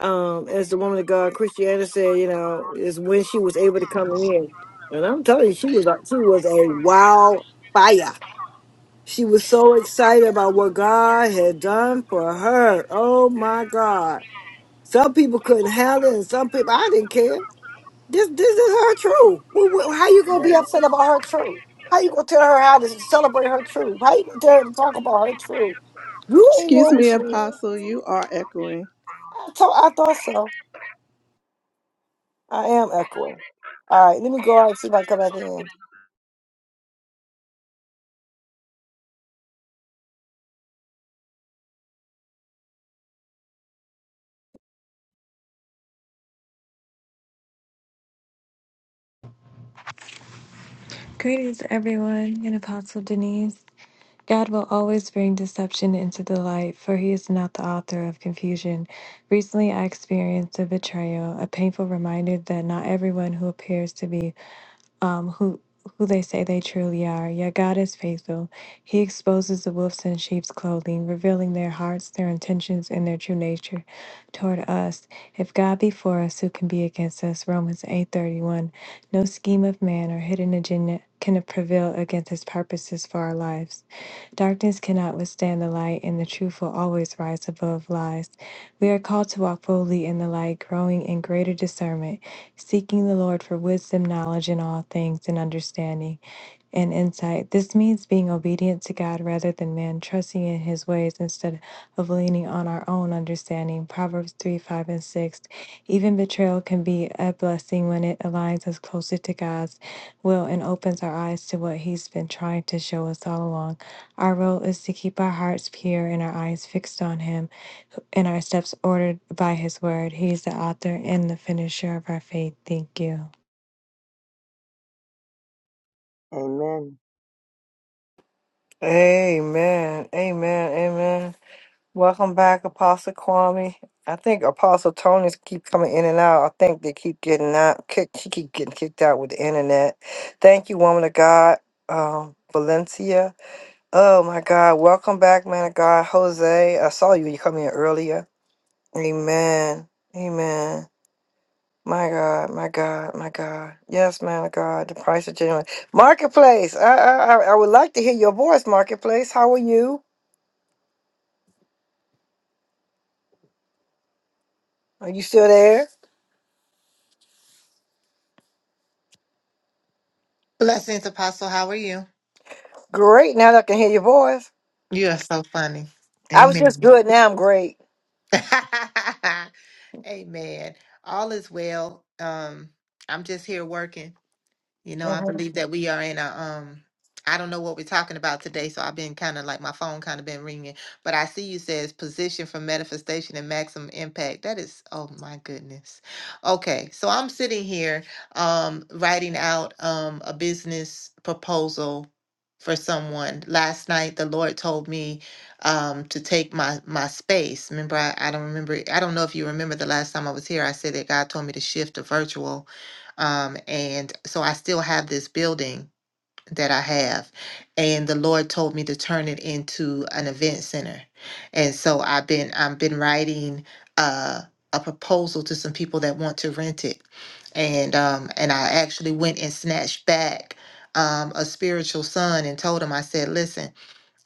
Um, as the woman of God, Christiana said, you know, is when she was able to come in. And I'm telling you, she was a, she was a wildfire She was so excited about what God had done for her. Oh my God. Some people couldn't handle it, and some people I didn't care. This this is her truth. Wh- wh- How you gonna be
Yes.
upset about her truth? How you gonna tell her how to celebrate her truth? How you gonna tell her to talk about her truth? You ain't there
Excuse me,
with you.
Apostle, you are echoing.
I thought I thought so. I am echoing. All right, let me go out and see if I can come back in.
Greetings, everyone, and Apostle Denise. God will always bring deception into the light, for He is not the author of confusion. Recently, I experienced a betrayal, a painful reminder that not everyone who appears to be um, who who they say they truly are. Yet God is faithful. He exposes the wolves in sheep's clothing, revealing their hearts, their intentions, and their true nature toward us. If God be for us, who can be against us? Romans eight thirty one. No scheme of man or hidden agenda can prevail against His purposes for our lives. Darkness cannot withstand the light, and the truth will always rise above lies. We are called to walk boldly in the light, growing in greater discernment, seeking the Lord for wisdom, knowledge in all things, and understanding and insight. This means being obedient to God rather than man, trusting in his ways instead of leaning on our own understanding. Proverbs 3 5 and 6. Even betrayal can be a blessing when it aligns us closer to God's will and opens our eyes to what he's been trying to show us all along. Our role is to keep our hearts pure and our eyes fixed on him and our steps ordered by his word. He is the author and the finisher of our faith. Thank you.
Amen.
Amen. Amen. Amen. Welcome back, Apostle Kwame. I think Apostle Tony's keep coming in and out. I think they keep getting out kicked. She keep getting kicked out with the internet. Thank you, woman of God, um, Valencia. Oh my God, welcome back, man of God, Jose. I saw you. You come in earlier. Amen. Amen. My God, my God, my God. Yes, man of God. The price of genuine marketplace. I, I, I I would like to hear your voice, marketplace. How are you? Are you still there?
Blessings, Apostle. How are you?
Great. Now that I can hear your voice.
You are so funny.
I was just
Amen.
good. Now I'm great.
Amen. All is well. Um, I'm just here working. You know, I
hmm
believe that we are in a um I don't know what we're talking about today, so I've been kind of like my phone kind of been ringing, but I see you says position for manifestation and maximum impact. That is, oh my goodness. Okay, so I'm sitting here um writing out um a business proposal for someone. Last night the Lord told me um to take my my space. Remember I, I don't remember I don't know if you remember the last time I was here I said that God told me to shift to virtual um, and so I still have this building that I have. And the Lord told me to turn it into an event center. And so I've been I've been writing uh a proposal to some people that want to rent it. And um and I actually went and snatched back um a spiritual son and told him I said, listen,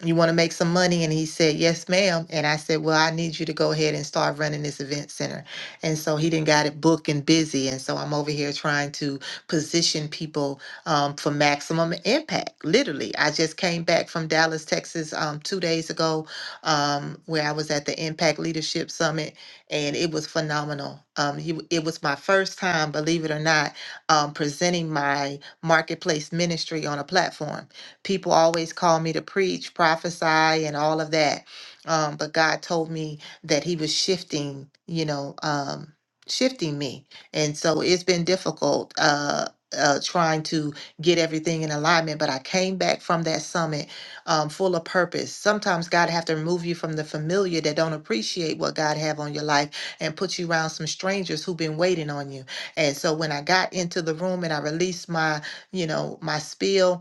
you want to make some money? And he said, Yes, ma'am. And I said, Well, I need you to go ahead and start running this event center. And so he didn't got it booked and busy. And so I'm over here trying to position people um, for maximum impact. Literally, I just came back from Dallas, Texas um, two days ago, um, where I was at the Impact Leadership Summit, and it was phenomenal. Um, he, it was my first time, believe it or not, um, presenting my marketplace ministry on a platform. People always call me to preach, prophesy, and all of that. Um, but God told me that He was shifting, you know, um, shifting me. And so it's been difficult uh, uh, trying to get everything in alignment. But I came back from that summit um, full of purpose. Sometimes God have to remove you from the familiar that don't appreciate what God have on your life and put you around some strangers who've been waiting on you. And so when I got into the room and I released my, you know, my spiel,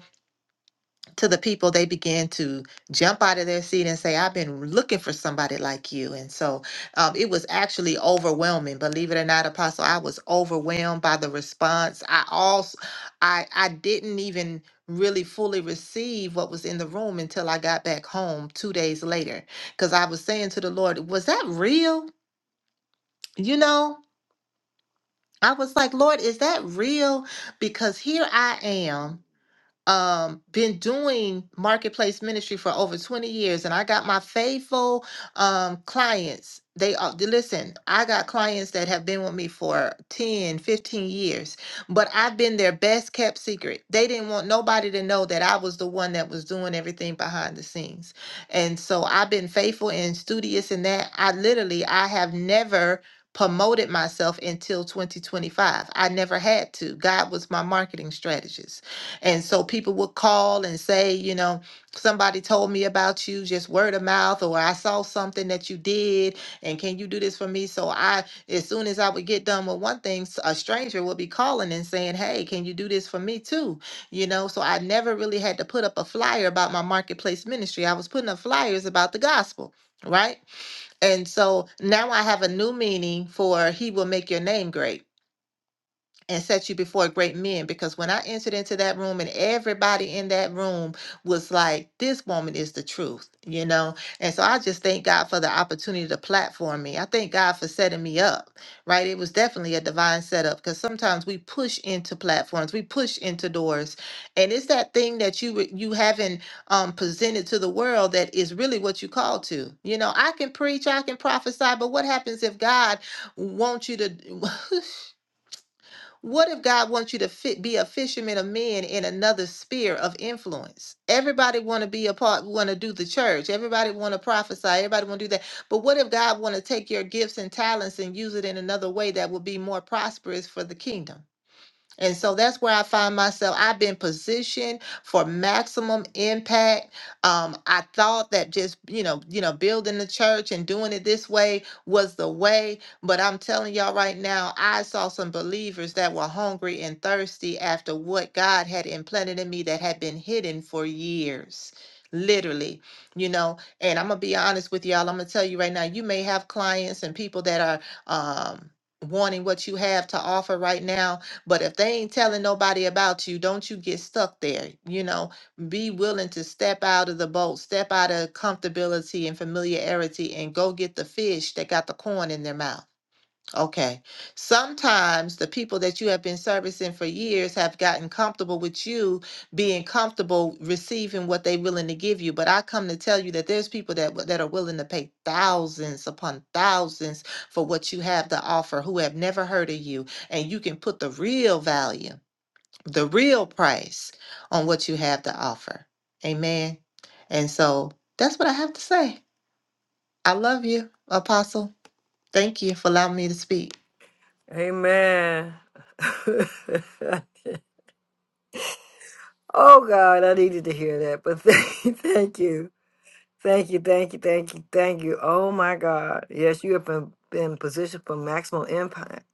to the people, they began to jump out of their seat and say, I've been looking for somebody like you. And so um, it was actually overwhelming. Believe it or not, Apostle, I was overwhelmed by the response. I also, I, I didn't even really fully receive what was in the room until I got back home two days later. Because I was saying to the Lord, was that real? You know, I was like, Lord, is that real? Because here I am um been doing marketplace ministry for over 20 years and i got my faithful um clients they are they- listen i got clients that have been with me for 10, 15 years but i've been their best kept secret they didn't want nobody to know that i was the one that was doing everything behind the scenes and so i've been faithful and studious in that i literally i have never promoted myself until 2025 i never had to god was my marketing strategist and so people would call and say, you know, somebody told me about you, just word of mouth, or I saw something that you did, and can you do this for me? So I, as soon as I would get done with one thing, s- a stranger would be calling and saying, hey, can you do this for me too? You know, so I never really had to put up a flyer about my marketplace ministry. I was putting up flyers about the gospel, right? And so now I have a new meaning for He will make your name great and set you before great men because when I entered into that room and everybody in that room was like, this woman is the truth, you know? And so I just thank God for the opportunity to platform me. I thank God for setting me up, right? It was definitely a divine setup because sometimes we push into platforms, we push into doors. And it's that thing that you re- you haven't um, presented to the world that is really what you call to. You know, I can preach, I can prophesy, but what happens if God wants you to What if God wants you to fit, be a fisherman of men in another sphere of influence? Everybody want to be a part, want to do the church. Everybody want to prophesy. Everybody want to do that. But what if God want to take your gifts and talents and use it in another way that will be more prosperous for the kingdom? And so that's where I find myself. I've been positioned for maximum impact. Um, I thought that just you know, you know, building the church and doing it this way was the way. But I'm telling y'all right now, I saw some believers that were hungry and thirsty after what God had implanted in me that had been hidden for years. Literally, you know, and I'm gonna be honest with y'all. I'm gonna tell you right now, you may have clients and people that are um wanting what you have to offer right now but if they ain't telling nobody about you, don't you get stuck there. You know, be willing to step out of the boat, step out of comfortability and familiarity, and go get the fish that got the corn in their mouth Okay. Sometimes the people that you have been servicing for years have gotten comfortable with you being comfortable receiving what they're willing to give you. But I come to tell you that there's people that w- that are willing to pay thousands upon thousands for what you have to offer who have never heard of you. And you can put the real value, the real price on what you have to offer. Amen. And so that's what I have to say. I love you, Apostle. Thank you for allowing me to speak.
Amen. oh God, I needed to hear that. But thank, thank you. Thank you, thank you, thank you, thank you. Oh my God. Yes, you have been, been positioned for maximum impact.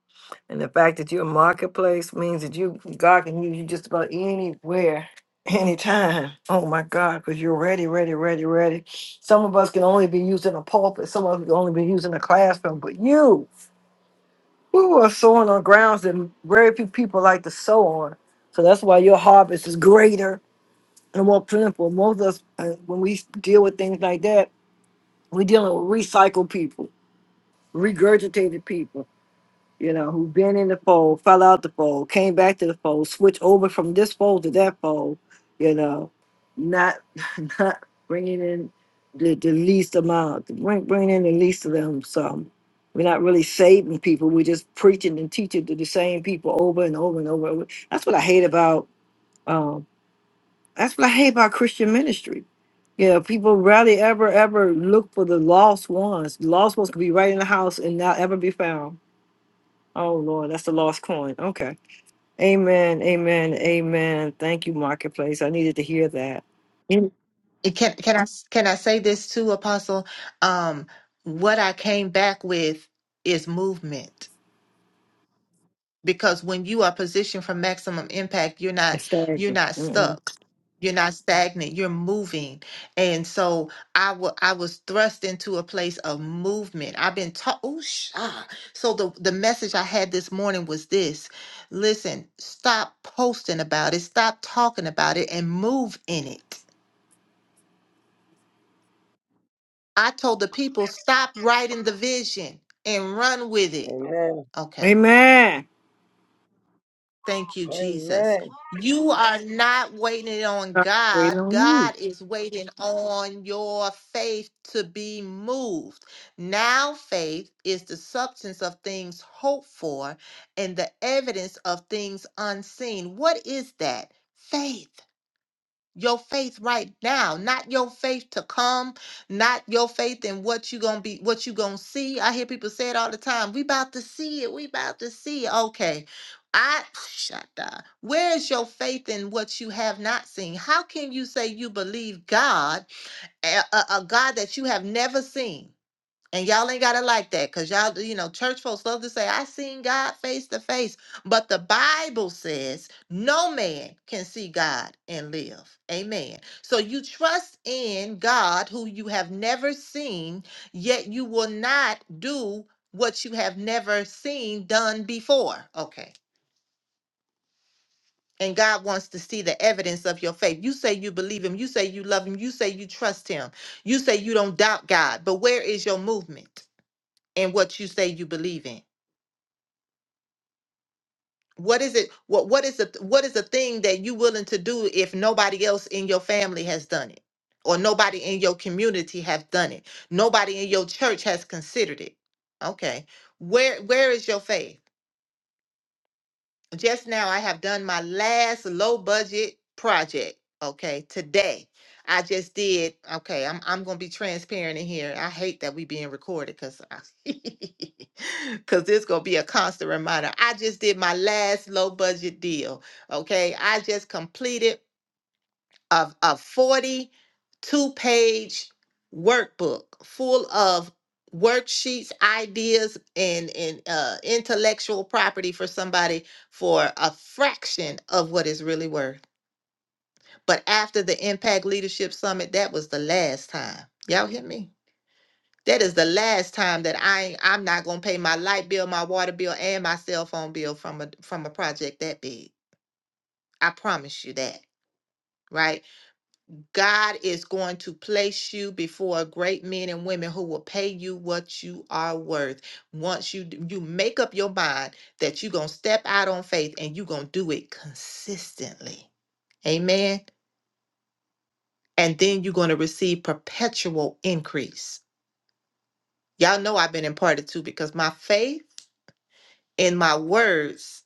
And the fact that you're a marketplace means that you God can use you just about anywhere, anytime. Oh my God, because you're ready, ready, ready, ready. Some of us can only be used in a pulpit, some of us can only be used in a classroom, but you. who are sowing on grounds that very few people like to sow on. So that's why your harvest is greater and more plentiful. Most of us, uh, when we deal with things like that, we're dealing with recycled people, regurgitated people you know, who've been in the fold, fell out the fold, came back to the fold, switched over from this fold to that fold, you know, not not bringing in the, the least amount, bring, bringing in the least of them. So we're not really saving people. We're just preaching and teaching to the same people over and over and over. and over. That's what I hate about um, that's what I hate about Christian ministry. You know, people rarely ever ever look for the lost ones. The lost ones could be right in the house and not ever be found Oh Lord, that's the lost coin. Okay. Amen. Amen. Amen. Thank you, Marketplace. I needed to hear that. Mm,
It Can can I can I say this too, Apostle? Um, what I came back with is movement because when you are positioned for maximum impact, you're not
it's
you're
stagnant.
not
Mm-mm.
stuck. You're not stagnant. You're moving, and so I wa- I was thrust into a place of movement. I've been taught. Oh, ah. So the the message I had this morning was this: Listen, stop posting about it, stop talking about it, and move in it I told the people, stop writing the vision and run with it.
Amen.
Okay.
Amen.
Thank you, Jesus.
Amen.
You are not waiting on
God, Wait
God.
on you.
God is waiting on your faith to be moved. Now, faith is the substance of things hoped for and the evidence of things unseen. What is that? Faith. your faith right now not your faith to come not your faith in what you gonna be what you gonna see i hear people say it all the time we about to see it we about to see it okay i shut up where is your faith in what you have not seen how can you say you believe god a, a a god that you have never seen and y'all ain't gotta like that, cause y'all, you know, church folks love to say, "I seen God face to face," but the Bible says no man can see God and live. Amen. So you trust in God, who you have never seen, yet you will not do what you have never seen done before. Okay. And God wants to see the evidence of your faith. You say you believe Him. You say you love Him. You say you trust Him. You say you don't doubt God. But where is your movement? and what you say you believe in what is it what what is the what is the thing that you willing to do if nobody else in your family has done it or nobody in your community have done it nobody in your church has considered it okay where where is your faith just now I have done my last low budget project. Okay, today I just did. Okay, I'm I'm gonna be transparent in here. I hate that we being recorded because because this gonna be a constant reminder. I just did my last low budget deal. Okay, I just completed of a 42 page workbook full of worksheets ideas and, and uh, intellectual property for somebody for a fraction of what it's really worth but after the impact leadership summit that was the last time y'all hear me that is the last time that i i'm not gonna pay my light bill my water bill and my cell phone bill from a from a project that big i promise you that right God is going to place you before great men and women who will pay you what you are worth. Once you d- you make up your mind that you're going to step out on faith and you're going to do it consistently. Amen. And then you're going to receive perpetual increase. Y'all know I've been imparted to because my faith in my words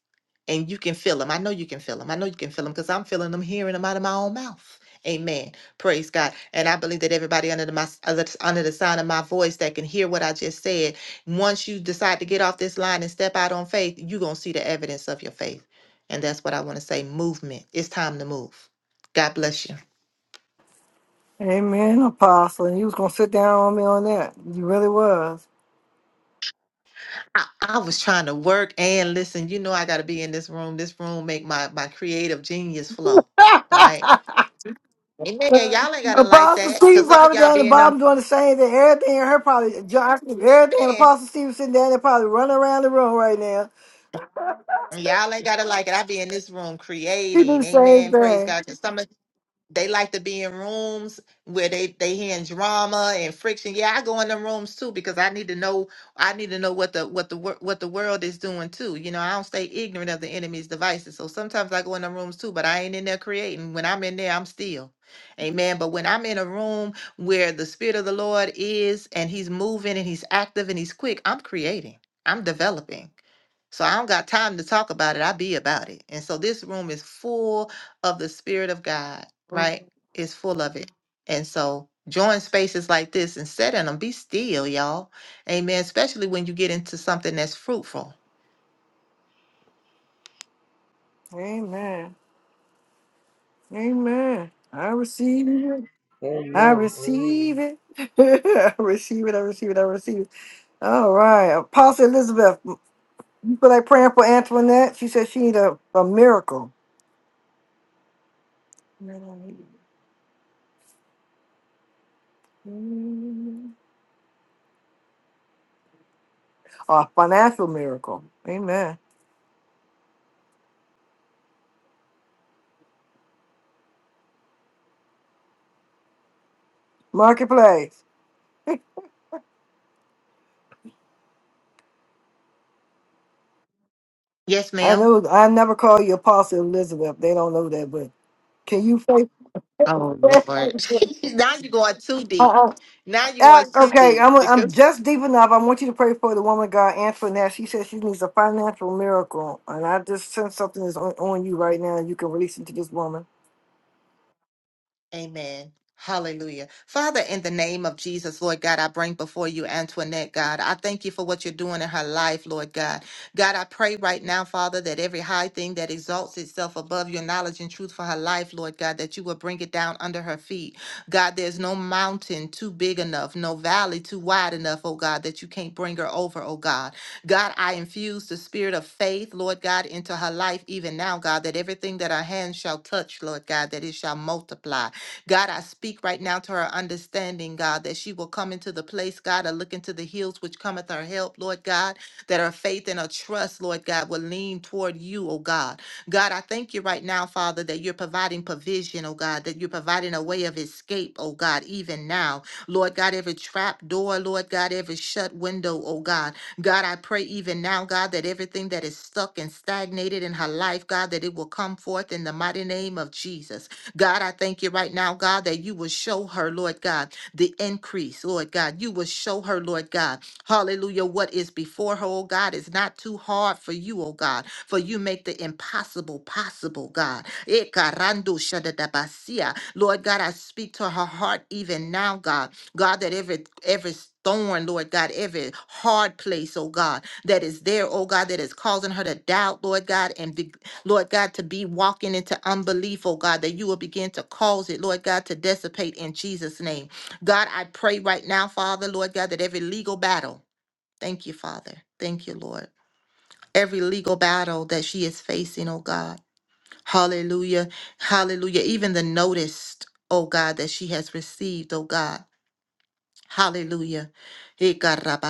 and you can feel them. I know you can feel them. I know you can feel them because I'm feeling them, hearing them out of my own mouth. Amen. Praise God. And I believe that everybody under the my under the under the sign of my voice that can hear what I just said, once you decide to get off this line and step out on faith, you're gonna see the evidence of your faith. And that's what I want to say. Movement. It's time to move. God bless you.
Amen, Apostle. And you was gonna sit down on me on that. You really was.
I, I was trying to work and listen. You know I gotta be in this room. This room make my my creative genius flow. Right Amen. Y'all ain't gotta like
Apostle
that.
Steve
Cause some of
probably
y'all
down the
be in them
bottom doing the same thing. Everything in her probably John, everything Apostle
stands.
Steve was sitting down there probably running around the room right now.
and Y'all ain't gotta like it. I be in this room
She do the
creating.
same
Amen. Praise
thing.
God. 'Cause some of they like to be in rooms where they they hearing drama and friction. Yeah, I go in the rooms too because I need to know I need to know what the what the wor- what the world is doing too. You know, I don't stay ignorant of the enemy's devices. So sometimes I go in the rooms too, but I ain't in there creating. When I'm in there, I'm still. Amen. But when I'm in a room where the spirit of the Lord is and he's moving and he's active and he's quick, I'm creating. I'm developing. So I don't got time to talk about it. I be about it. And so this room is full of the Spirit of God, right? It's full of it. And so join spaces like this and set in them. Be still, y'all. Amen. Especially when you get into something that's fruitful.
Amen. Amen. I receive it. I
Amen. Amen.
receive it. I receive it. I receive it. I receive it. All right. Apostle Elizabeth, you feel like praying for Antoinette? She said she need a, a miracle. A financial miracle. Amen. Marketplace.
Yes,
I
ma'am.
know I never call you Apostle Elizabeth. They don't know that, but can you pray?
Oh Lord. now you're going too deep. Now you're going
Uh,
too
okay,
deep
I'm I'm
because
just deep enough. I want you to pray for the woman of God, Antoinette. She says she needs a financial miracle, and I just sense something is on, on you right now. You can release it to this woman,
Amen. Hallelujah. Father, in the name of Jesus, Lord God, I bring before you Antoinette, God. I thank you for what you're doing in her life, Lord God. God, I pray right now, Father, that every high thing that exalts itself above your knowledge and truth for her life, Lord God, that you will bring it down under her feet. God, there's no mountain too big enough, no valley too wide enough, oh God, that you can't bring her over, oh God. God, I infuse the spirit of faith, Lord God, into her life even now, God, that everything that her hands shall touch, Lord God, that it shall multiply. God, I speak right now to her understanding, God, that she will come into the place, God, of look into the hills which cometh her help, Lord God, that her faith and her trust, Lord God, will lean toward you, oh God. God, I thank you right now, Father, that you're providing provision, oh God, that you're providing a way of escape, oh God, even now. Lord God, every trap door, Lord God, every shut window, oh God. God, I pray even now, God, that everything that is stuck and stagnated in her life, God, that it will come forth in the mighty name of Jesus. God, I thank you right now, God, that you will show her, Lord God, the increase, Lord God. You will show her, Lord God, hallelujah, what is before her, oh God, is not too hard for you, oh God, for you make the impossible possible, God. Eh, karando shadadabasia. Lord God, I speak to her heart even now, God God, that every every thorn, Lord God, every hard place, oh God, that is there, oh God, that is causing her to doubt, Lord God, and be, Lord God, to be walking into unbelief, oh God, that you will begin to cause it, Lord God, to dissipate in Jesus' name. God, I pray right now, Father, Lord God, that every legal battle, thank you, Father, thank you, Lord. Every legal battle that she is facing, oh God. Hallelujah. Hallelujah. Even the notice, oh God, that she has received, oh God. Hallelujah. Hey, God, Rabba,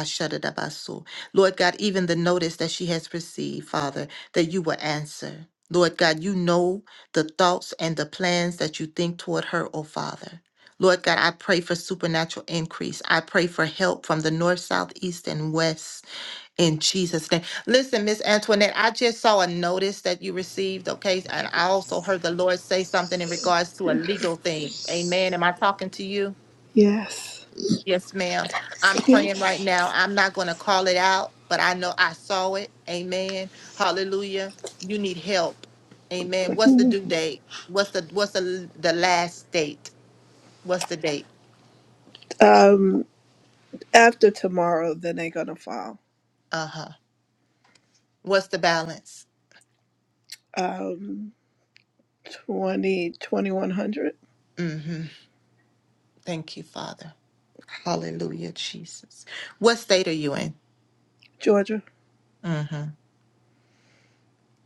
so. Lord God, even the notice that she has received, Father, that you will answer. Lord God, you know the thoughts and the plans that you think toward her, oh Father. Lord God, I pray for supernatural increase. I pray for help from the north, south, east, and west in Jesus' name. Listen, Miss Antoinette, I just saw a notice that you received, okay? And I also heard the Lord say something in regards to a legal thing. Amen. Am I talking to you?
Yes.
Yes, ma'am. I'm praying
Yes.
right now. I'm not going to call it out, but I know I saw it. Amen. Hallelujah. You need help. Amen. What's the due date? What's the what's the the last date? What's the date?
Um, after tomorrow, then they're going to file.
Uh-huh. What's the balance?
Um, 20, twenty-one hundred,
Mm-hmm. Thank you, Father. Hallelujah, Jesus. What state are you in?
Georgia.
Mm-hmm.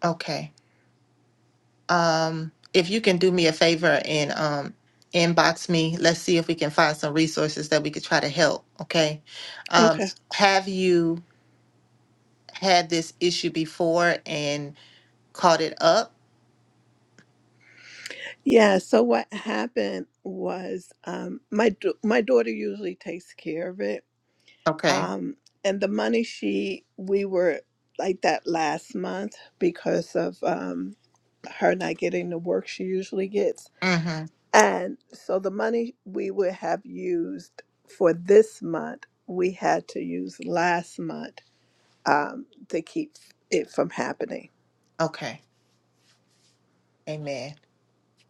Okay. um, if you can do me a favor and um, inbox me, let's see if we can find some resources that we could try to help. Okay. Um,
Okay.
have you had this issue before and caught it up?
Yeah. So what happened was um, my, da- my daughter usually takes care of it.
Okay.
Um, and the money she, we were like that last month because of um, her not getting the work she usually gets.
Mm-hmm.
And so the money we would have used for this month, we had to use last month um, to keep it from happening.
Okay. Amen.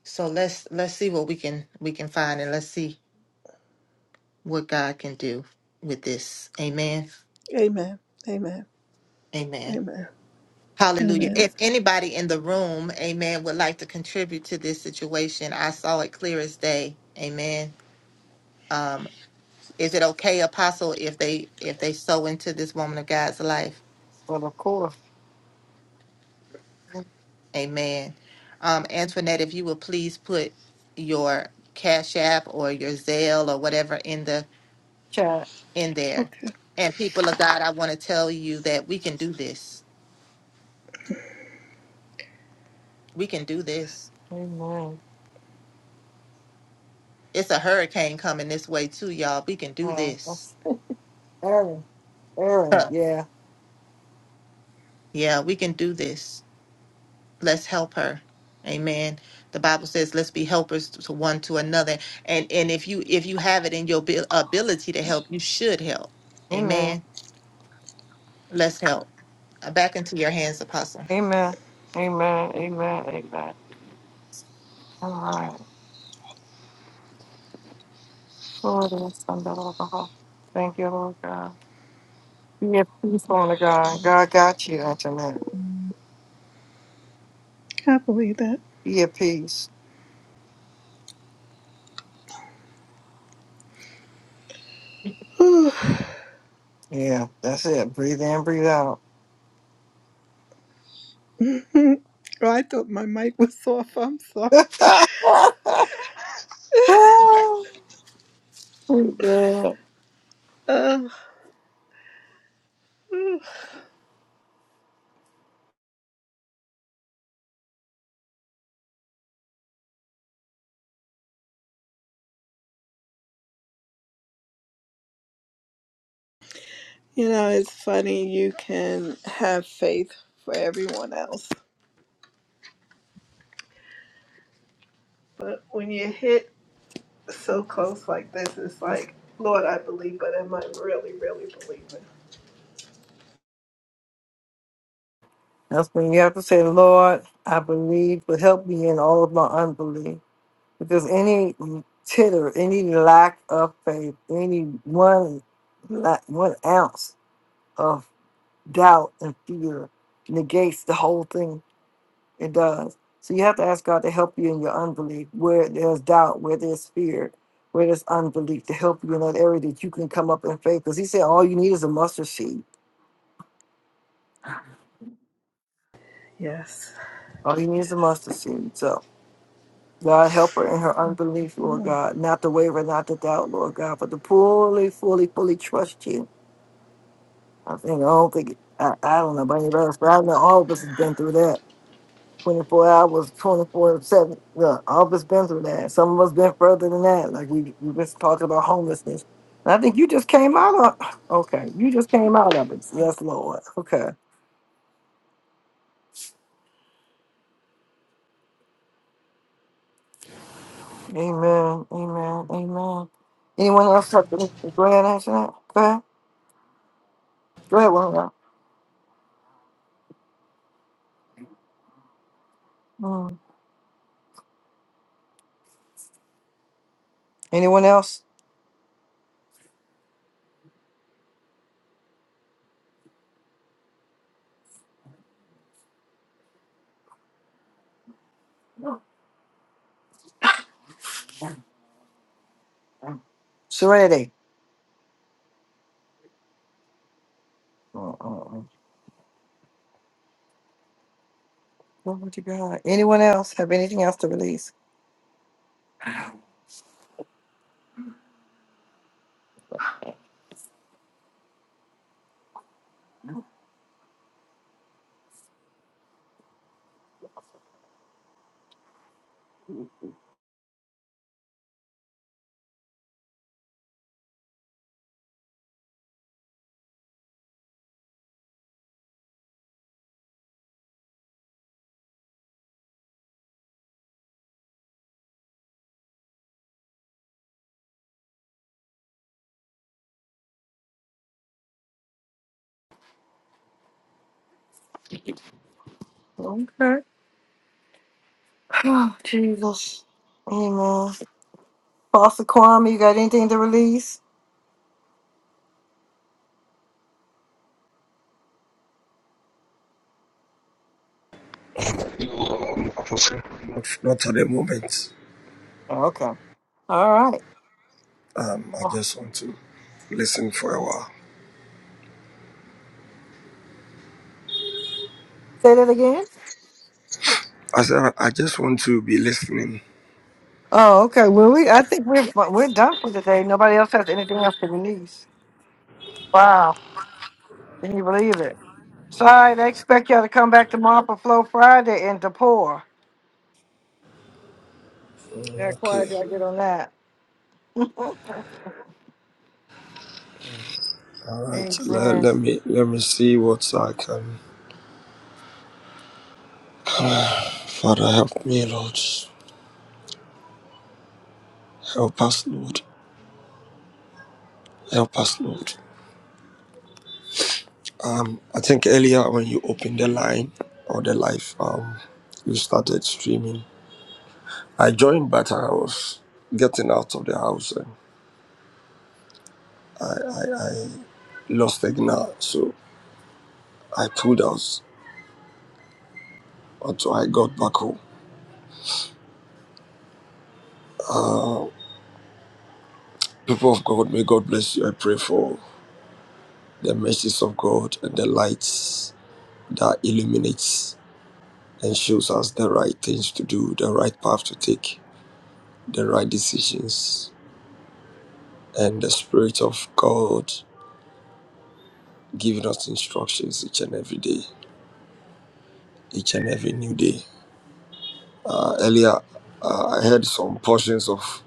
So let's let's see what we can we can find and let's see what God can do with this. Amen.
Amen. Amen.
Amen.
Amen.
Hallelujah.
Amen.
If anybody in the room, amen, would like to contribute to this situation, I saw it clear as day. Amen. Um, is it okay, Apostle, if they if they sow into this woman of God's life?
but of course,
Amen. Um, Antoinette, if you would please put your Cash App or your Zelle or whatever in the
chat.
in there.
Okay.
And people of God, I want to tell you that we can do this. We can do this.
Amen.
It's a hurricane coming this way too, y'all. We can do
Yeah,
this.
that's Aaron. Aaron. Yeah.
Yeah, we can do this. Let's help her. Amen. The Bible says, "Let's be helpers to one to another." And and if you if you have it in your abil- ability to help, you should help.
Amen.
Amen. Let's help. Uh, Back into your hands, Apostle.
Amen. Amen. Amen. Amen. All right. Lord, it's under all the heart. Thank you, Lord God. Be at peace, Lord God. God got you, Antoinette.
I believe that.
Be at peace.
Whew.
Yeah, that's it. Breathe in, breathe out.
Hmm. Oh, I thought my mic was off. I'm sorry.
Oh, God.
Uh, you know, it's funny. You can have faith for everyone else. But when you hit so close like this, it's like, Lord, I believe, but am I really, really believing?
That's when you have to say, Lord, I believe, but help me in all of my unbelief. Because any titter, any lack of faith, any one, la- one ounce of doubt and fear negates the whole thing. It does. So you have to ask God to help you in your unbelief, where there's doubt, where there's fear, where there's unbelief, to help you in that area that you can come up in faith. Because He said, all you need is a mustard seed.
Yes.
All you need is a
Yes.
mustard seed. So God, help her in her unbelief, Lord God, not to waver, not to doubt, Lord God, but to fully, fully, fully trust you. I think, I don't think, I, I don't know about anybody else, but I know all of us has been through that. 24 hours, 24 7. Look, all of us been through that. Some of us been further than that. Like we, we just talked about homelessness. And I think you just came out of, okay, you just came out of it. Yes, Lord. Okay. Amen. Amen. Amen. Anyone else have to go ahead and answer that? Go ahead. Go ahead, one. of Mm. Anyone else? Serenity. Glory to God. Anyone else have anything else to release? Okay. Oh, Jesus. Amen. Pastor Kwame, you got anything to release?
Not, not at the moment.
Oh, Okay. All right.
Um, I
Oh,
just want to listen for a while.
Say that again.
I said I just want to be listening.
Oh, okay. Well, we I think we're we're done for today. Nobody else has anything else to release. Wow. Can you believe it? Sorry, they expect y'all to come back tomorrow for Flow Friday and to pour. That why
Okay.
y'all get on that.
All right. Let,
Amen.
let me let me see what I can. Father, help me, Lord. Help us, Lord. Help us, Lord. I think earlier when you opened the line or the live, um, you started streaming. I joined, but I was getting out of the house and I, I lost signal, so I pulled out until I got back home. People of God, may God bless you. I pray for the mercies of God and the lights that illuminates and shows us the right things to do, the right path to take, the right decisions, and the Spirit of God giving us instructions each and every day, each and every new day. Uh, earlier, uh, I heard some portions of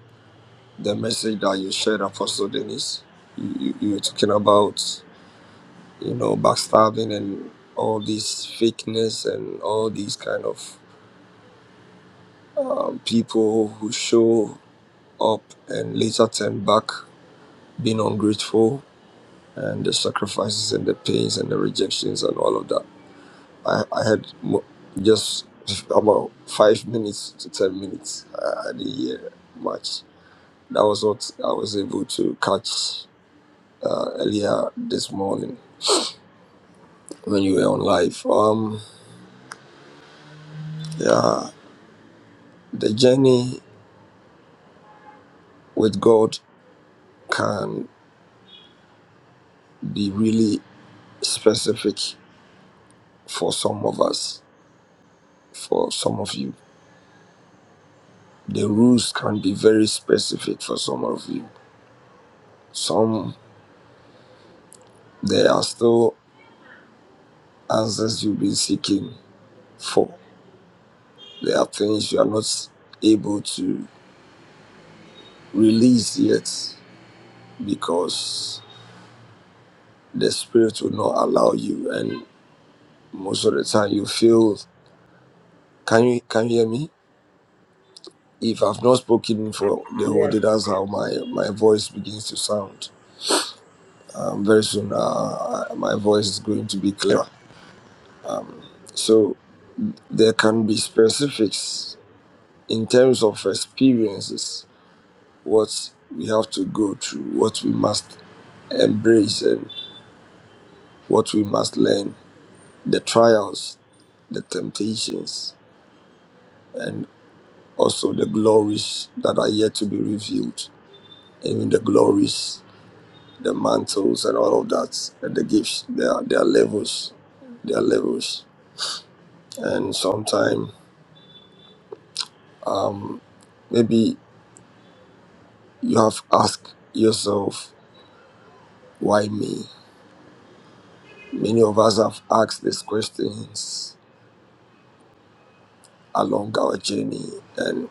the message that you shared, Apostle Dennis. You, you, you were talking about you know, backstabbing and all these fakeness and all these kind of um, people who show up and later turn back, being ungrateful, and the sacrifices and the pains and the rejections and all of that. I, I had mo- just about five minutes to 10 minutes. I, I didn't hear much. That was what I was able to catch uh, earlier this morning when you were on live. Um, yeah, the journey with God can be really specific for some of us, for some of you. The rules can be very specific for some of you. Some, there are still answers you've been seeking for. There are things you are not able to release yet because the spirit will not allow you. And most of the time, you feel, can you, can you hear me? If I've not spoken for the whole
Yes.
day, that's how my, my voice begins to sound um, very soon uh, my voice is going to be clearer. So there can be specifics in terms of experiences, what we have to go through, what we must embrace, and what we must learn, the trials, the temptations, and also the glories that are yet to be revealed, even the glories, the mantles, and all of that, and the gifts. There are, there are levels, there are levels, and sometimes maybe You have asked yourself, why me? Many of us have asked these questions along our journey, and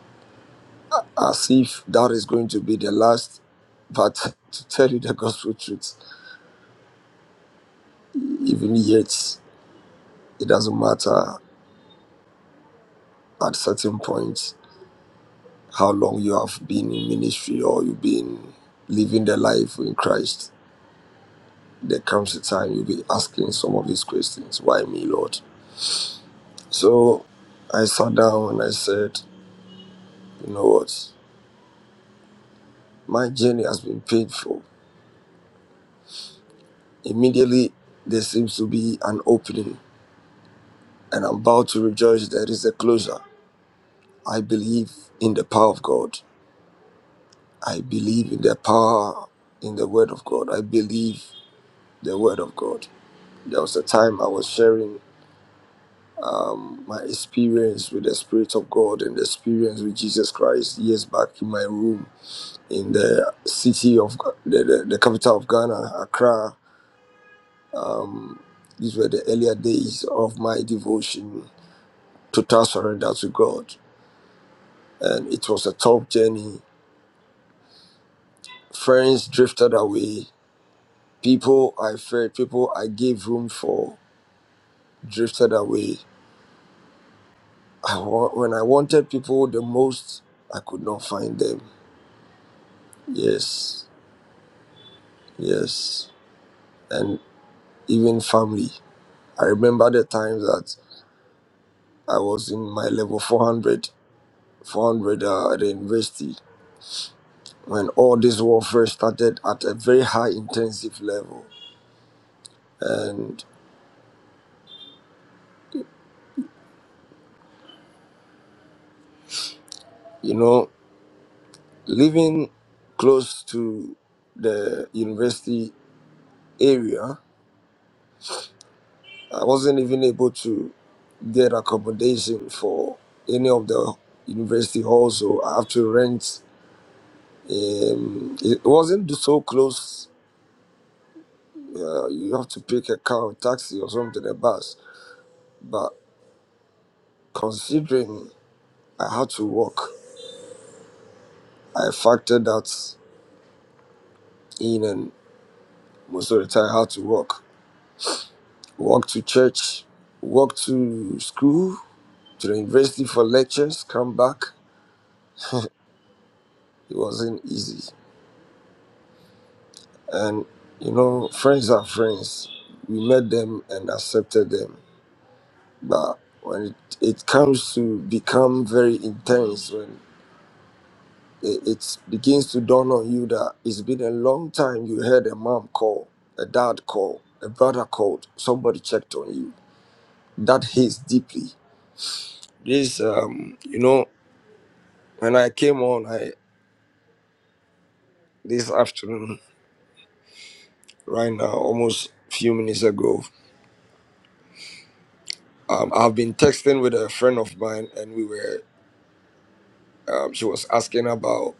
as if that is going to be the last. But to tell you the gospel truth, even yet, it doesn't matter at certain points how long you have been in ministry or you've been living the life in Christ. There comes a time you'll be asking some of these questions. Why me, Lord? So I sat down and I said, you know what? My journey has been painful. Immediately, there seems to be an opening, and I'm about to rejoice there is a closure. I believe in the power of God. I believe in the power in the Word of God. I believe the Word of God. There was a time I was sharing um, my experience with the Spirit of God and the experience with Jesus Christ years back in my room in the city of the, the, the capital of Ghana, Accra Um, these were the earlier days of my devotion, total surrender to God. And it was a tough journey. Friends drifted away. People I feared, people I gave room for, drifted away. I, wa- when I wanted people the most, I could not find them. Yes, yes. And even family. I remember the times that I was in my level 400, 400 uh, at the university when all this warfare started at a very high intensive level. And, you know, living close to the university area, I wasn't even able to get accommodation for any of the university halls, so I have to rent. Um, it wasn't so close. Uh, you have to pick a car, or taxi, or something, a bus. But considering I had to walk, I factored that in, and. Most of the time, how to walk. Walk to church, walk to school, to the university for lectures, come back. It wasn't easy. And, you know, friends are friends. We met them and accepted them. But when it, it comes to become very intense, when it, it begins to dawn on you that it's been a long time you heard a mom call, a dad call, a brother called, somebody checked on you. That hits deeply. This, um, you know, When I came on I, this afternoon, right now, almost few minutes ago, um, I've been texting with a friend of mine, and we were. Um, she was asking about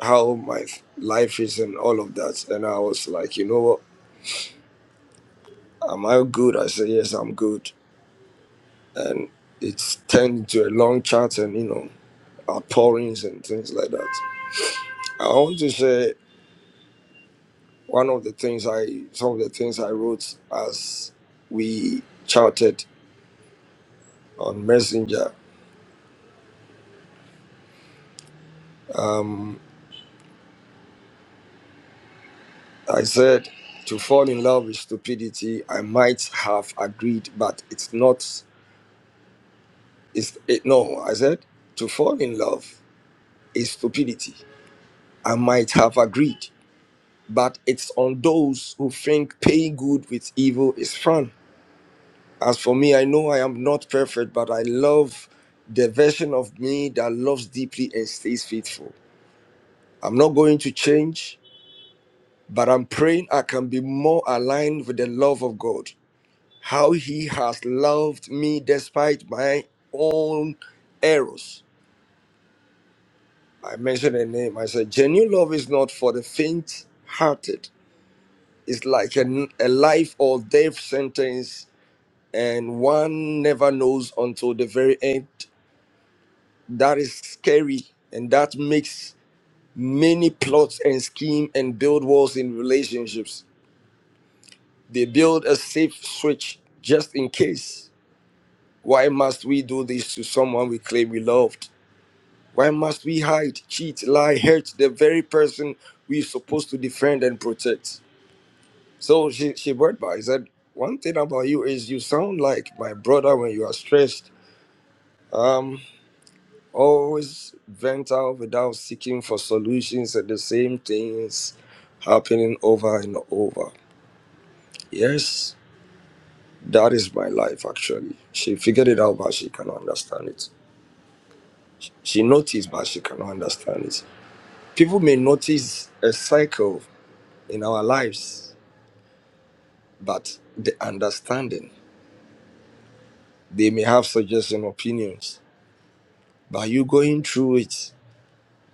how my life is and all of that, and I was like, you know what, am I good? I said yes, I'm good, and it's turned into a long chat, and you know, outpourings and things like that. I want to say one of the things I, some of the things I wrote as we chatted on Messenger. Um, I said, to fall in love with stupidity, I might have agreed, but it's not. It's it, no. I said, to fall in love is stupidity. I might have agreed, but it's on those who think paying good with evil is fun. As for me, I know I am not perfect, but I love the version of me that loves deeply and stays faithful. I'm not going to change, but I'm praying I can be more aligned with the love of God. how he has loved me despite my own errors. I mentioned a name. I said, genuine love is not for the faint hearted. It's like a, a life or death sentence, and one never knows until the very end. That is scary, and that makes many plots and scheme and build walls in relationships. They build a safe switch just in case. Why must we do this to someone we claim we loved? Why must we hide, cheat, lie, hurt the very person we're supposed to defend and protect? So she, she brought by said, One thing about you is you sound like my brother when you are stressed. Um, always vent out without seeking for solutions and the same things happening over and over. Yes, that is my life actually. She figured it out, but she cannot understand it. She noticed, but she cannot understand it. People may notice a cycle in our lives, but the understanding. They may have suggestions, opinions, but you going through it.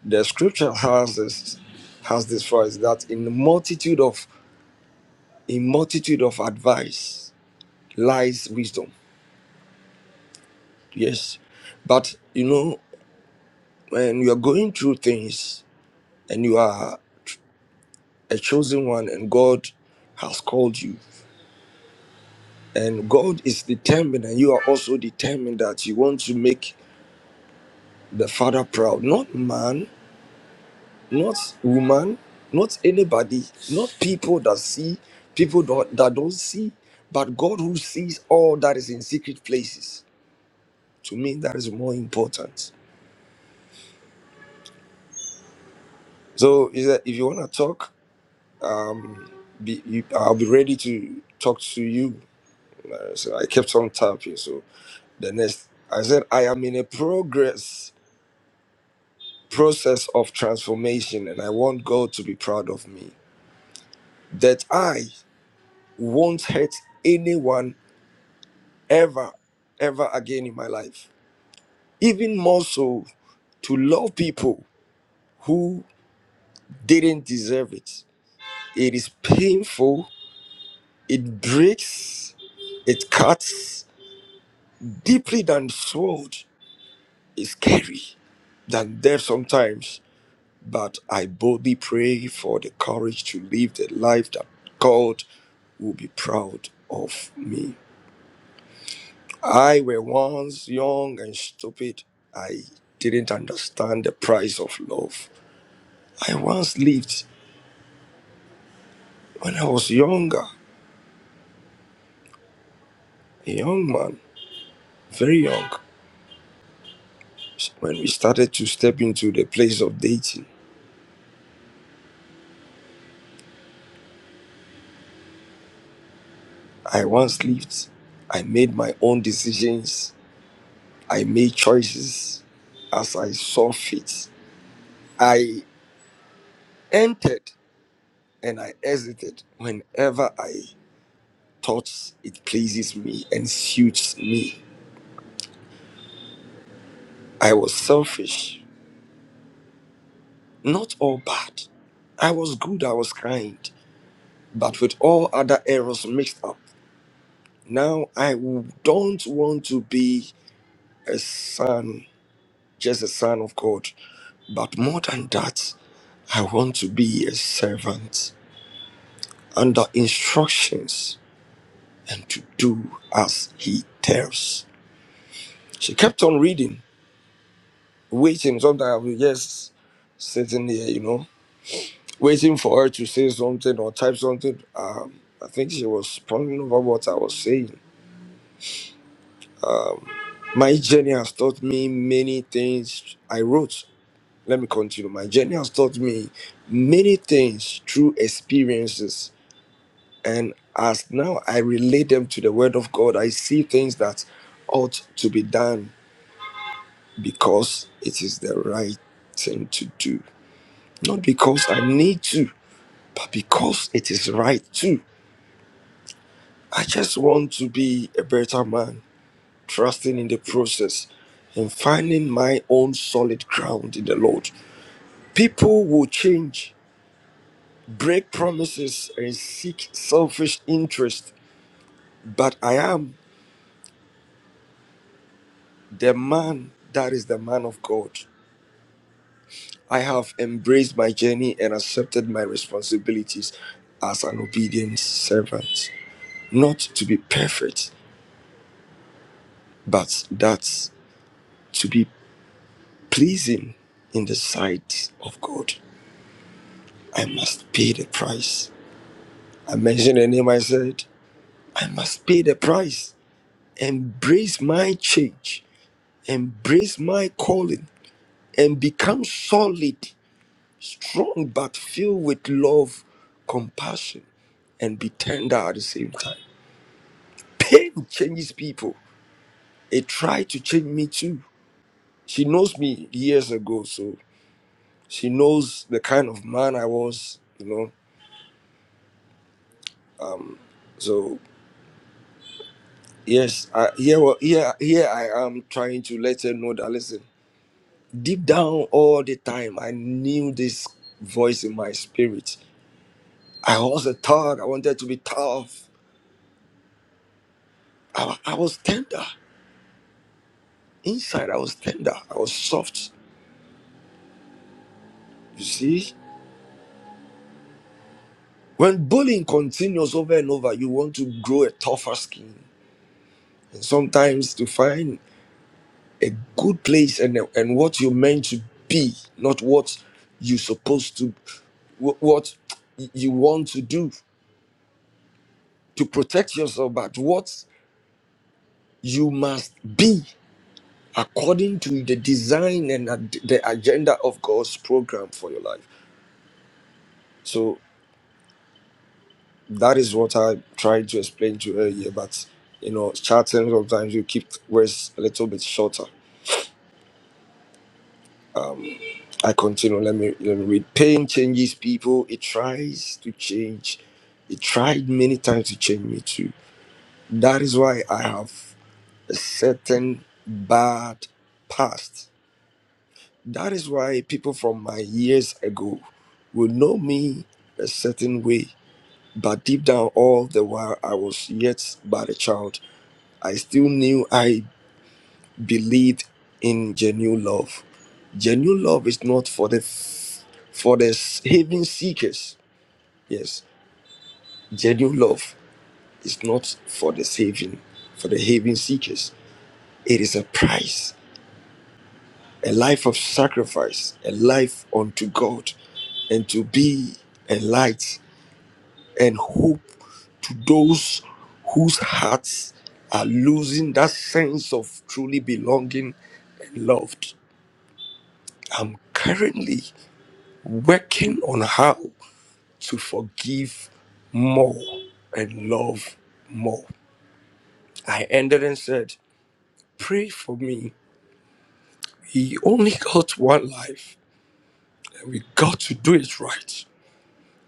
The scripture has this has this for us that in the multitude of in multitude of advice lies wisdom. Yes. But you know, when you are going through things and you are a chosen one and God has called you and God is determined and you are also determined that you want to make the father proud, not man not woman, not anybody, not people that see, people don't, that don't see, but God who sees all that is in secret places. To me, that is more important. So, is that if you want to talk, um, be, you, I'll be ready to talk to you. Uh, so I kept on tapping. So the next, I said, I am in a progress process of transformation, and I want God to be proud of me. That I won't hurt anyone ever, ever again in my life. Even more so to love people who didn't deserve it. It is painful, it breaks, it cuts deeply than sword. It's scary than death sometimes. But I boldly pray for the courage to live the life that God will be proud of me. I were once young and stupid. I didn't understand the price of love. I once lived when I was younger, a young man, very young, when we started to step into the place of dating. I once lived. I made my own decisions. I made choices as I saw fit. I entered and I exited whenever I thought it pleases me and suits me. I was selfish, not all bad. I was good, I was kind, but with all other errors mixed up. Now, I w- don't want to be a son, just a son of God, but more than that, I want to be a servant under instructions and to do as he tells. She kept on reading, waiting. Sometimes I was just sitting there, you know, waiting for her to say something or type something. Um, I think she was pondering over what I was saying. Um, my journey has taught me many things. I wrote. let me continue. My journey has taught me many things through experiences, and as now I relate them to the Word of God, I see things that ought to be done because it is the right thing to do. Not because I need to, but because it is right too. I just want to be a better man, trusting in the process and finding my own solid ground in the Lord. People will change break promises and seek selfish interest. But I am the man that is the man of God. I have embraced my journey and accepted my responsibilities as an obedient servant. Not to be perfect, but that's to be pleasing in the sight of God. I must pay the price. I mentioned the name I said, I must pay the price. Embrace my change, embrace my calling and become solid, strong, but filled with love, compassion, and be tender at the same time. Pain changes people. It tried to change me too. She knows me years ago, so she knows the kind of man I was, you know. So yes, I, here, wa- here, here I am trying to let her know that listen. Deep down, all the time, I knew this voice in my spirit. I was a thug. I wanted to be tough. I, wa- I was tender. Inside, I was tender. I was soft. You see? When bullying continues over and over, you want to grow a tougher skin. And sometimes to find a good place and, and what you're meant to be, not what you're supposed to, wh- what you want to do to protect yourself, but what you must be according to the design and ad- the agenda of God's program for your life. So that is what I tried to explain to you earlier, but you know, chatting sometimes you keep words a little bit shorter. I continue, let me let me read. Pain changes people, it tries to change. It tried many times to change me too. That is why I have a certain bad past. That is why people from my years ago will know me a certain way. But deep down all the while I was yet but a child. I still knew I believed in genuine love. Genuine love is not for the for the haven seekers. Yes, genuine love is not for the saving, for the haven seekers. It is a price, a life of sacrifice, a life unto God, and to be a light and hope to those whose hearts are losing that sense of truly belonging and loved. I'm currently working on how to forgive more and love more. I ended and said, Pray for me. We only got one life, and we got to do it right,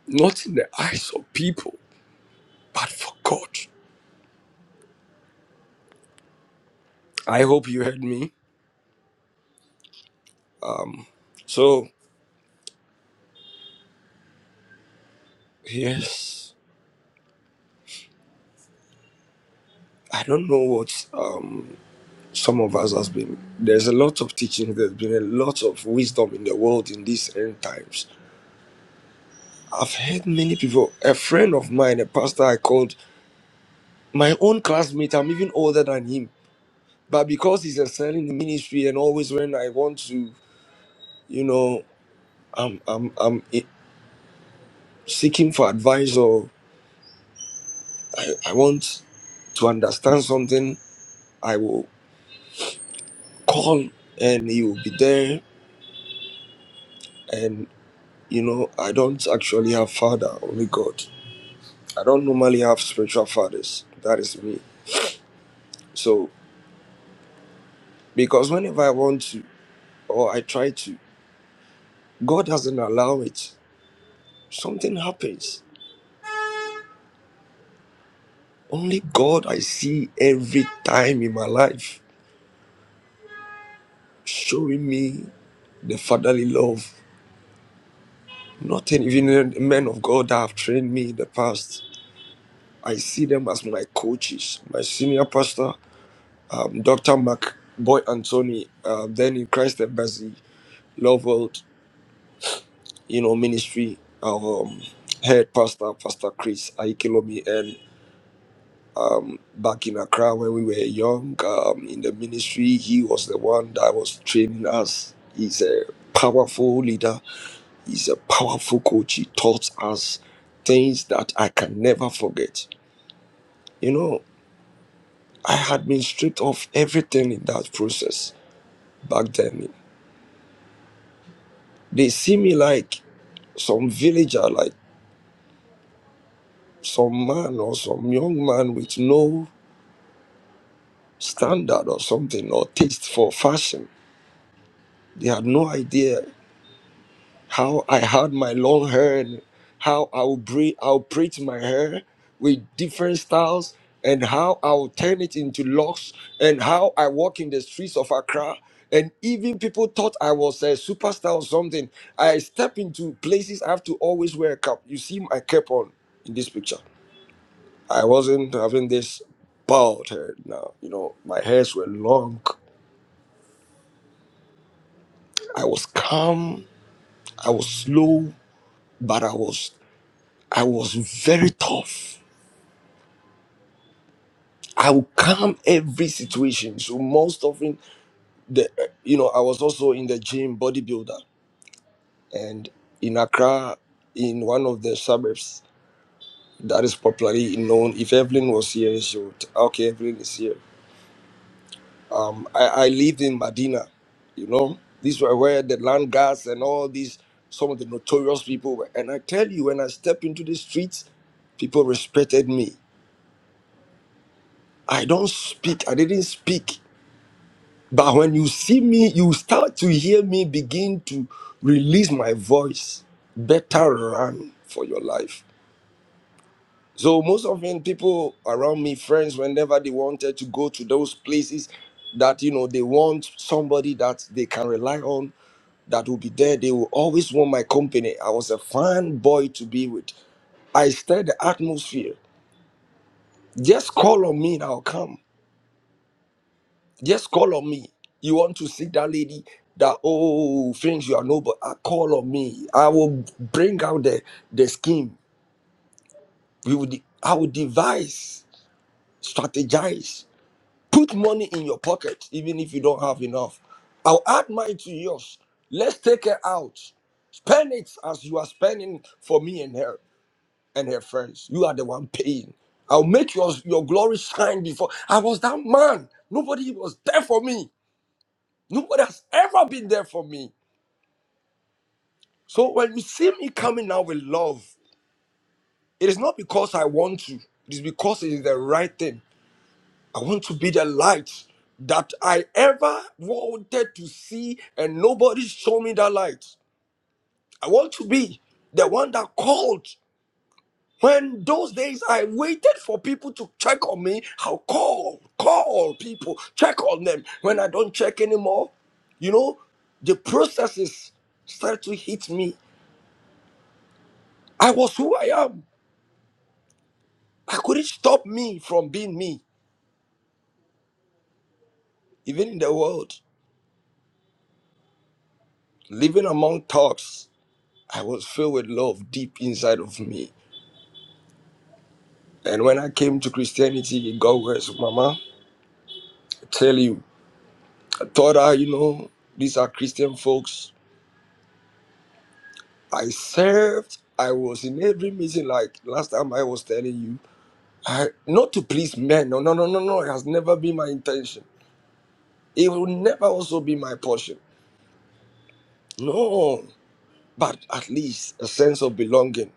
not in the eyes of people, but for God. I hope you heard me. So, yes, I don't know what um, some of us has been. There's a lot of teaching. There's been a lot of wisdom in the world in these end times I've heard many people. A friend of mine, a pastor I called, my own classmate, I'm even older than him. But because he's excelling in ministry and always when I want to, you know, I'm I'm I'm i- seeking for advice or I, I want to understand something, I will call and he will be there. And you know, I don't actually have father, only God. I don't normally have spiritual fathers. That is me. So because whenever I want to or I try to God doesn't allow it. Something happens. Only God I see every time in my life showing me the fatherly love. Nothing, even the men of God that have trained me in the past. I see them as my coaches. My senior pastor, um, Dr. Mark Boy Anthony, uh, then in Christ Embassy, Love World, you know, ministry, our um, head pastor, Pastor Chris Aikilomi, Um, back in Accra when we were young um, in the ministry. He was the one that was training us. He's a powerful leader, he's a powerful coach. He taught us things that I can never forget. You know, I had been stripped of everything in that process back then. They see me like some villager, like some man or some young man with no standard or something or taste for fashion. They had no idea how I had my long hair and how I will braid I'll braid my hair with different styles and how I'll turn it into locks and how I walk in the streets of Accra. And even people thought I was a superstar or something. I step into places I have to always wear a cap. You see my cap on in this picture. I wasn't having this bald hair now. You know, my hairs were long. I was calm. I was slow, but I was I was very tough. I will calm every situation. So most often, the uh, you know I was also in the gym bodybuilder, and in Accra, in one of the suburbs that is popularly known. If Evelyn was here, she would okay. Evelyn is here. Um, I, I lived in Medina, you know. These were where the land guards and all these some of the notorious people were. And I tell you, when I stepped into the streets, people respected me. I don't speak. I didn't speak. But when you see me, you start to hear me begin to release my voice. Better run for your life. So most often people around me, friends, whenever they wanted to go to those places that you know they want somebody that they can rely on, that will be there, they will always want my company. I was a fun boy to be with. I stir the atmosphere. Just call on me and I'll come. Just call on me. You want to see that lady that oh things you are noble. I call on me. I will bring out the the scheme. We will de- I will devise, strategize, put money in your pocket, even if you don't have enough. I'll add mine to yours. Let's take her out. Spend it as you are spending for me and her and her friends. You are the one paying. I'll make your, your glory shine before I was that man. Nobody was there for me. Nobody has ever been there for me. So when you see me coming out with love, it is not because I want to, it is because it is the right thing. I want to be the light that I ever wanted to see, and nobody showed me that light. I want to be the one that called. When those days I waited for people to check on me, I'll call, call people, check on them. When I don't check anymore, you know, the processes start to hit me I was who I am. I couldn't stop me from being me, even in the world. Living among thugs, I was filled with love deep inside of me. And when I came to Christianity, it got worse, Mama. I tell you, I thought, I, you know, these are Christian folks. I served. I was in every meeting, like last time I was telling you, I, not to please men. No, no, no, no, no. It has never been my intention. It will never also be my portion. No, but at least a sense of belonging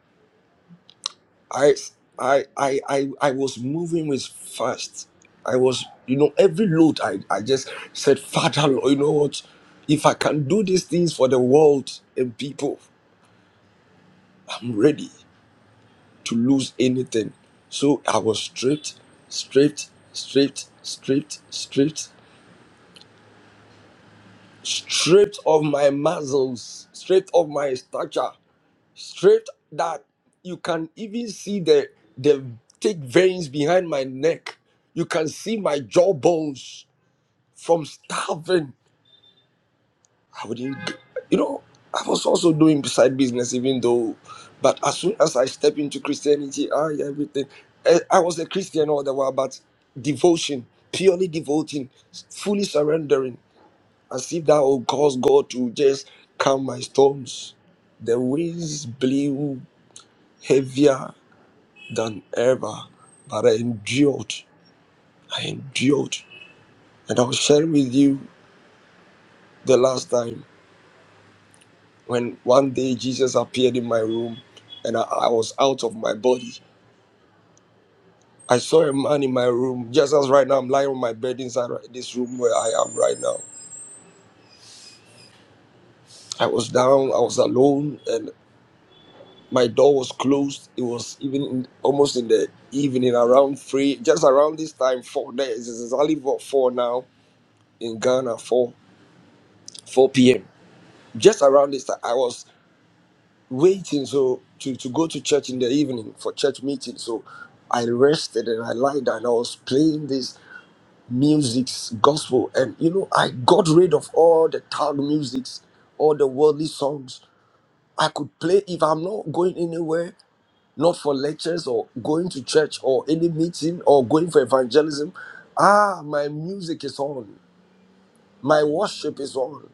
I I I I I was moving with fast. I was, you know, every load I, I just said, Father Lord, you know what? If I can do these things for the world and people, I'm ready to lose anything. So I was stripped, stripped, stripped, stripped, stripped, stripped of my muscles, stripped of my stature. straight that you can even see the the thick veins behind my neck. You can see my jawbones from starving. I wouldn't, g- you know, I was also doing side business, even though, but as soon as I step into Christianity, I everything. I, I was a Christian all the while, but devotion, purely devoting, fully surrendering, as if that would cause God to just calm my storms. The winds blew heavier than ever, but I endured. I endured. And I was sharing with you the last time when one day Jesus appeared in my room and I, I was out of my body. I saw a man in my room, just as right now I'm lying on my bed inside right- this room where I am right now. I was down, I was alone, and my door was closed. It was even in, almost in the evening, around three, just around this time, four days. It's exactly what four now in Ghana, four four p.m. Just around this time, I was waiting so to, to go to church in the evening for church meeting so i rested and i lied and i was playing this music's gospel and you know i got rid of all the town musics all the worldly songs i could play if i'm not going anywhere not for lectures or going to church or any meeting or going for evangelism ah my music is on my worship is on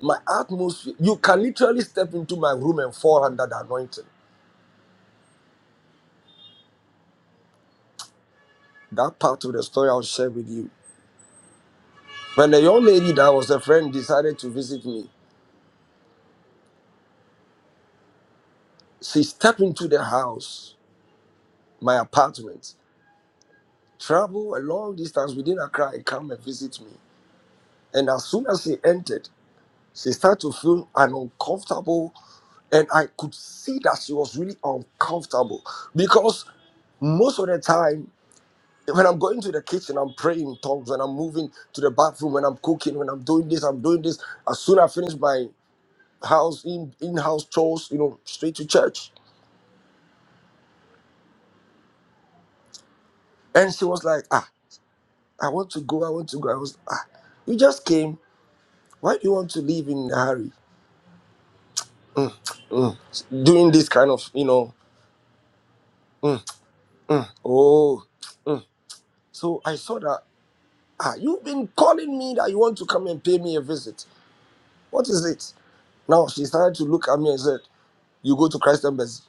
my atmosphere you can literally step into my room and fall under the anointing That part of the story I'll share with you. When the young lady that was a friend decided to visit me, she stepped into the house, my apartment, traveled a long distance within Accra and come and visit me. And as soon as she entered, she started to feel an uncomfortable, and I could see that she was really uncomfortable because most of the time when I'm going to the kitchen, I'm praying in tongues, when I'm moving to the bathroom, when I'm cooking, when I'm doing this, I'm doing this. As soon as I finish my house in in house chores, you know, straight to church. And she was like, ah, I want to go, I want to go. I was, ah, you just came. Why do you want to leave in a hurry? Mm. Doing this kind of, you know, mm, oh. mm. So I saw that, ah, you've been calling me that you want to come and pay me a visit. What is it? Now she started to look at me and said, you go to Christ Embassy.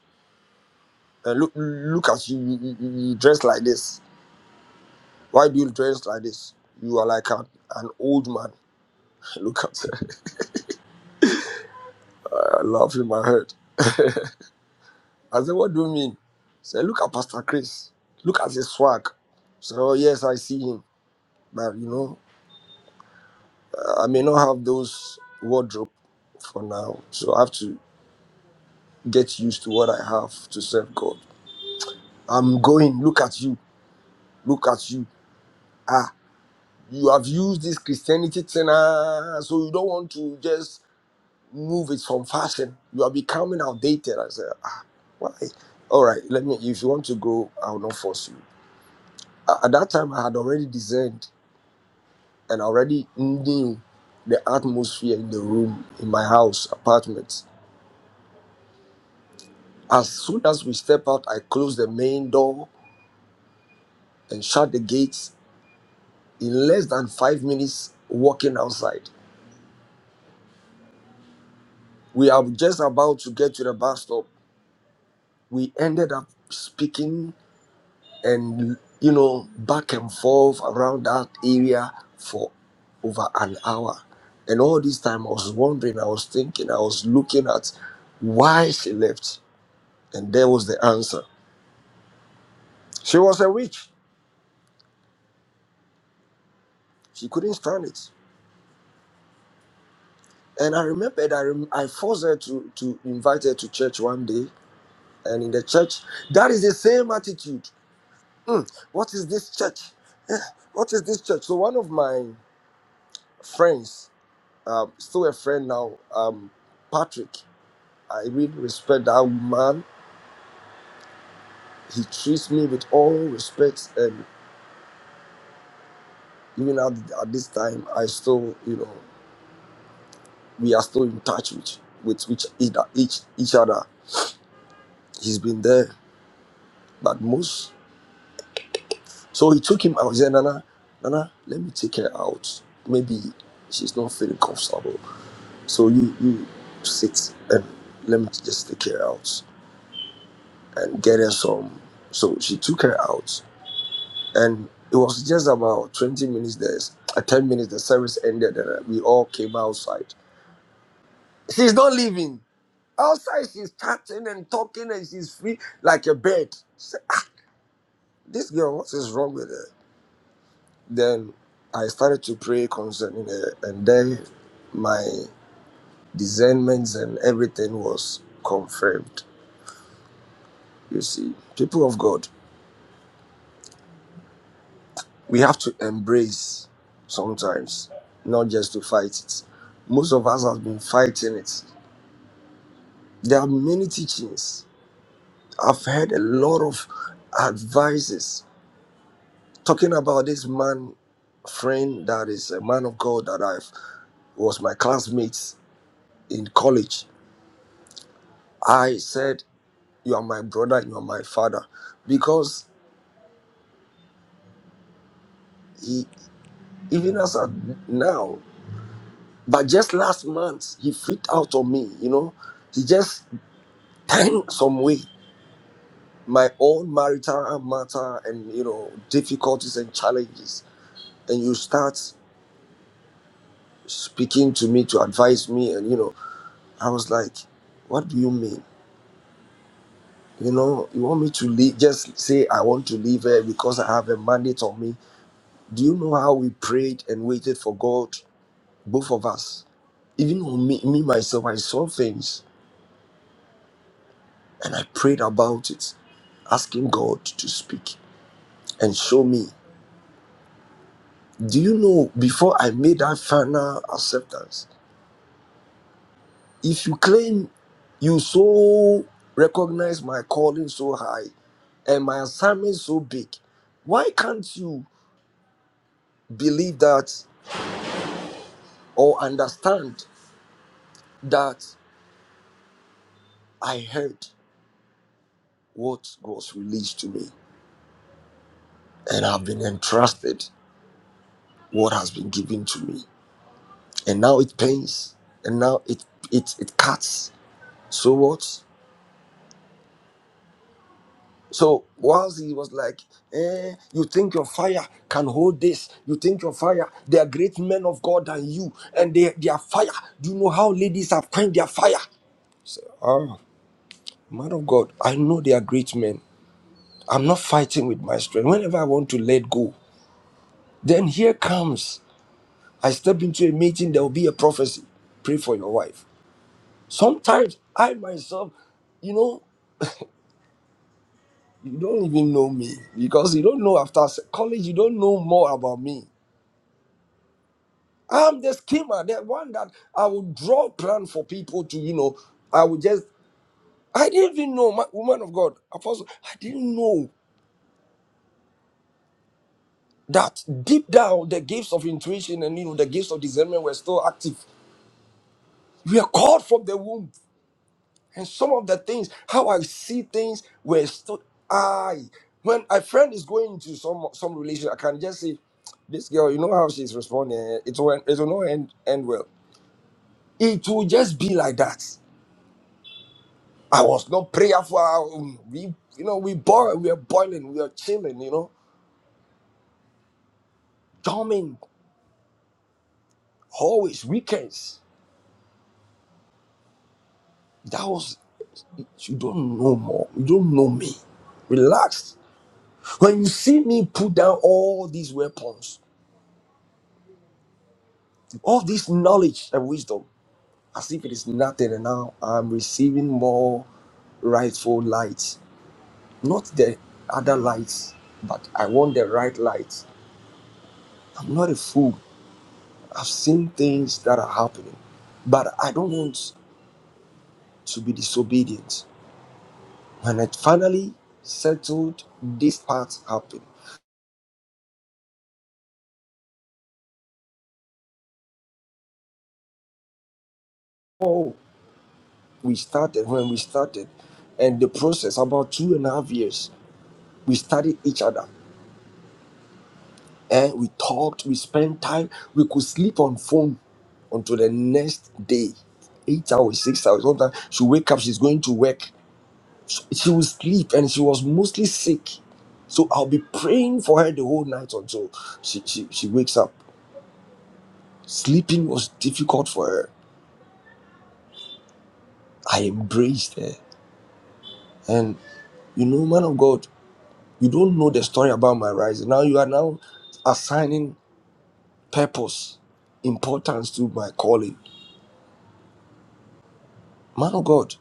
And look, look at you, you, you, you you dress like this. Why do you dress like this? You are like an, an old man. Look at her. I laughed in my head. I said, What do you mean? He said, Look at Pastor Chris. Look at his swag. So, oh, yes, I see him. But, you know, I may not have those wardrobe for now. So I have to get used to what I have to serve God. I'm going. Look at you. Look at you. Ah, you have used this Christianity thing. Ah, so you don't want to just move it from fashion. You are becoming outdated. I said, Ah, why? All right, let me. If you want to go, I will not force you. A- At that time, I had already designed and already knew the atmosphere in the room in my house apartment. As soon as we step out, I close the main door and shut the gates. In less than five minutes, walking outside, we are just about to get to the bus stop. We ended up speaking and you know back and forth around that area for over an hour and all this time i was wondering i was thinking i was looking at why she left and there was the answer she was a witch she couldn't stand it and i remembered i, rem- I forced her to, to invite her to church one day and in the church that is the same attitude "Hmm, what is this church Eh, what is this church so one of my friends um, still a friend now, um, Patrick. I really respect that man. He treats me with all respect, and even at, at this time, I still, you know, we are still in touch with with each either each each other. He's been there, but most. So he took him out. He said, "Nana, Nana, let me take her out. Maybe she's not feeling comfortable. So you you sit and let me just take her out and get her some." So she took her out and it was just about 20 minutes there uh, 10 minutes the service ended and uh, we all came outside she's not leaving outside she's chatting and talking and she's free like a bird Say, "Ah, this girl what is wrong with her then i started to pray concerning her and then my discernments and everything was confirmed you see people of god we have to embrace sometimes not just to fight it most of us have been fighting it There are many teachings. I've heard a lot of advices talking about this man friend that is a man of God that I was my classmates in college. I said, "You are my brother. You are my father," because he, even as of now, but just last month he freaked out on me. You know, he just turned some way my own marital matter and you know difficulties and challenges, and you start. speaking to me to advise me and you know i was like what do you mean you know you want me to leave just say i want to leave here because i have a mandate on me do you know how we prayed and waited for god both of us even on me, me myself i saw things and i prayed about it asking god to speak and show me do you know before i made that final acceptance If you claim you so recognize my calling so high and my assignment so big, why can't you believe that or understand that I heard what was released to me and I've been entrusted what has been given to me? And now it pains and now it it, it cuts. So what? So once he was like, eh, You think your fire can hold this? You think your fire, they are great men of God than you, and they, their fire. Do you know how ladies have quenched their fire? Oh, man of God, I know they are great men. I'm not fighting with my strength. Whenever I want to let go, then here comes. I step into a meeting, there will be a prophecy. Pray for your wife. Sometimes I myself, you know, you don't even know me because you don't know after s- college, you don't know more about me. I'm the schemer, the one that I would draw plan for people to, you know, I would just, I didn't even know, my, woman of God, apostle, I didn't know that deep down the gifts of intuition and, you know, the gifts of discernment were still active. We are called from the womb. And some of the things, how I see things were still, I, when a friend is going into some some relation, I can just say, this girl, you know how she's responding, eh, it will, it will not end, end well. It will just be like that I was not prayerful. Um, We, you know, we boil, we are boiling, we are chilling, you know, dorming, always weekends. That was, you don't know more. You don't know me. Relax. When you see me put down all these weapons, all this knowledge and wisdom, as if it is nothing, and now I'm receiving more rightful light. Not the other lights, but I want the right light. I'm not a fool. I've seen things that are happening, but I don't want to be disobedient. When I finally settled, this part happened. Oh, we started when we started, and the process about two and a half years, we studied each other and we talked, we spent time, we could sleep on phone until the next day. Eight hours, six hours. Sometimes she wake up, she's going to work. she would sleep and she was mostly sick. So I'll be praying for her the whole night until she, she, she wakes up. Sleeping was difficult for her. I embraced her. And you know, man of God, you don't know the story about my rising. Now you are now assigning purpose, importance to my calling. Man of God,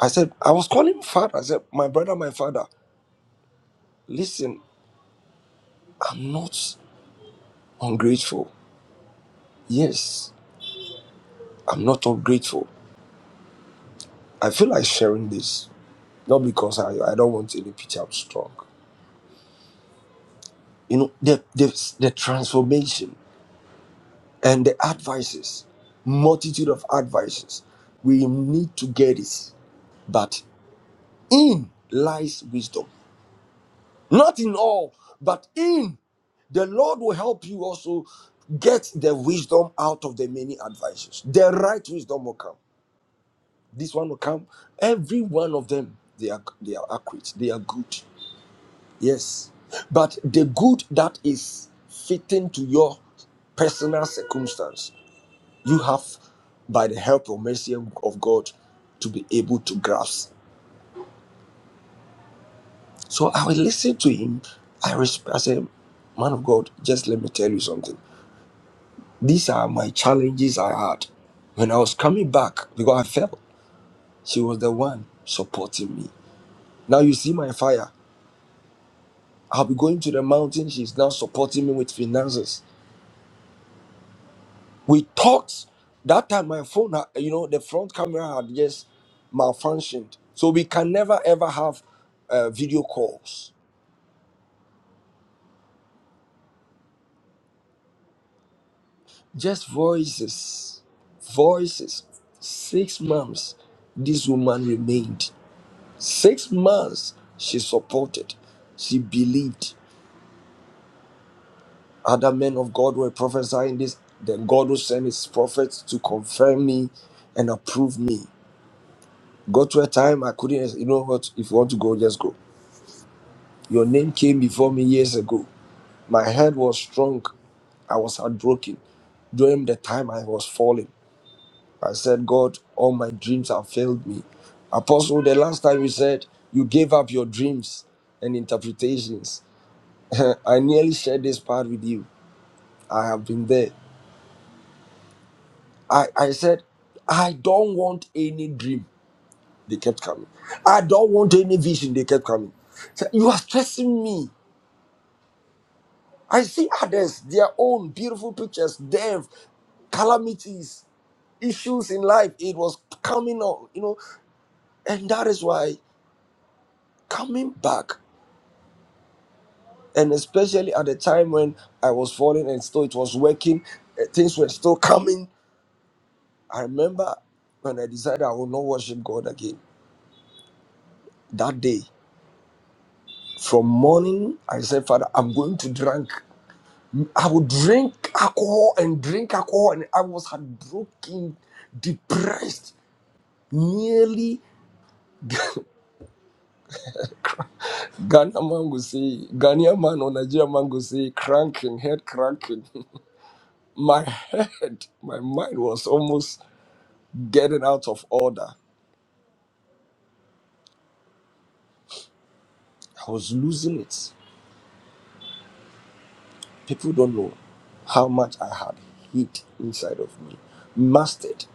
I said, I was calling him father. I said, my brother, my father, listen, I'm not ungrateful. Yes, I'm not ungrateful. I feel like sharing this Not because I, I don't want any picture, I'm strong. You know, the, the, the transformation and the advices, multitude of advices, we need to get it. But in lies wisdom. Not in all, but in the Lord will help you also get the wisdom out of the many advices. The right wisdom will come. This one will come. Every one of them, they are they are accurate. They are good. Yes. But the good that is fitting to your personal circumstance, you have, by the help of mercy of God, to be able to grasp. So I will listen to him. I, resp- I said, Man of God, just let me tell you something. These are my challenges I had when I was coming back because I felt she was the one supporting me. Now you see my fire. I'll be going to the mountain. She's now supporting me with finances. we talked that time my phone had- you know the front camera had just malfunctioned so we can never ever have uh, video calls just voices voices six months this woman remained six months she supported she believed other men of god were prophesying this then god will send his prophets to confirm me and approve me got to a time i couldn't you know what if you want to go just go Your name came before me years ago. My head was strong. I was heartbroken. During the time I was falling, I said, God, all my dreams have failed me. Apostle, the last time you said you gave up your dreams and interpretations, I nearly shared this part with you. I have been there. I, I said, I don't want any dream. They kept coming. I don't want any vision. They kept coming. So, you are stressing me. I see others, their own beautiful pictures, death, calamities, issues in life. It was coming on, you know, and that is why coming back, and especially at the time when I was falling and still it was working, eh, things were still coming. I remember when I decided I will not worship God again that day. From morning, I said, Father, I'm going to drink. I would drink alcohol and drink alcohol, and I was heartbroken, depressed nearly Ghana man will say, Ghanaian man or Nigerian man will say, cranking, head cranking. My head, my mind was almost getting out of order. I was losing it. People don't know how much I had hid inside of me, mastered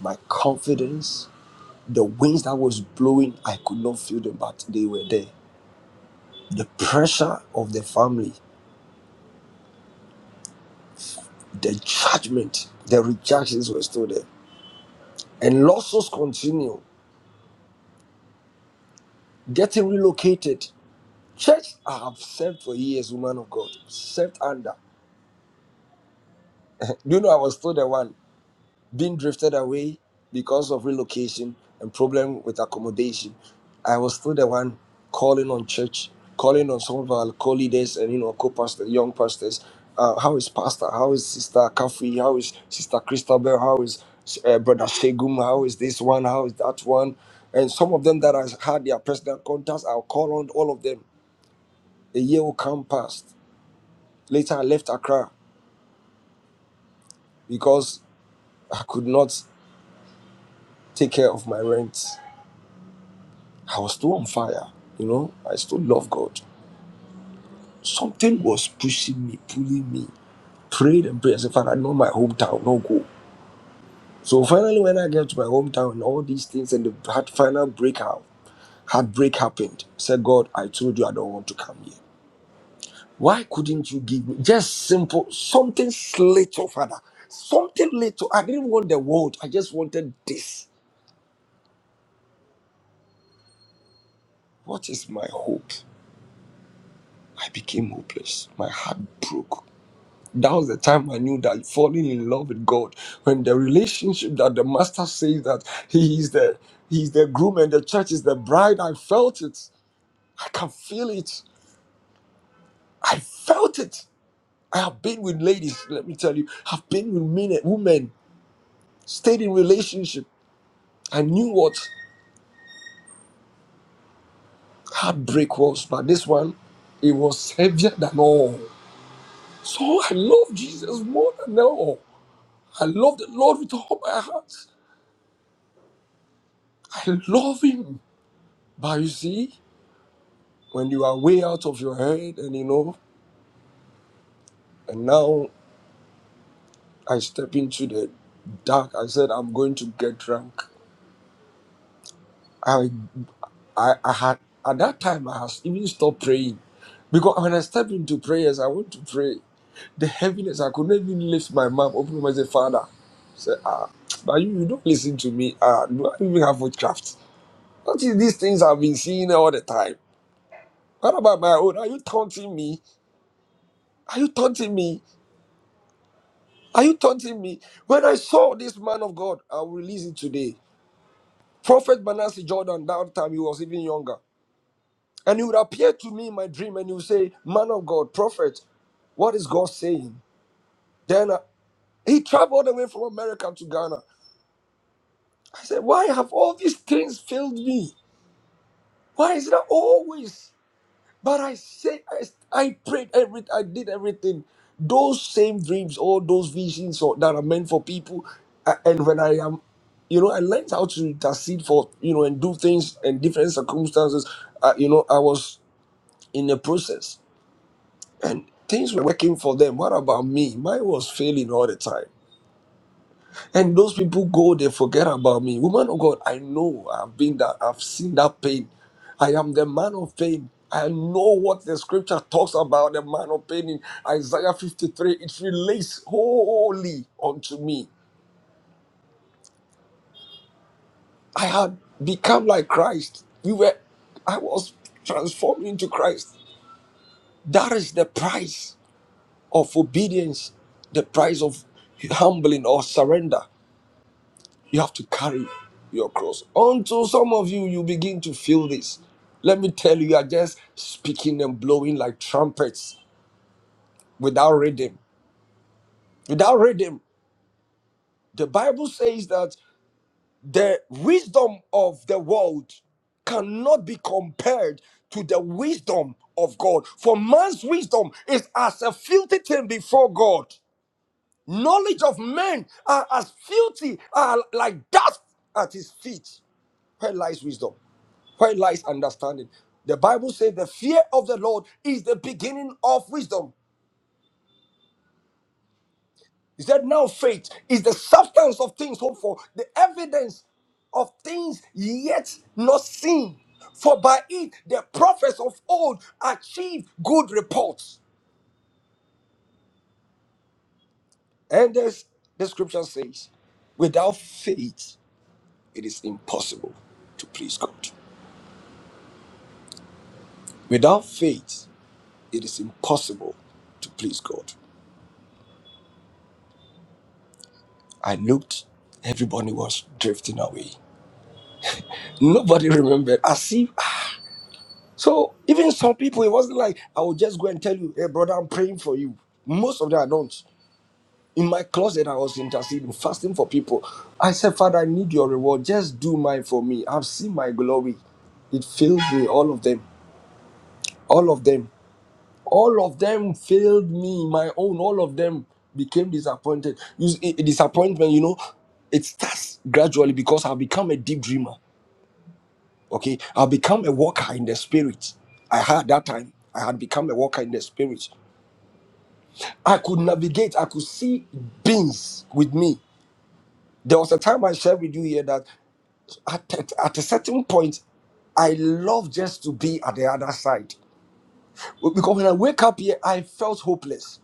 my confidence. The winds that was blowing, I could not feel them, but they were there. The pressure of the family, the judgment, the rejections were still there. And losses continue. getting relocated. Church I have served for years, woman of God, served under. Do you know I was still the one being drifted away because of relocation and problem with accommodation? I was still the one calling on church, calling on some of our co-leaders and you know co-pastors, young pastors. Uh, how is Pastor? How is Sister Kafri? How is Sister Christabel? How is uh, Brother Shegum? How is this one? How is that one? And some of them that I had their personal contacts, I'll call on all of them A year will come past. Later, I left Accra because I could not take care of my rent. I was still on fire, you know. I still love God. Something was pushing me, pulling me. Prayed and prayed. I said, Father, I know my hometown, no go. So finally, when I get to my hometown and all these things and the hard final breakout, heartbreak happened. I said, God, I told you I don't want to come here. Why couldn't you give me just simple something little, Father? Something little. I didn't want the world. I just wanted this. What is my hope? I became hopeless. My heart broke. That was the time I knew that falling in love with God, when the relationship that the master says that he is the he is the groom and the church is the bride, I felt it. I can feel it. I felt it. I have been with ladies, let me tell you, have been with men, women, stayed in relationship. I knew what heartbreak was, but this one, it was heavier than all. So I love Jesus more than all. I love the Lord with all my heart. I love Him. But you see, when you are way out of your head, and you know, and now I step into the dark, I said, I'm going to get drunk. I, I, I had, at that time, I had even stopped praying. Because when I step into prayers, I want to pray. The heaviness, I could not even lift my mouth, open my mouth, say, Father. Say, ah, but you, you don't listen to me. Ah, do I even have witchcraft? What is these things I've been seeing all the time? What about my own? Are you taunting me? Are you taunting me? Are you taunting me? When I saw this man of God, I'll release it today. Prophet Banassi Jordan, that time he was even younger. And he would appear to me in my dream and he would say, Man of God, prophet, what is God saying? Then uh, he traveled away from America to Ghana. I said, Why have all these things failed me? Why is that always? But I said, I, I prayed, every, I did everything. Those same dreams, all those visions or, that are meant for people. a- And when I am, you know, I learned how to intercede for, you know, and do things in different circumstances. Uh, you know, I was in the process and things were working for them. What about me? Mine was failing all the time. And those people go, they forget about me. Woman of God, I know I've been that, I've seen that pain. I am the man of pain. I know what the scripture talks about the man of pain in Isaiah 53. It relates wholly unto me. I had become like Christ. We were, I was transformed into Christ. That is the price of obedience, the price of humbling or surrender. You have to carry your cross. Until some of you, you begin to feel this. Let me tell you, you are just speaking and blowing like trumpets without rhythm. Without rhythm, the Bible says that the wisdom of the world cannot be compared to the wisdom of God. For man's wisdom is as a filthy thing before God. Knowledge of men are as filthy, are like dust at his feet. Where lies wisdom? Where lies understanding? The Bible says the fear of the Lord is the beginning of wisdom. He said, now faith is the substance of things hoped for, the evidence of things yet not seen. For by it the prophets of old achieved good reports. And this the scripture says, without faith, it is impossible to please God. Without faith, it is impossible to please God. I looked, everybody was drifting away. Nobody remembered. I see. So even some people, it wasn't like I would just go and tell you, hey brother, I'm praying for you. Most of them I don't. In my closet, I was interceding, fasting for people. I said, Father, I need your reward. Just do mine for me. I've seen my glory. It filled me, all of them. All of them. All of them failed me, my own. All of them became disappointed. You, see, i- disappointment, you know, it starts gradually because I've become a deep dreamer. Okay, I'll become a walker in the spirit. I had that time, I had become a walker in the spirit. I could navigate, I could see beings with me. There was a time I shared with you here that at, at, at a certain point, I love just to be at the other side. Because when I wake up here, I felt hopeless.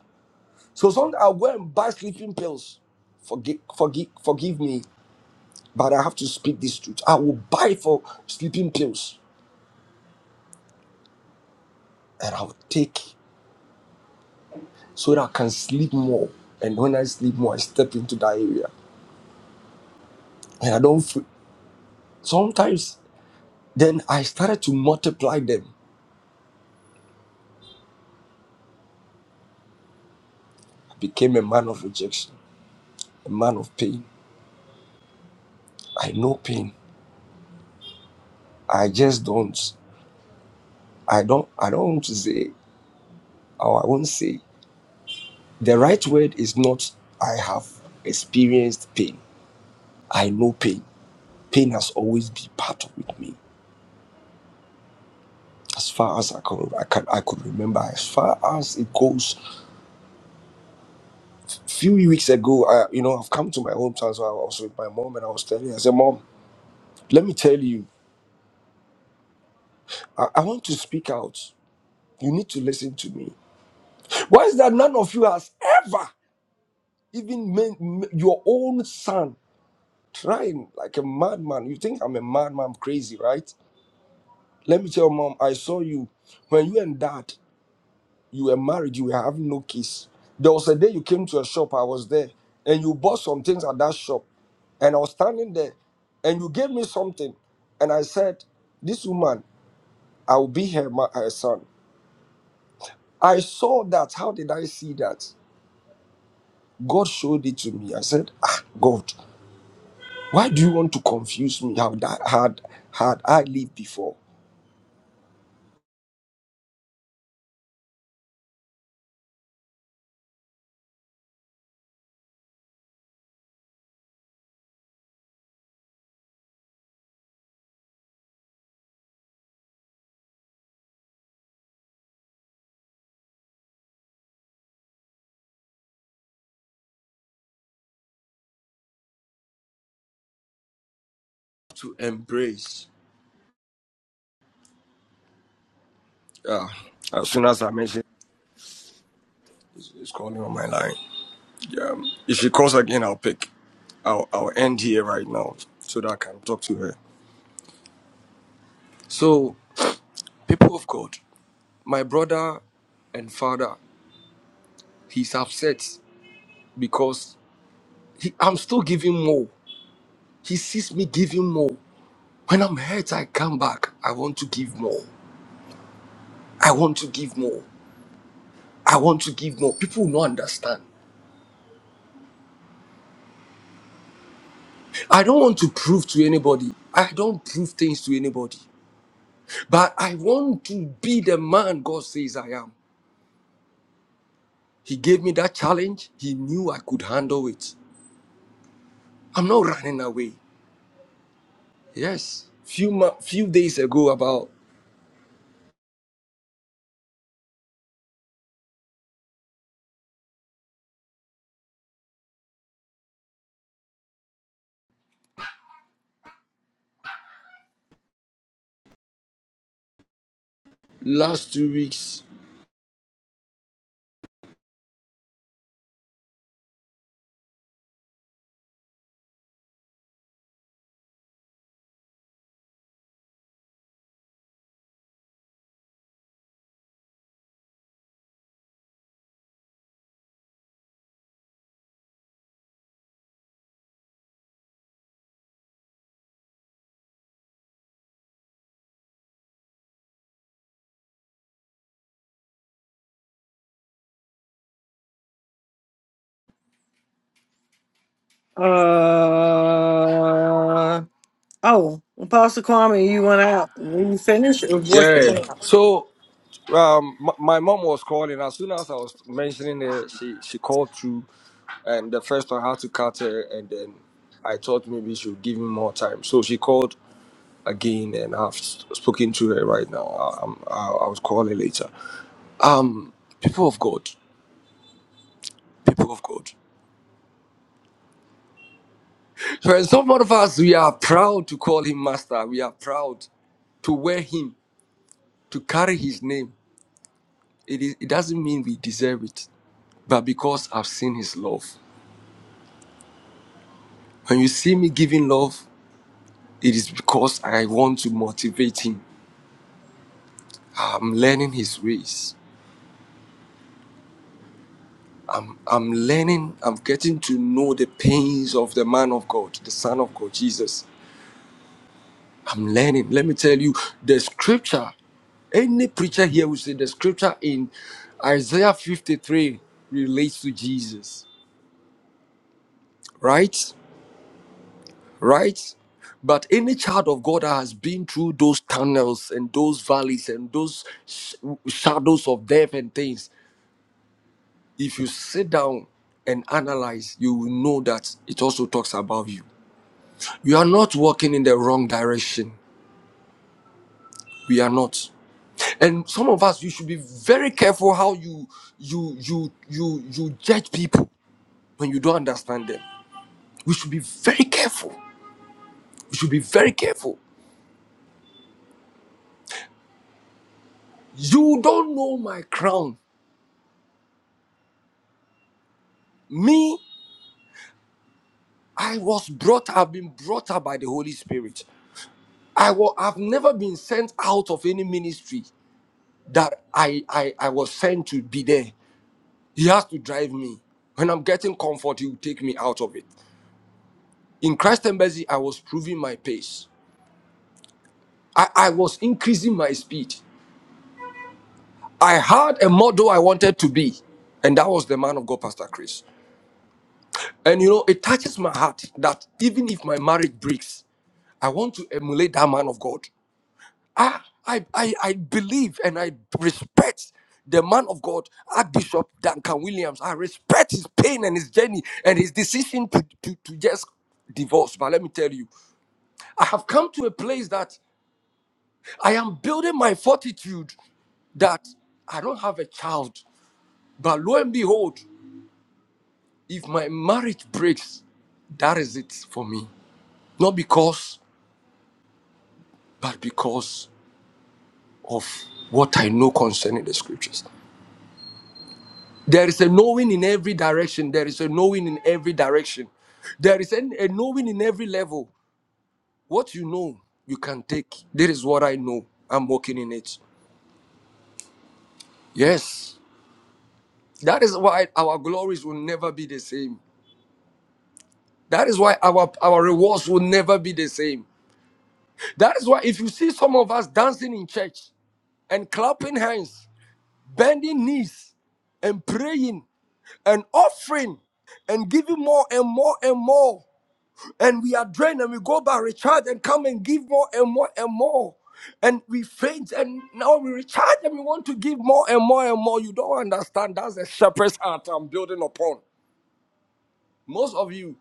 So sometimes I went and buy sleeping pills. Forgive, forgive, forgive me, but I have to speak this truth. I will buy for sleeping pills and I will take. so that I can sleep more. And when I sleep more, I step into that area. And I don't feel sometimes then I started to multiply them. I became a man of rejection, a man of pain. I know pain. I just don't I don't I don't want to say or I won't say. The right word is not I have experienced pain. I know pain. Pain has always been part of with me. As far as I can, I can I could remember, as far as it goes few weeks ago, I, you know, I've come to my hometown. So I was with my mom and I was telling her, I said, Mom, let me tell you, I, I want to speak out. You need to listen to me. Why is that none of you has ever, even men, m- your own son, trying like a madman? You think I'm a madman, I'm crazy, right? Let me tell you, Mom, I saw you when you and dad You were married, you have no kids. There was a day you came to a shop, I was there, and you bought some things at that shop. And I was standing there, and you gave me something. And I said, This woman, I will be her, ma- her son. I saw that. How did I see that? God showed it to me. I said, Ah, God, why do you want to confuse me? How that had had I lived before? To embrace. Yeah. As soon as I mentioned, it's it's calling on my line. Um, if she calls again, I'll pick. I'll, I'll end here right now so that I can talk to her. So, people of God, my brother and father, he's upset because he, I'm still giving more. He sees me giving more. When I'm hurt, I come back. I want to give more. I want to give more. I want to give more. People don't understand. I don't want to prove to anybody. I don't prove things to anybody. But I want to be the man God says I am. He gave me that challenge. He knew I could handle it. I'm not running away. Yes. Few mo- few days ago, about last two weeks.
Uh, Oh, Apostle Kwame, you went out. When you finished, or what's the
Yeah.
plan?
So, um, m- my mom was calling. As soon as I was mentioning it, she she called through, and the first one had to cut her, and then I thought maybe she would give me more time. So she called again, and I've s- spoken to her right now. I, I'm, I, I was calling later. Um, people of God, people of God. For some of us, we are proud to call him master. We are proud to wear him, to carry his name. It, is, it doesn't mean we deserve it, but because I've seen his love. When you see me giving love, it is because I want to motivate him. I'm learning his ways. I'm learning, I'm getting to know the pains of the man of God, the Son of God, Jesus. I'm learning. Let me tell you, the scripture, any preacher here will say the scripture in Isaiah 53 relates to Jesus, right? Right? But any child of God that has been through those tunnels and those valleys and those sh- shadows of death and things, if you sit down and analyze, you will know that it also talks about you. You are not walking in the wrong direction. We are not. and some of us you should be very careful how you you you you you judge people when you don't understand them we should be very careful we should be very careful you don't know my crown me i was brought i've been brought up by the holy spirit i will i've never been sent out of any ministry that i i i was sent to be there he has to drive me when i'm getting comfort he will take me out of it in christ embassy i was proving my pace I, I was increasing my speed. I had a model I wanted to be, and that was the man of God, Pastor Chris. And you know, it touches my heart that even if my marriage breaks, I want to emulate that man of God. I, I, I, I believe and I respect the man of God, Archbishop Duncan Williams. I respect his pain and his journey and his decision to, to, to just divorce. But let me tell you, I have come to a place that I am building my fortitude that I don't have a child. But lo and behold, if my marriage breaks, that is it for me. Not because, but because of what I know concerning the scriptures. There is a knowing in every direction. There is a knowing in every direction. There is an- a knowing in every level. What you know, you can take. This is what I know. I'm working in it. Yes. That is why our glories will never be the same. That is why our, our rewards will never be the same. That is why if you see some of us dancing in church and clapping hands, bending knees, and praying and offering and giving more and more and more, and we are drained and we go back, recharge and come and give more and more and more. And we faint and now we recharge and we want to give more and more and more. You don't understand. That's the shepherd's heart I'm building upon. Most of you,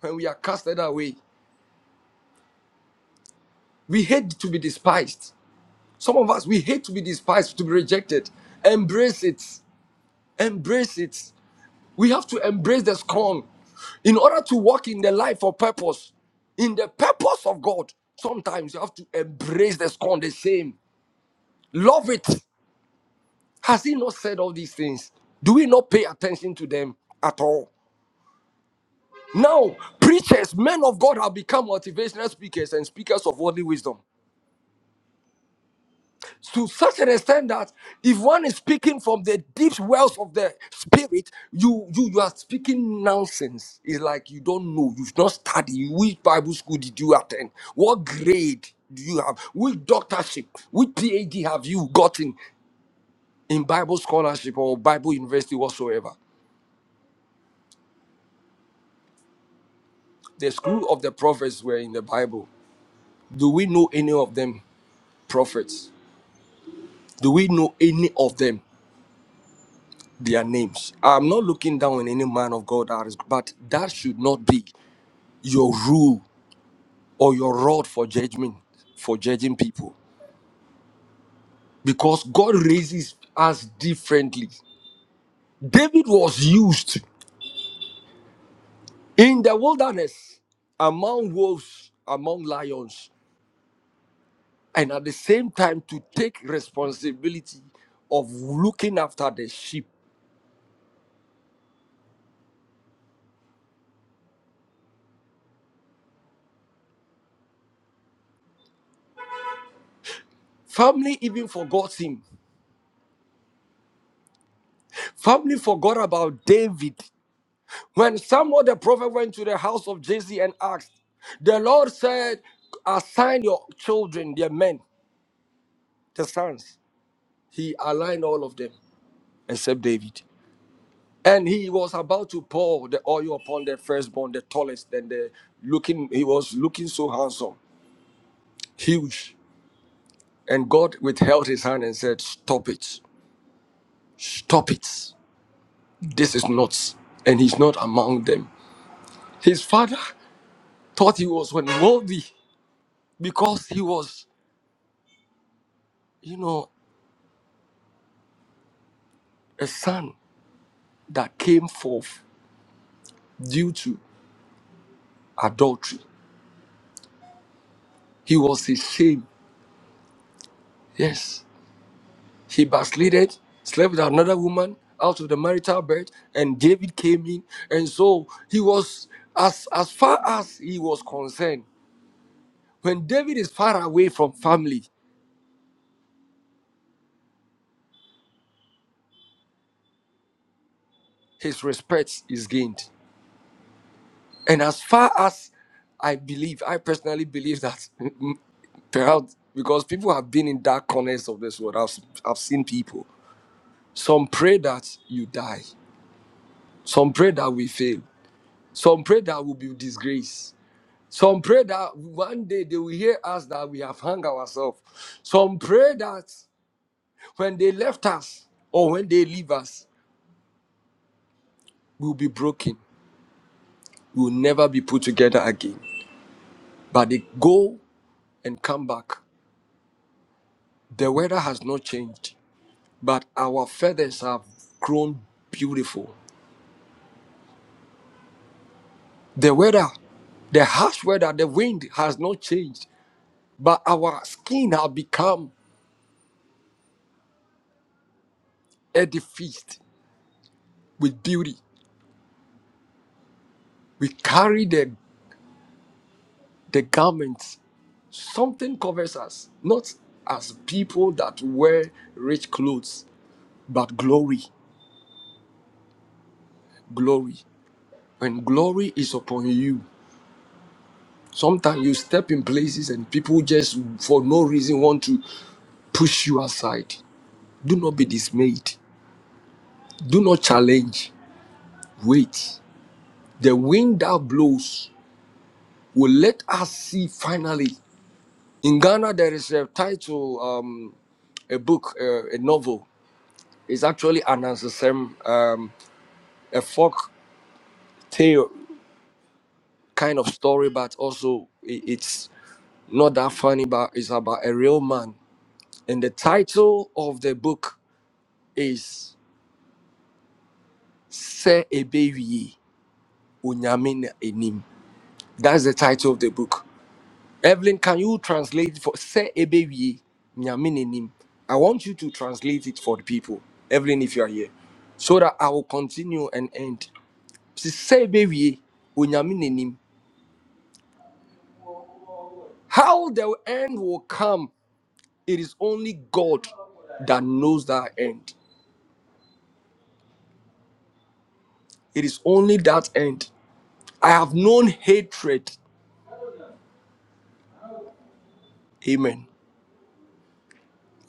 when we are casted away, we hate to be despised. Some of us, we hate to be despised, to be rejected. Embrace it. Embrace it. We have to embrace the scorn in order to walk in the life of purpose, in the purpose of God. Sometimes you have to embrace the scorn, the shame. Love it. Has He not said all these things? Do we not pay attention to them at all? Now, preachers, men of God have become motivational speakers and speakers of worldly wisdom. to such an extent that if one is speaking from the deep wells of the spirit, you you you are speaking nonsense. It's like you don't know, you've not studied. Which Bible school did you attend? What grade do you have? Which doctorship, which PhD have you gotten in Bible scholarship or Bible university whatsoever? The school of the prophets were in the Bible. Do we know any of them prophets? Do we know any of them? their names. I'm not looking down on any man of God, that is, but that should not be your rule or your rod for judgment, for judging people, because God raises us differently. David was used in the wilderness among wolves, among lions, and at the same time to take responsibility of looking after the sheep. Family even forgot him. Family forgot about David When Samuel the prophet went to the house of Jesse and asked, the Lord said, Assign your children, their men, the sons. He aligned all of them except David. And he was about to pour the oil upon the firstborn, the tallest, and the looking, he was looking so handsome, huge. And God withheld his hand and said, Stop it. Stop it. This is not. And he's not among them. His father thought he was unworthy because he was, you know. a son that came forth due to adultery. He was his shame. Yes. He backslided, slept with another woman out of the marital bed, and David came in. And so he was, as, as far as he was concerned, when David is far away from family, his respect is gained. And as far as I believe, I personally believe that perhaps because people have been in dark corners of this world. I've, I've seen people. Some pray that you die. Some pray that we fail. Some pray that we'll be disgraced. Some pray that one day they will hear us that we have hung ourselves. Some pray that when they left us or when they leave us, we'll be broken. We'll never be put together again. But they go and come back. The weather has not changed, but our feathers have grown beautiful. The weather the harsh weather, the wind has not changed, but our skin have become edified with beauty. We carry the, the garments. Something covers us, not as people that wear rich clothes, but glory, glory. When glory is upon you, sometimes you step in places and people just for no reason want to push you aside. Do not be dismayed. Do not challenge. Wait. The wind that blows will let us see finally In Ghana, there is a title, um, a book, uh, a novel. It's actually an answer, um, a folk tale kind of story, but also i- it's not that funny, but it's about a real man. And the title of the book is Se Ebewiye Onyame Na Enim. That's the title of the book. Evelyn, can you translate it for se ebewie nyame n'anim? I want you to translate it for the people. Evelyn, if you are here, so that I will continue and end. Se se ebewie wo nyame How the end will come, it is only God that knows that end. It is only that end. I have known hatred. Amen.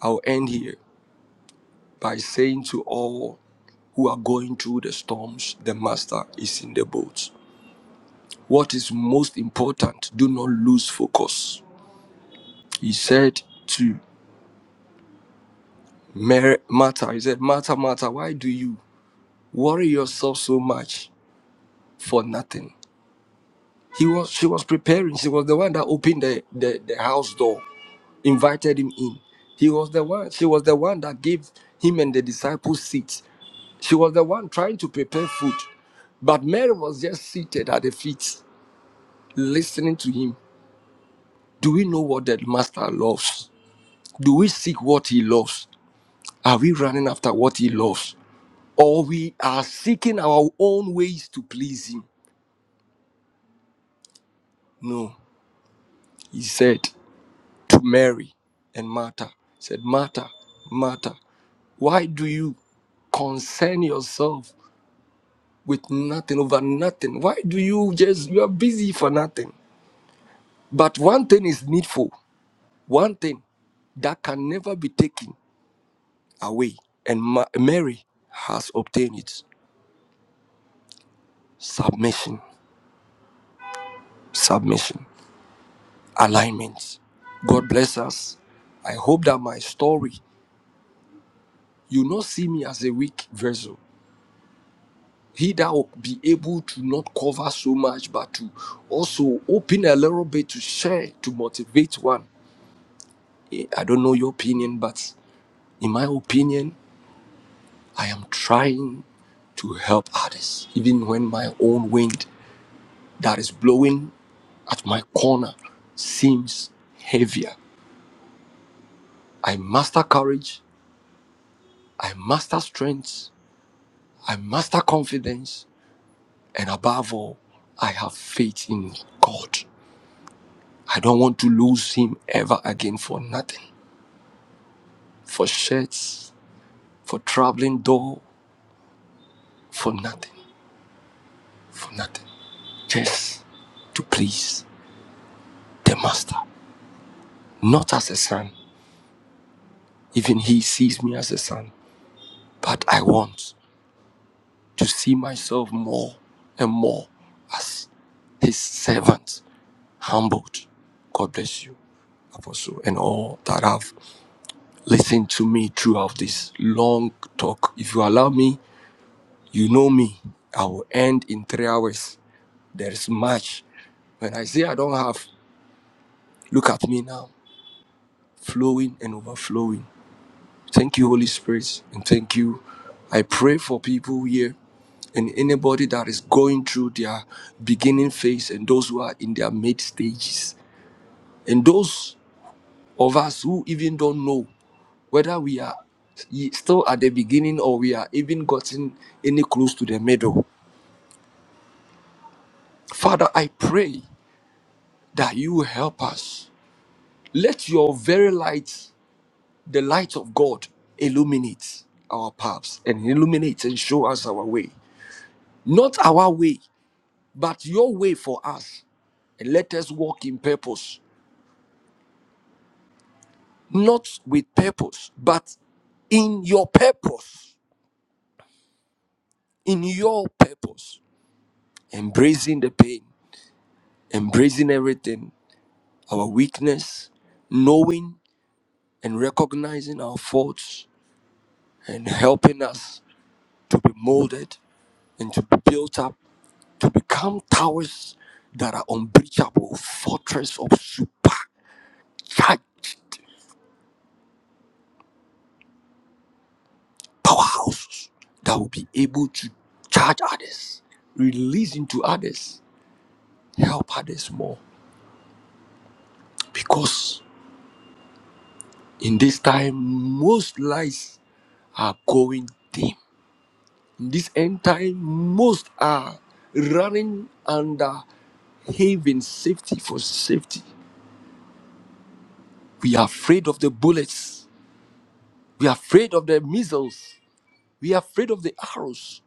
I'll end here by saying to all who are going through the storms, the master is in the boat. What is most important, do not lose focus. He said to Mary. Martha, He said, Martha, Martha, why do you worry yourself so much for nothing? He was she was preparing. She was the one that opened the, the, the house door, invited him in. He was the one, she was the one that gave him and the disciples seats. She was the one trying to prepare food. But Mary was just seated at the feet, listening to him. Do we know what the master loves? Do we seek what he loves? Are we running after what he loves? Or we are seeking our own ways to please him? No. He said to Mary and Martha, he said, Martha, Martha, why do you concern yourself with nothing over nothing? Why do you just you are busy for nothing? But one thing is needful, one thing that can never be taken away. And Ma- Mary has obtained it. Submission. Submission. alignment. God bless us. I hope that my story, you not see me as a weak vessel. He that will be able to not cover so much, but to also open a little bit to share, to motivate one. Eh, I don't know your opinion, but in my opinion, I am trying to help others, even when my own wind that is blowing at my corner seems heavier. I master courage, I master strength, I master confidence, and above all, I have faith in God. I don't want to lose Him ever again for nothing, for shirts, for traveling door, for nothing, for nothing. Just to please the Master, not as a son. Even He sees me as a son, but I want to see myself more and more as His servant, humbled. God bless you apostle and all that have listen to me throughout this long talk. If you allow me, you know me. I will end in three hours. There is much. When I say I don't have, look at me now, flowing and overflowing. Thank you, Holy Spirit, and thank you. I pray for people here and anybody that is going through their beginning phase and those who are in their mid stages and those of us who even don't know whether we are ye- still at the beginning or we are even gotten any close to the middle. Father, I pray that you help us. Let your very light, the light of God, illuminate our paths and illuminate and show us our way. Not our way, but your way for us. And let us walk in purpose, not with purpose, but in your purpose, in your purpose, embracing the pain, embracing everything, our weakness, knowing and recognizing our faults, and helping us to be molded and to be built up to become towers that are unbreachable, fortress of supercharged powerhouses that will be able to charge others, release into others, help others more. Because in this time, most lives are going dim This end time, most are running under having safety for safety. We are afraid of the bullets. We are afraid of the missiles. We are afraid of the arrows.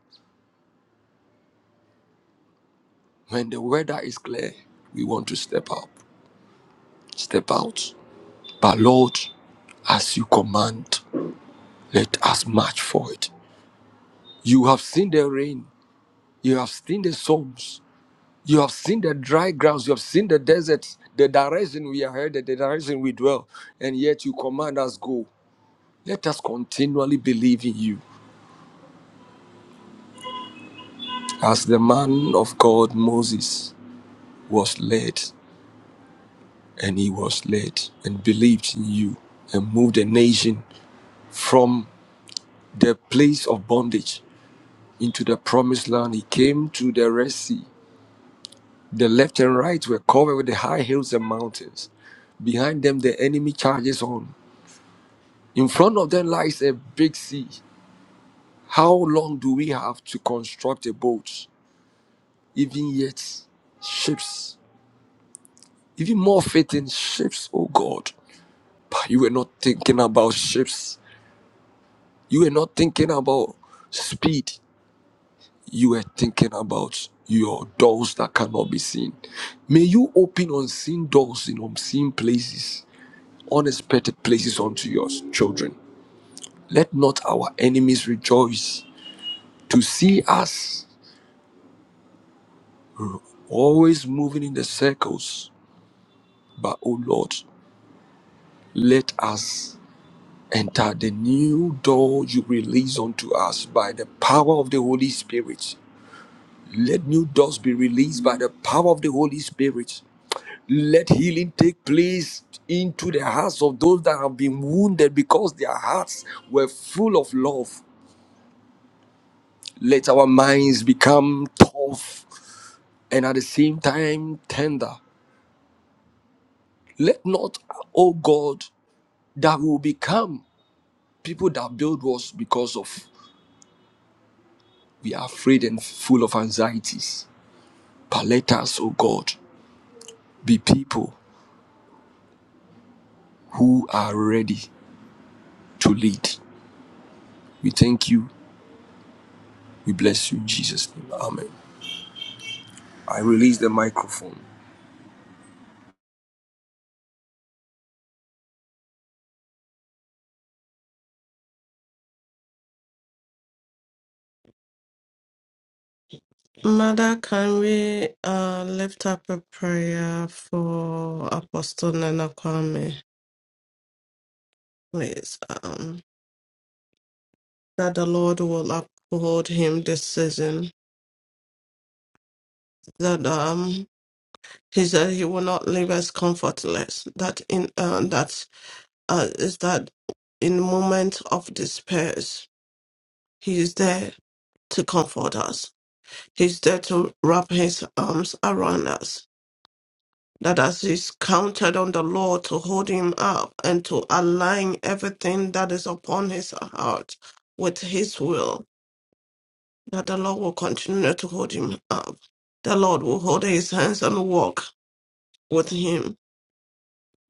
When the weather is clear, we want to step up, step out. But Lord, as you command, let us march for it. You have seen the rain. You have seen the storms. You have seen the dry grounds, you have seen the deserts, the direction we are headed, the direction we dwell, and yet you command us go. Let us continually believe in you. As the man of God Moses was led, and he was led and believed in you, and moved the nation from the place of bondage into the promised land. He came to the Red Sea. The left and right were covered with the high hills and mountains. Behind them, the enemy charges on. In front of them lies a big sea. How long do we have to construct a boat? Even yet, ships. Even more fitting ships, oh God. But you were not thinking about ships. You were not thinking about speed. You were thinking about your doors that cannot be seen. May you open unseen doors in unseen places, unexpected places unto your children. Let not our enemies rejoice to see us always moving in the circles. But, oh Lord, let us enter the new door you release unto us by the power of the Holy Spirit. Let new doors be released by the power of the Holy Spirit. Let healing take place into the hearts of those that have been wounded because their hearts were full of love. Let our minds become tough and at the same time tender. Let not, O God, that we will become People that build walls because of we are afraid and full of anxieties. But let us, oh God, be people who are ready to lead. We thank you. We bless you in Jesus' name. Amen. I release the microphone.
Mother, can we uh, lift up a prayer for Apostle Nana Kwame, please? Um, that the Lord will uphold him this season. That um, he said he will not leave us comfortless. That in uh, that uh, is that in moments of despair, he is there to comfort us. He's there to wrap his arms around us. that as he's counted on the Lord to hold him up and to align everything that is upon his heart with his will, that the Lord will continue to hold him up. The Lord will hold his hands and walk with him.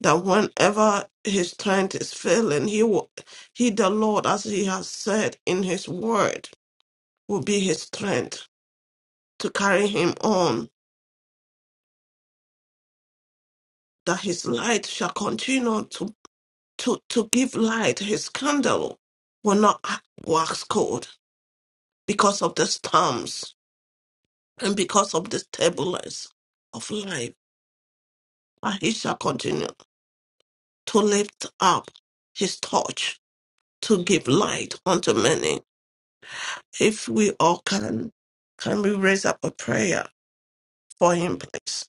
That whenever his strength is failing, he will, he the Lord, as he has said in his word, will be his strength to carry him on. That his light shall continue to. to, to give light. His candle will not wax cold because of the storms and because of the turbulence of life. But he shall continue to lift up his torch to give light unto many. If we all can, can we raise up a prayer for him, please?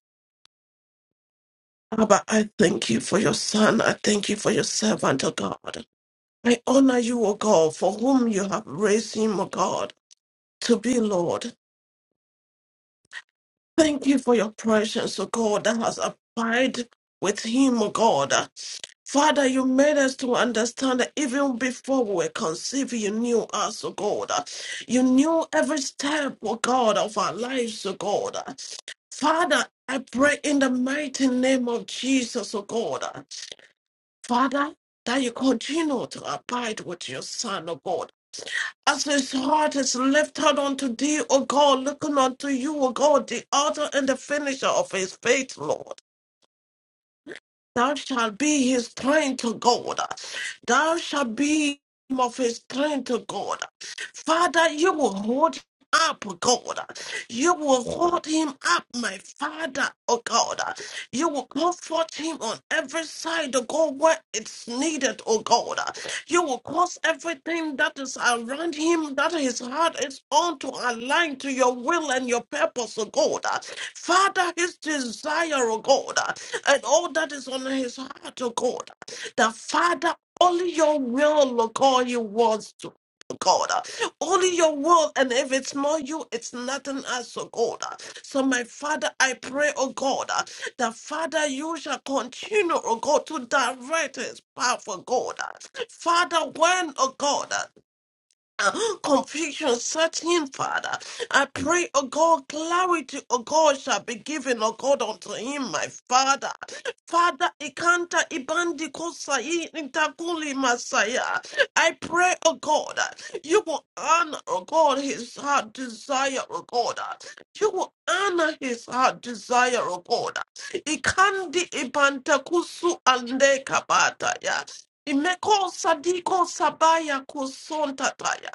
Abba, I thank you for your son. I thank you for your servant, O God. I honor you, O God, for whom you have raised him, O God, to be Lord. Thank you for your presence, O God, that has abided with him, O God. Father, you made us to understand that even before we were conceived, you knew us, O God. You knew every step, O God, of our lives, O God. Father, I pray in the mighty name of Jesus, O God. Father, that you continue to abide with your Son, O God as his heart is lifted unto thee, O God, looking unto you, O God, the author and the finisher of his faith, Lord. Thou shalt be his strength, O God. Thou shalt be him of his strength, O God. Father, you will hold him up, O God. You will hold him up, my Father, O God. You will comfort him on every side, O God, where it's needed, O God. You will cause everything that is around him, that his heart is on, to align to your will and your purpose, O God. Father, his desire, O God and all that is on his heart, oh God. The Father, only your will, oh God, he wants to. oh God, only your will, and if it's not you, it's nothing else, oh God. So, my Father, I pray, oh God, the Father, you shall continue, oh God, to direct his path, oh God. Father, when, oh God uh, confusion set him, Father. I pray, oh God, clarity, oh God, shall be given, oh God, unto him, my Father. Father, Ikanta Ibandi Kosayi Intakuli Masaya. I pray, oh God, you will honor, oh God, his heart desire, oh God. You will honor his heart desire, oh God. Ikandi Ibanta Kusu Ande Kabata, yeah. Imeko sadiko sabaya kusonta taya.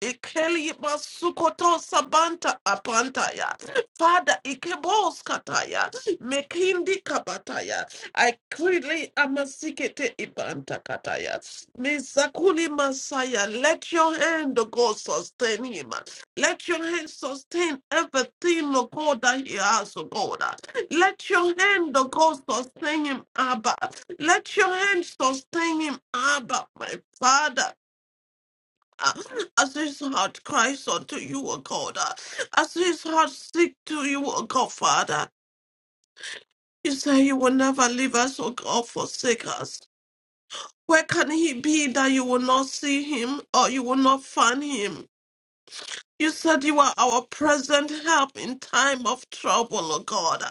Ikeli masukoto sabanta apantaya. Father, ikebos kataya. Mekindi kabataya. I quickly amasikete ibanta kataya. Misakuli masaya. Let your hand, O God, sustain him. Let your hand sustain everything, O God, that he has, O God. Let your hand, oh God, sustain him, Abba. Let your hand sustain him, Abba, my Father. Ah, As his heart cries unto you, O God, ah, as his heart seeks to you, O God, Father, you say you will never leave us, O God, forsake us. Where can he be that you will not see him or you will not find him? You said you are our present help in time of trouble, oh God.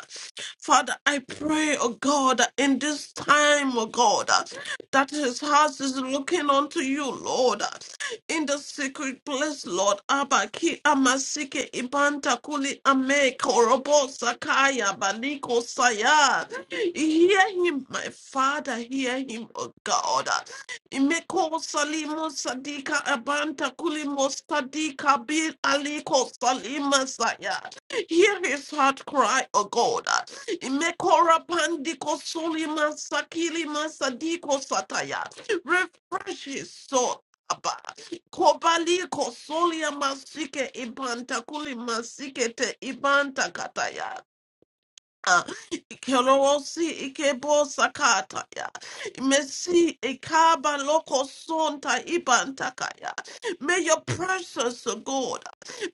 Father, I pray, oh God, in this time, oh God, that his house is looking unto you, Lord. In the secret place, Lord, Abba, Ki Amasike Ibanta Kuli Ame Korobo Sakaya Baliko Saya. Hear him, my Father, hear him, oh God. Imeko salimo sadika abanta kulimo sadika bin aliko salima saya. Hear his heart cry, O God. Imekora pandiko solima sakilima sadiko sataya. Refresh his soul. Abba. Kobali kosolia masike ibanta kuli masike te ibanta kataya. Kerosi ikebo sakata ya. Messi ikaba loko sonta ibantakaya. May your presence, O God,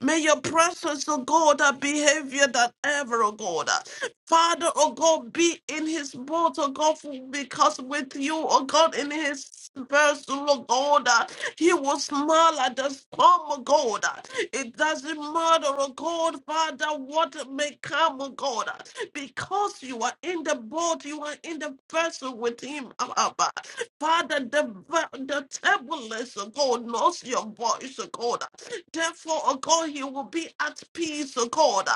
may your presence, O God, our behavior that ever, O God. Father, O God, be in his mouth, O God, because with you, O God, in his vessel, O God. He was small at the storm, oh God. It doesn't matter, oh God, Father, what may come, oh God, because you are in the boat, you are in the vessel with him, Abba. Father, the, ve- the turbulence, oh God, knows your voice, oh God. Therefore, oh God, he will be at peace, oh God.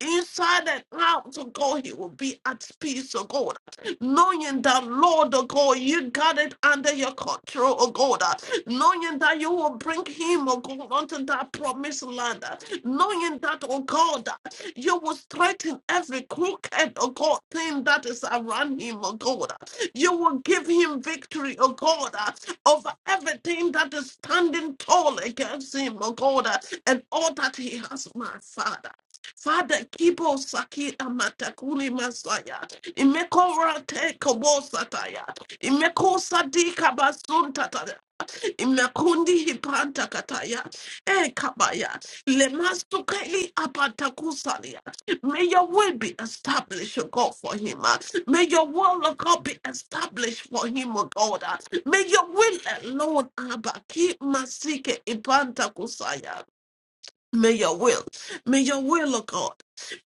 Inside and out, oh God, he will be at peace, oh God knowing that, Lord, oh God, you got it under your control, oh God knowing that you will bring him, oh God, onto that promised land, knowing that, oh God, you will straighten every crooked, oh God, thing that is around him, oh God. You will give him victory, oh God, over everything that is standing tall against him, oh God, and all that he has, my Father. Father, Kibo Saki Amatakuli Masaya, Imeko Rate Kobo Sataya, Imeko Sadika Basun Tata, Imakundi hipanta kataya. Eh kabaya. Lemasukeli apanta kusalia. May your will be established, O God, for him. ah. May your will, O God, be established for him, O God. ah. May your will alone, Abba, keep masike ipanta kusaya. May your will, may your will, O God,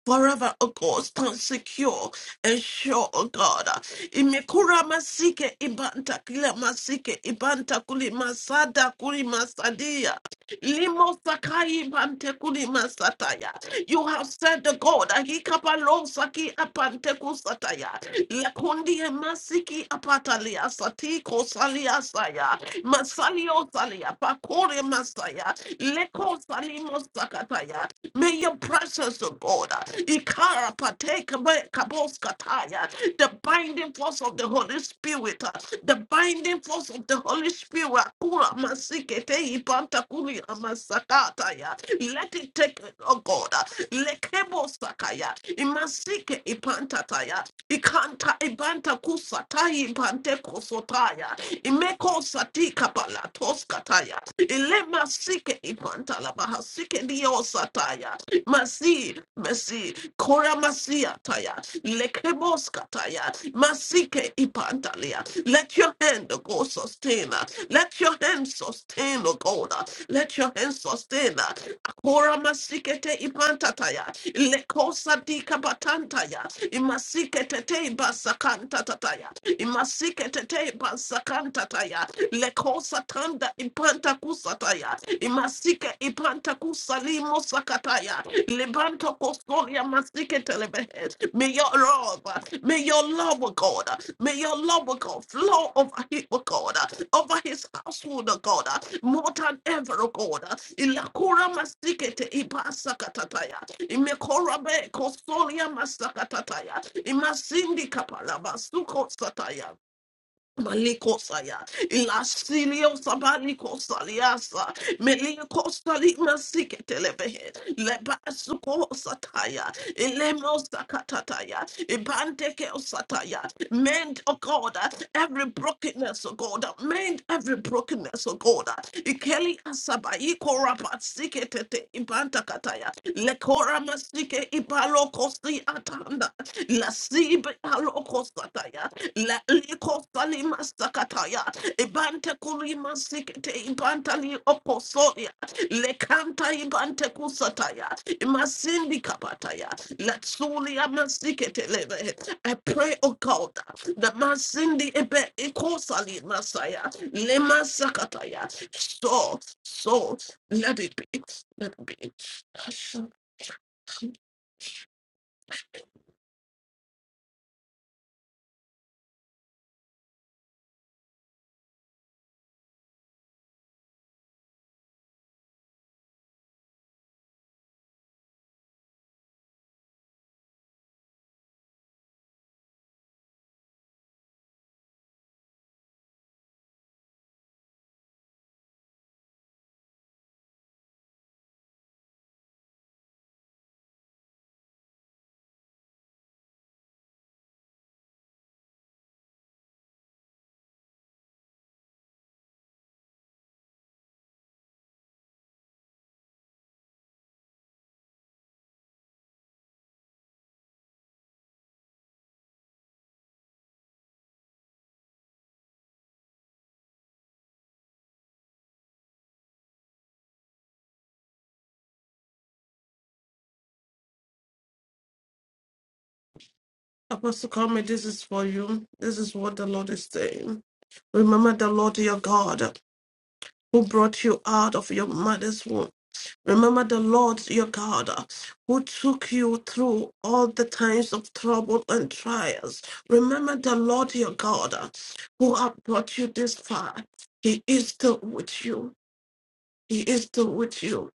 forever, O God, stand secure and sure, O God. Imekura masike ibanta kila masike ibanta kuli masada kuli masadia. Limo sakai ibante kuli masataya. You have said the God, Ahikapalosaki apantekusataya, Lakundi masiki apatalia satiko salia saya, Masalio salia, Pakore masaya, Leko salimos sakataya, May your presence, oh God, uh, Ikara Pateka Me- Kaboskataya, the binding force of the Holy Spirit, uh, the binding force of the Holy Spirit, Akura Masikete Ipanta Kuri Amasakataya. let it take, oh God, uh, Lekebosakaya, Imasike Ipantataya, Ikanta Ibanta Kusatai Ipante Kosotaya, Imeko Satika Palatoskataya, sikeni pantalabaha sikeni osataya masi masi kora masia taya lekeboska taya masike ipantalia let your hand oh God sustain her. let your hand sustain oh God let your hand sustain her. kora masikete ipantataya lekosa dikapatantaya imasikete te basakantataya imasikete te basakantataya lekosatanda ipantakusataya imasike ipantakusalimo sakataya lebanto kosoria masike telebehe may your love may your love O God may your love O God flow over him O God over his household O God more than ever O God ilakura masike te ipasakatataya imekorabe kosoria masakatataya imasindi kapalava suko sataya Malikosaya, Ilasilio Sabalikosaliasa, Melikosali Masiketelebehe, Lebasuko Sataya, Ilemos Katataya, Ibanteke Sataya, mend, oh God, every brokenness, oh God, mend every brokenness darkness, oh God. Ikeli asaba ikora patsike tete ibanta kataya. Lekora masike ibalokosi atanda. La sibe alokosataya. La likosali masakataya. Ibante kuri masike ibanta li Lekanta igante kusataya. Imasindi kapataya. Letsuli amasikete leve. I pray, O God, that masindi ebe ikosali masaya. Lema sakataya. So, so, let it be. Let it be. Apostle Kwame, this is for you. This is what the Lord is saying. Remember the Lord your God who brought you out of your mother's womb. Remember the Lord your God uh, who took you through all the times of trouble and trials. Remember the Lord your God uh, who have brought you this far. He is still with you. He is still with you.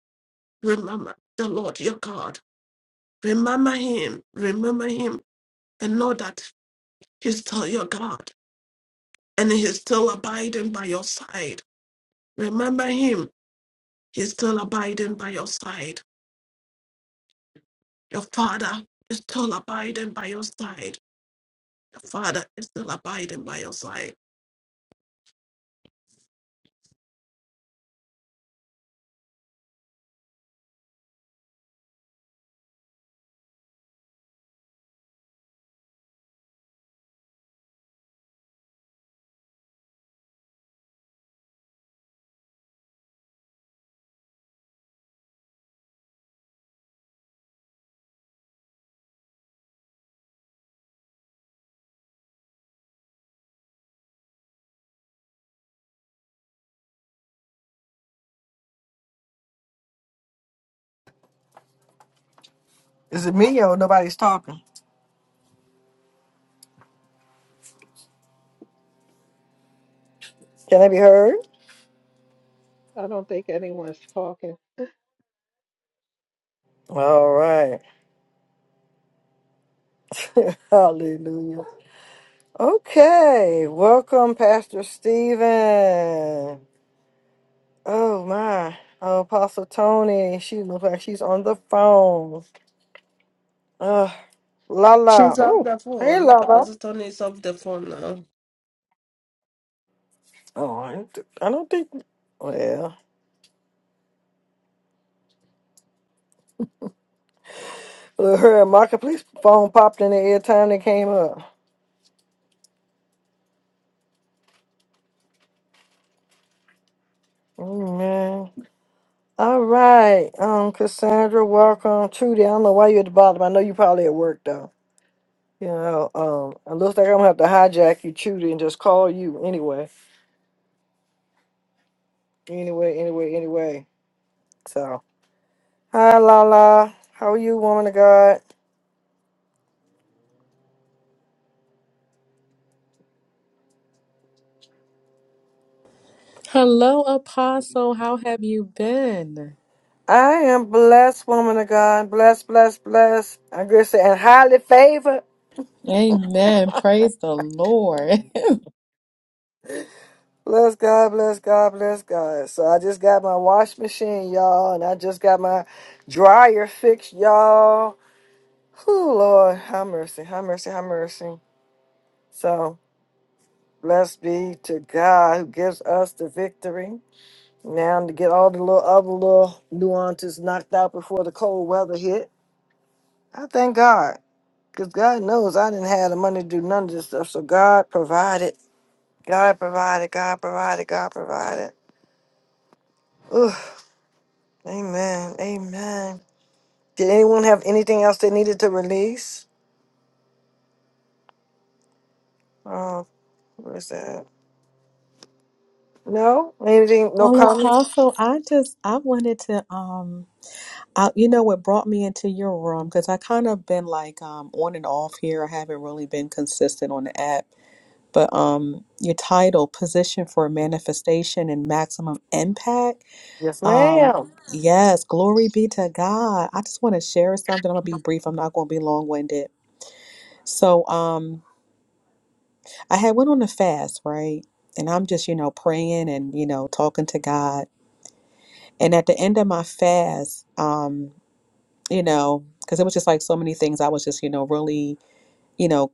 Remember the Lord your God. Remember him. Remember him and know that he's still your God and he's still abiding by your side. Remember him. He's still abiding by your side. Your father is still abiding by your side. Father is still abiding by your side.
Is it me or nobody's talking? Can I be heard?
I don't think anyone's talking.
All right. Hallelujah. Okay. Welcome, Pastor Stephen. Oh, my. Oh, Apostle Tony. She looks like she's on the phone. Uh, Lala.
She's off
Oh,
the
hey,
phone.
Lala.
Apostle Tony is off the phone now.
Oh, I don't th- I don't think. Well, look, her and Marketplace phone popped in the air time they came up. Amen. All right, um, Cassandra, welcome. Trudy, I don't know why you're at the bottom. I know you probably at work though. You know, um, it looks like I'm gonna have to hijack you, Trudy, and just call you anyway. Anyway, anyway, anyway. So, hi, Lala. How are you, woman of God?
Hello, Apostle. How have you been?
I am blessed, woman of God. Blessed, blessed, blessed. I'm gonna say, and highly favored.
Amen. Praise the Lord.
Bless God, bless God, bless God. So I just got my wash machine, y'all, and I just got my dryer fixed, y'all. Oh Lord, have mercy, have mercy, have mercy. So blessed be to God who gives us the victory. Now to get all the little other little nuances knocked out before the cold weather hit. I thank God. Because God knows I didn't have the money to do none of this stuff. So God provided. God provided. God provided. God provided. Ooh, amen. Amen. Did anyone have anything else they needed to release? Oh, where's that? No? Anything? No
Well,
comments?
Apostle, I just I wanted to um I, you know what brought me into your room because I kind of been like um on and off here. I haven't really been consistent on the app. But um your title, Position for Manifestation and Maximum Impact.
Yes,
Um
ma'am.
yes, glory be to God. I just want to share something. I'm gonna be brief. I'm not gonna be long-winded. So um I had went on a fast, right? And I'm just, you know, praying and, you know, talking to God. And at the end of my fast, um, you know, because it was just like so many things I was just, you know, really, you know,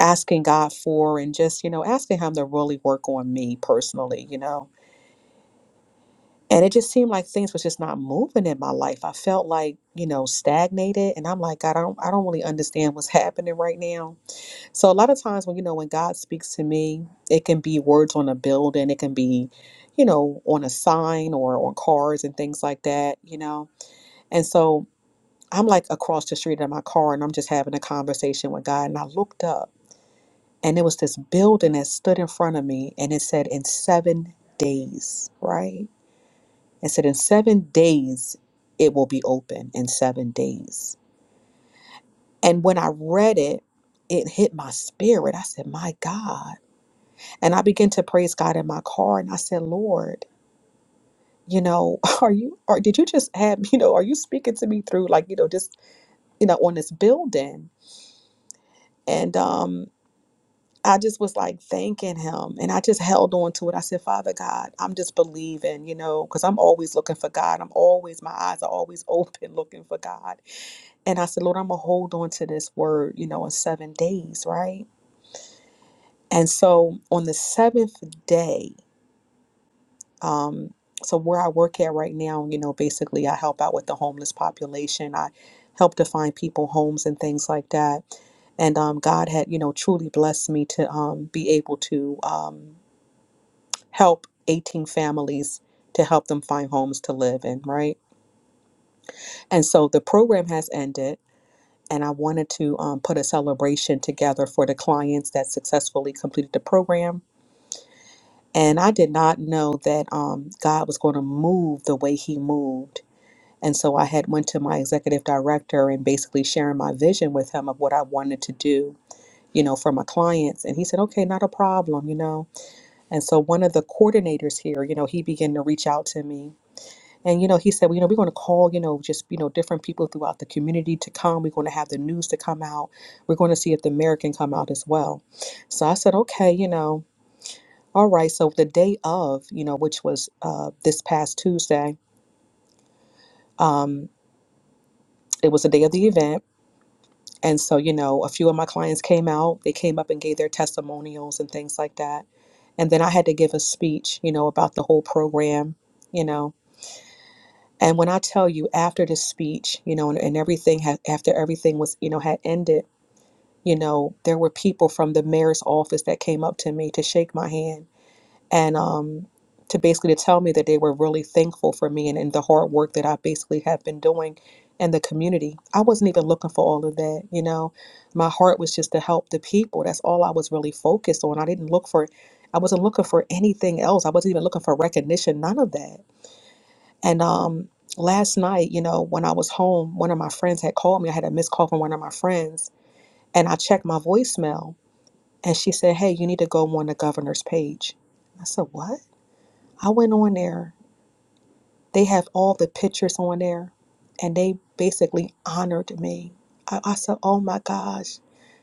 asking God for and just, you know, asking him to really work on me personally, you know. And it just seemed like things was just not moving in my life. I felt like, you know, stagnated and I'm like, God, I don't I don't really understand what's happening right now So a lot of times when you know when God speaks to me, it can be words on a building, it can be, you know, on a sign or on cars and things like that, you know. And so I'm like across the street in my car and I'm just having a conversation with God and I looked up and it was this building that stood in front of me and it said in 7 days, right? It said in 7 days it will be open in 7 days. And when I read it, it hit my spirit. I said, "My God, And I began to praise God in my car and I said, Lord, you know, are you or did you just have, you know, are you speaking to me through like, you know, just, you know, on this building? And um I just was like thanking him and I just held on to it. I said, Father God, I'm just believing, you know, because I'm always looking for God. I'm always, my eyes are always open looking for God. And I said, Lord, I'm going to hold on to this word, you know, in seven days, right? And so on the seventh day, Um, so where I work at right now, you know, basically I help out with the homeless population. I help to find people homes and things like that. And um, God had, you know, truly blessed me to um, be able to um, help 18 families to help them find homes to live in, right? And so the program has ended. And I wanted to um, put a celebration together for the clients that successfully completed the program. And I did not know that um, God was going to move the way He moved And so I had went to my executive director and basically sharing my vision with him of what I wanted to do, you know, for my clients. And he said, okay, not a problem, you know. And so one of the coordinators here, you know, he began to reach out to me. And, you know, he said, well, you know, we're going to call, you know, just, you know, different people throughout the community to come. We're going to have the news to come out. We're going to see if the mayor can come out as well. So I said, okay, you know, all right. So the day of, you know, which was uh, this past Tuesday, um, it was the day of the event And so, you know, a few of my clients came out, they came up and gave their testimonials and things like that. And then I had to give a speech, you know, about the whole program, you know. And when I tell you after the speech, you know, and, and everything had, after everything was, you know, had ended, you know, there were people from the mayor's office that came up to me to shake my hand and um, to basically to tell me that they were really thankful for me and, and the hard work that I basically have been doing in the community. I wasn't even looking for all of that, you know. My heart was just to help the people. That's all I was really focused on. I didn't look for, I wasn't looking for anything else. I wasn't even looking for recognition, none of that. And um, last night, you know, when I was home, one of my friends had called me. I had a missed call from one of my friends, and I checked my voicemail, and she said, "Hey, you need to go on the governor's page." I said, "What?" I went on there. They have all the pictures on there, and they basically honored me. I, I said, "Oh my gosh!"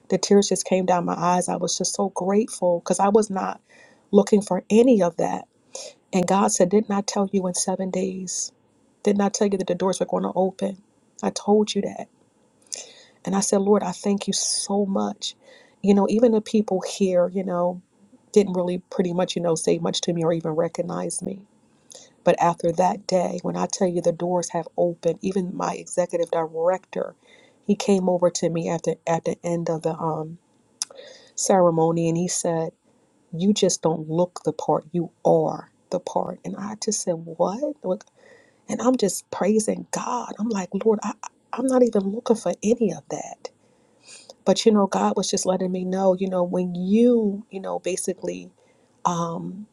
The tears just came down my eyes. I was just so grateful because I was not looking for any of that. And God said, "Didn't I tell you in seven days? Didn't I tell you that the doors were going to open? I told you that." And I said, "Lord, I thank you so much." You know, even the people here, you know, didn't really pretty much, you know, say much to me or even recognize me But after that day, when I tell you the doors have opened, even my executive director, he came over to me after at the end of the um, ceremony and he said, "You just don't look the part. You are the part." And I just said, "What?" Look, And I'm just praising God. I'm like, Lord, I, I- I'm not even looking for any of that. But you know, God was just letting me know, you know, when you, you know, basically, um,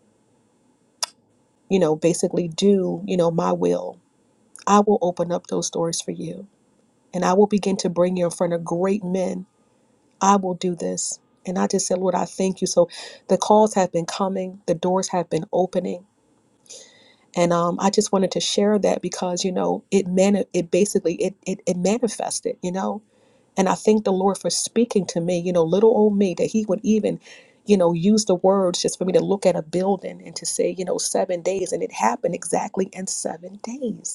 you know, basically do, you know, my will, I will open up those doors for you and I will begin to bring you in front of great men. I will do this. And I just said, Lord, I thank you. So the calls have been coming, the doors have been opening. And um, I just wanted to share that because, you know, it mani- it basically it, it it manifested, you know. And I thank the Lord for speaking to me, you know, little old me, that he would even, you know, use the words just for me to look at a building and to say, you know, seven days. And it happened exactly in seven days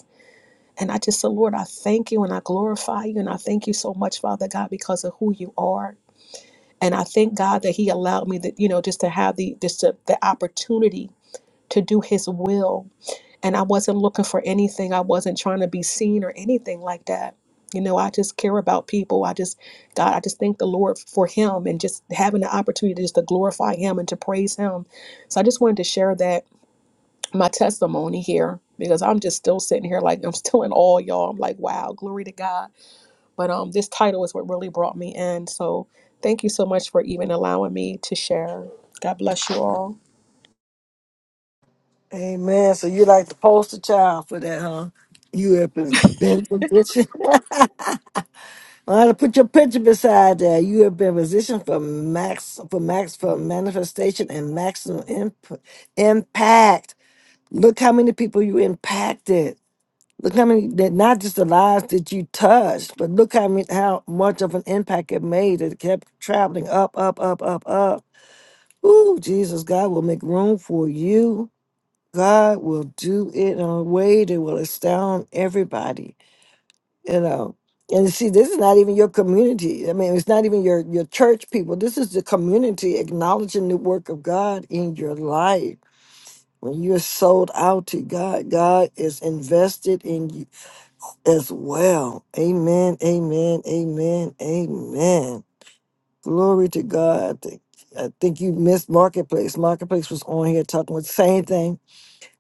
and I just said, Lord, I thank you and I glorify you. And I thank you so much, Father God, because of who you are. And I thank God that He allowed me that, you know, just to have the just the, the opportunity to do His will. And I wasn't looking for anything. I wasn't trying to be seen or anything like that. You know, I just care about people. I just, God, I just thank the Lord for Him and just having the opportunity just to glorify Him and to praise Him. So I just wanted to share that my testimony here because I'm just still sitting here like I'm still in awe, y'all. I'm like, wow, glory to God. But um, this title is what really brought me in. So thank you so much for even allowing me to share. God bless you all.
Amen. So you like the poster child for that, huh? You have been been positioned. I had to put your picture beside that. You have been positioned for max for max for manifestation and maximum imp- impact. Look how many people you impacted. Look how many that not just the lives that you touched, but look how many, how much of an impact it made. It kept traveling up, up, up, up, up. Ooh, Jesus, God will make room for you. God will do it in a way that will astound everybody, you know. And see, this is not even your community. I mean, it's not even your, your church people. This is the community acknowledging the work of God in your life. When you're sold out to God, God is invested in you as well. Amen, amen, amen, amen. Glory to God. I think, I think you missed Marketplace. Marketplace was on here talking with the same thing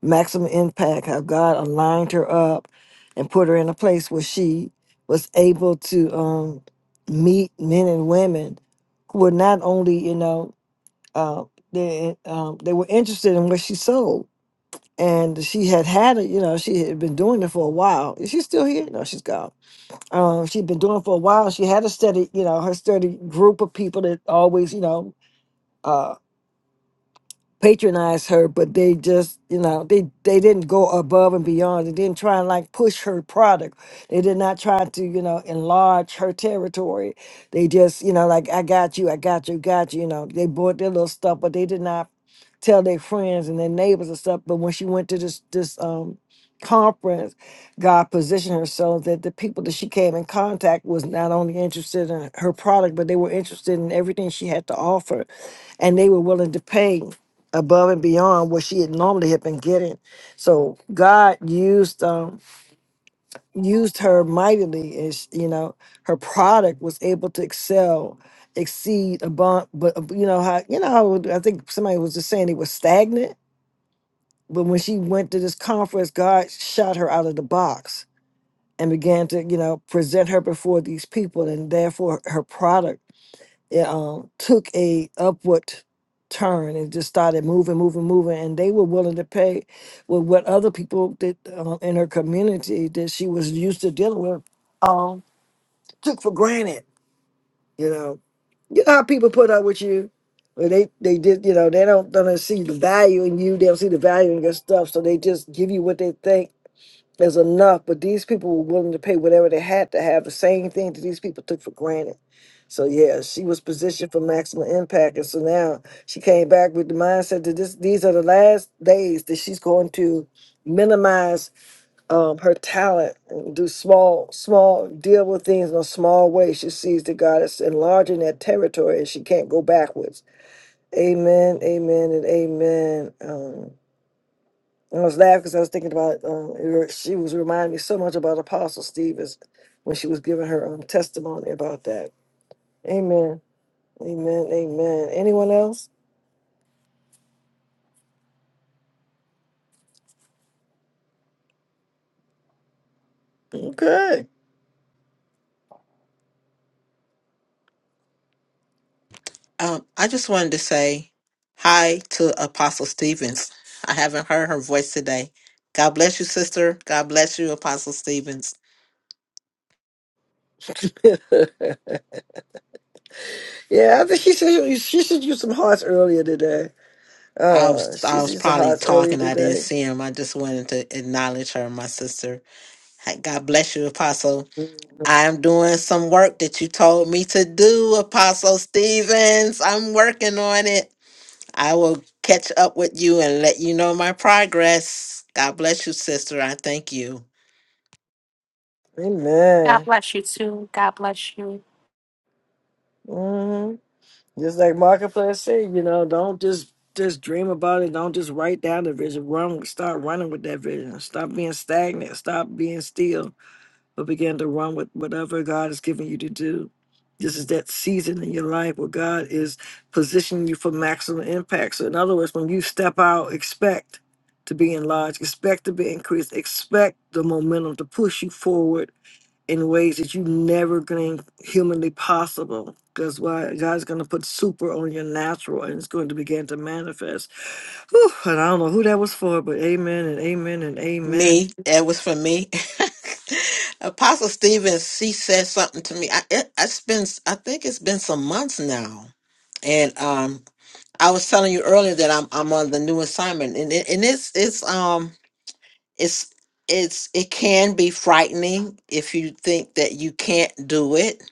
maximum impact, how God aligned her up and put her in a place where she was able to um, meet men and women who were not only, you know, uh, they, um, they were interested in what she sold. And she had had it, you know, she had been doing it for a while. Is she still here? No, she's gone. Um, she'd been doing it for a while. She had a steady, you know, her steady group of people that always, you know, uh, patronize her, but they just, you know, they they didn't go above and beyond. They didn't try and like push her product. They did not try to, you know, enlarge her territory. They just, you know, like I got you, I got you, got you. You know, they bought their little stuff, but they did not tell their friends and their neighbors and stuff. But when she went to this this um conference, God positioned her so that the people that she came in contact was not only interested in her product, but they were interested in everything she had to offer and they were willing to pay above and beyond what she had normally had been getting. So God used um used her mightily, and sh you know her product was able to excel, exceed above. But uh, you know how you know how it- I think somebody was just saying it was stagnant. But when she went to this conference, God shot her out of the box and began to you know present her before these people, and therefore her product it um, took a upward turn and just started moving, moving, moving. And they were willing to pay with what other people did um, in her community that she was used to dealing with um, took for granted. You know, you know how people put up with you. Well, They they did you know they don't don't see the value in you. They don't see the value in your stuff, so they just give you what they think is enough. But these people were willing to pay whatever they had to have. The same thing that these people took for granted so yeah, she was positioned for maximum impact, and so now she came back with the mindset that this these are the last days that she's going to minimize um, her talent and do small, small deal with things in a small way. She sees that God is enlarging that territory, and she can't go backwards. Amen, amen, and amen. Um, I was laughing because I was thinking about um, it re- she was reminding me so much about Apostle Stevens when she was giving her um, testimony about that. Amen. Amen. Amen. Anyone else? Okay.
Um, I just wanted to say hi to Apostle Stevens. I haven't heard her voice today. God bless you, sister. God bless you, Apostle Stevens.
yeah, I think she said you- she should use some hearts earlier today.
I
Uh,
was
she
I
should
was
use the
probably
hearts earlier
talking. I didn't
today.
see him. I just wanted to acknowledge her, my sister. Hey, God bless you, Apostle.
Mhm.
I'm doing some work that you told me to do, Apostle Stevens. I'm working on it. I will catch up with you and let you know my progress. God bless you, sister. I thank you.
God
Amen.
bless you too. God bless you.
hmm Just like Marketplace said, you know, don't just just dream about it. Don't just write down the vision. Run, start running with that vision. Stop being stagnant. Stop being still but begin to run with whatever God has given you to do. This is that season in your life where God is positioning you for maximum impact. So, in other words, when you step out, expect to be enlarged, expect to be increased, expect the momentum to push you forward in ways that you never think humanly possible. That's why God's going to put super on your natural and it's going to begin to manifest. Whew, and I don't know who that was for, but amen and amen and amen.
Me, it was for me. Apostle Stevens, she said something to me. I it, it's been, I think it's been some months now, and um, I was telling you earlier that I'm I'm on the new assignment, and it, and it's it's um it's it's it can be frightening if you think that you can't do it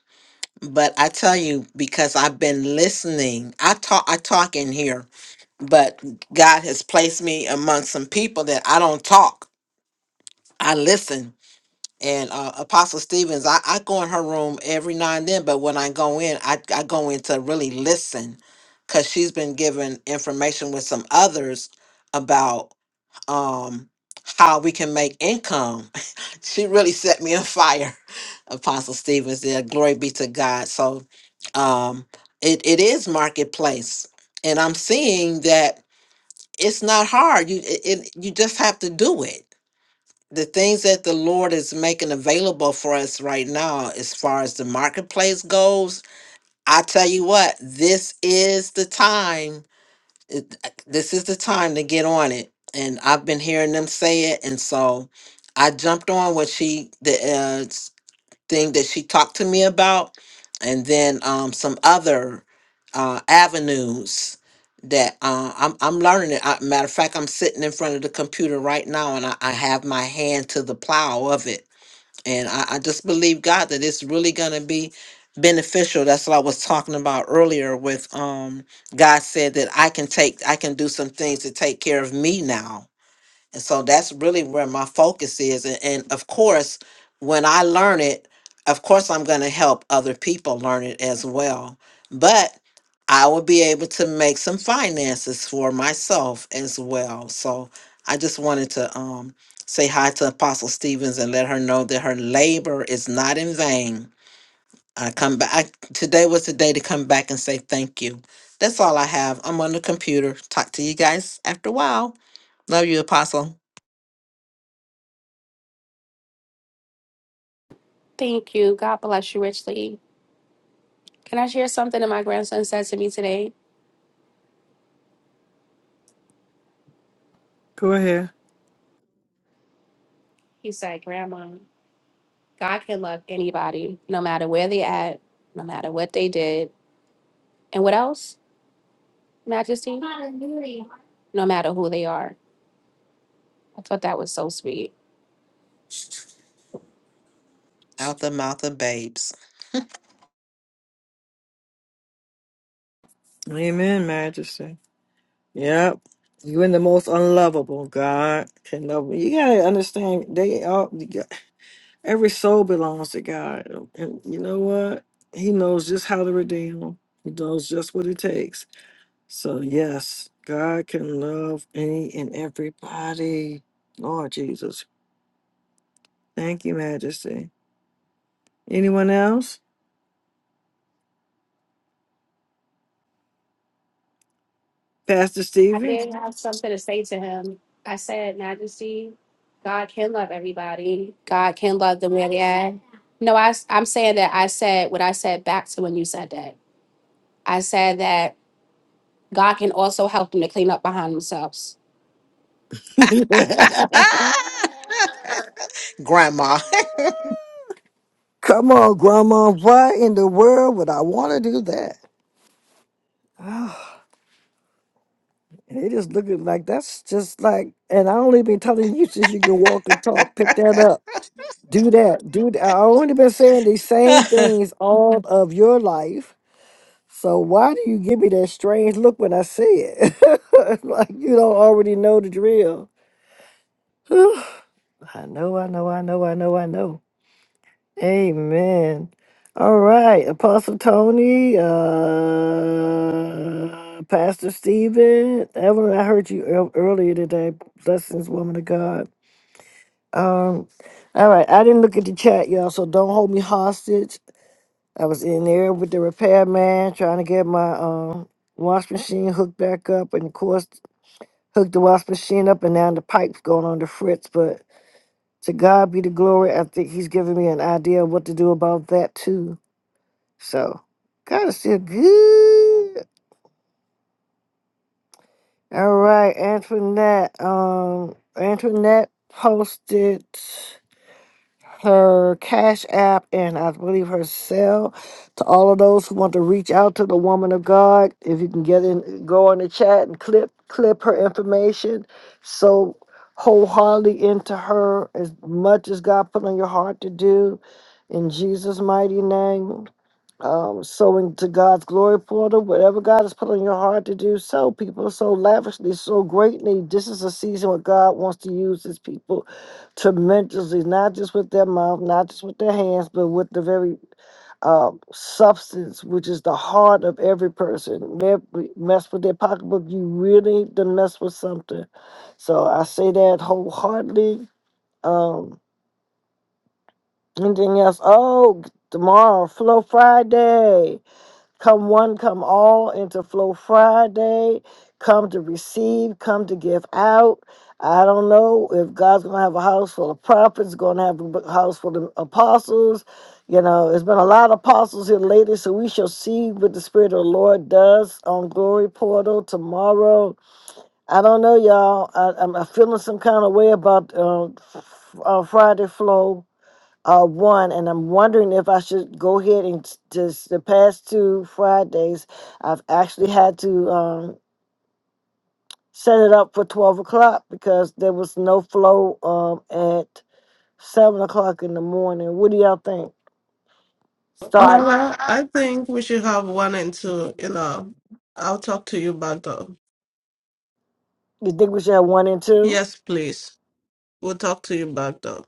but i tell you because i've been listening i talk i talk in here but god has placed me among some people that i don't talk i listen and uh, apostle stevens I, I go in her room every now and then but when i go in i, I go in to really listen because she's been given information with some others about um, how we can make income. she really set me on fire, Apostle Stevens. Yeah, glory be to God. So um, it, it is marketplace. And I'm seeing that it's not hard. You it, it, you just have to do it. The things that the Lord is making available for us right now, as far as the marketplace goes, I tell you what, this is the time it, this is the time to get on it. And I've been hearing them say it, and so I jumped on what she the uh, s- thing that she talked to me about, and then um, some other uh, avenues that uh, I'm I'm learning it. I, matter of fact, I'm sitting in front of the computer right now, and I, I have my hand to the plow of it and I, I just believe God that it's really gonna be beneficial. That's what I was talking about earlier with um God said that I can take I can do some things to take care of me now and so that's really where my focus is. And, and of course, when I learn it, of course, I'm going to help other people learn it as well. But I will be able to make some finances for myself as well. So I just wanted to um, say hi to Apostle Stevens and let her know that her labor is not in vain. I come back. I, today was the day to come back and say thank you. That's all I have. I'm on the computer. Talk to you guys after a while. Love you, Apostle.
Thank you. God bless you richly. Can I share something that my grandson said to me today?
Go ahead.
He said, Grandma, God can love anybody, no matter where they at, no matter what they did. And what else, Majesty? No matter who they are. I thought that was so sweet.
out the mouth of babes.
Amen, Majesty. Yep. Even the most unlovable, God can love you. You gotta understand they all every soul belongs to God. And you know what? He knows just how to redeem them. He knows just what it takes. So yes, God can love any and everybody. Lord Jesus. Thank you, Majesty. Anyone else? Pastor
I
Stevens?
did have something to say to him. I said, Majesty, God can love everybody. God can love them where they at. No, I, I'm saying that I said what I said back to when you said that. I said that God can also help them to clean up behind themselves.
Come
Ah! Grandma.
on, Grandma. Why in the world would I want to do that? Ah. And they just look at like that's just like, and I only been telling you since you can walk and talk. Pick that up. Do that. Do that. I only been saying these same
it
things all of your life. So why do you give me that strange look when I say it? like you don't already know the drill. I know, I know, I know, I know, I know. Amen. All right, Apostle Tony, uh, Pastor Stephen, Evelyn, I heard you ear- earlier today. Blessings, woman of God. Um, all right, I didn't look at the chat, y'all, so don't hold me hostage. I was in there with the repairman trying to get my um wash machine hooked back up, and of course hooked the wash machine up, and now the pipe's going on the fritz. But to God be the glory. I think He's giving me an idea of what to do about that too So God is still good. All right, Antoinette. Um, Antoinette posted her Cash App and I believe her cell to all of those who want to reach out to the woman of God. If you can get in, go in the chat and clip clip her information. So wholeheartedly into her as much as God put on your heart to do. In Jesus' mighty name. um, sowing to God's glory portal, whatever God has put on your heart to do, so people so lavishly, so greatly. This is a season where God wants to use his people tremendously, not just with their mouth, not just with their hands, but with the very uh, substance, which is the heart of every person. Every- Mess with their pocketbook, you really done mess with something. So I say that wholeheartedly. Um, anything else? Oh, tomorrow, Flow Friday. Come one, come all into Flow Friday. Come to receive, come to give out. I don't know if God's going to have a house full of prophets, going to have a b- house full of apostles. You know, there's been a lot of apostles here lately, so we shall see what the Spirit of the Lord does on Glory Portal tomorrow. I don't know, y'all. I, I'm I'm feeling some kind of way about uh, f- uh, Friday Flow uh, one, and I'm wondering if I should go ahead and s- just the past two Fridays, I've actually had to um, set it up for 12 o'clock because there was no flow um, at 7 o'clock in the morning. What do y'all think? Start,
Mara, I think we should have one and two. You know, I'll talk to you back though.
you think we should have one and two?
Yes, please. We'll talk to you back though.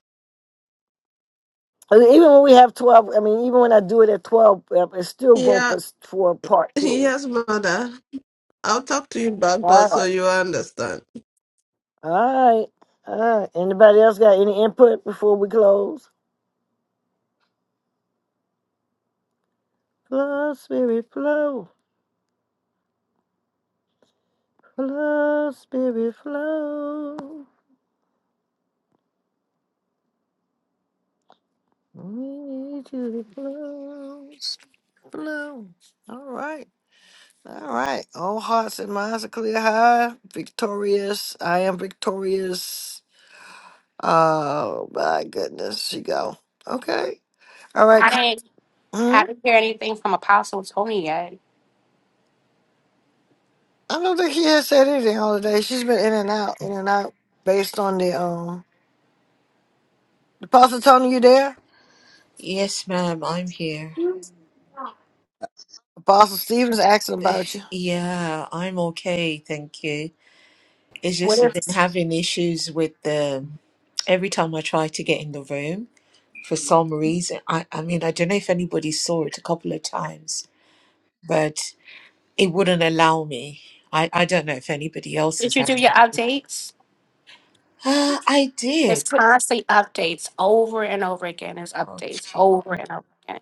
I mean, Even when we have 12, I mean, even when I do it at 12, uh, it's still room for,
Yeah,
s- for part two.
yes, mother. I'll talk to you back though
All
so
right.
you understand.
All right. All right. Anybody else got any input before we close? Flow, spirit, flow. Flow, spirit, flow. We need you to flow, flow. All right, all right. All hearts and minds are clear. High, victorious. I am victorious. Oh my goodness, she go. Okay. All right.
I
co-
didn't
Hmm?
I didn't hear anything from Apostle Tony yet.
I don't think she has said anything all day. She's been in and out, in and out, based on the um. Apostle Tony, you there?
Yes, ma'am, I'm here.
Apostle Stevens asking about you.
Yeah, I'm okay, thank you. It's
What
just I've been
is
having issues with the every time I try to get in the room for some reason. I, I mean, I don't know if anybody saw it a couple of times, but it wouldn't allow me. I, I don't know if anybody else
did
is
you do
having.
your
it.
updates?
Uh, I
It's
did.
constantly updates over and over again. It's
Oh,
updates
gee.
over and over again.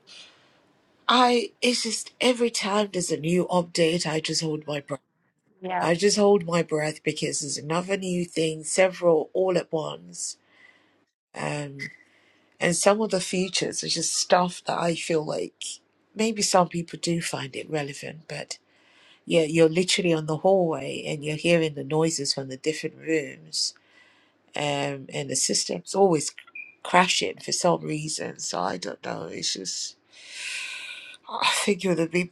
I it's just every time there's a new update, I just hold my breath.
Yeah.
I just hold my breath because there's another new thing, several all at once. Um, and some of the features are just stuff that I feel like maybe some people do find it relevant, but yeah, you're literally on the hallway and you're hearing the noises from the different rooms. Um, and the system's always c- crashing for some reason. So I don't know. It's just, I think it would have been,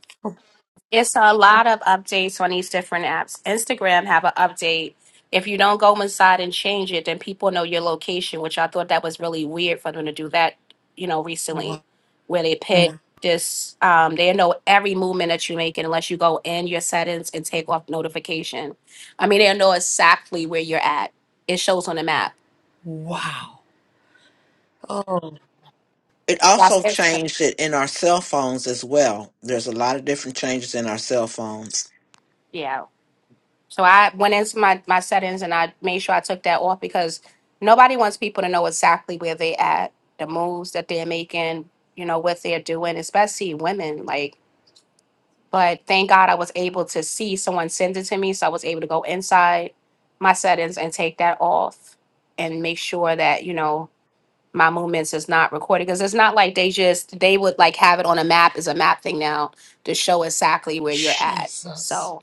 It's a lot of updates on these different apps. Instagram have an update. If you don't go inside and change it, then people know your location, which I thought that was really weird for them to do that, you know, recently, where they pick Mm. this, um, they know every movement that you make unless you go in your settings and take off notification. I mean, they know exactly where you're at. It shows on the map.
wow. Oh,
That's
also
Instagram.
changed it in our cell phones as well. There's a lot of different changes in our cell phones.
Yeah. So I went into my, my settings and I made sure I took that off because nobody wants people to know exactly where they at, the moves that they're making, you know, what they're doing, especially women. Like, but thank God I was able to see someone send it to me. So I was able to go inside my settings and take that off and make sure that, you know, my movements is not recorded because it's not like they just they would like have it on a map as a map thing now to show exactly where you're at.
Jesus.
So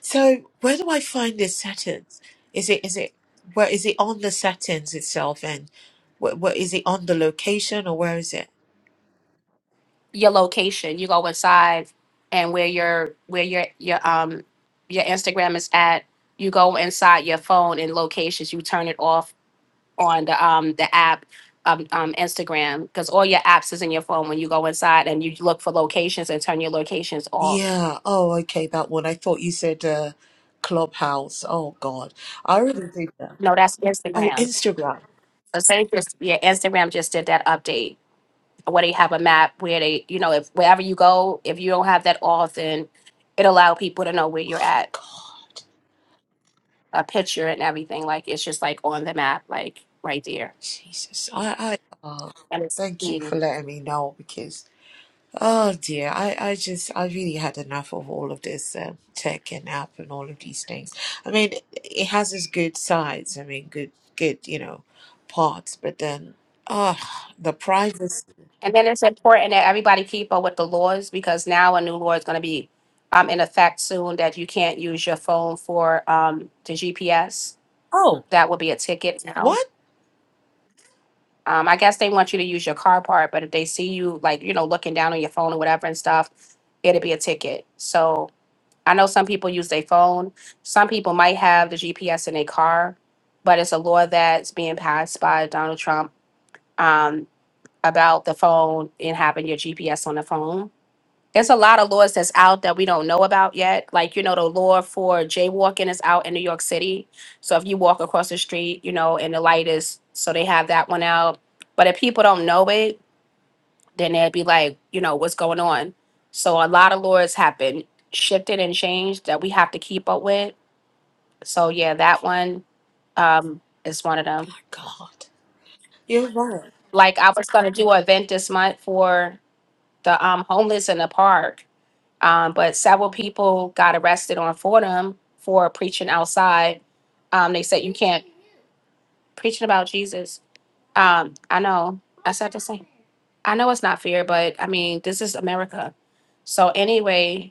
So where do I find this settings? Is it is it where is it on the settings itself and what what is it on the location or where is it?
your location. You go inside and where your where your your um your Instagram is at. You go inside your phone and locations. You turn it off on the um the app um, um Instagram because all your apps is in your phone when you go inside and you look for locations and turn your locations off.
Yeah. Oh, okay, that one. I thought you said uh Clubhouse. Oh God. I already did that.
No, that's
Oh,
Instagram.
Instagram.
So say just yeah, Instagram just did that update where they have a map where they you know if wherever you go if you don't have that off then it allow people to know where you're
my
at.
God.
a picture and everything. Like it's just like on the map, like right there.
Jesus. I I oh,
And it's
thank you
mm.
for letting me know because Oh dear, I, I just, I really had enough of all of this um, tech and app and all of these things. I mean, it has its good sides. I mean, good, good, you know, parts. But then, ah, the privacy.
and then it's important that everybody keep up with the laws because now a new law is going to be um, in effect soon that you can't use your phone for um, the GPS.
Oh,
That will be a ticket now.
what?
Um, I guess they want you to use your car part, but if they see you like you know looking down on your phone or whatever and stuff, it'll be a ticket. So I know some people use their phone. Some people might have the GPS in their car, but it's a law that's being passed by Donald Trump um, about the phone and having your GPS on the phone. There's a lot of laws that's out that we don't know about yet. Like, you know, the law for jaywalking is out in New York City. So if you walk across the street, you know, and the light is, so they have that one out. But if people don't know it, then they'd be like, you know, what's going on? So a lot of laws have been shifted and changed that we have to keep up with. So yeah, that one um is one of them.
My God, you're right.
Like I was gonna do an event this month for the um homeless in the park. Um, but several people got arrested on Fordham for preaching outside. Um, they said you can't preaching about Jesus. Um, I know. I said the same. I know it's not fair, but I mean, this is America. So anyway,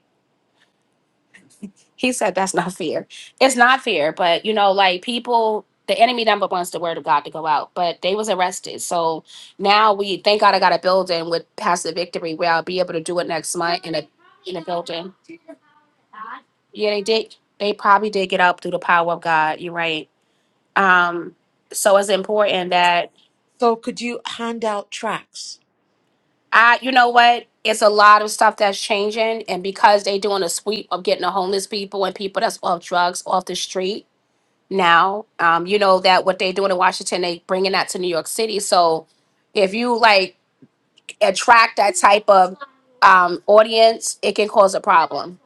He said that's not fear. It's not fear, but you know, like people, the enemy number wants the word of God to go out, but they was arrested. So now we thank God I got a building with Pastor Victory where I'll be able to do it next month in a in a building. Yeah, they did. They probably did get up through the power of God. You're right. Um, so it's important that
So, could you hand out tracks?
I, you know what? It's a lot of stuff that's changing, and because they doing a sweep of getting the homeless people and people that's off drugs off the street, now. Um, you know that what they're doing in Washington, they bringing that to New York City. So if you like attract that type of um, audience, it can cause a problem.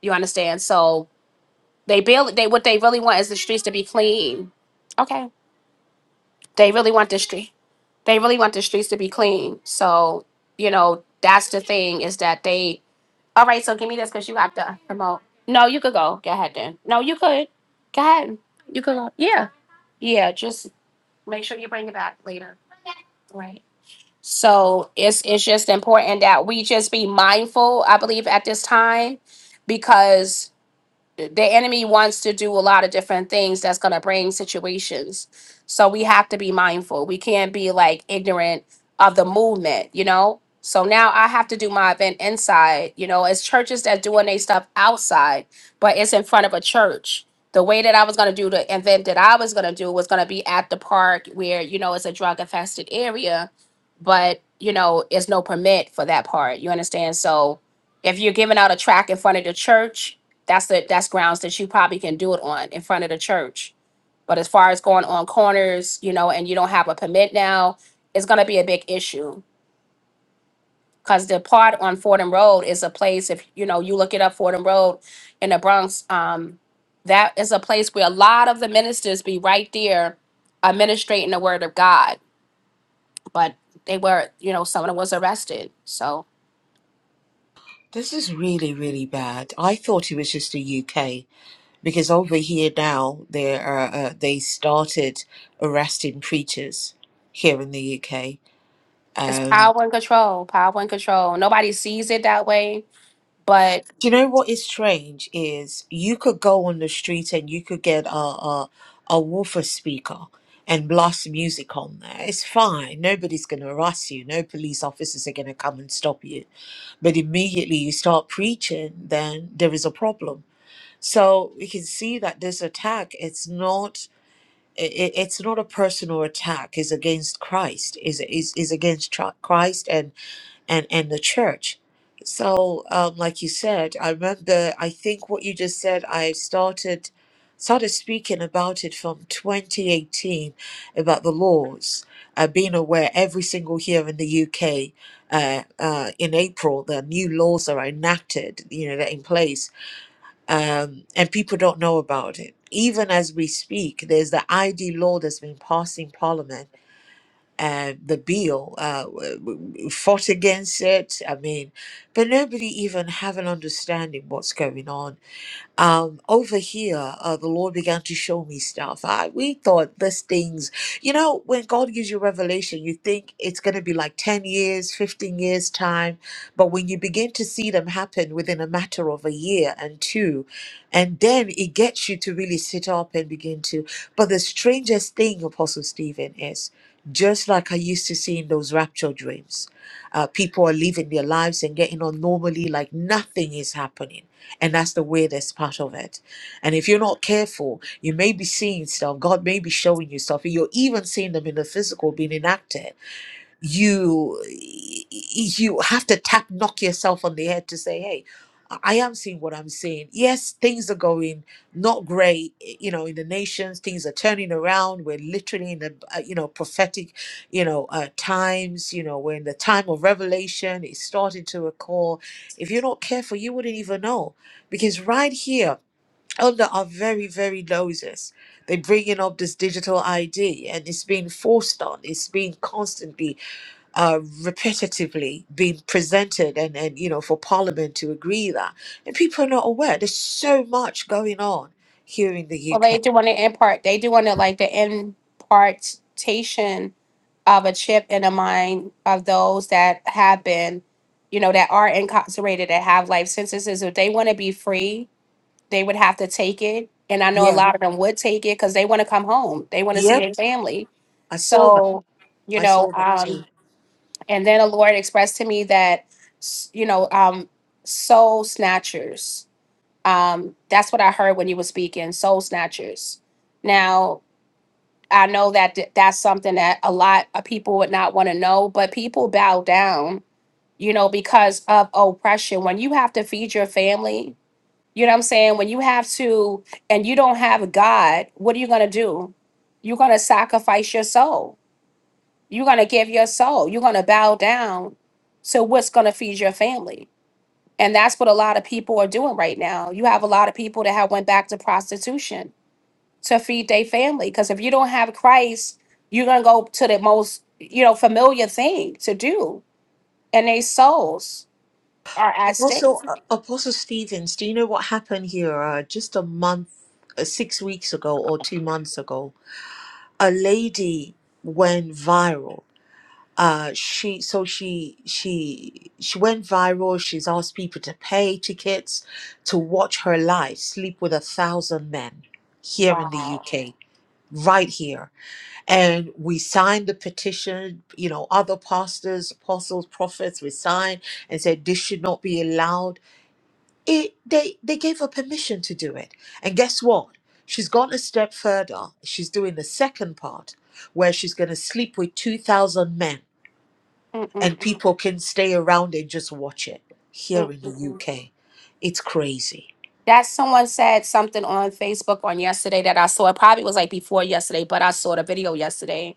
You understand? So they build they what they really want is the streets to be clean. Okay, they really want the street. They really want the streets to be clean. So you know that's the thing is that they. All right, so give me this because you have to promote. No, you could go. Go ahead then. No, you could. Go ahead. You could go. Yeah. Yeah, just Make sure you bring it back later, right? So it's it's just important that we just be mindful, I believe, at this time because the enemy wants to do a lot of different things that's going to bring situations. So we have to be mindful. We can't be like ignorant of the movement, you know? So now I have to do my event inside, you know, it's churches that doing their stuff outside, but it's in front of a church. The way that I was going to do the event that I was going to do was going to be at the park where, you know, it's a drug infested area, but, you know, it's no permit for that part. You understand? So if you're giving out a track in front of the church, that's the that's grounds that you probably can do it on in front of the church. But as far as going on corners, you know, and you don't have a permit now, it's gonna be a big issue. Cause the part on Fordham Road is a place, if you know, you look it up Fordham Road in the Bronx, um, that is a place where a lot of the ministers be right there administrating the word of God. But they were, you know, someone was arrested. So
This is really, really bad. I thought it was just the UK because over here now they are uh, they started arresting preachers here in the UK.
it's power and control, power and control. Nobody sees it that way, but.
Do you know what is strange is you could go on the street and you could get a a, a woofer speaker and blast music on there. It's fine. Nobody's going to arrest you. No police officers are going to come and stop you. But immediately you start preaching, then there is a problem. So we can see that this attack, it's not it, it's not a personal attack. It's against Christ. Is is is against Tr- Christ and and and the church. So, um, like you said, I remember. I think what you just said. I started started speaking about it from 2018 about the laws. I've been aware every single year in the UK. Uh, uh, in April, the new laws are enacted. You know, they're in place, um, and people don't know about it. Even as we speak, there's the ID law that's been passed in Parliament uh, the bill uh, w- w- fought against it. I mean, but nobody even have an understanding what's going on um, over here, uh, the Lord began to show me stuff. I, we thought this things, you know, when God gives you revelation, you think it's going to be like 10 years, 15 years time. But when you begin to see them happen within a matter of a year and two, and then it gets you to really sit up and begin to. But the strangest thing, Apostle Stephen, is just like I used to see in those rapture dreams, uh, people are living their lives and getting on normally like nothing is happening and that's the weirdest part of it. And if you're not careful, you may be seeing stuff. God may be showing you stuff. You're even seeing them in the physical being enacted you you have to tap knock yourself on the head to say hey i I am seeing what i'm seeing yes things are going not great i- you know in the nations things are turning around we're literally in the uh, you know prophetic you know uh, times you know we're in the time of revelation it's starting to occur if you're not careful you wouldn't even know because right here under our very very noses they're bringing up this digital id and it's being forced on it's being constantly uh, repetitively being presented and, and you know for parliament to agree that and people are not aware there's so much going on here in
Well,
the
they
uk
do want to impart. They do want to like the impartation of a chip in the mind of those that have been, you know, that are incarcerated that have life sentences. If they want to be free, they would have to take it. And I know a
yeah
lot of them would take it because they want to come home. They want to see
yep
their family.
i saw that
So, you
i
know,
saw that too
um, and then the Lord expressed to me that, s- you know, um, soul snatchers um, that's what I heard when you were speaking, soul snatchers. Now, I know that th- that's something that a lot of people would not want to know, but people bow down, you know, because of oppression. When you have to feed your family, you know what I'm saying? When you have to, and you don't have God, what are you going to do? You're going to sacrifice your soul. You're going to give your soul. You're going to bow down to what's going to feed your family and that's what a lot of people are doing right now. You have a lot of people that have went back to prostitution to feed their family. Because if you don't have Christ, you're gonna go to the most, you know, familiar thing to do, and their souls are at stake.
apostle uh, apostle stevens do you know what happened here uh, just a month uh, six weeks ago or two months ago a lady went viral uh she so she she she went viral she's asked people to pay tickets to watch her live sleep with a thousand men here in the
Wow.
uk right here and we signed the petition you know other pastors apostles prophets we signed and said this should not be allowed it they they gave her permission to do it and guess what she's gone a step further she's doing the second part where she's going to sleep with 2000 men
Mm-mm-mm-mm-mm.
and people can stay around and just watch it here in the UK. It's crazy.
That someone said something on Facebook on yesterday that I saw. It probably was like before yesterday, but I saw the video yesterday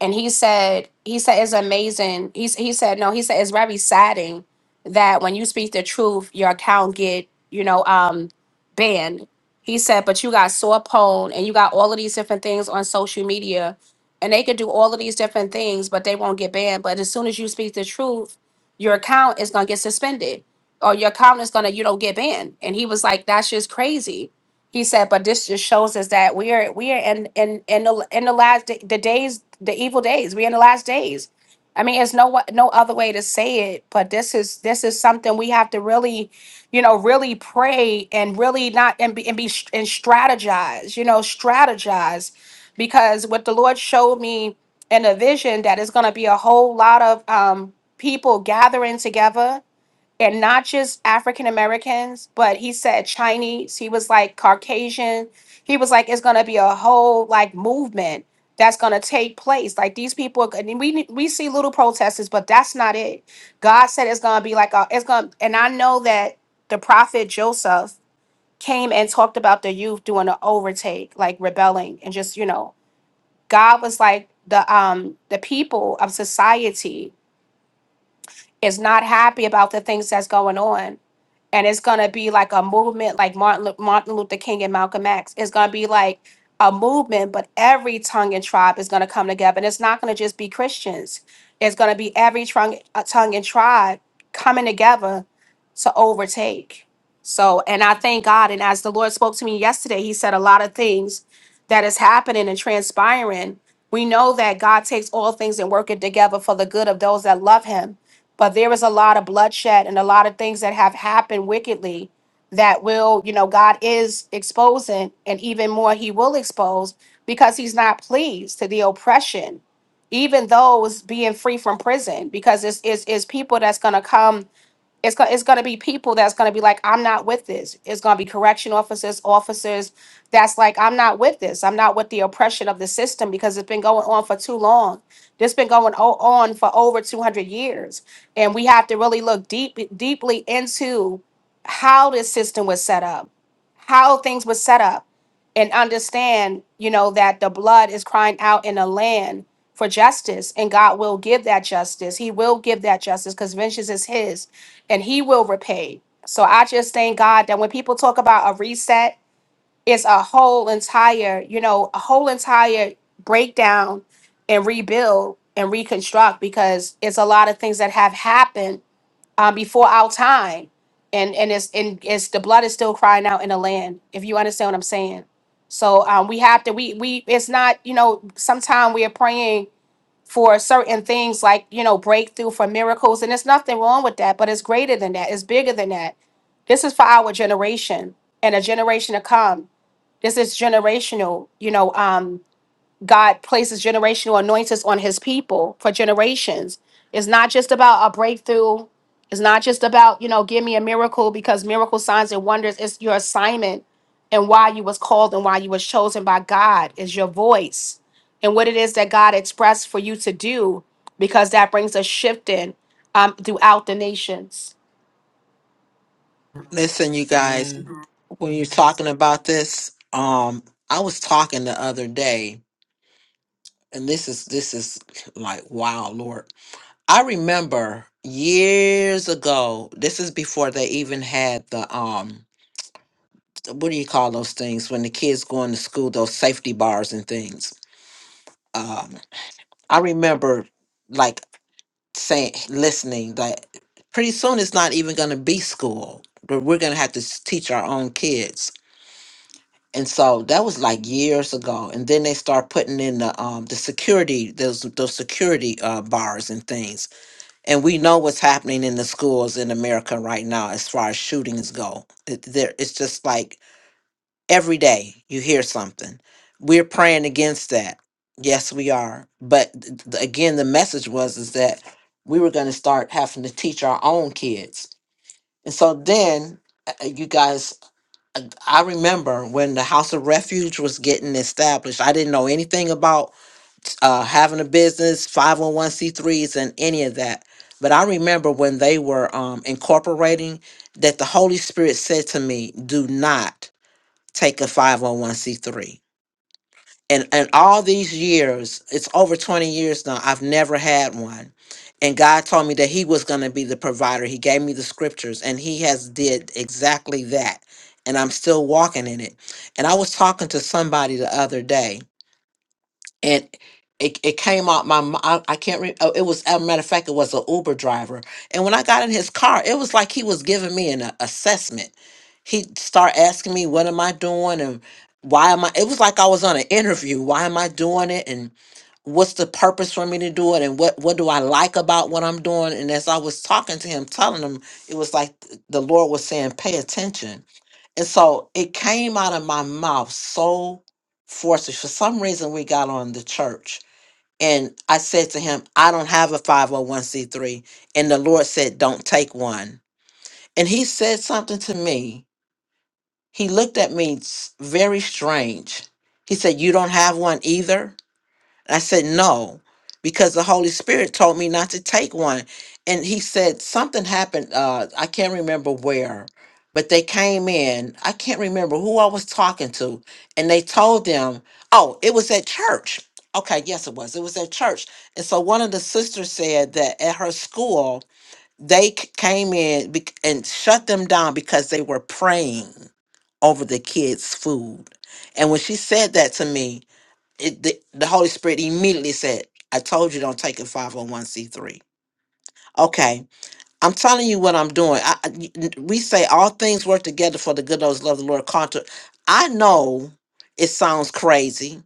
and he said he said it's amazing he, s- he said no he said it's very saddening that when you speak the truth your account get you know um banned he said but you got sore pone and you got all of these different things on social media and they could do all of these different things but they won't get banned but as soon as you speak the truth your account is going to get suspended or your account is going to you know get banned and he was like that's just crazy he said, but this just shows us that we are we are in in in the in the last da- the days the evil days. We're in the last days. I mean, it's no wa- no other way to say it. But this is this is something we have to really, you know, really pray and really not and be and be str- and strategize. You know, strategize because what the Lord showed me in a vision that is going to be a whole lot of um people gathering together and not just African Americans, but he said Chinese, he was like Caucasian. He was like, it's gonna be a whole like movement that's gonna take place. Like these people, I mean, we ne- we see little protesters, but that's not it. God said it's gonna be like a, it's gonna, and I know that the prophet Joseph came and talked about the youth doing an overtake, like rebelling, and just you know, God was like the um the people of society is not happy about the things that's going on and it's gonna be like a movement, like Martin Lu- Martin Luther King and Malcolm X. It's gonna be like a movement, but every tongue and tribe is gonna come together, and it's not gonna just be Christians. It's gonna be every tongue, uh, tongue and tribe coming together to overtake. So, and I thank God. And as the Lord spoke to me yesterday, He said a lot of things that is happening and transpiring. We know that God takes all things and work it together for the good of those that love Him but there is a lot of bloodshed and a lot of things that have happened wickedly that will, you know, God is exposing, and even more, He will expose because He's not pleased to the oppression, even those being free from prison, because it's, it's, it's people that's going to come it's going it's going to be people that's going to be like i'm not with this it's going to be correction officers officers that's like i'm not with this i'm not with the oppression of the system because it's been going on for too long this been going o- on for over 200 years and we have to really look deep deeply into how this system was set up how things were set up and understand you know that the blood is crying out in the land for justice and god will give that justice he will give that justice because vengeance is his and he will repay. So I just thank God that when people talk about a reset, it's a whole entire, you know, a whole entire breakdown and rebuild and reconstruct because it's a lot of things that have happened um, before our time. And and it's and it's the blood is still crying out in the land, if you understand what I'm saying. So um, we have to we we it's not, you know, Sometimes we are praying for certain things like, you know, breakthrough for miracles. And there's nothing wrong with that, but it's greater than that, it's bigger than that. This is for our generation and a generation to come. This is generational, you know. Um, God places generational anointings on his people for generations. It's not just about a breakthrough. It's not just about, you know, give me a miracle because miracle signs and wonders is your assignment and why you was called and why you was chosen by God is your voice and what it is that God expressed for you to do because that brings a shift in um, throughout the nations.
Listen, you guys,
Amen.
when you're talking about this, um, I was talking the other day, and this is this is like wow, Lord. I remember years ago. This is before they even had the um, what do you call those things when the kids going to school? Those safety bars and things um, I remember like saying, listening that pretty soon it's not even going to be school, but we're going to have to s- teach our own kids. And so that was like years ago. And then they start putting in the um, the security those those security uh, bars and things. And we know what's happening in the schools in America right now as far as shootings go. It, there, it's just like every day you hear something. We're praying against that. Yes, we are. But th- th- again, the message was is that we were going to start having to teach our own kids. And so then uh, uh, you guys uh, I remember when the House of Refuge was getting established. I didn't know anything about uh, having a business, 501c3s and any of that. But I remember when they were um, incorporating that the Holy Spirit said to me, "Do not take a 501c3." and and all these years it's over 20 years now i've never had one and god told me that he was going to be the provider he gave me the scriptures and he has did exactly that and i'm still walking in it and i was talking to somebody the other day and it, it came out my mi- I, I can't remember oh, it was as a matter of fact it was an uber driver and when i got in his car it was like he was giving me an a- assessment he start asking me what am i doing and why am i it was like i was on an interview why am i doing it and what's the purpose for me to do it and what what do i like about what i'm doing and as i was talking to him telling him it was like th- the lord was saying pay attention and so it came out of my mouth so forces. For some reason, we got on the church. And I said to him, I don't have a 501c3. And the Lord said, Don't take one. And he said something to me. He looked at me s- very strange. He said, You don't have one either? I said, no, because the Holy Spirit told me not to take one. And he said, something happened. Uh, I can't remember where, but they came in. I can't remember who I was talking to. And they told them, oh, it was at church. Okay, yes, it was. It was at church. And so one of the sisters said that at her school, they c- came in bec- and shut them down because they were praying over the kids' food. And when she said that to me, it, the, the Holy Spirit immediately said, I told you don't take a 501c3. Okay, I'm telling you what I'm doing. I, I- y- n- we say all things work together for the good of those who love the Lord. Contra, I know it sounds crazy,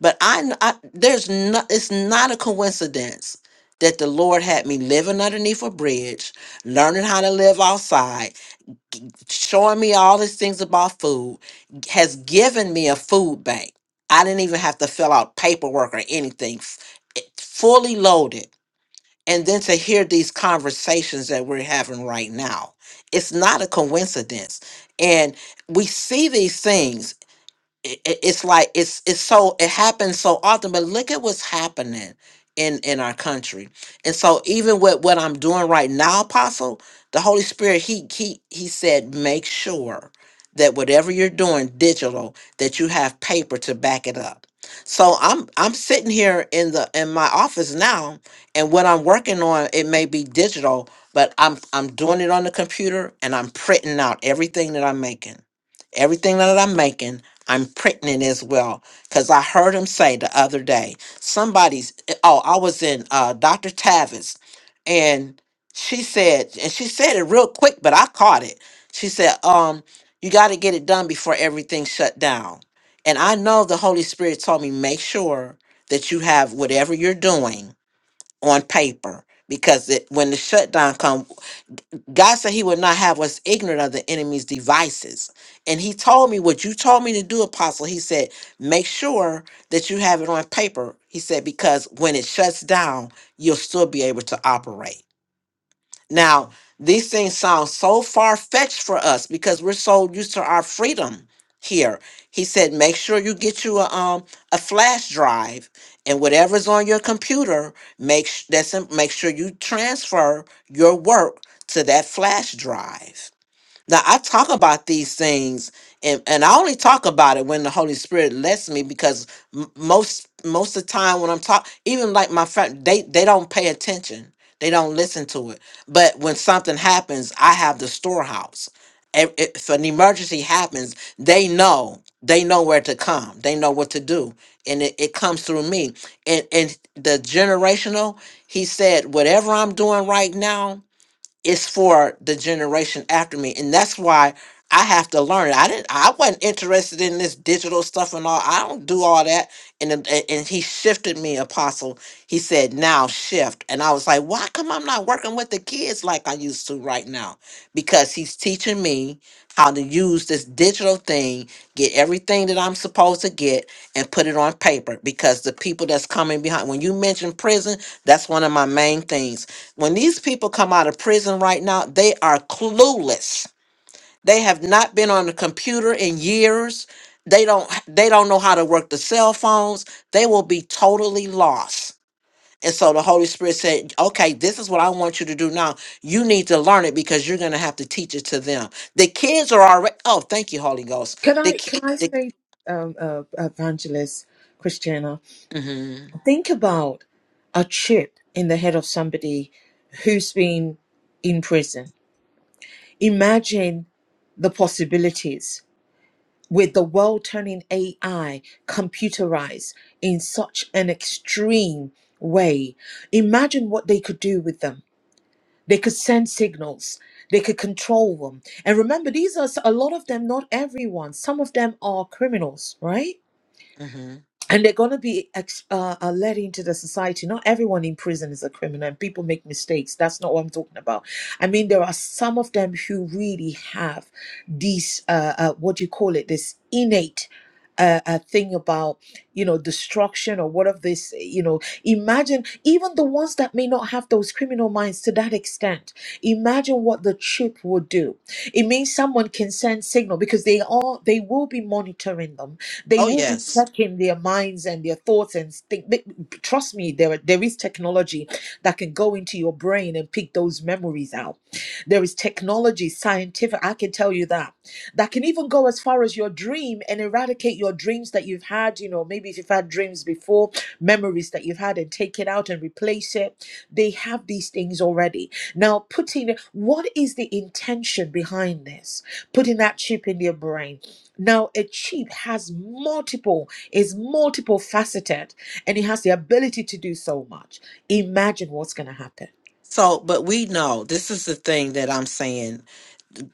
but I, kn- I there's not. It's not a coincidence that the Lord had me living underneath a bridge, learning how to live outside, showing me all these things about food has given me a food bank. I didn't even have to fill out paperwork or anything, f- it- fully loaded. And then to hear these conversations that we're having right now, it's not a coincidence. And we see these things it, it- it's like it's it's so it happens so often but look at what's happening in in our country and so even with what i'm doing right now apostle the holy spirit he he he said make sure that whatever you're doing digital that you have paper to back it up so i'm i'm sitting here in the in my office now and what i'm working on it may be digital but i'm i'm doing it on the computer and i'm printing out everything that i'm making everything that i'm making I'm pregnant as well. Because I heard him say the other day, somebody's, oh, I was in uh, Dr. Tavis, and she said, and she said it real quick, but I caught it. She said, um, you got to get it done before everything shut down. And I know the Holy Spirit told me, make sure that you have whatever you're doing on paper. Because it, when the shutdown comes, God said he would not have us ignorant of the enemy's devices. And he told me what you told me to do, apostle. He said, make sure that you have it on paper. He said, because when it shuts down, you'll still be able to operate. Now, these things sound so far fetched for us because we're so used to our freedom here. He said, make sure you get you a um a flash drive and whatever's on your computer, make sh- that's in- make sure you transfer your work to that flash drive now I talk about these things, and and I only talk about it when the Holy Spirit lets me, because m- most most of the time when I'm talking, even like my friend, they they don't pay attention, they don't listen to it. But when something happens, I have the storehouse. If, if an emergency happens, they know they know where to come, they know what to do, and it, it comes through me. And and the generational, he said, whatever I'm doing right now it's for the generation after me and that's why i have to learn i didn't i wasn't interested in this digital stuff and all i don't do all that and then- and and he shifted me apostle he said now shift and i was like why come i'm not working with the kids like i used to right now because he's teaching me how to use this digital thing get everything that i'm supposed to get and put it on paper because the people that's coming behind when you mention prison that's one of my main things when these people come out of prison right now, they are clueless. They have not been on a computer in years. They don't they don't know how to work the cell phones. They will be totally lost. And so the Holy Spirit said, "Okay, this is what I want you to do now. You need to learn it because you're going to have to teach it to them. The kids are already Oh, thank you, Holy Ghost.
Can
The
I
ki-
can I
the
say, um, uh, evangelist Christiana,
mhm.
think about a chip in the head of somebody who's been in prison. Imagine the possibilities with the world turning AI computerized in such an extreme way. Imagine what they could do with them They could send signals. They could control them. And remember, these are s- a lot of them, not everyone. Some of them are criminals, right?
Mhm.
and they're going to be ex- uh, uh, let into the society. Not everyone in prison is a criminal, and people make mistakes. That's not what I'm talking about. I mean, there are some of them who really have these, uh, uh, what do you call it, this innate. Uh, uh thing about you know destruction or what of this you know imagine even the ones that may not have those criminal minds to that extent imagine what the chip would do it means someone can send signal because they are they will be monitoring them they
Oh,
will be
yes.
checking their minds and their thoughts and think. they- trust me, there are- there is technology that can go into your brain and pick those memories out. There is technology, scientific. I can tell you that that can even go as far as your dream and eradicate your dreams that you've had. You know, maybe if you've had dreams before, memories that you've had, and take it out and replace it. They have these things already now, putting what is the intention behind this? Putting that chip in your brain. Now, a chip has multiple, is multiple faceted, and it has the ability to do so much. Imagine what's going to happen.
So, but we know this is the thing that I'm saying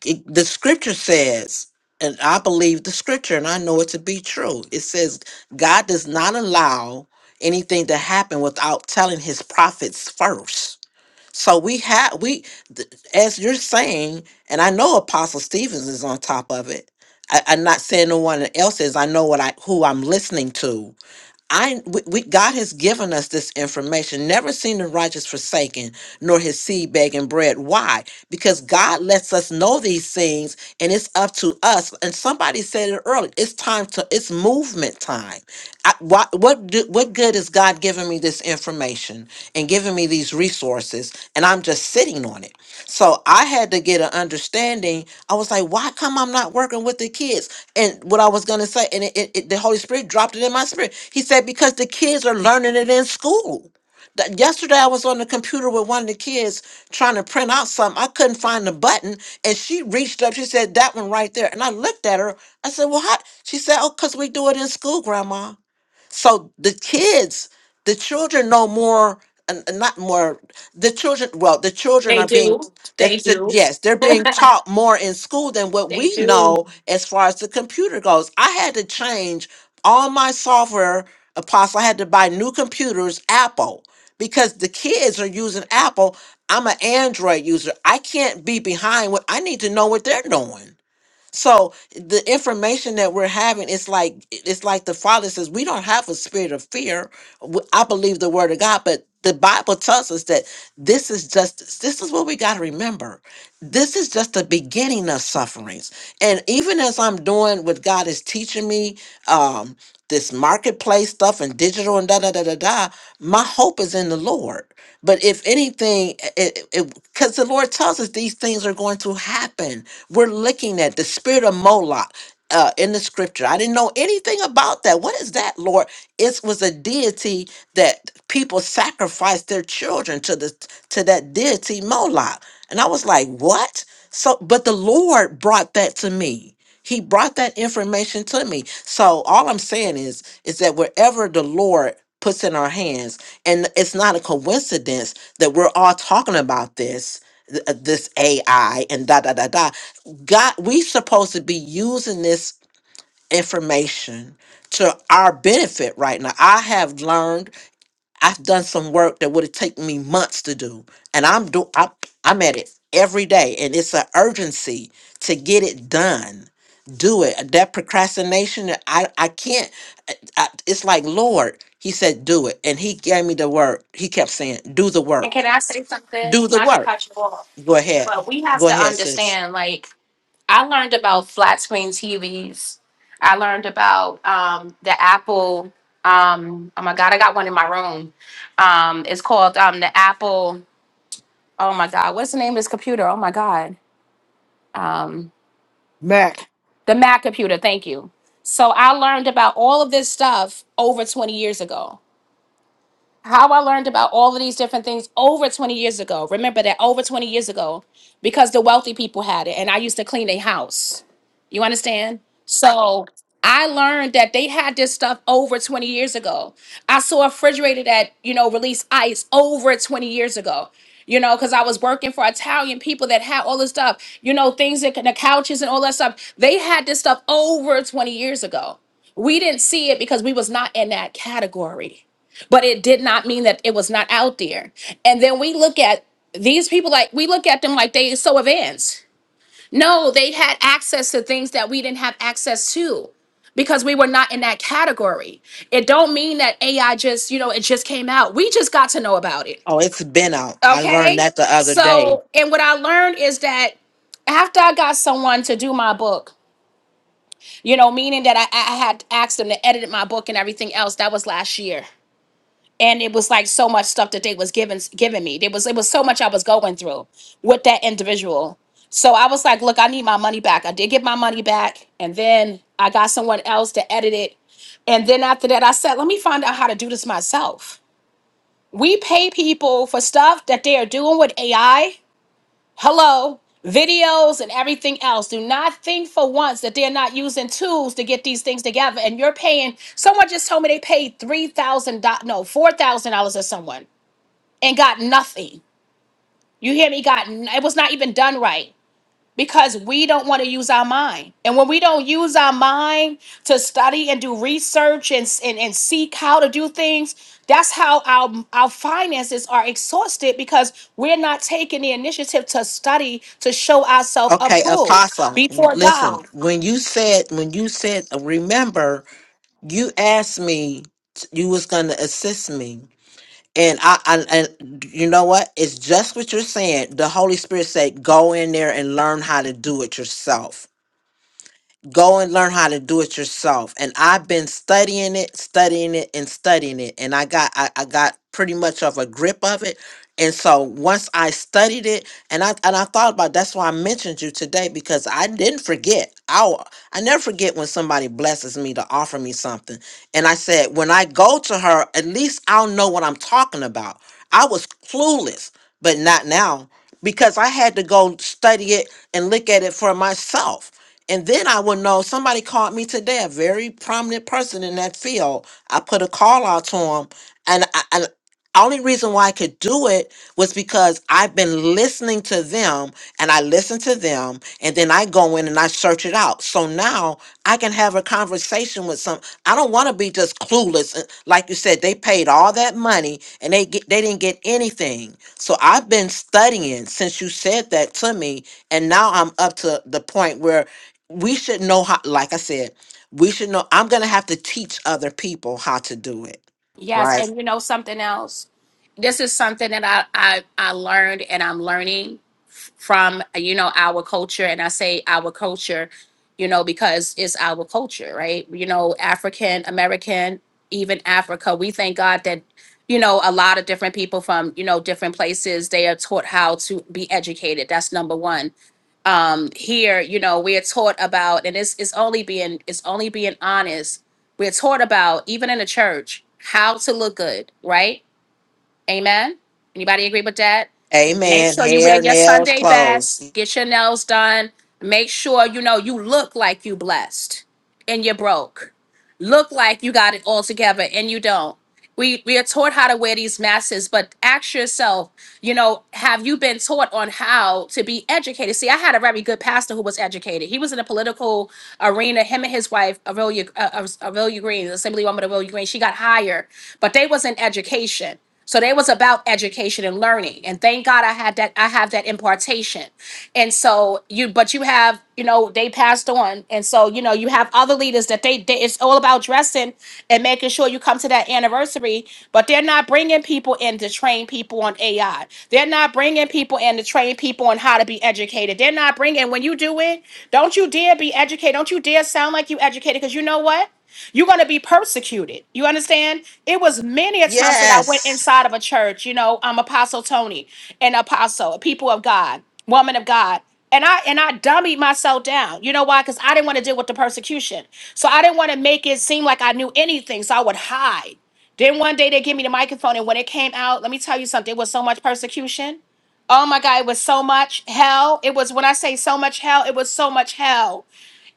it, the scripture says, and I believe the scripture, and I know it to be true. It says God does not allow anything to happen without telling His prophets first. So we have we, th- as you're saying, and I know Apostle Stevens is on top of it. I, I'm not saying no one else is. I know what I who I'm listening to I we, we, God has given us this information. Never seen the righteous forsaken, nor his seed begging bread. Why? Because God lets us know these things, and it's up to us. And somebody said it earlier. It's time to. It's movement time. I, why, what do, what good is God giving me this information and giving me these resources, and I'm just sitting on it? So I had to get an understanding. I was like, why come I'm not working with the kids? And what I was going to say, and it, it, it- the Holy Spirit dropped it in my spirit. He said, because the kids are learning it in school. That- Yesterday, I was on the computer with one of the kids trying to print out something. I couldn't find the button, and she reached up. She said, "That one right there." And I looked at her. I said, "Well, how?" She said, "Oh, cause we do it in school, Grandma." So the kids, the children know more, and and not more. The children, well, the children
They
are being,
do.
that
They
that-
do.
yes, they're being taught more in school than what
They
we
do.
know as far as the computer goes. I had to change all my software. Apostle, I had to buy new computers, Apple, because the kids are using Apple. I'm an Android user. I can't be behind what I need to know what they're doing. So the information that we're having, it's like it's like the Father says, we don't have a spirit of fear. W- I believe the word of God, but the Bible tells us that this is just this is what we got to remember. This is just the beginning of sufferings. And even as I'm doing what God is teaching me, um, this marketplace stuff and digital and da da da da da, my hope is in the Lord. But if anything, because it, because the Lord tells us these things are going to happen we're looking at the spirit of Moloch uh, in the scripture. I didn't know anything about that. What is that, Lord? It was a deity that people sacrificed their children to the to that deity Moloch, and I was like, what? So, but the Lord brought that to me. He brought that information to me. So all I'm saying is, is that wherever the Lord puts in our hands, and it's not a coincidence that we're all talking about this, th- uh, this AI and da da da da God, we supposed to be using this information to our benefit right now. I have learned. I've done some work that would have taken me months to do, and I'm do I, I'm at it every day, and it's an urgency to get it done. Do it. That procrastination, I I can't. I, I- it's like Lord, He said, do it, and He gave me the work. He kept saying, do the
And
work,
can I say something?
do the
Not to
work.
cut you off,
Go ahead,
but we have
go
to
ahead, sis.
understand like I learned about flat screen TVs. I learned about um, the Apple. Um, oh my God, I got one in my room. Um, it's called um, the Apple. Oh my God, what's the name of this computer? Oh my God, um,
Mac.
the Mac computer. Thank you. So I learned about all of this stuff over 20 years ago. how I learned about all of these different things over 20 years ago. Remember that over 20 years ago, because the wealthy people had it, and I used to clean their house. You understand? So I learned that they had this stuff over 20 years ago. I saw a refrigerator that, you know, released ice over 20 years ago. You know, because I was working for Italian people that had all this stuff, you know, things that the couches and all that stuff. They had this stuff over 20 years ago. We didn't see it because we was not in that category but it did not mean that it was not out there. And then we look at these people like we look at them like they so advanced. No, they had access to things that we didn't have access to because we were not in that category. It don't mean that AI just, you know, it just came out. We just got to know about it.
Oh, it's been out. I learned
Okay?
that the other day.
So, and what I learned is that after I got someone to do my book, you know, meaning that I, I had asked them to edit my book and everything else, that was last year and it was like so much stuff that they was giving giving me. There was it was so much I was going through with that individual. So I was like, look, I need my money back. I did get my money back, and then I got someone else to edit it. And then after that, I said, let me find out how to do this myself. We pay people for stuff that they are doing with AI hello, videos and everything else. Do not think for once that they're not using tools to get these things together. And you're paying, someone just told me they paid $3,000, no, $4,000 to someone and got nothing. You hear me? Got, n- it was not even done right because we don't want to use our mind. And when we don't use our mind to study and do research and, and, and seek how to do things, that's how our, our finances are exhausted because we're not taking the initiative to study to show ourselves
Okay,
approved
Apostle,
before
listen,
God.
when you said, when you said, remember, you asked me you was going to assist me. And I, I, and you know what? It's just what you're saying. The Holy Spirit said, go in there and learn how to do it yourself. go and learn how to do it yourself and i've been studying it studying it and studying it and i got i, I got pretty much of a grip of it and so once i studied it and i and i thought about that's why i mentioned you today because i didn't forget i will i never forget when somebody blesses me to offer me something and i said when i go to her at least i'll know what i'm talking about i was clueless but not now because i had to go study it and look at it for myself and then I would know somebody called me today, a very prominent person in that field. I put a call out to him. And I, and only reason why I could do it was because I've been listening to them and I listen to them and then I go in and I search it out. So now I can have a conversation with some. I don't want to be just clueless. And Like you said, they paid all that money and they get, they didn't get anything. So I've been studying since you said that to me and now I'm up to the point where we should know how like i said we should know i'm gonna have to teach other people how to do it
Yes,
right
and you know something else? This is something that I I, I learned and I'm learning f- from you know our culture, and I say our culture, you know, because it's our culture, right? You know, African American, even Africa. We thank God that you know a lot of different people from you know different places they are taught how to be educated. That's number one um here you know we're taught about and it's it's only being it's only being honest we're taught about even in the church how to look good right Amen. Anybody agree with that? Make
amen
sure you wear
hair
your
nails
Sunday best,
clothes
get your nails done. Make sure you know you look like you blessed and you broke. Look like you got it all together and you don't. We we are taught how to wear these masses, but ask yourself, you know, have you been taught on how to be educated? See, I had a very good pastor who was educated. He was in a political arena. Him and his wife, Aurelia, uh, Aurelia Green, the assemblywoman Aurelia Green, she got hired, but they was in education so they was about education and learning. And thank God I had that, I have that impartation. And so you, but you have, you know, they passed on. And so, you know, you have other leaders that they, they it's all about dressing and making sure you come to that anniversary, but they're not bringing people in to train people on AI. They're not bringing people in to train people on how to be educated. They're not bringing, when you do it, don't you dare be educated. Don't you dare sound like you educated. Cause you know what? You're going to be persecuted. You understand? It was many a times that I went
yes
inside of a church, you know, I'm Apostle Tony, an apostle, a people of God, woman of God. And I and I dummied myself down. You know why? Because I didn't want to deal with the persecution. So I didn't want to make it seem like I knew anything. So I would hide. Then one day they gave me the microphone. And when it came out, let me tell you something, it was so much persecution. Oh my God, it was so much hell. It was when I say so much hell, it was so much hell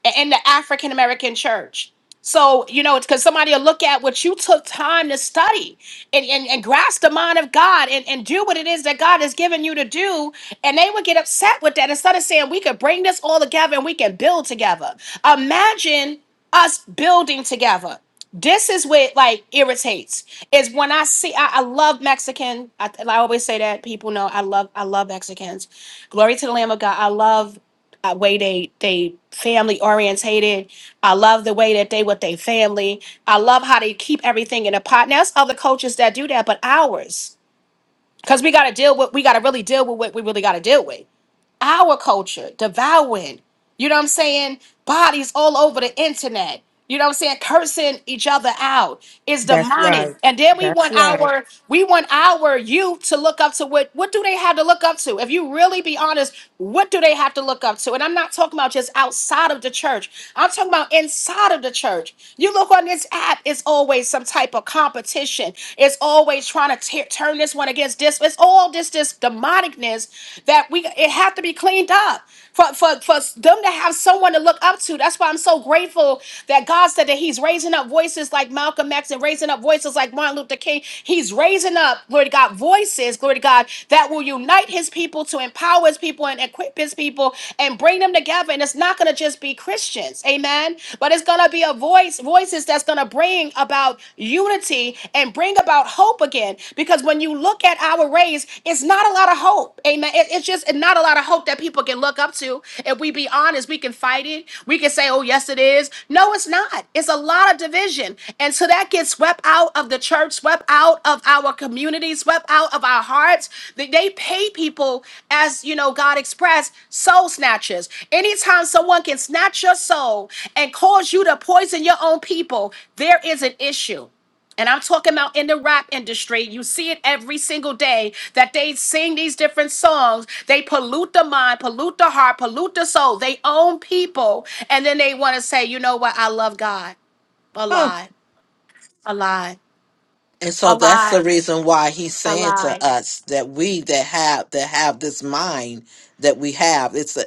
a- in the African American church. So, you know, it's because somebody will look at what you took time to study and, and, and grasp the mind of God and, and do what it is that God has given you to do. And they would get upset with that instead of saying, we could bring this all together and we can build together. Imagine us building together. This is what like irritates is when I see I, I love Mexican. I, I always say that people know I love I love Mexicans. Glory to the Lamb of God. I love uh, way they they family orientated. I love the way that they with their family. I love how they keep everything in a pot. Now it's other coaches that do that, but ours, because we got to deal with we got to really deal with what we really got to deal with our culture devouring you know what i'm saying bodies all over the internet you know what i'm saying cursing each other out is
That's
demonic
right.
and then we
That's
want
right.
our we want our youth to look up to what what do they have to look up to if you really be honest what do they have to look up to and i'm not talking about just outside of the church i'm talking about inside of the church you look on this app it's always some type of competition it's always trying to tear turn this one against this it's all this this this demonicness that we it have to be cleaned up for, for for them to have someone to look up to. That's why I'm so grateful that God said that He's raising up voices like Malcolm X and raising up voices like Martin Luther King. He's raising up, glory to God, voices, glory to God, that will unite His people to empower His people and equip His people and bring them together. And it's not going to just be Christians, Amen. But it's going to be a voice, voices that's going to bring about unity and bring about hope again. Because when you look at our race, it's not a lot of hope. Amen. It- It's just not a lot of hope that people can look up to. If we be honest, we can fight it. We can say, oh, yes, it is. No, it's not. It's a lot of division. And so that gets swept out of the church, swept out of our community, swept out of our hearts. They they pay people, as you know, God expressed, soul snatchers. Anytime someone can snatch your soul and cause you to poison your own people, there is an issue. And I'm talking about in the rap industry. You see it every single day that they sing these different songs. They pollute the mind, pollute the heart, pollute the soul. They own people. And then they want to say, you know what? I love God. A lie. A lie.
and
A
so that's the
lie.
reason why he's saying to us that we that have that have this mind that we have it's a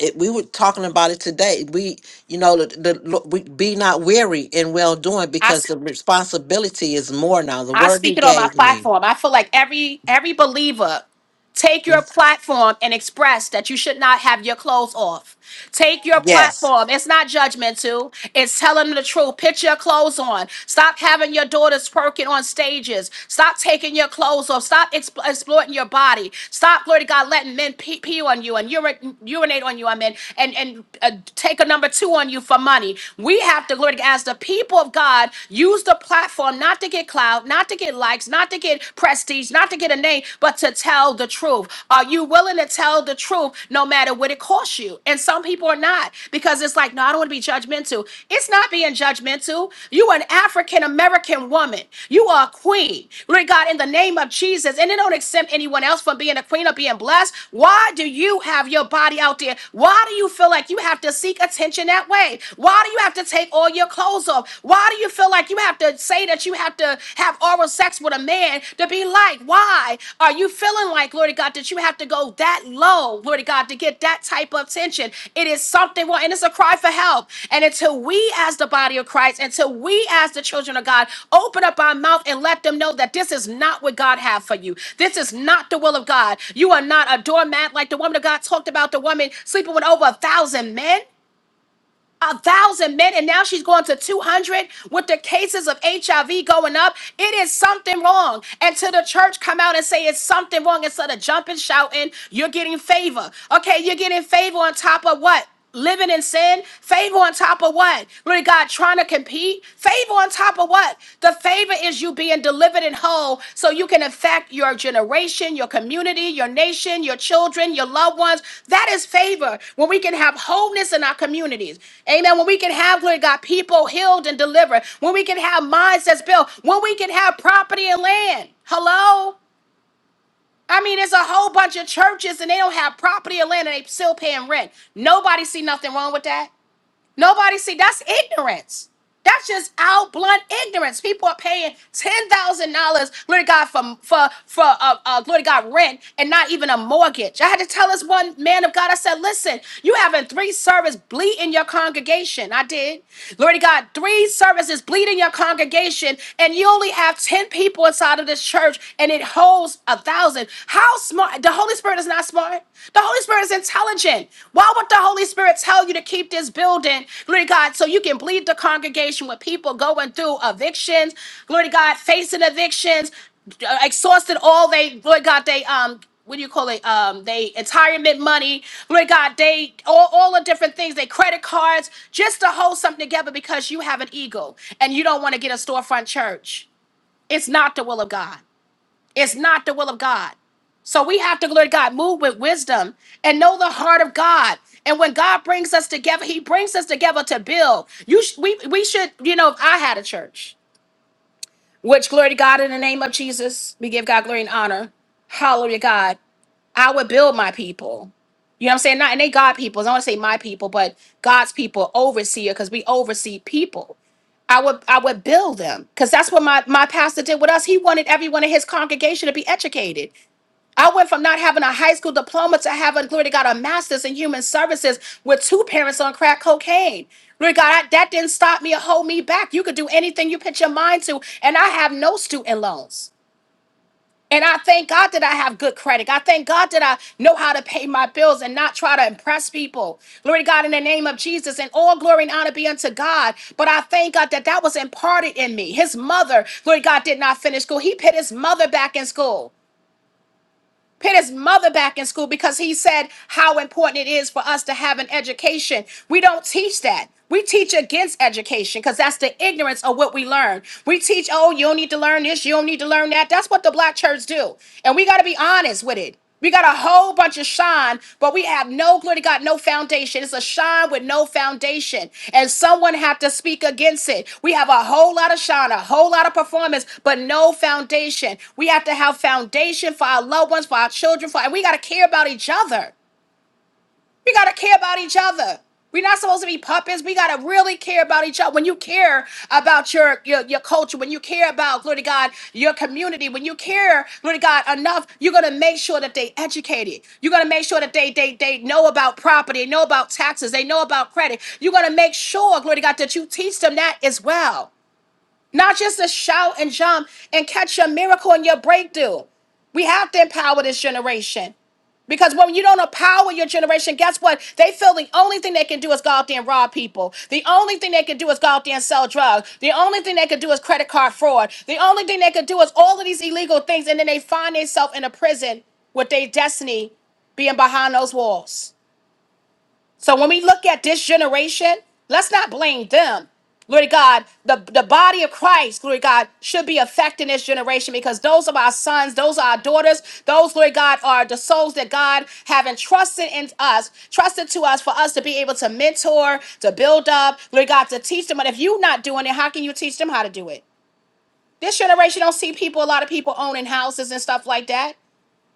it, we were talking about it today we you know the, the lo- we be not weary in well doing
I,
because
s-
the responsibility is more now the
I
word he
speak it on my
gave me
platform. I feel like every every believer Take your
Mhm.
platform and express that you should not have your clothes off. Take your
yes
platform. It's not judgmental. It's telling the truth. Put your clothes on. Stop having your daughters twerking on stages. Stop taking your clothes off. Stop expl- exploiting your body. Stop, glory to God, letting men pee, pee on you and urin- urinate on you, I mean, and, and uh, take a number two on you for money. We have to, glory to God, as the people of God, use the platform not to get clout, not to get likes likes, not to get prestige, not to get a name, but to tell the truth. Are you willing to tell the truth no matter what it costs you? And some people are not because it's like, no, I don't want to be judgmental. It's not being judgmental. You are an African American woman. You are a queen. Lord God, in the name of Jesus, and it don't exempt anyone else from being a queen or being blessed. Why do you have your body out there? Why do you feel like you have to seek attention that way? Why do you have to take all your clothes off? Why do you feel like you have to say that you have to have oral sex with a man to be like? Why are you feeling like, Lord God, that you have to go that low, Lord God, to get that type of attention? It is something, well, and it's a cry for help. And until we, as the body of Christ, until we, as the children of God, open up our mouth and let them know that this is not what God have for you. This is not the will of God. You are not a doormat like the woman of God talked about, the woman sleeping with over a thousand men a thousand men, and now she's going to 200 with the cases of HIV going up. It is something wrong. And to the church, come out and say it's something wrong instead of jumping, shouting, you're getting favor. Okay, you're getting favor on top of what? Living in sin, favor on top of what? Glory to God, trying to compete, favor on top of what? But the favor is you being delivered and whole so you can affect your generation, your community, your nation, your children, your loved ones. That is favor when we can have wholeness in our communities. Amen. When we can have, Lord God, people healed and delivered. When we can have minds that's built. When we can have property and land. Hello? I mean, there's a whole bunch of churches and they don't have property or land and they still paying rent. Nobody see nothing wrong with that. Nobody see that's ignorance. That's just out blunt ignorance. People are paying ten thousand dollars, glory to God, for for for uh, uh, glory to God rent and not even a mortgage. I had to tell this one man of God. I said, "Listen, you having three service bleed in your congregation." I did, glory to God, three services bleed in your congregation, and you only have ten people inside of this church, and it holds a thousand. How smart! The Holy Spirit is not smart. The Holy Spirit is intelligent. Why would the Holy Spirit tell you to keep this building, glory to God, so you can bleed the congregation with people going through evictions, glory to God, facing evictions, uh, exhausted all they, glory to God, they um. What do you call it? Um, they retirement money, glory God, they all, all the different things, they credit cards, just to hold something together because you have an ego and you don't want to get a storefront church. It's not the will of God. It's not the will of God. So we have to, glory to God, move with wisdom and know the heart of God. And when God brings us together, He brings us together to build. You, sh- we, we should, you know, if I had a church, which glory to God in the name of Jesus, we give God glory and honor. Hallelujah, God. I would build my people. You know what I'm saying? Not and they God people. I don't want to say my people, but God's people, overseer, because we oversee people. I would I would build them because that's what my my pastor did with us. He wanted everyone in his congregation to be educated. I went from not having a high school diploma to having, glory to God, a master's in human services with two parents on crack cocaine. Glory to God, I- that didn't stop me or hold me back. You could do anything you put your mind to, and I have no student loans. And I thank God that I have good credit. I thank God that I know how to pay my bills and not try to impress people. Glory to God in the name of Jesus. And all glory and honor be unto God. But I thank God that that was imparted in me. His mother, glory to God, did not finish school. He put his mother back in school put his mother back in school because he said how important it is for us to have an education. We don't teach that. We teach against education because that's the ignorance of what we learn. We teach, oh, you don't need to learn this, you don't need to learn that. That's what the black church do. And we got to be honest with it. We got a whole bunch of shine, but we have no glory to God, no foundation. It's a shine with no foundation. And someone had to speak against it. We have a whole lot of shine, a whole lot of performance, but no foundation. We have to have foundation for our loved ones, for our children, for and we gotta care about each other. We gotta care about each other. We're not supposed to be puppets. We gotta really care about each other. When you care about your your, your culture, when you care about glory to God, your community, when you care, glory to God, enough, you're gonna make sure that they educated. You're gonna make sure that they they they know about property, know about taxes, they know about credit. You're gonna make sure, glory to God, that you teach them that as well. Not just to shout and jump and catch your miracle and your breakthrough. We have to empower this generation. Because when you don't empower your generation, guess what? They feel the only thing they can do is go out there and rob people. The only thing they can do is go out there and sell drugs. The only thing they can do is credit card fraud. The only thing they can do is all of these illegal things. And then they find themselves in a prison with their destiny being behind those walls. So when we look at this generation, let's not blame them. Glory to God. The, the body of Christ, glory to God, should be affecting this generation because those are our sons, those are our daughters, those, glory to God, are the souls that God have entrusted in us, trusted to us for us to be able to mentor, to build up, glory to God, to teach them. But if you're not doing it, how can you teach them how to do it? This generation don't see people, a lot of people owning houses and stuff like that.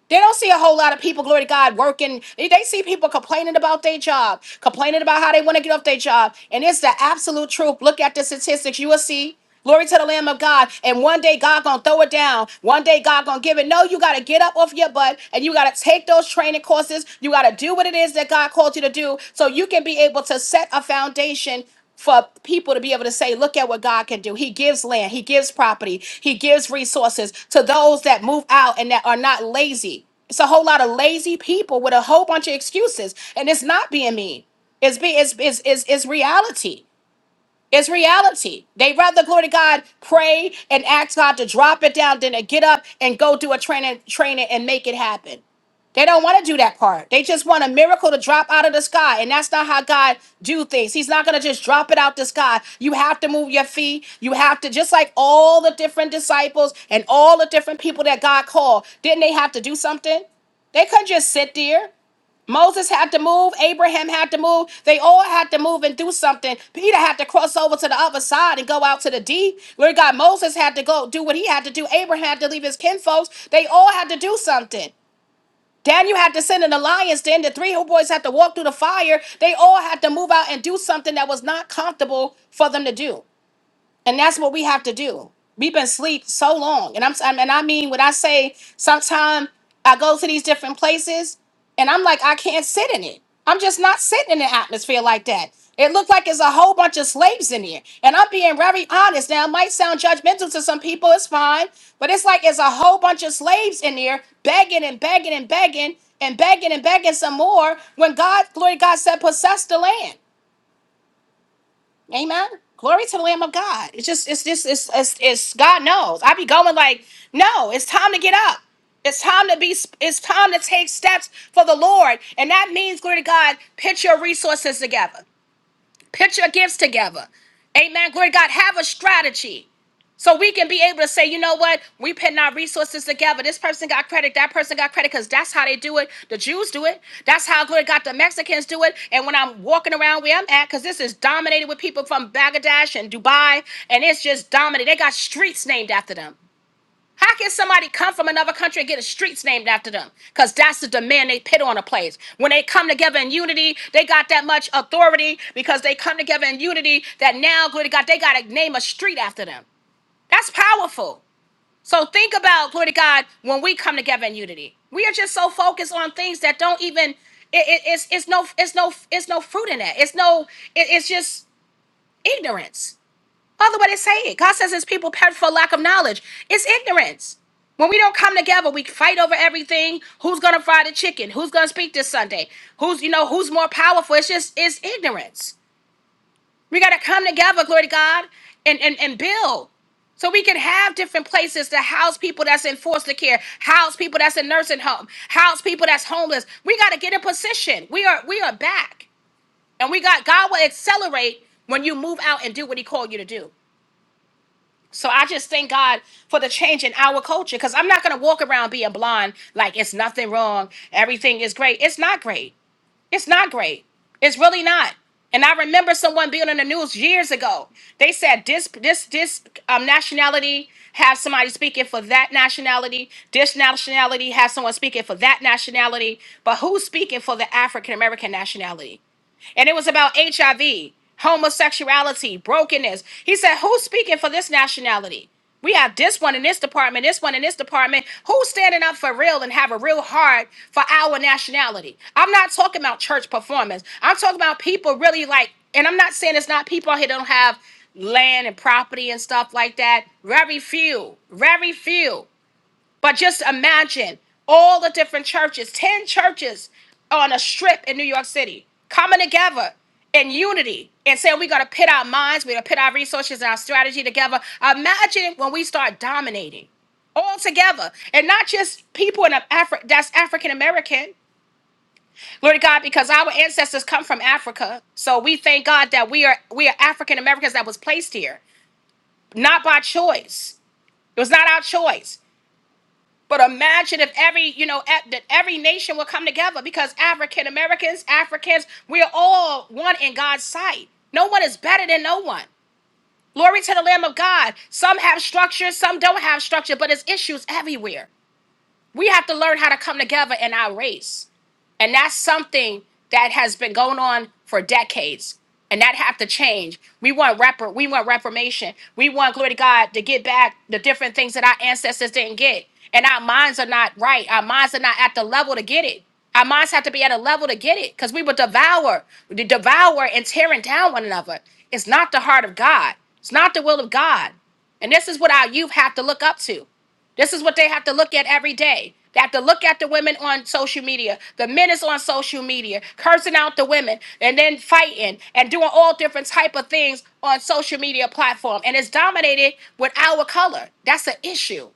They don't see a whole lot of people, glory to God, working. They they see people complaining about their job, complaining about how they want to get off their job. And it's the absolute truth. Look at the statistics. You will see. Glory to the Lamb of God. And one day God gonna throw it down. One day God gonna give it. No, you gotta get up off your butt and you gotta take those training courses. You gotta do what it is that God called you to do so you can be able to set a foundation for people to be able to say, look at what God can do. He gives land, He gives property, He gives resources to those that move out and that are not lazy. It's a whole lot of lazy people with a whole bunch of excuses. And it's not being mean. It's be it's it's it's, it's reality. It's reality. They rather, glory to God, pray and ask God to drop it down than to get up and go do a training, training and make it happen. They don't want to do that part. They just want a miracle to drop out of the sky, and that's not how God do things. He's not going to just drop it out the sky. You have to move your feet. You have to just like all the different disciples and all the different people that God called. Didn't they have to do something? They couldn't just sit there. Moses had to move, Abraham had to move. They all had to move and do something. Peter had to cross over to the other side and go out to the deep. Lord God, Moses had to go do what he had to do. Abraham had to leave his kinfolks. They all had to do something. Daniel had to send an alliance then. The three whole boys had to walk through the fire. They all had to move out and do something that was not comfortable for them to do and that's what we have to do. We've been asleep so long, and I'm I'm- and I mean when I say sometimes I go to these different places, and I'm like I can't sit in it. I'm just not sitting in an atmosphere like that. It looked like there's a whole bunch of slaves in here, and I'm being very honest. Now it might sound judgmental to some people, it's fine, but it's like there's a whole bunch of slaves in here begging and begging and begging and begging and begging some more. When God, glory to God, said possess the land. Amen. Glory to the Lamb of God. It's just, it's just, it's, it's, it's God knows. I be going like, no, it's time to get up. It's time to be, it's time to take steps for the Lord. And that means, glory to God, put your resources together. Put your gifts together. Amen. Glory to God. Have a strategy. So we can be able to say, you know what? We putting our resources together. This person got credit, that person got credit, because that's how they do it. The Jews do it. That's how good got the Mexicans do it. And when I'm walking around where I'm at, because this is dominated with people from Bangladesh and Dubai, and it's just dominated. They got streets named after them. How can somebody come from another country and get the streets named after them? Because that's the demand they put on a place. When they come together in unity, they got that much authority because they come together in unity that now, glory to God, they got to name a street after them. That's powerful. So think about, glory to God, when we come together in unity. We are just so focused on things that don't even, it, it- it's, it's no, it's no, it's no fruit in that. It's no, it, it's just ignorance. Other way to say it, God says his people perish for lack of knowledge. It's ignorance. When we don't come together, we fight over everything. Who's gonna fry the chicken? Who's gonna speak this Sunday? Who's you know who's more powerful? It's just it's ignorance. We gotta come together, glory to God, and and, and build. So we can have different places to house people that's in foster care, house people that's in nursing home, house people that's homeless. We gotta get in position. We are we are back. And we got God will accelerate when you move out and do what he called you to do. So I just thank God for the change in our culture because I'm not going to walk around being blind like it's nothing wrong. Everything is great. It's not great. It's not great. It's really not. And I remember someone being on the news years ago. They said this this this um, nationality has somebody speaking for that nationality. This nationality has someone speaking for that nationality. But who's speaking for the African American nationality? and it was about HIV, homosexuality, brokenness. He said, Who's speaking for this nationality? We have this one in this department, this one in this department. Who's standing up for real and have a real heart for our nationality? I'm not talking about church performance. I'm talking about people really like, and I'm not saying it's not people out here that don't have land and property and stuff like that. Very few, very few. But just imagine all the different churches, 10 churches on a strip in New York City, coming together in unity and saying we got to pit our minds, we got to pit our resources and our strategy together. Imagine when we start dominating all together and not just people in Africa that's African American. Lord God, because our ancestors come from Africa. So we thank God that we are we are African Americans that was placed here, not by choice. It was not our choice. But imagine if every, you know, at, that every nation would come together because African Americans, Africans, we are all one in God's sight. No one is better than no one. Glory to the Lamb of God. Some have structure, some don't have structure, but it's issues everywhere we have to learn how to come together in our race. And that's something that has been going on for decades. And that have to change. We want repar- we want reformation. We want glory to God to get back the different things that our ancestors didn't get. And our minds are not right. Our minds are not at the level to get it. Our minds have to be at a level to get it. Because we will devour, de- devour and tearing down one another. It's not the heart of God. It's not the will of God. And this is what our youth have to look up to. This is what they have to look at every day. They have to look at the women on social media, the men is on social media, cursing out the women, and then fighting and doing all different type of things on social media platform. And it's dominated with our color. That's an issue.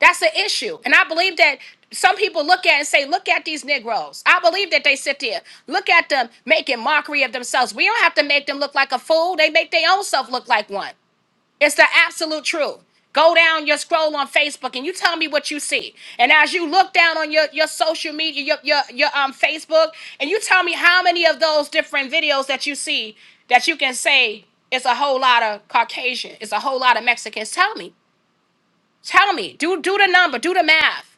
That's an issue. And I believe that some people look at and say, look at these Negroes. I believe that they sit there. Look at them making mockery of themselves. We don't have to make them look like a fool. They make their own self look like one. It's the absolute truth. Go down your scroll on Facebook and you tell me what you see. And as you look down on your, your social media, your, your, your um, Facebook, and you tell me how many of those different videos that you see that you can say it's a whole lot of Caucasian, it's a whole lot of Mexicans. Tell me. Tell me. Do do the number, do the math.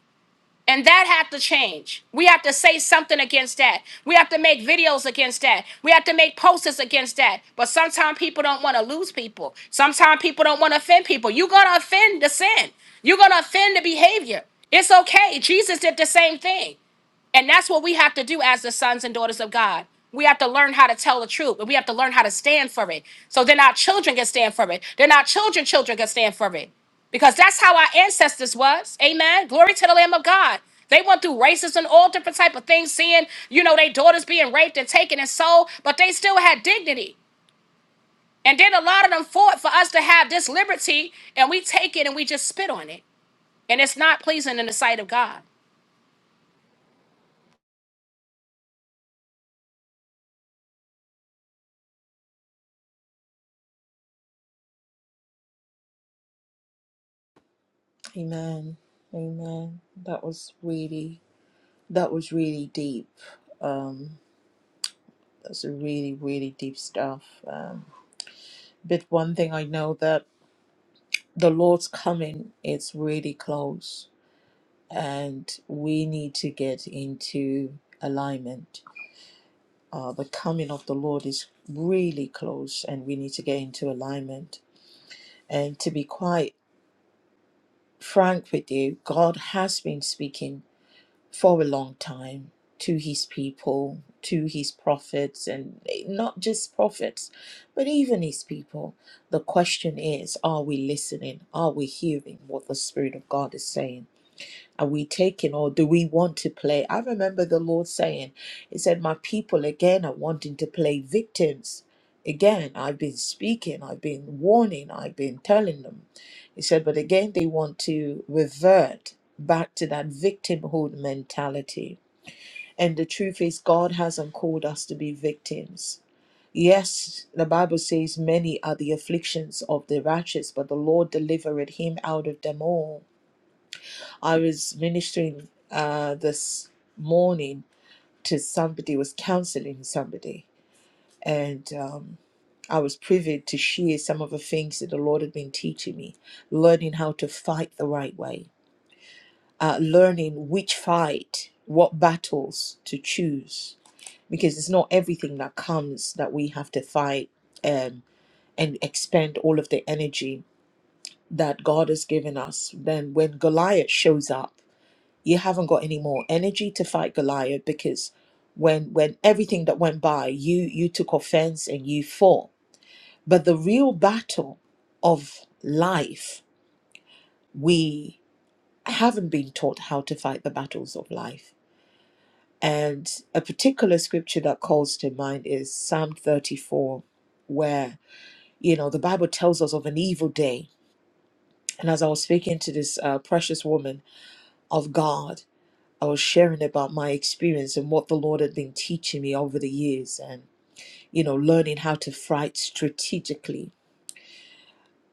And that had to change. We have to say something against that. We have to make videos against that. We have to make posters against that. But sometimes people don't want to lose people. Sometimes people don't want to offend people. You're going to offend the sin, you're going to offend the behavior. It's okay. Jesus did the same thing. And that's what we have to do as the sons and daughters of God. We have to learn how to tell the truth, and we have to learn how to stand for it. So then our children can stand for it. Then our children, children can stand for it. Because that's how our ancestors was. Amen. Glory to the Lamb of God. They went through racism and all different type of things, seeing, you know, their daughters being raped and taken and sold, but they still had dignity. And then a lot of them fought for us to have this liberty, and we take it and we just spit on it. And it's not pleasing in the sight of God.
Amen. Amen. That was really that was really deep. Um that's a really, really deep stuff. Um but one thing I know that the Lord's coming is really close and we need to get into alignment. Uh the coming of the Lord is really close and we need to get into alignment. And to be quite frank with you, God has been speaking for a long time to his people, to his prophets, and not just prophets, but even his people. The question is are we listening? Are we hearing what the Spirit of God is saying? Are we taking or do we want to play? I remember the Lord saying, He said, My people again are wanting to play victims. Again, I've been speaking, I've been warning, I've been telling them. He said, But again, they want to revert back to that victimhood mentality. And the truth is, God hasn't called us to be victims. Yes, the Bible says, Many are the afflictions of the righteous, but the Lord delivered him out of them all. I was ministering uh, this morning to somebody, was counseling somebody, and um, I was privy to share some of the things that the Lord had been teaching me, learning how to fight the right way, uh, learning which fight, what battles to choose, because it's not everything that comes that we have to fight um, and expend all of the energy that God has given us. Then when Goliath shows up, you haven't got any more energy to fight Goliath because when when everything that went by you you took offense and you fought but the real battle of life we haven't been taught how to fight the battles of life and a particular scripture that calls to mind is Psalm 34 where you know the bible tells us of an evil day and as i was speaking to this uh, precious woman of god I was sharing about my experience and what the Lord had been teaching me over the years and, you know, learning how to fight strategically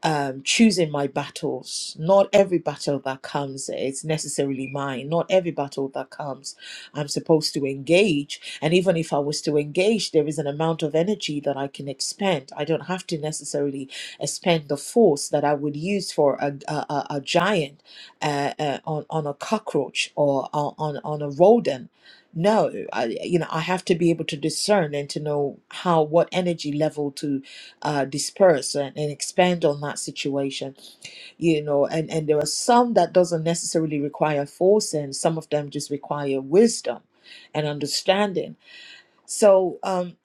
um, choosing my battles. Not every battle that comes is necessarily mine. Not every battle that comes, I'm supposed to engage. And even if I was to engage, there is an amount of energy that I can expend. I don't have to necessarily expend the force that I would use for a, a, a a giant uh, uh, on, on a cockroach or on, on on a rodent. No, I, you know, I have to be able to discern and to know how, what energy level uh, disperse and, and expand on that situation you know and and there are some that doesn't necessarily require force and some of them just require wisdom and understanding so um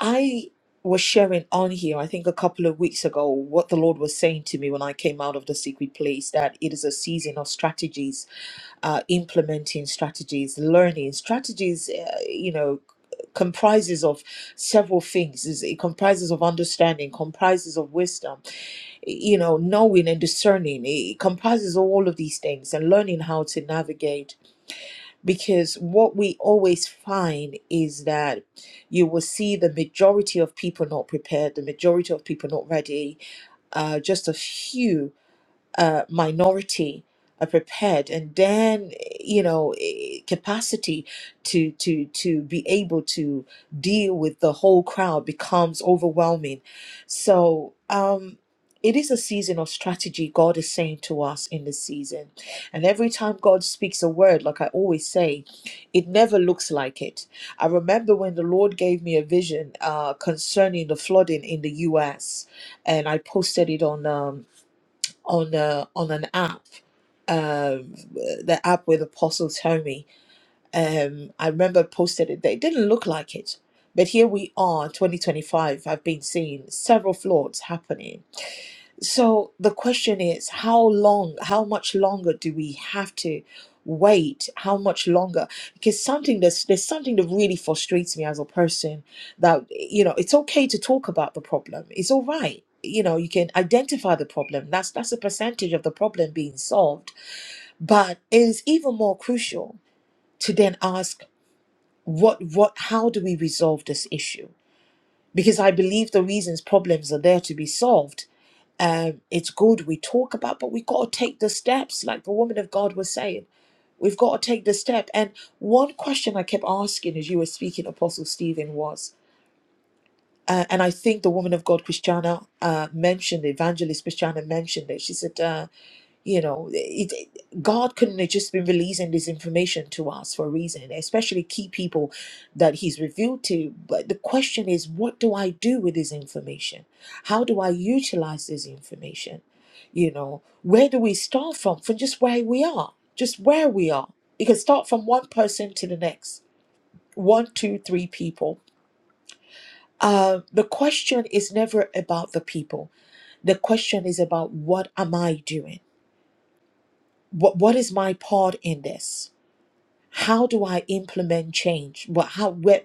i was sharing on here i think a couple of weeks ago what the lord was saying to me when i came out of the secret place that it is a season of strategies uh, implementing strategies learning strategies uh, you know comprises of several things Is- it comprises of understanding comprises of wisdom you know, knowing and discerning. It comprises all of these things and learning how to navigate. Because what we always find is that you will see the majority of people not prepared, the majority of people not ready, uh, just a few uh, minority are prepared and then you know eh, capacity to to to be able to deal with the whole crowd becomes overwhelming so um it is a season of strategy god is saying to us in this season and every time god speaks a word like i always say it never looks like it i remember when the lord gave me a vision uh, concerning the flooding in the us and i posted it on um, on a, on an app, um, the app with Apostle Tony. Um, I remember I posted it. It didn't look like it, but here we are, 2025. I've been seeing several floods happening so the question is, how long, how much longer do we have to wait? How much longer? Because something that's there's something that really frustrates me as a person that you know, it's okay to talk about the problem. It's all right. You know, you can identify the problem. That's that's a percentage of the problem being solved. But it is even more crucial to then ask what what how do we resolve this issue? Because I believe the reasons problems are there to be solved um, it's good we talk about, but we got to take the steps, like the woman of God was saying. We've got to take the step. And one question I kept asking as you were speaking, Apostle Stephen, was, uh, and I think the woman of God, Christiana, uh, mentioned, Evangelist Christiana mentioned it. She said, uh, you know it, it- god couldn't have just been releasing this information to us for a reason especially key people that he's revealed to but the question is what do i do with this information how do i utilize this information you know where do we start from from just where we are just where we are you can start from one person to the next one two three people uh, the question is never about the people the question is about what am i doing what what is my part in this how do i implement change what how where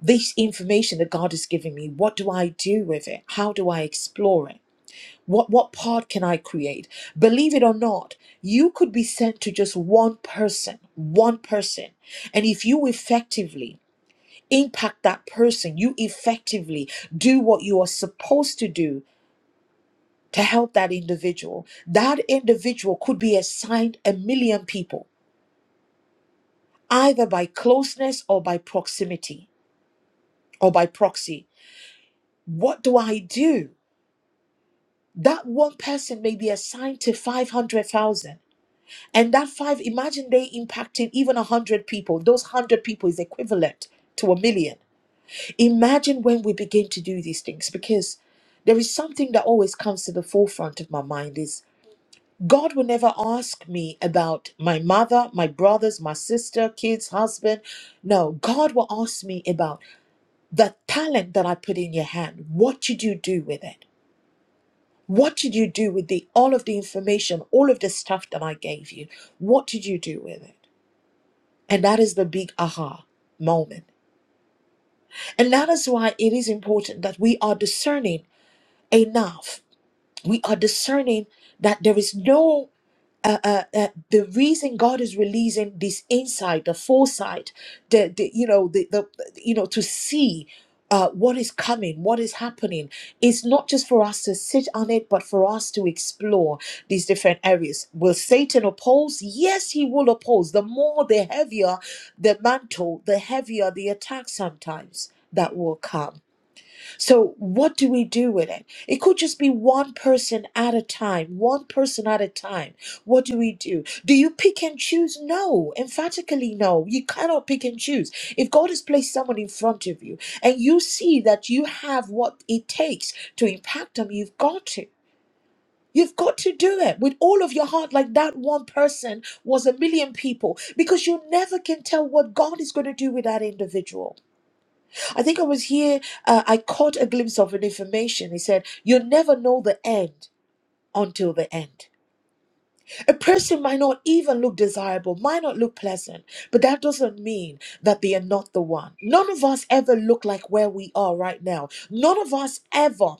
this information that god is giving me what do i do with it how do i explore it what what part can i create believe it or not you could be sent to just one person one person and if you effectively impact that person you effectively do what you are supposed to do to help that individual that individual could be assigned a million people either by closeness or by proximity or by proxy. What do I do? That one person may be assigned to 500,000. And that five, imagine they impacted even 100 people. Those 100 people is equivalent to a million. Imagine when we begin to do these things because there is something that always comes to the forefront of my mind is God will never ask me about my mother, my brothers, my sister, kids, husband. No, God will ask me about the talent that I put in your hand, what did you do with it? What did you do with the all of the information, all of the stuff that I gave you? What did you do with it? And that is the big aha moment. And that is why it is important that we are discerning enough. We are discerning that there is no uh, uh, uh, the reason God is releasing this insight, the foresight, the, the you know the, the you know to see uh, what is coming, what is happening, is not just for us to sit on it, but for us to explore these different areas. Will Satan oppose? Yes, he will oppose. The more, the heavier the mantle, the heavier the attack sometimes that will come. So, what do we do with it? It could just be one person at a time, one person at a time. What do we do? Do you pick and choose? No, emphatically no. You cannot pick and choose. If God has placed someone in front of you and you see that you have what it takes to impact them, you've got to. You've got to do it with all of your heart, like that one person was a million people, because you never can tell what God is going to do with that individual. I think I was here, uh, I caught a glimpse of an information. He said, You never know the end until the end. A person might not even look desirable, might not look pleasant, but that doesn't mean that they are not the one. None of us ever look like where we are right now. None of us ever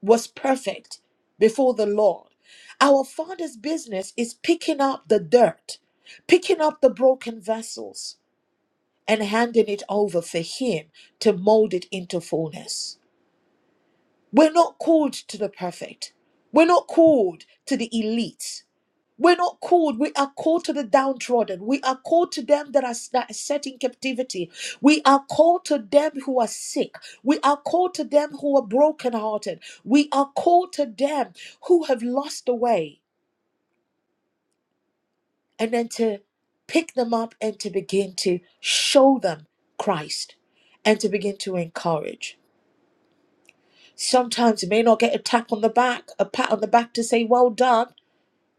was perfect before the Lord. Our Father's business is picking up the dirt, picking up the broken vessels, and handing it over for Him to mold it into fullness. We're not called to the perfect. We're not called to the elite. We're not called. We are called to the downtrodden. We are called to them that are, that are set in captivity. We are called to them who are sick. We are called to them who are brokenhearted. We are called to them who have lost the way. And then to pick them up and to begin to show them Christ and to begin to encourage. Sometimes you may not get a tap on the back, a pat on the back to say, well done,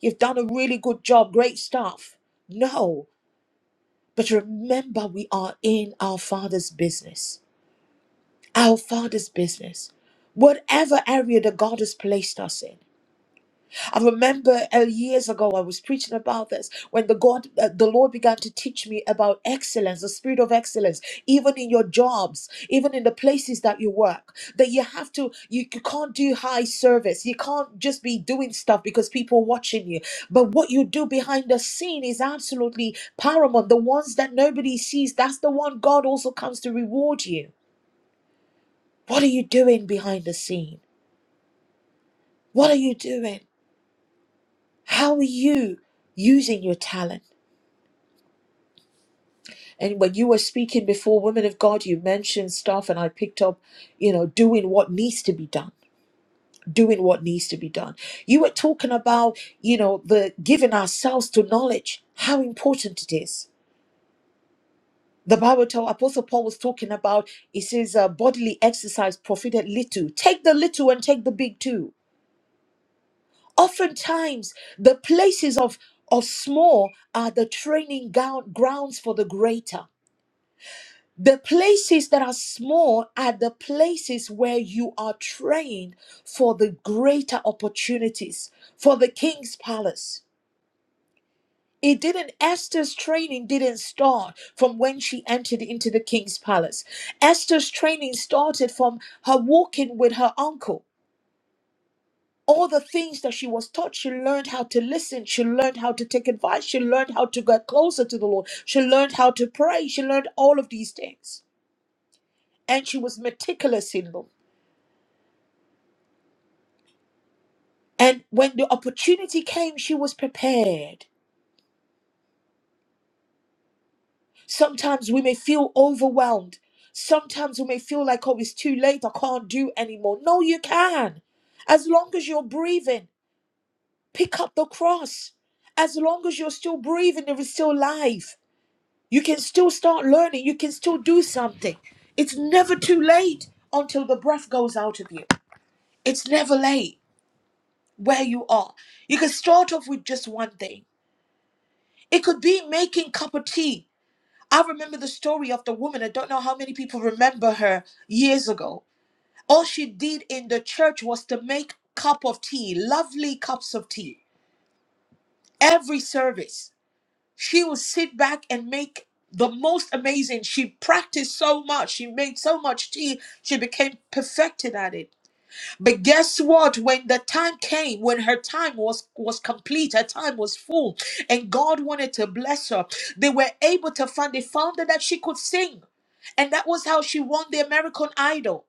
you've done a really good job, great stuff. No, but remember, we are in our Father's business, our Father's business, whatever area that God has placed us in. I remember uh, years ago I was preaching about this when the God, uh, the Lord began to teach me about excellence, the spirit of excellence, even in your jobs, even in the places that you work. That you have to, you, you can't do high service. You can't just be doing stuff because people are watching you. But what you do behind the scene is absolutely paramount. The ones that nobody sees, that's the one God also comes to reward you. What are you doing behind the scene? What are you doing? How are you using your talent? And when you were speaking before women of God, you mentioned stuff, and I picked up, you know, doing what needs to be done, doing what needs to be done. You were talking about, you know, the giving ourselves to knowledge, how important it is. The Bible told Apostle Paul was talking about, it says, uh, bodily exercise profited little. Take the little and take the big too. Oftentimes, the places of, of small are the training ground, grounds for the greater. The places that are small are the places where you are trained for the greater opportunities, for the king's palace. It didn't, Esther's training didn't start from when she entered into the king's palace. Esther's training started from her walking with her uncle. All the things that she was taught, she learned how to listen. She learned how to take advice. She learned how to get closer to the Lord. She learned how to pray. She learned all of these things. And she was meticulous in them And when the opportunity came, she was prepared. Sometimes we may feel overwhelmed. Sometimes we may feel like, oh, it's too late. I can't do anymore. No, you can. As long as you're breathing, pick up the cross. As long as you're still breathing, there is still life. You can still start learning. You can still do something. It's never too late until the breath goes out of you. It's never late where you are. You can start off with just one thing. It could be making cup of tea I remember the story of the woman. I don't know how many people remember her years ago. All she did in the church was to make cup of tea, lovely cups of tea. Every service, she would sit back and make the most amazing. She practiced so much. She made so much tea. She became perfected at it. But guess what? When the time came, when her time was was complete, her time was full, and God wanted to bless her, they were able to find they found out that she could sing, and that was how she won the American Idol.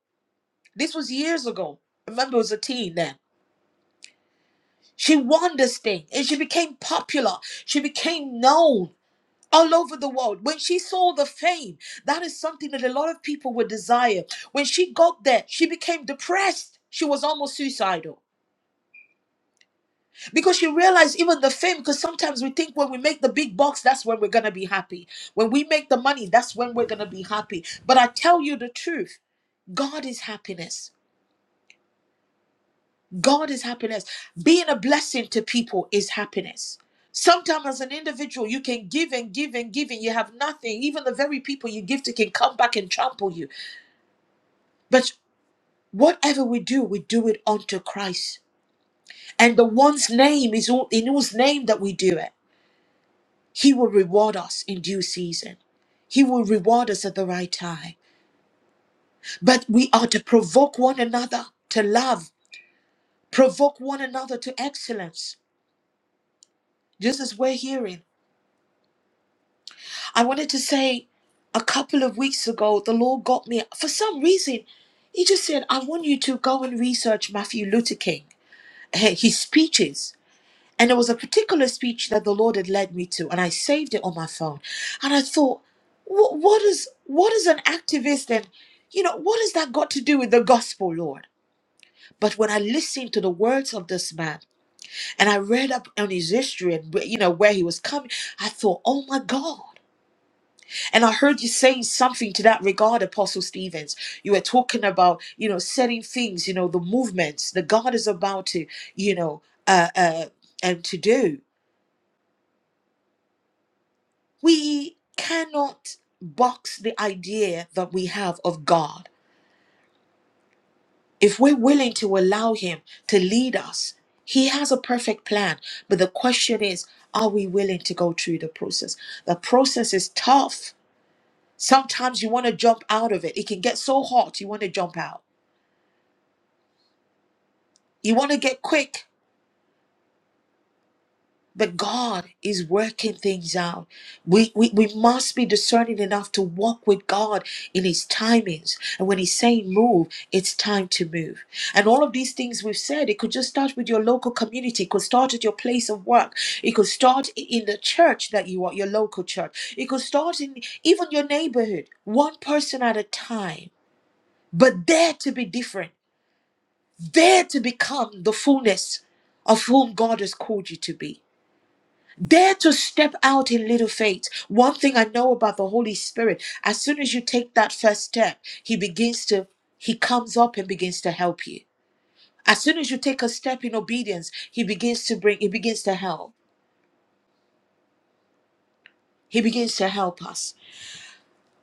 This was years ago. Remember, it was a teen then. She won this thing, and she became popular. She became known all over the world. When she saw the fame, that is something that a lot of people would desire. When she got there, she became depressed. She was almost suicidal because she realized even the fame because sometimes we think when we make the big bucks that's when we're gonna be happy when we make the money that's when we're gonna be happy but i tell you the truth god is happiness god is happiness being a blessing to people is happiness sometimes as an individual you can give and give and give and you have nothing even the very people you give to can come back and trample you but whatever we do we do it unto christ and the one's name is all in whose name that we do it He will reward us in due season. He will reward us at the right time. But we are to provoke one another to love, provoke one another to excellence, just as we're hearing. I wanted to say a couple of weeks ago, the Lord got me, for some reason, He just said, I want you to go and research Matthew Luther King, eh, his speeches. And there was a particular speech that the Lord had led me to, and I saved it on my phone. And I thought, what, what is what is an activist and you know what has that got to do with the gospel, Lord? But when I listened to the words of this man and I read up on his history and wh- you know where he was coming, I thought, oh my God. And I heard you saying something to that regard, Apostle Stevens. You were talking about, you know, setting things, you know, the movements that God is about to, you know, uh, uh, and to do. we cannot box the idea that we have of God. If we're willing to allow Him to lead us, He has a perfect plan. But the question is, are we willing to go through the process? The process is tough. Sometimes you want to jump out of it. It can get so hot, you want to jump out. You want to get quick. But God is working things out. We, we, we must be discerning enough to walk with God in His timings. And when He's saying move, it's time to move. And all of these things we've said, it could just start with your local community, it could start at your place of work, it could start i- in the church that you are, your local church, it could start in even your neighborhood, one person at a time. But dare to be different, dare to become the fullness of whom God has called you to be. Dare to step out in little faith. One thing I know about the Holy Spirit, as soon as you take that first step, He begins to, He comes up and begins to help you. As soon as you take a step in obedience, He begins to bring, He begins to help. He begins to help us.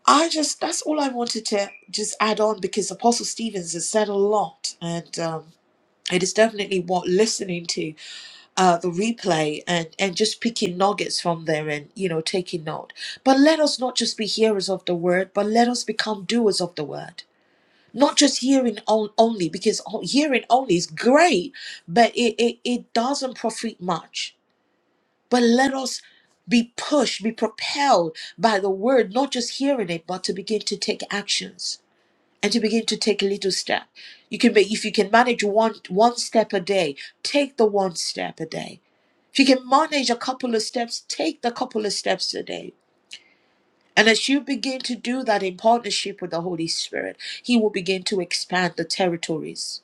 I just, that's all I wanted to just add on because Apostle Stevens has said a lot and um, it is definitely what listening to. uh, the replay and and just picking nuggets from there and you know taking note but let us not just be hearers of the word but let us become doers of the word not just hearing on, only because o- hearing only is great but it, it it doesn't profit much but let us be pushed be propelled by the word not just hearing it but to begin to take actions and to begin to take a little step. You can make if you can manage one one step a day, take the one step a day. If you can manage a couple of steps, take the couple of steps a day. And as you begin to do that in partnership with the Holy Spirit, He will begin to expand the territories.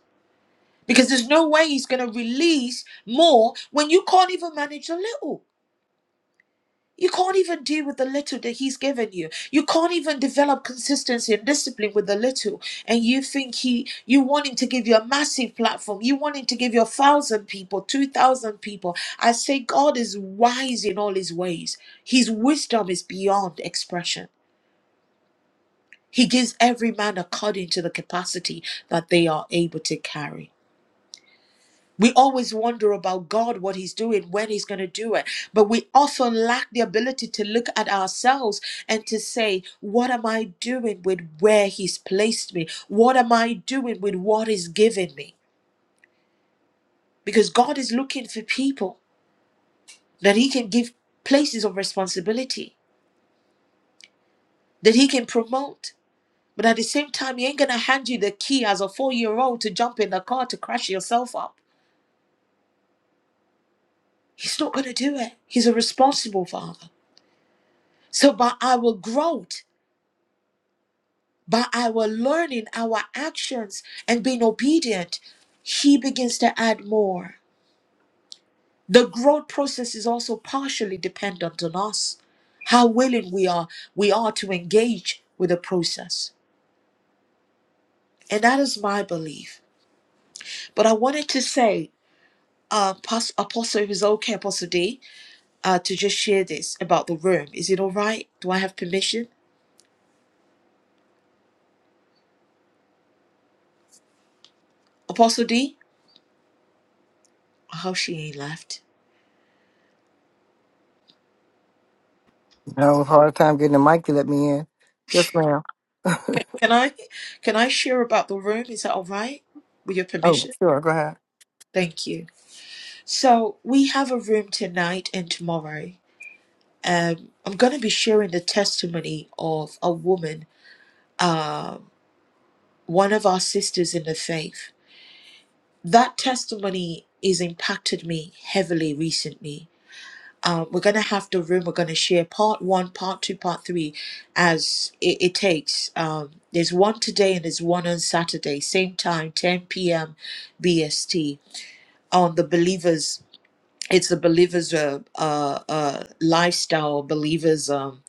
Because there's no way He's going to release more when you can't even manage a little. You can't even deal with the little that he's given you. You can't even develop consistency and discipline with the little. And you think he you want him to give you a massive platform. You want him to give you a thousand people, two thousand people. I say God is wise in all his ways. His wisdom is beyond expression. He gives every man according to the capacity that they are able to carry. We always wonder about God, what He's doing, when He's going to do it. But we often lack the ability to look at ourselves and to say, What am I doing with where He's placed me? What am I doing with what He's given me? Because God is looking for people that He can give places of responsibility, that He can promote. But at the same time, He ain't going to hand you the key as a four year old to jump in the car to crash yourself up. He's not going to do it. He's a responsible father. So, but I will grow. by our learning, our actions, and being obedient, He begins to add more. The growth process is also partially dependent on us, how willing we are we are to engage with the process, and that is my belief. But I wanted to say, uh, Pas- Apostle, if it's okay, Apostle D, uh, to just share this about the room. Is it all right? Do I have permission, Apostle D? How she ain't left.
I was hard time getting the mic to let me in. Yes, ma'am.
Can I, can I share about the room? Is that all right? With your
oh,
permission?
sure. Go ahead.
Thank you. So we have a room tonight and tomorrow. Um, I'm going to be sharing the testimony of a woman, um, one of our sisters in the faith. That testimony has impacted me heavily recently. Um, we're going to have the room. We're going to share part one, part two, part three, as it, it takes. Um, there's one today and there's one on Saturday, same time, 10 p.m. BST on the believers it's a believer's uh, uh, uh, lifestyle believers um,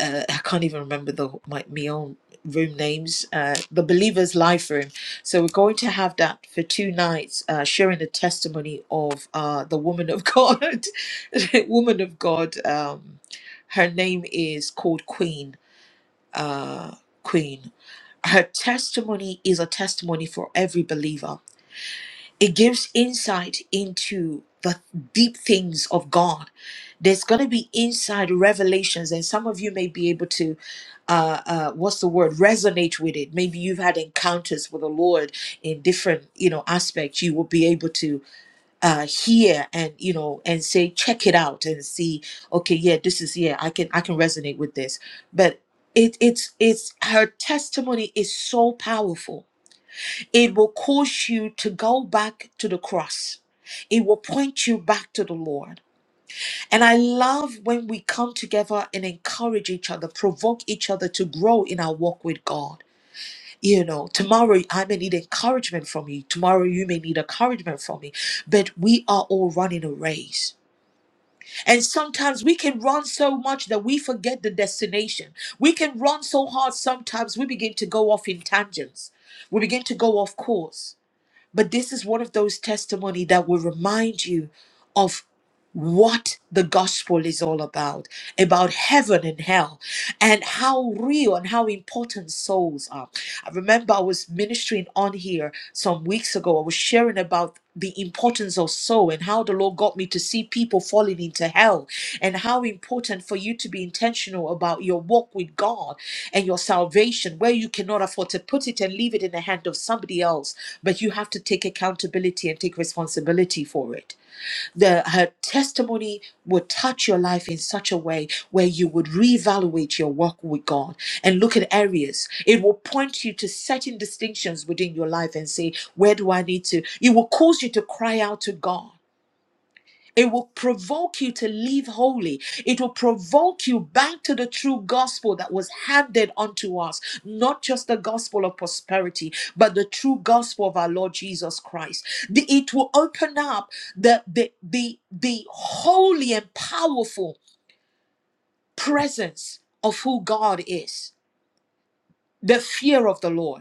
uh, i can't even remember the my, my own room names uh, the believers life room so we're going to have that for two nights uh, sharing the testimony of uh, the woman of god woman of god um, her name is called queen uh, queen her testimony is a testimony for every believer it gives insight into the deep things of God. There's going to be inside revelations, and some of you may be able to, uh, uh, what's the word, resonate with it. Maybe you've had encounters with the Lord in different, you know, aspects. You will be able to uh, hear and, you know, and say, check it out and see. Okay, yeah, this is yeah, I can I can resonate with this. But it it's it's her testimony is so powerful it will cause you to go back to the cross. It will point you back to the Lord. And I love when we come together and encourage each other, provoke each other to grow in our walk with God. You know, tomorrow I may need encouragement from you. Tomorrow you may need encouragement from me. But we are all running a race. And sometimes we can run so much that we forget the destination. We can run so hard sometimes we begin to go off in tangents. We begin to go off course but this is one of those testimony that will remind you of what the gospel is all about, about heaven and hell, and how real and how important souls are. I remember I was ministering on here some weeks ago. I was sharing about the importance of soul and how the Lord got me to see people falling into hell, and how important for you to be intentional about your walk with God and your salvation, where you cannot afford to put it and leave it in the hand of somebody else but you have to take accountability and take responsibility for it. The her testimony would touch your life in such a way where you would reevaluate your walk with God and look at areas. It will point you to certain distinctions within your life and say, where do I need to? It will cause you to cry out to God. It will provoke you to live holy. It will provoke you back to the true gospel that was handed unto us, not just the gospel of prosperity, but the true gospel of our Lord Jesus Christ. The- it will open up the, the, the, the holy and powerful presence of who God is, the fear of the Lord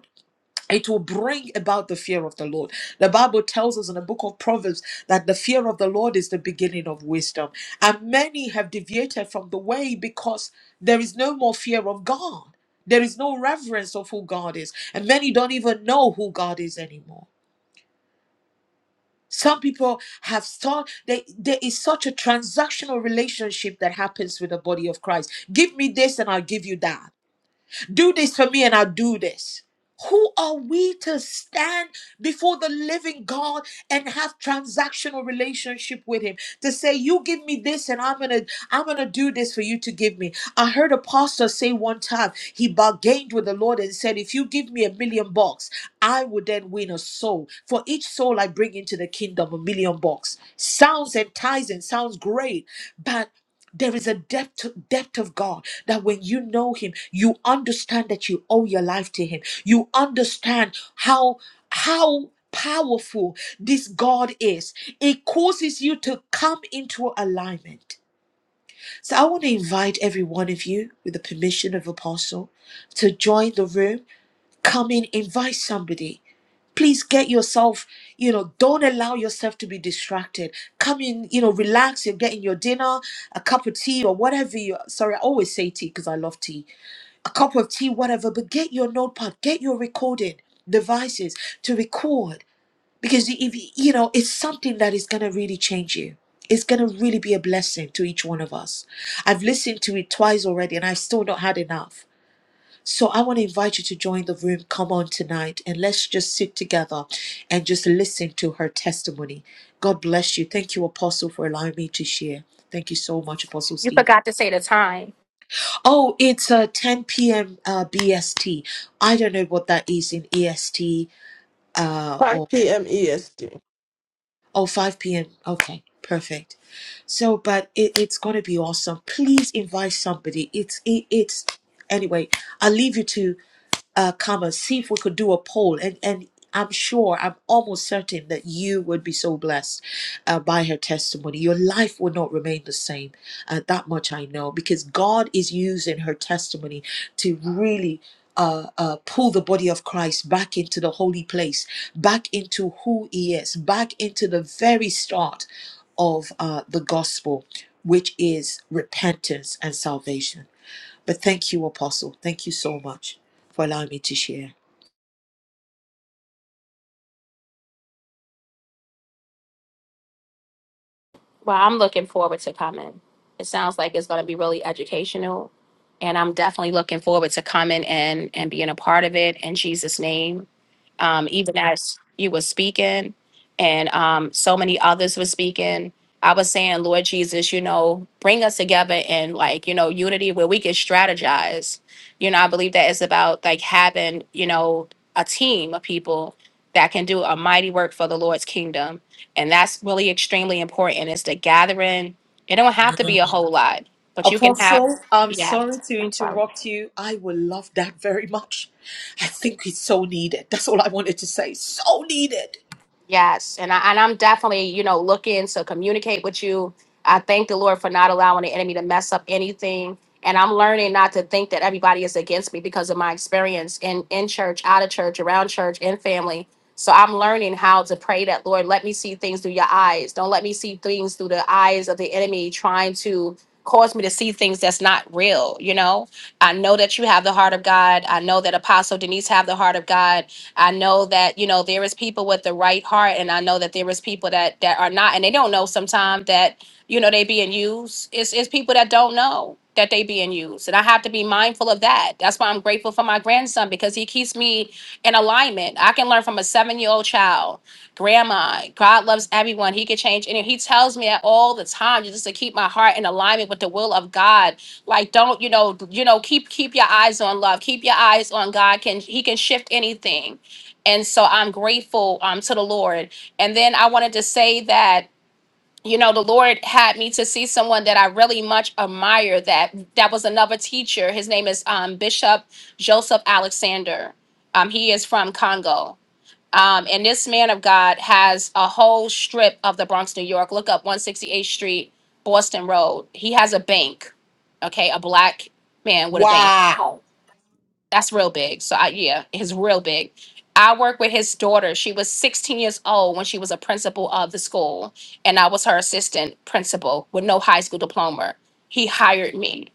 it will bring about the fear of the Lord. The Bible tells us in the book of Proverbs that the fear of the Lord is the beginning of wisdom. And many have deviated from the way because there is no more fear of God. There is no reverence of who God is. And many don't even know who God is anymore. Some people have thought that there is such a transactional relationship that happens with the body of Christ. Give me this and I'll give you that. Do this for me and I'll do this. Who are we to stand before the living God and have transactional relationship with him? To say, you give me this and I'm gonna I'm gonna do this for you to give me. I heard a pastor say one time he bargained with the Lord and said, if you give me a million bucks, I would then win a soul. For each soul I bring into the kingdom, a million bucks. Sounds enticing, sounds great, but there is a depth, depth of God that when you know Him, you understand that you owe your life to Him. You understand how how powerful this God is. It causes you to come into alignment. So I want to invite every one of you, with the permission of Apostle, to join the room. Come in, invite somebody. Please get yourself, you know, don't allow yourself to be distracted. Come in, you know, relax. You're getting your dinner, a cup of tea or whatever you sorry, I always say tea because I love tea. A cup of tea, whatever, but get your notepad, get your recording devices to record. Because if you you know, it's something that is gonna really change you. It's gonna really be a blessing to each one of us. I've listened to it twice already and I've still not had enough so I want to invite you to join the room. Come on tonight and let's just sit together and just listen to her testimony. God bless you. Thank you, Apostle, for allowing me to share. Thank you so much, Apostle
You
Steve.
forgot to say the time.
Oh, it's uh, 10 p.m. Uh, BST. I don't know what that is in EST uh, or
5 p.m. EST.
oh, 5 p.m. Okay, perfect. So, but it, it's going to be awesome. Please invite somebody. It's it, it's anyway. I'll leave you to. uh, comma, see if we could do a poll. And, and I'm sure, I'm almost certain that you would be so blessed uh, by her testimony. Your life will not remain the same. Uh, that much I know because God is using her testimony to really. Uh, uh, pull the body of Christ back into the holy place, back into who he is, back into the very start of uh, the gospel, which is repentance and salvation. But thank you, Apostle. Thank you so much for allowing me to share.
Well, I'm looking forward to coming. It sounds like it's going to be really educational, and I'm definitely looking forward to coming and and being a part of it in Jesus' name um, even as you were speaking, and um, so many others were speaking. I was saying, Lord Jesus, you know, bring us together in like, you know, unity where we can strategize. You know, I believe that it's about like having, you know, a team of people that can do a mighty work for the Lord's kingdom. And that's really extremely important It's the gathering. It don't have to be a whole lot, but you can have,
Apostle, I'm
yeah,
sorry to
I'm sorry.
interrupt you. I will love that very much. I think it's so needed. That's all I wanted to say. So needed.
Yes, and I and I'm definitely, you know, looking to communicate with you. I thank the Lord for not allowing the enemy to mess up anything. And I'm learning not to think that everybody is against me because of my experience in in church, out of church, around church, in family. So I'm learning how to pray that Lord, let me see things through your eyes. Don't let me see things through the eyes of the enemy trying to cause me to see things that's not real, you know? I know that you have the heart of God. I know that Apostle Denise have the heart of God I know that you know there is people with the right heart, and I know that there is people that that are not, and they don't know sometimes that you know they being used. It's it's people that don't know that they being used, and I have to be mindful of that. That's why I'm grateful for my grandson because he keeps me in alignment. I can learn from a seven year old child. Grandma, God loves everyone. He can change, and he tells me that all the time, just to keep my heart in alignment with the will of God like don't you know you know keep keep your eyes on love keep your eyes on god can he can shift anything and so I'm grateful um, to the Lord. And then I wanted to say that you know the lord had me to see someone that i really much admire that that was another teacher his name is um, bishop joseph alexander um, he is from congo um, and this man of god has a whole strip of the bronx new york look up 168th street boston road he has a bank okay a black man with a bank
Wow.
that's real big. So I, yeah, it's real big. I work with his daughter. She was 16 years old when she was a principal of the school, and I was her assistant principal with no high school diploma. He hired me,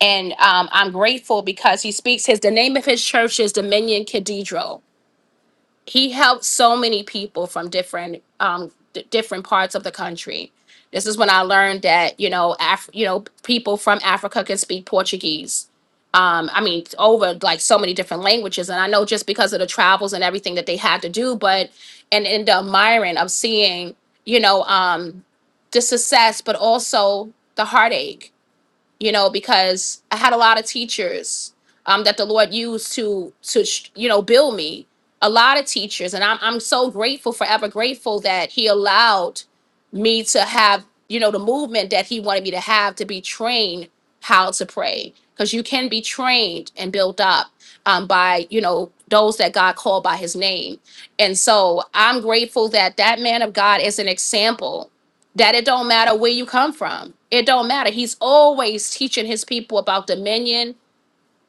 and um, I'm grateful because he speaks his the name of his church is Dominion Cathedral. He helped so many people from different um, d- different parts of the country. This is when I learned that you know, Af- you know, people from Africa can speak Portuguese um, I mean, over like so many different languages. And I know just because of the travels and everything that they had to do, but and in the admiring of seeing, you know, um, the success, but also the heartache, you know, because I had a lot of teachers um, that the Lord used to to sh- you know build me. A lot of teachers, and I'm I'm so grateful, forever grateful that He allowed me to have, you know, the movement that he wanted me to have to be trained how to pray. Because you can be trained and built up um, by, you know, those that God called by his name. And so I'm grateful that that man of God is an example that it don't matter where you come from. It don't matter. He's always teaching his people about dominion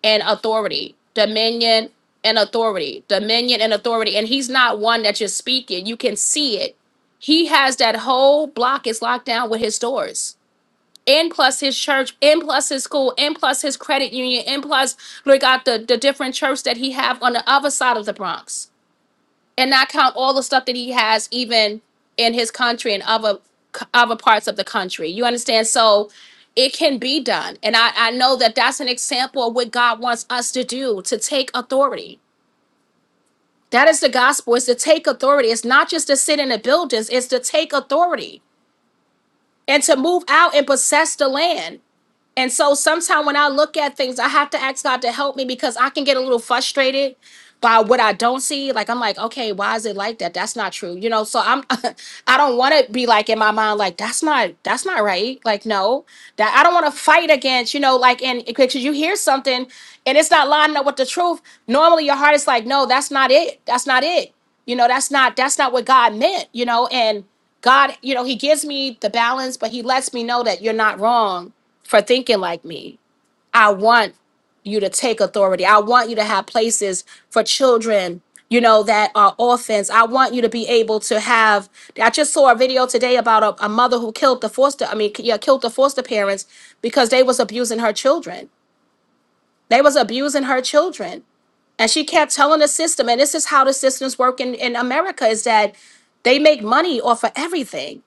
and authority. Dominion and authority. Dominion and authority. And he's not one that you're speaking. You can see it he has that whole block is locked down with his doors. And plus his church, and plus his school, and plus his credit union, and plus look at the, the different church that he have on the other side of the Bronx. And not count all the stuff that he has even in his country and other other parts of the country. You understand? So it can be done. And I, I know that that's an example of what God wants us to do, to take authority. That is the gospel, is to take authority. It's not just to sit in the buildings, it's to take authority and to move out and possess the land. And so sometimes when I look at things, I have to ask God to help me because I can get a little frustrated by what I don't see. Like I'm like, okay, why is it like that? That's not true. You know, so I'm I don't want to be like in my mind, like, that's not that's not right. Like, no, that I don't want to fight against, you know, like and because you hear something and it's not lining up with the truth. Normally your heart is like, no, that's not it. That's not it. You know, that's not that's not what God meant, you know, and God, you know, He gives me the balance, but He lets me know that you're not wrong for thinking like me. I want you to take authority. I want you to have places for children, you know, that are orphans. I want you to be able to have. I just saw a video today about a, a mother who killed the foster. I mean, yeah, killed the foster parents because they was abusing her children. They was abusing her children. And she kept telling the system, and this is how the systems work in, in America, is that they make money off of everything.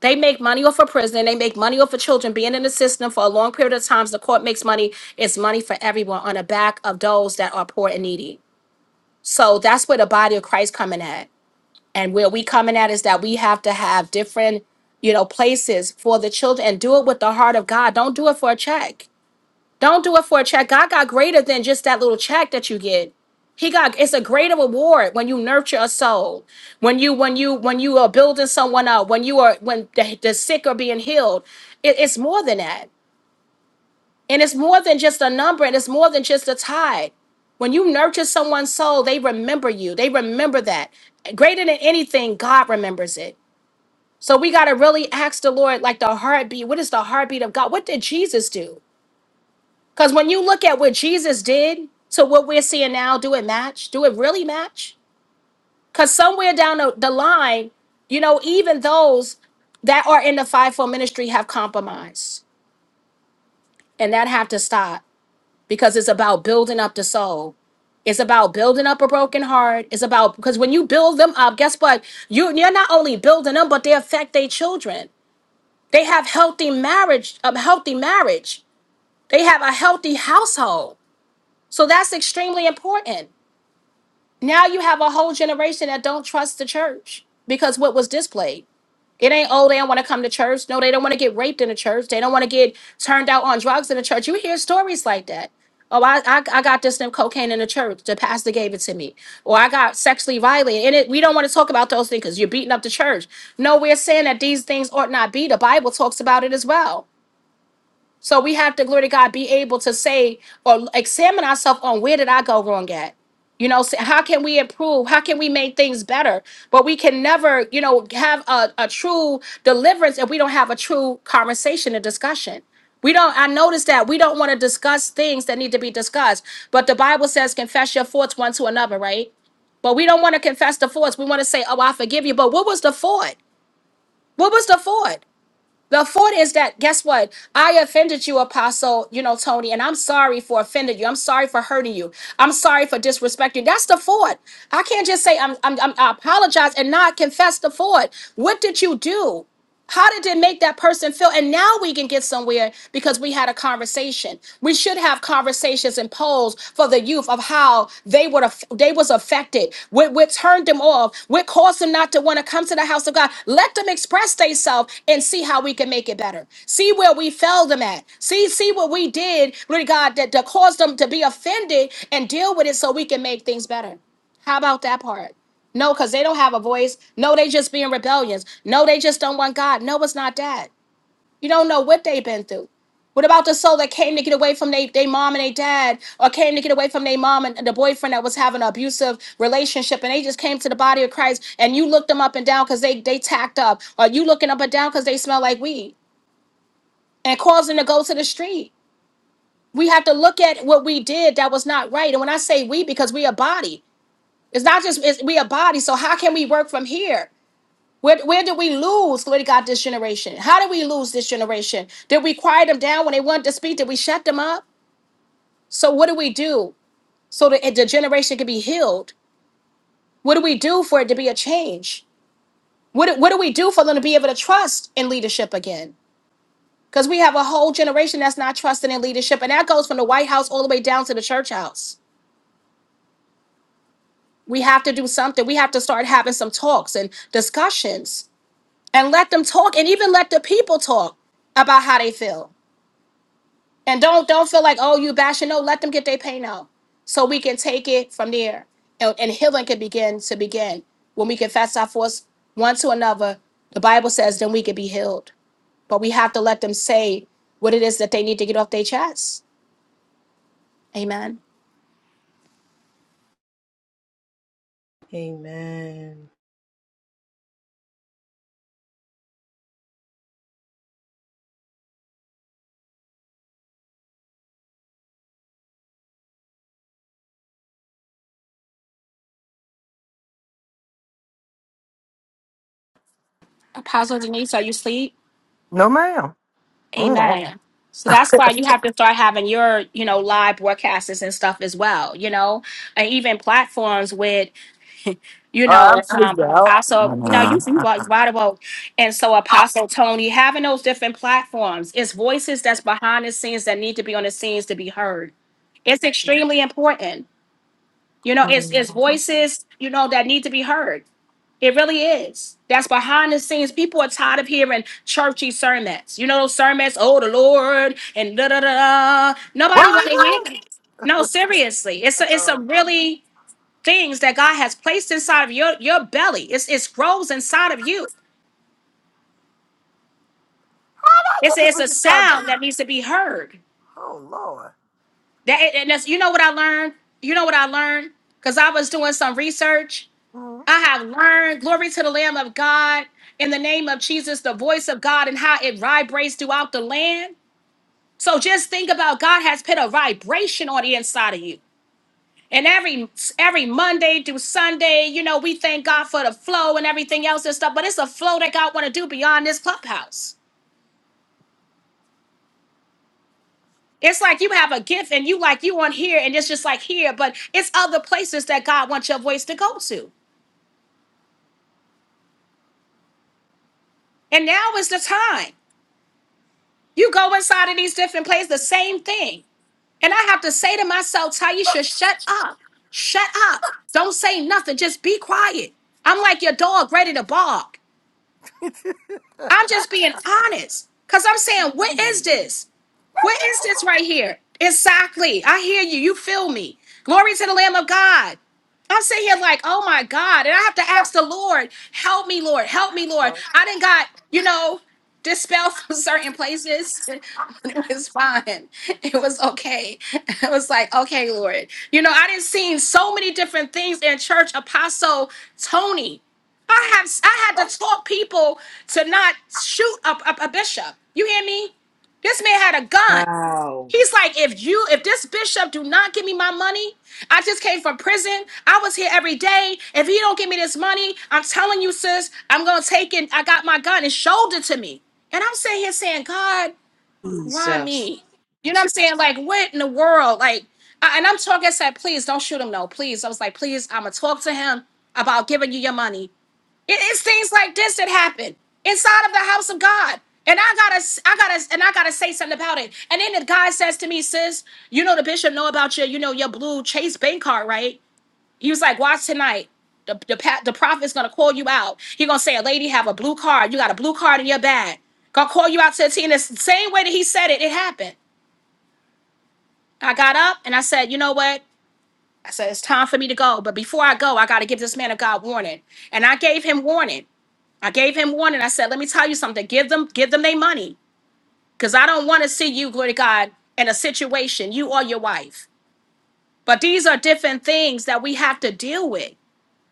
They make money off of prison. They make money off of children being in the system for a long period of times. The court makes money. It's money for everyone on the back of those that are poor and needy. So that's where the body of Christ coming at. And where we coming at is that we have to have different, you know, places for the children and do it with the heart of God. Don't do it for a check. Don't do it for a check. God got greater than just that little check that you get. He got it's a greater reward when you nurture a soul, when you when you when you are building someone up, when you are when the, the sick are being healed. It- it's more than that, and it's more than just a number, and it's more than just a tithe. When you nurture someone's soul, they remember you. They remember that greater than anything, God remembers it. So we got to really ask the Lord, like the heartbeat. What is the heartbeat of God? What did Jesus do? Because when you look at what Jesus did to what we're seeing now, do it match? Do it really match? Because somewhere down the the line, you know, even those that are in the fivefold ministry have compromised, and that have to stop because it's about building up the soul. It's about building up a broken heart. It's about because when you build them up, guess what? You you're not only building them, but they affect their children. They have healthy marriage, a healthy marriage. They have a healthy household. So that's extremely important. Now you have a whole generation that don't trust the church because what was displayed. It ain't oh they don't want to come to church. No, they don't want to get raped in the church. They don't want to get turned out on drugs in the church. You hear stories like that. Oh, I, I I got this damn cocaine in the church. The pastor gave it to me, or I got sexually violated. And it, we don't want to talk about those things because you're beating up the church. No, we're saying that these things ought not be. The Bible talks about it as well. So we have to, glory to God, be able to say or examine ourselves on where did I go wrong at? You know, say, how can we improve? How can we make things better? But we can never, you know, have a, a true deliverance if we don't have a true conversation and discussion. We don't, I noticed that we don't want to discuss things that need to be discussed. But the Bible says, confess your faults one to another, right? But we don't want to confess the faults. We want to say, oh, I forgive you. But what was the fault? What was the fault? The fourth is that guess what? I offended you, Apostle, you know, Tony, and I'm sorry for offending you. I'm sorry for hurting you. I'm sorry for disrespecting you. That's the fourth. I can't just say I'm, I'm, I'm I apologize and not confess the fourth. What did you do? How did it make that person feel? And now we can get somewhere because we had a conversation. We should have conversations and polls for the youth of how they would aff- they was affected, what, what turned them off, what caused them not to want to come to the house of God. Let them express themselves and see how we can make it better. See where we fell them at. See see what we did, Lord God, that, that caused them to be offended and deal with it so we can make things better. How about that part? No, because they don't have a voice. No, they just being rebellious. No, they just don't want God. No, it's not that. You don't know what they've been through. What about the soul that came to get away from their they mom and their dad, or came to get away from their mom and the boyfriend that was having an abusive relationship, and they just came to the body of Christ, and you looked them up and down because they they tacked up, or you looking up and down because they smell like weed, and caused them to go to the street. We have to look at what we did that was not right, and when I say we, because we a body, it's not just it's, we a body. So how can we work from here? Where, where did we lose? Glory to God, this generation. How did we lose this generation? Did we quiet them down when they wanted to speak? Did we shut them up? So what do we do so that the generation can be healed? What do we do for it to be a change? What do- what do we do for them to be able to trust in leadership again? Because we have a whole generation that's not trusting in leadership, and that goes from the White House all the way down to the church house. We have to do something. We have to start having some talks and discussions and let them talk and even let the people talk about how they feel and don't don't feel like oh you bashing no let them get their pain out so we can take it from there and, and healing can begin to begin when we confess our faults one to another the bible says then we can be healed but we have to let them say what it is that they need to get off their chest amen
Amen.
apostle denise are you asleep
No, ma'am. Mm.
amen so that's why you have to start having your you know live broadcasts and stuff as well you know and even platforms with you
Uh, I'm
know, um,
sleepy out.
Apostle.
Oh,
No, you you right right about. And so Apostle Tony having those different platforms, it's voices that's behind the scenes that need to be on the scenes to be heard. It's extremely important. You know, it's it's voices you know that need to be heard. It really is. That's behind the scenes. People are tired of hearing churchy sermons. You know those sermons, oh the Lord and da da da. da." Nobody want to hear. it. No, seriously, it's a it's a really things that God has placed inside of your, your belly. It's, it grows inside of you. It's a, it's a sound that needs to be heard.
Lord.
That and that's, you know what I learned. You know what I learned because I was doing some research.
Mm.
I have learned glory to the Lamb of God in the name of Jesus, the voice of God, and how it vibrates throughout the land. So just think about God has put a vibration on the inside of you. And every every Monday through Sunday, you know, we thank God for the flow and everything else and stuff. But it's a flow that God want to do beyond this clubhouse. It's like you have a gift and you like you on here and it's just like here, but it's other places that God wants your voice to go to. And now is the time. You go inside of these different places, the same thing. And I have to say to myself, Taisha, shut up. Shut up. Don't say nothing. Just be quiet. I'm like your dog ready to bark. I'm just being honest. Cause I'm saying, what is this? Where is this right here? Exactly. I hear you. You feel me. Glory to the Lamb of God. I'm sitting here like, oh my God. And I have to ask the Lord, help me, Lord, help me, Lord. I didn't got, you know, dispelled from certain places. it was fine. It was okay. It was like, okay, Lord. You know, I didn't seen so many different things in church. Apostle Tony. I have I had to talk people to not shoot a, a a bishop. You hear me? This man had a gun.
Wow.
He's like, if you, if this bishop do not give me my money, I just came from prison. I was here every day. If he don't give me this money, I'm telling you, sis, I'm gonna take it. I got my gun and showed it to me. And I'm sitting here saying, God, why
Jesus.
me? You know what I'm saying? Like, what in the world? Like, I, and I'm talking, I said, please don't shoot him, no, please. I was like, please, I'm gonna talk to him about giving you your money. It is things like this that happen inside of the house of God. And I gotta, I gotta, and I gotta say something about it. And then the guy says to me, "Sis, you know the bishop know about your, you know your blue Chase bank card, right?" He was like, "Watch tonight. The the pa- the prophet's gonna call you out. He gonna say, a lady have a blue card. You got a blue card in your bag. Gonna call you out to the team. The same way that he said it, it happened. I got up and I said, you know what? I said, it's time for me to go. But before I go, I got to give this man of God warning. And I gave him warning. I gave him warning. I said, let me tell you something. Give them, give them their money. Because I don't want to see you, glory to God, in a situation, you or your wife. But these are different things that we have to deal with.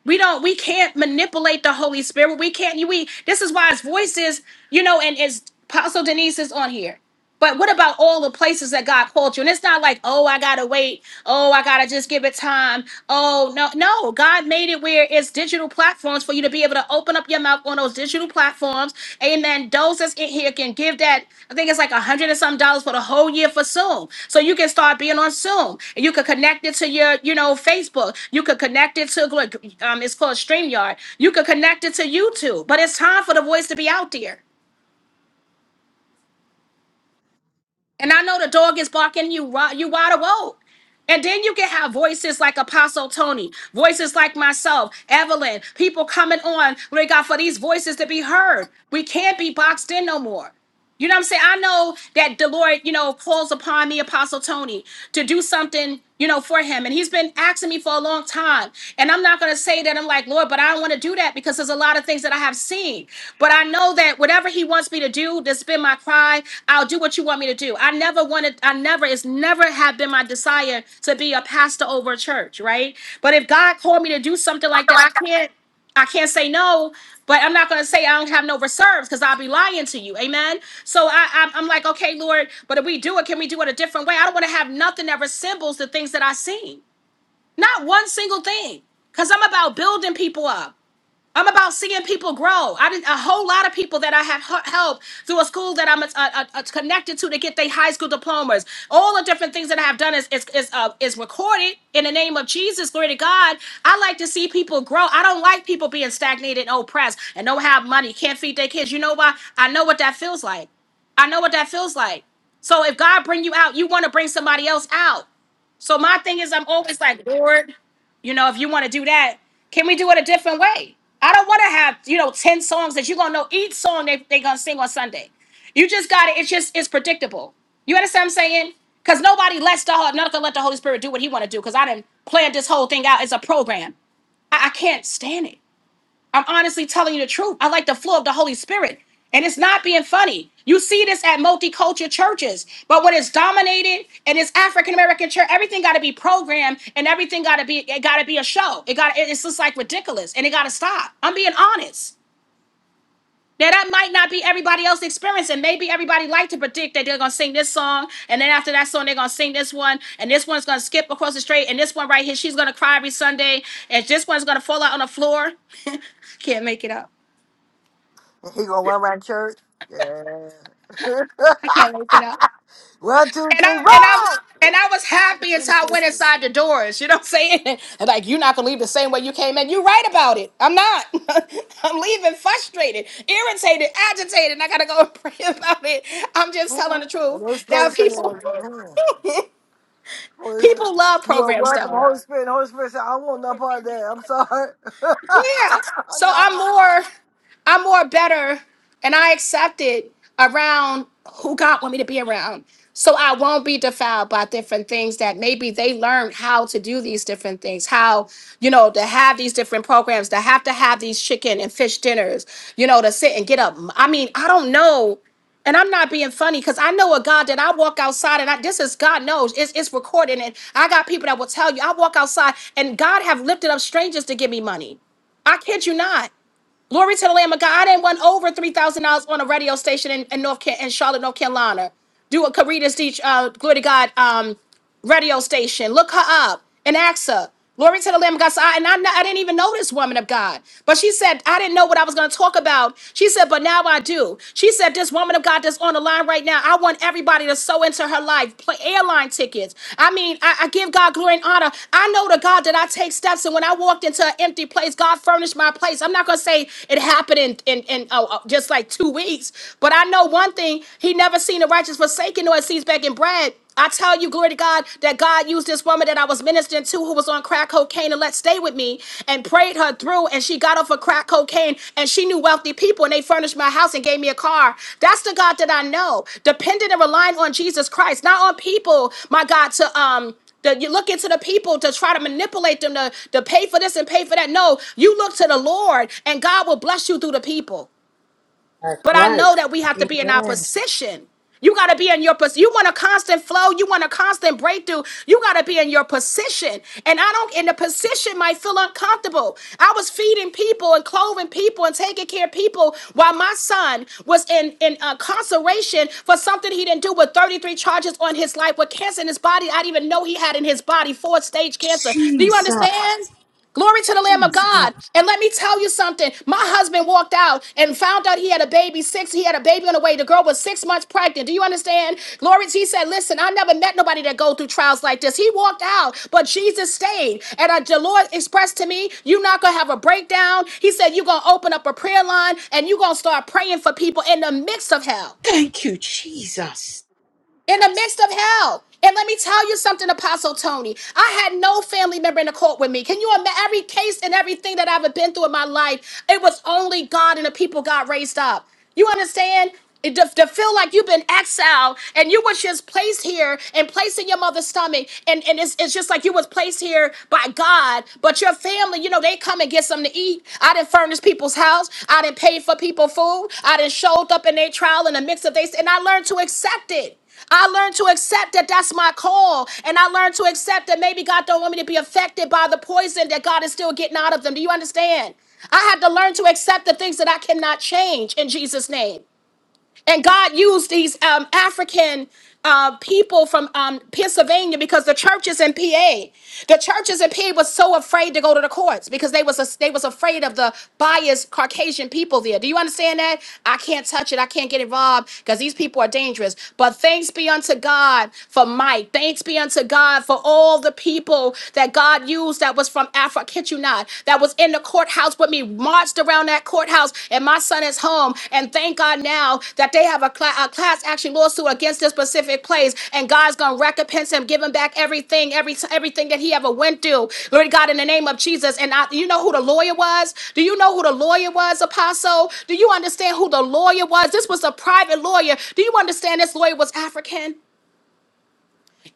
We don't, we can't manipulate the Holy Spirit. We can't, we, this is why his voice is, you know, and it's Apostle Denise is on here. But what about all the places that God called you? And it's not like, oh, I gotta wait. Oh, I gotta just give it time. Oh, no, no. God made it where it's digital platforms for you to be able to open up your mouth on those digital platforms. Amen. Those that's in here can give that, I think it's like a hundred and some dollars for the whole year for Zoom. So you can start being on Zoom. And you could connect it to your, you know, Facebook. You could connect it to like, um, it's called StreamYard. You could connect it to YouTube. But it's time for the voice to be out there. And I know the dog is barking you wi- you wide awake. And then you can have voices like Apostle Tony, voices like myself, Evelyn, people coming on, Lord God, for these voices to be heard. We can't be boxed in no more. You know what I'm saying? I know that the Lord, you know, calls upon me, Apostle Tony, to do something, you know, for him. And he's been asking me for a long time. And I'm not going to say that I'm like, Lord, but I don't want to do that because there's a lot of things that I have seen. But I know that whatever he wants me to do, that's been my cry. I'll do what you want me to do. I never wanted, I never, it's never have been my desire to be a pastor over a church, right? But if God called me to do something like that, I can't. I can't say no, but I'm not going to say I don't have no reserves because I'll be lying to you. Amen. So I, I'm, I'm like, okay, Lord, but if we do it, can we do it a different way? I don't want to have nothing that resembles the things that I seen. Not one single thing. Because I'm about building people up. I'm about seeing people grow. I didn't a whole lot of people that I have h- helped through a school that I'm uh, uh, uh, connected to to get their high school diplomas. All the different things that I have done is is is, uh, is recorded in the name of Jesus. Glory to God. I like to see people grow. I don't like people being stagnated and oppressed and don't have money, can't feed their kids. You know why? I know what that feels like. I know what that feels like. So if God bring you out, you want to bring somebody else out. So my thing is, I'm always like, Lord. You know, if you want to do that, can we do it a different way? I don't want to have, you know, 10 songs that you're going to know each song they they going to sing on Sunday. You just got to, it's just, it's predictable. You understand what I'm saying? Because nobody lets the, Hol- not going to let the Holy Spirit do what he want to do because I didn't plan this whole thing out as a program. I, I can't stand it. I'm honestly telling you the truth. I like the flow of the Holy Spirit. And it's not being funny. You see this at multicultural churches. But when it's dominated and it's African American church, everything gotta be programmed and everything gotta be it gotta be a show. It got it's just like ridiculous and it gotta stop. I'm being honest. Now that might not be everybody else's experience, and maybe everybody like to predict that they're gonna sing this song, and then after that song they're gonna sing this one, and this one's gonna skip across the street, and this one right here she's gonna cry every Sunday, and this one's gonna fall out on the floor. Can't make it up.
He going to run around church? Yeah. One, two,
and
three,
I'm and I'm
roll!
and I was happy until I went inside the doors. You know what I'm saying? And like, you're not gonna leave the same way you came in. You're right about it. I'm not. I'm leaving frustrated, irritated, agitated. And I gotta go and pray about it. I'm just telling the truth.
and they
Now,
started saying, I
people,
like, "Man, Holy Spirit,
people love
You are
programs,
welcome,
though.
Holy Spirit. Holy Spirit said, I want no part of that. I'm sorry.
Yeah. So
no.
I'm more, I'm more better, and I accept it around who God want me to be around. So I won't be defiled by different things that maybe they learned how to do these different things, how you know to have these different programs, to have to have these chicken and fish dinners, you know, to sit and get up. I mean, I don't know. And I'm not being funny because I know a God that I walk outside and I, this is God knows it's, it's recorded. And I got people that will tell you I walk outside and God have lifted up strangers to give me money. I kid you not. Glory to the Lamb of God. I didn't won over three thousand dollars on a radio station in, in North Ca- in Charlotte, North Carolina. Do a Caritas teach. Uh, glory to God. Um, radio station. Look her up and ask her. Glory to the Lamb of God. So I, and I, I didn't even know this woman of God. But she said, I didn't know what I was going to talk about. She said, but now I do. She said, this woman of God that's on the line right now, I want everybody to sow into her life, play airline tickets. I mean, I, I give God glory and honor. I know the God that I take steps. And when I walked into an empty place, God furnished my place. I'm not going to say it happened in, in, in oh, oh, just like two weeks. But I know one thing, he never seen the righteous forsaken nor his seeds begging bread. I tell you, glory to God, that God used this woman that I was ministering to who was on crack cocaine and let stay with me and prayed her through. And she got off of crack cocaine and she knew wealthy people and they furnished my house and gave me a car. That's the God that I know, dependent and relying on Jesus Christ, not on people, my God, to, um, the, you look into the people to try to manipulate them to, to pay for this and pay for that. No, you look to the Lord and God will bless you through the people.
That's
But I
right.
know that we have to be in our
Amen.
position. You got to be in your position. You want a constant flow. You want a constant breakthrough. You got to be in your position. And I don't, in the position might feel uncomfortable. I was feeding people and clothing people and taking care of people while my son was in, in incarceration for something he didn't do with 33 charges on his life with cancer in his body. I didn't even know he had in his body fourth stage cancer. Do you
Jesus.
understand? Glory to the Lamb of
Jesus.
God. And let me tell you something. My husband walked out and found out he had a baby six. He had a baby on the way. The girl was six months pregnant. Do you understand? Glory to he said, Listen, I never met nobody that go through trials like this. He walked out, but Jesus stayed. And I, the Lord expressed to me, You're not gonna have a breakdown. He said, You're gonna open up a prayer line and you're gonna start praying for people in the midst of hell
Thank you, Jesus.
in the midst of hell. And let me tell you something, Apostle Tony. I had no family member in the court with me. Can you imagine every case and everything that I've been through in my life? It was only God and the people God raised up. You understand? It, to, to feel like you've been exiled and you was just placed here and placed in your mother's stomach and, and it's, it's just like you was placed here by god but your family you know they come and get something to eat i didn't furnish people's house i didn't pay for people food i didn't showed up in their trial in the mix of they and i learned to accept it I learned to accept that that's my call. And I learned to accept that maybe God don't want me to be affected by the poison that God is still getting out of them. Do you understand? I had to learn to accept the things that I cannot change in Jesus' name and God used these um, African uh, people from um, Pennsylvania because the churches in PA, the churches in PA was so afraid to go to the courts because they was a, they was afraid of the biased Caucasian people there. Do you understand that? I can't touch it. I can't get involved because these people are dangerous. But thanks be unto God for Mike. Thanks be unto God for all the people that God used that was from Africa. 29 that was in the courthouse with me, marched around that courthouse, and my son is home. And thank God now that they have a, cla- a class action lawsuit against this specific place, and God's gonna recompense him, give him back everything, every everything that he ever went through. Lord God, in the name of Jesus. And I, you know who the lawyer was? Do you know who the lawyer was, Apostle? Do you understand who the lawyer was? This was a private lawyer. Do you understand this lawyer was African?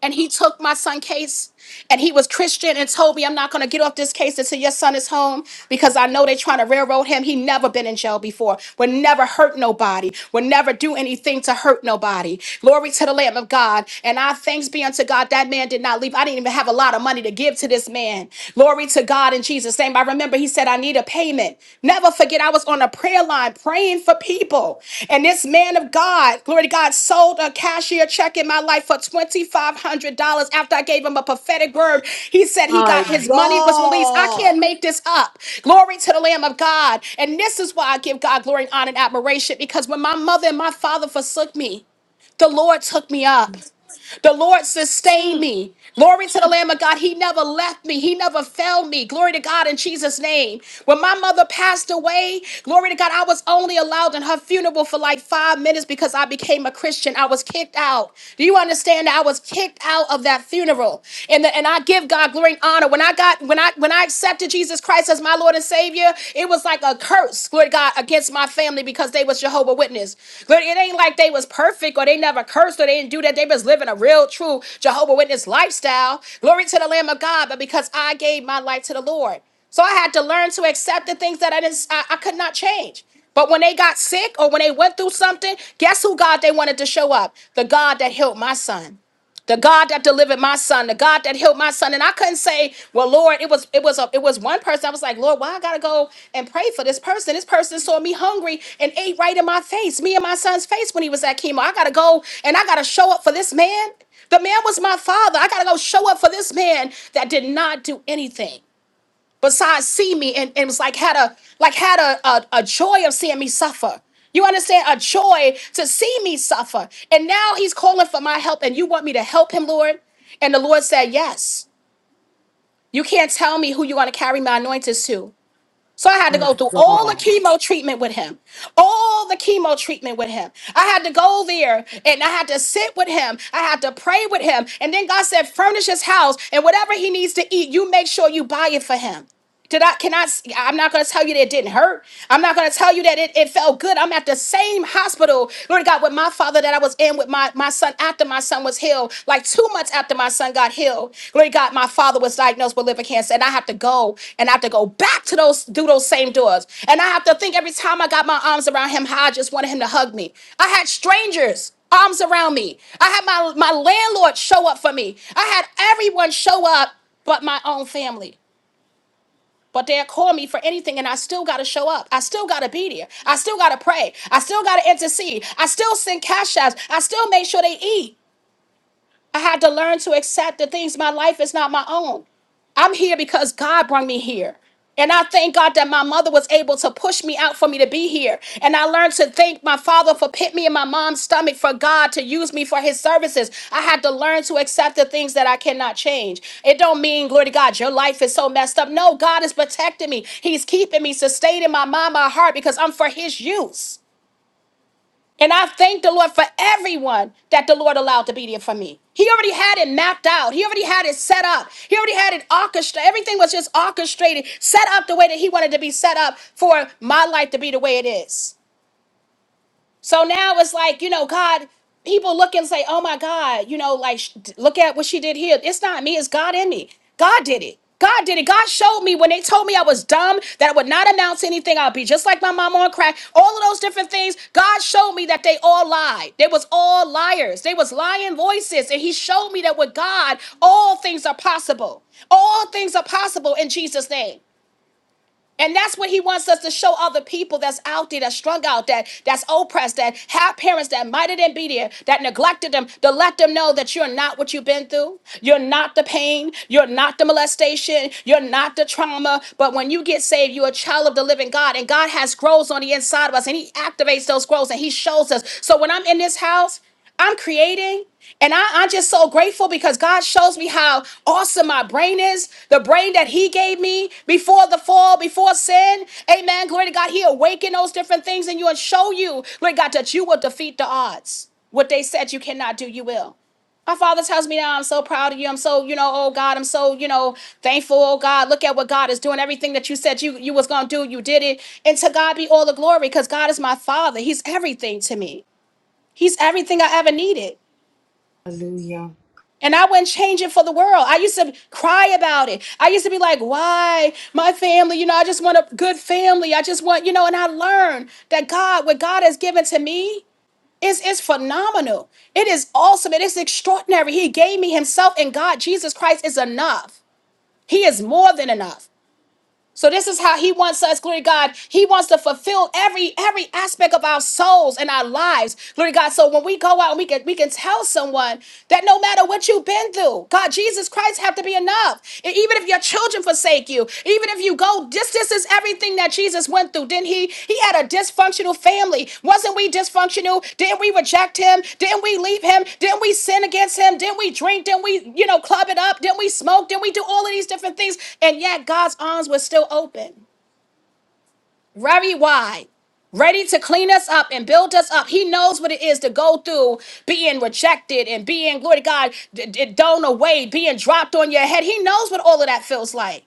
and he took my son case and he was christian and told me i'm not going to get off this case until your son is home because i know they're trying to railroad him he never been in jail before would never hurt nobody would never do anything to hurt nobody glory to the lamb of god and i thanks be unto god that man did not leave i didn't even have a lot of money to give to this man glory to god in jesus name i remember he said i needed made a payment. Never forget, I was on a prayer line praying for people. And this man of God, glory to God, sold a cashier check in my life for $2,500 after I gave him a prophetic word. He said he
My
got his money was released. I
God.
can't make this up. Glory to the Lamb of God. And this is why I give God glory and honor and admiration because when my mother and my father forsook me, the Lord took me up. The Lord sustain
Mm.
me. Glory to the Lamb of God. He never left me. He never failed me. Glory to God in Jesus' name. When my mother passed away, glory to God, I was only allowed in her funeral for like five minutes because I became a Christian. I was kicked out. Do you understand that I was kicked out of that funeral? And the, and I give God glory and honor. When I got when I when I accepted Jesus Christ as my Lord and Savior, it was like a curse, glory to God, against my family because they was Jehovah Witness. Glory, it ain't like they was perfect or they never cursed or they didn't do that. They was living a real, true Jehovah Witness lifestyle. Glory to the Lamb of God, but because I gave my life to the Lord. So I had to learn to accept the things that I didn't, I, I could not change. But when they got sick or when they went through something, guess who God they wanted to show up? The God that healed my son the God that delivered my son, the God that healed my son. And I couldn't say, well, Lord, it was it was a, it was one person. I was like, Lord, why I gotta go and pray for this person? This person saw me hungry and ate right in my face, me and my son's face when he was at chemo. I gotta go and I gotta show up for this man. The man was my father. I gotta go show up for this man that did not do anything besides see me and, and it was like had a like had a, a a joy of seeing me suffer you understand a joy to see me suffer and now he's calling for my help and you want me to help him lord and the lord said yes you can't tell me who you're going to carry my anointings to so I had to
My
go through all the
God.
chemo treatment with him. All the chemo treatment with him. I had to go there and I had to sit with him. I had to pray with him. And then God said, furnish his house and whatever he needs to eat, you make sure you buy it for him. Did I cannot I'm not gonna tell you that it didn't hurt. I'm not gonna tell you that it, it felt good. I'm at the same hospital, Lord God, with my father that I was in with in with my, my son after my son was healed. Like two months after my son got healed, glory to God, my father was diagnosed with liver cancer. And I have to go and I have to go back to those, do those same doors. And I have to think every time I got my arms around him, how I just wanted him to hug me. I had strangers arms around me. I had my, my landlord show up for me. I had everyone show up but my own family. But they'll call me for anything and I still got to show up. I still got to be there. I still got to pray. I still got to intercede. I still send cash outs. I still make sure they eat. I had to learn to accept the things my life is not my own. I'm here because God brought me here. And I thank God that my mother was able to push me out for me to be here. And I learned to thank my father for put me in my mom's stomach for God to use me for his services. I had to learn to accept the things that I cannot change. It don't mean, glory to God, your life is so messed up. No, God is protecting me. He's keeping me, sustaining my mind, my heart, because I'm for his use. And I thank the Lord for everyone that the Lord allowed to be there for me. He already had it mapped out. He already had it set up. He already had it orchestrated. Everything was just orchestrated, set up the way that He wanted to be set up for my life to be the way it is. So now it's like, you know, God, people look and say, oh my God, you know, like, sh- look at what she did here. It's not me, it's God in me. God did it. God did it. God showed me when they told me I was dumb, that I would not announce anything. I'll be just like my mama on crack. All of those different things. God showed me that they all lied. They was all liars. They was lying voices. And he showed me that with God, all things are possible. All things are possible in Jesus' name. And that's what he wants us to show other people that's out there, that's strung out, that that's oppressed, that have parents that might have been there, that neglected them, to let them know that you're not what you've been through. You're not the pain. You're not the molestation. You're not the trauma. But when you get saved, you're a child of the living God. And God has growths on the inside of us. And he activates those growths and he shows us. So when I'm in this house, I'm creating. And I, i am just so grateful because God shows me how awesome my brain is. The brain that He gave me before the fall, before sin. Amen. Glory to God. He awaken those different things in you and show you, glory to God, that you will defeat the odds. What they said you cannot do, you will. My father tells me now, I'm so proud of you. I'm so, you know, oh God, I'm so, you know, thankful. Oh God, look at what God is doing. Everything that you said you you was gonna do, you did it. And to God be all the glory, because God is my father. He's everything to me. He's everything I ever needed.
Hallelujah.
And I wouldn't change it for the world. I used to cry about it. I used to be like, why? My family, you know, I just want a good family. I just want, you know, and I learned that God, what God has given to me is, is phenomenal. It is awesome. It is extraordinary. He gave me himself and God, Jesus Christ is enough. He is more than enough. So this is how he wants us, glory to God. He wants to fulfill every every aspect of our souls and our lives, glory to God. So when we go out and we can we can tell someone that no matter what you've been through, God, Jesus Christ have to be enough. And even if your children forsake you, even if you go this is everything that Jesus went through, didn't he? He had a dysfunctional family. Wasn't we dysfunctional? Didn't we reject him? Didn't we leave him? Didn't we sin against him? Didn't we drink? Didn't we, you know, club it up? Didn't we smoke? Didn't we do all of these different things? And yet God's arms were still open, very wide, ready to clean us up and build us up. He knows what it is to go through being rejected and being, glory to God, d- d- thrown away, being dropped on your head. He knows what all of that feels like.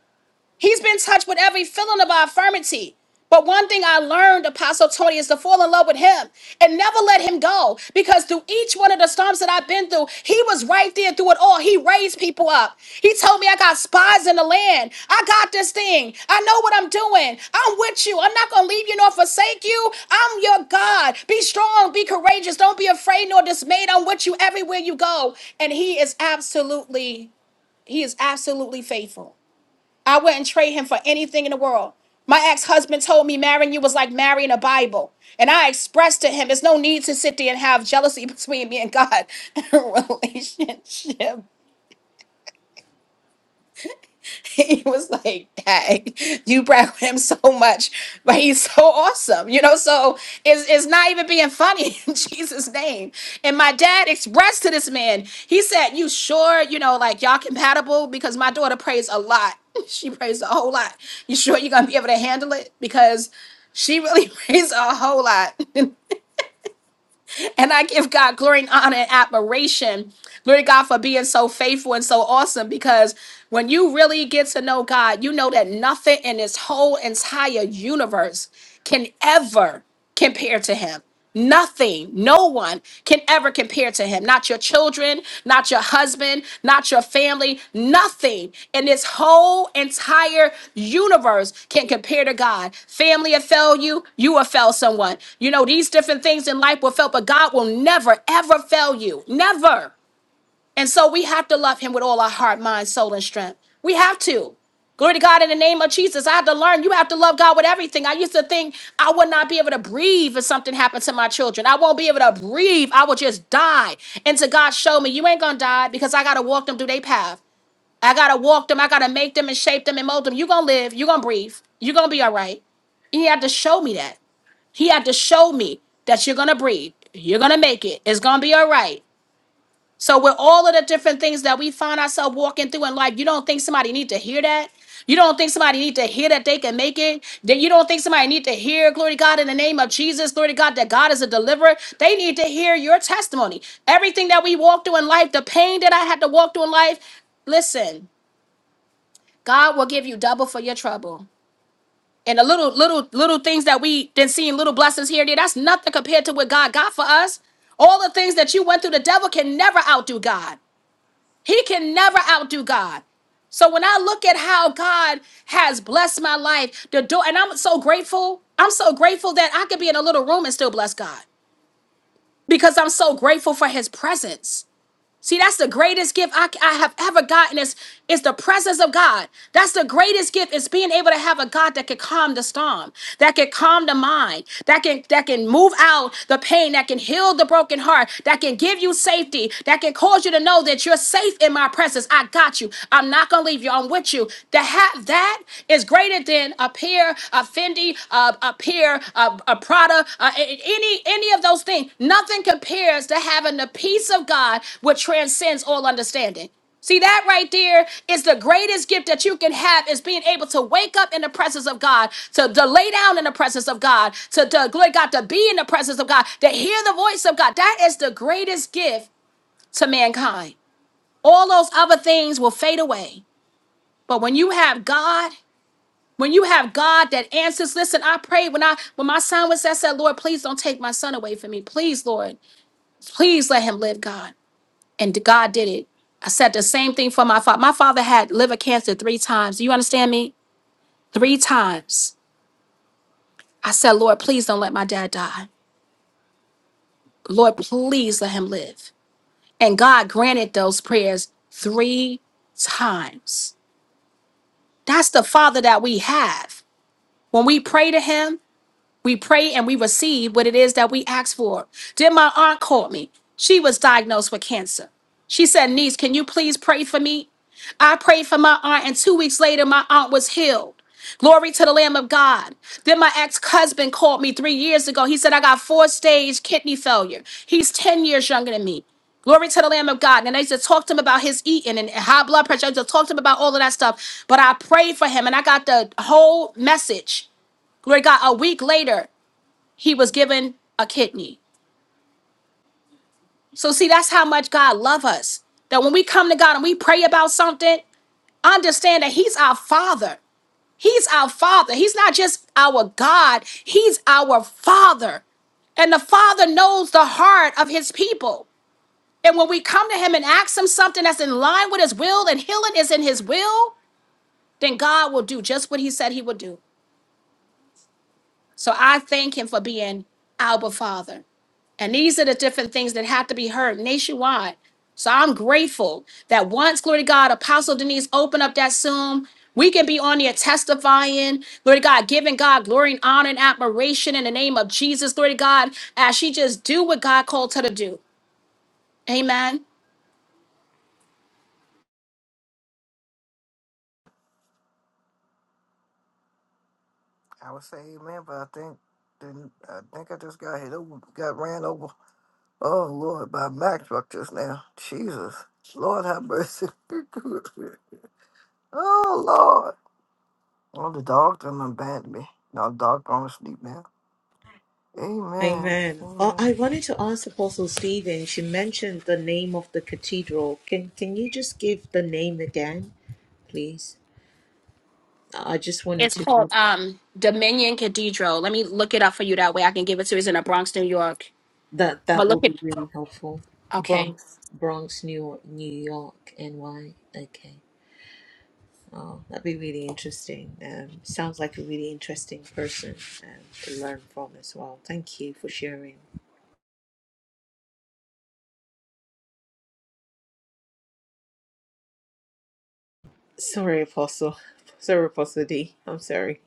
He's been touched with every feeling of our infirmity. But one thing I learned, Apostle Tony, is to fall in love with him and never let him go. Because through each one of the storms that I've been through, he was right there through it all. He raised people up. He told me I got spies in the land. I got this thing. I know what I'm doing. I'm with you. I'm not going to leave you nor forsake you. I'm your God. Be strong. Be courageous. Don't be afraid nor dismayed. I'm with you everywhere you go. And he is absolutely, he is absolutely faithful. I wouldn't trade him for anything in the world. My ex husband told me marrying you was like marrying a Bible. And I expressed to him, "There's no need to sit there and have jealousy between me and God in a relationship. He was like, dang, you brag on him so much, but he's so awesome, you know? So it's, it's not even being funny in Jesus' name. And my dad expressed to this man, he said, You sure, you know, like y'all compatible? Because my daughter prays a lot. She prays a whole lot. You sure you're going to be able to handle it? Because she really prays a whole lot. And I give God glory and honor and admiration. Glory to God for being so faithful and so awesome because when you really get to know God, you know that nothing in this whole entire universe can ever compare to him. Nothing, no one can ever compare compared to him. Not your children, not your husband, not your family, nothing in this whole entire universe can compare to God. Family will fail you, you will fail someone. You know, these different things in life will fail, but God will never, ever fail you. Never. And so we have to love him with all our heart, mind, soul, and strength. We have to. Glory to God in the name of Jesus. I had to learn you have to love God with everything. I used to think I would not be able to breathe if something happened to my children. I won't be able to breathe. I will just die. And so God showed me you ain't gonna die because I gotta walk them through their path. I gotta walk them, I gotta make them and shape them and mold them. you gonna live, you gonna breathe, you gonna be all right. He had to show me that. He had to show me that you're gonna breathe. You're gonna make it. It's gonna be all right. So with all of the different things that we find ourselves walking through in life, you don't think somebody need to hear that? You don't think somebody need to hear that they can make it? That you don't think somebody need to hear, glory to God, in the name of Jesus, glory to God, that God is a deliverer. They need to hear your testimony. Everything that we walk through in life, the pain that I had to walk through in life, listen, God will give you double for your trouble. And the little, little, little things that we been seeing, little blessings here and there, that's nothing compared to what God got for us. All the things that you went through, the devil can never outdo God. He can never outdo God. So when I look at how God has blessed my life, the door, and I'm so grateful. I'm so grateful that I could be in a little room and still bless God because I'm so grateful for his presence. See, that's the greatest gift I, I have ever gotten is, is the presence of God. That's the greatest gift is being able to have a God that can calm the storm, that can calm the mind, that can that can move out the pain, that can heal the broken heart, that can give you safety, that can cause you to know that you're safe in my presence. I got you. I'm not gonna leave you. I'm with you. To have that is greater than a pair a Fendi, a, a pair, a, a Prada, uh, a- a- any any of those things. Nothing compares to having the peace of God which transcends all understanding. See that right there is the greatest gift that you can have is being able to wake up in the presence of God, to, to lay down in the presence of God, to, to glory God, to be in the presence of God, to hear the voice of God. That is the greatest gift to mankind. All those other things will fade away. But when you have God when you have God that answers, listen, I prayed when I when my son was there, I said, Lord, please don't take my son away from me. Please, Lord, please let him live, God. And God did it. I said the same thing for my father. My father had liver cancer three times. Do you understand me? Three times. I said, Lord, please don't let my dad die. Lord, please let him live. And God granted those prayers three times. That's the father that we have. When we pray to him, We pray and we receive what it is that we ask for. Then my aunt called me. She was diagnosed with cancer. She said, Niece, can you please pray for me? I prayed for my aunt, and two weeks later, my aunt was healed. Glory to the Lamb of God. Then my ex husband called me three years ago. He said, I got four stage kidney failure. He's 10 years younger than me. Glory to the Lamb of God. And I used to talk to him about his eating and high blood pressure. I used to talk to him about all of that stuff. But I prayed for him and I got the whole message. Glory to God. A week later he was given a kidney. So see, that's how much God loves us. That when we come to God and we pray about something, understand that he's our father. He's our father. He's not just our God, he's our father. And the Father knows the heart of His people. And when we come to Him and ask Him something that's in line with His will and healing is in His will, then God will do just what He said He would do. So I thank him for being Abba Father. And these are the different things that have to be heard nationwide. So I'm grateful that once, glory to God, Apostle Denise opened up that Zoom, we can be on there testifying, glory to God, giving God glory and honor and admiration in the name of Jesus, glory to God, as she just do what God called her to do. Amen.
I would say amen, but I think then I think I just got hit over, got ran over. Oh Lord, by a Mack truck just now. Jesus, Lord have mercy. oh Lord, oh the dog done abandoned me. Now the dog gone to sleep now. Amen,
Amen. Uh, I
amen.
wanted to ask Apostle Stephen, she mentioned the name of the cathedral. Can can you just give the name again, please? I just wanted
It's called
to
um Dominion Cathedral. Let me look it up for you that way. I can give it to you. It's in the Bronx, New York.
that
But
that
look
would
at
be really helpful.
okay.
Bronx Bronx, New York, New York, NY. Okay. Oh, that'd be really interesting. Um, sounds like a really interesting person um, to learn from as well. Thank you for sharing. Sorry, Apostle. Sorry, Apostle D. I'm sorry.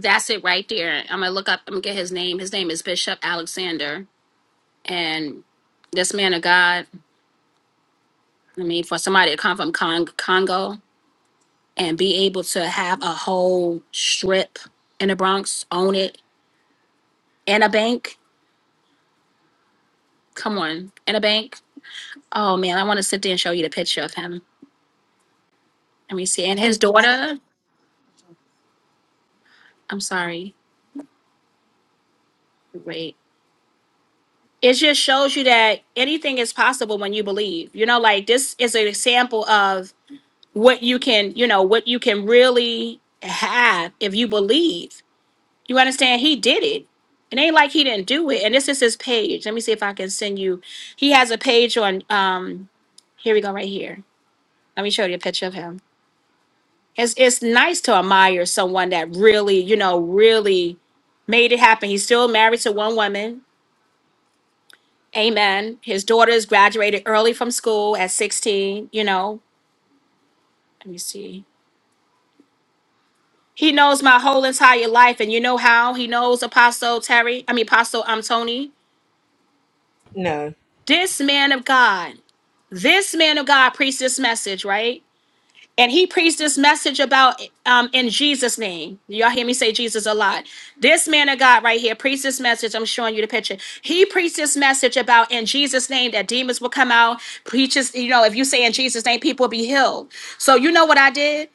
That's it right there. I'm gonna look up. I'm gonna get his name. His name is Bishop Alexander, and this man of God. I mean, for somebody to come from Cong- Congo and be able to have a whole strip in the Bronx, own it, and a bank. Come on, and a bank. Oh man, I want to sit there and show you the picture of him. Let me see. And his daughter. I'm sorry. Wait. It just shows you that anything is possible when you believe. You know, like this is an example of what you can, you know, what you can really have if you believe. You understand? He did it. It ain't like he didn't do it. And this is his page. Let me see if I can send you. He has a page on um here we go right here. Let me show you a picture of him. It's it's nice to admire someone that really, you know, really made it happen. He's still married to one woman. Amen. His daughters graduated early from school at 16, you know. Let me see. He knows my whole entire life, and you know how he knows Apostle Terry. I mean, Apostle um, Tony.
No,
This man of God, this man of God preached this message, right? And he preached this message about um, in Jesus' name. Y'all hear me say Jesus a lot. This man of God right here preached this message. I'm showing you the picture. He preached this message about in Jesus' name that demons will come out. Preaches, you know, if you say in Jesus' name, people will be healed. So you know what I did?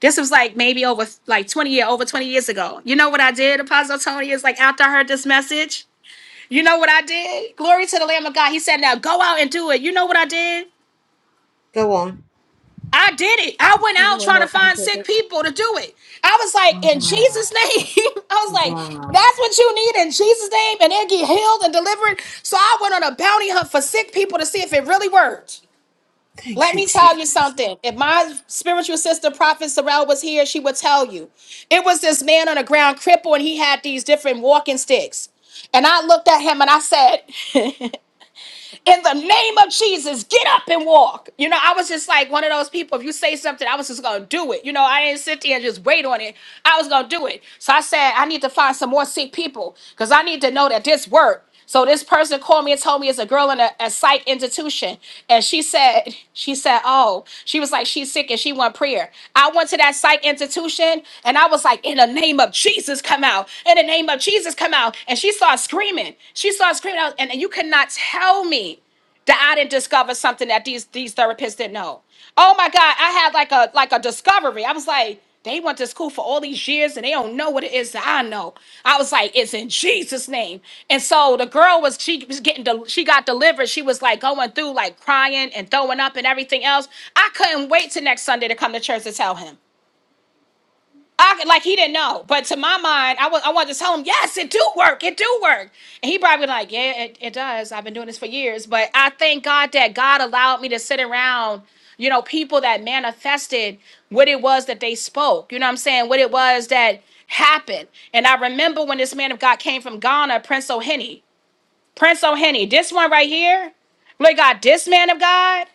This was like maybe over like 20 year over 20 years ago. You know what I did, Apostle Tony? Is like after I heard this message, you know what I did? Glory to the Lamb of God. He said, Now go out and do it. You know what I did?
go on.
I did it. I went
We
out
went
trying to
out and
find
did
sick
it.
people to do it. I was like, in
Wow.
Jesus' name. I was like,
Wow.
that's what you need in Jesus' name, and they'll get healed and delivered. So I went on a bounty hunt for sick people to see if it really worked. Let
Thank you.
me
Jesus.
tell you something. If my spiritual sister, Prophet Sorrell, was here, she would tell you. It was this man on the ground, cripple, and he had these different walking sticks. And I looked at him and I said, in the name of Jesus, get up and walk. You know, I was just like one of those people. If you say something, I was just gonna do it. You know, I didn't sit there and just wait on it. I was gonna do it. So I said, I need to find some more sick people because I need to know that this worked. So this person called me and told me it's a girl in a, a psych institution. And she said, she said, oh, she was like, she's sick and she want prayer. I went to that psych institution and I was like, in the name of Jesus, come out. In the name of Jesus. Jesus come out and she starts screaming. She starts screaming out, and, and you cannot tell me that I didn't discover something that these these therapists didn't know. Oh my God, I had like a like a discovery. I was like, they went to school for all these years and they don't know what it is that I know. I was like, it's in Jesus' name. And so the girl was she was getting del- she got delivered. She was like going through like crying and throwing up and everything else. I couldn't wait till next Sunday to come to church to tell him. I, like he didn't know, but to my mind, I was I wanted to tell him, yes, it do work, it do work, and he probably like, yeah, it, it does. I've been doing this for years, but I thank God that God allowed me to sit around, you know, people that manifested what it was that they spoke. You know what I'm saying? What it was that happened. And I remember when this man of God came from Ghana, Prince O'Henny. Prince O'Henny, this one right here, Lord God, this man of God,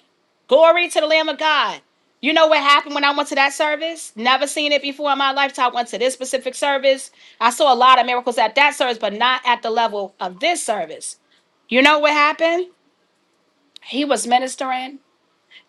glory to the Lamb of God. You know what happened when I went to that service? Never seen it before in my lifetime. I went to this specific service. I saw a lot of miracles at that service, but not at the level of this service. You know what happened? He was ministering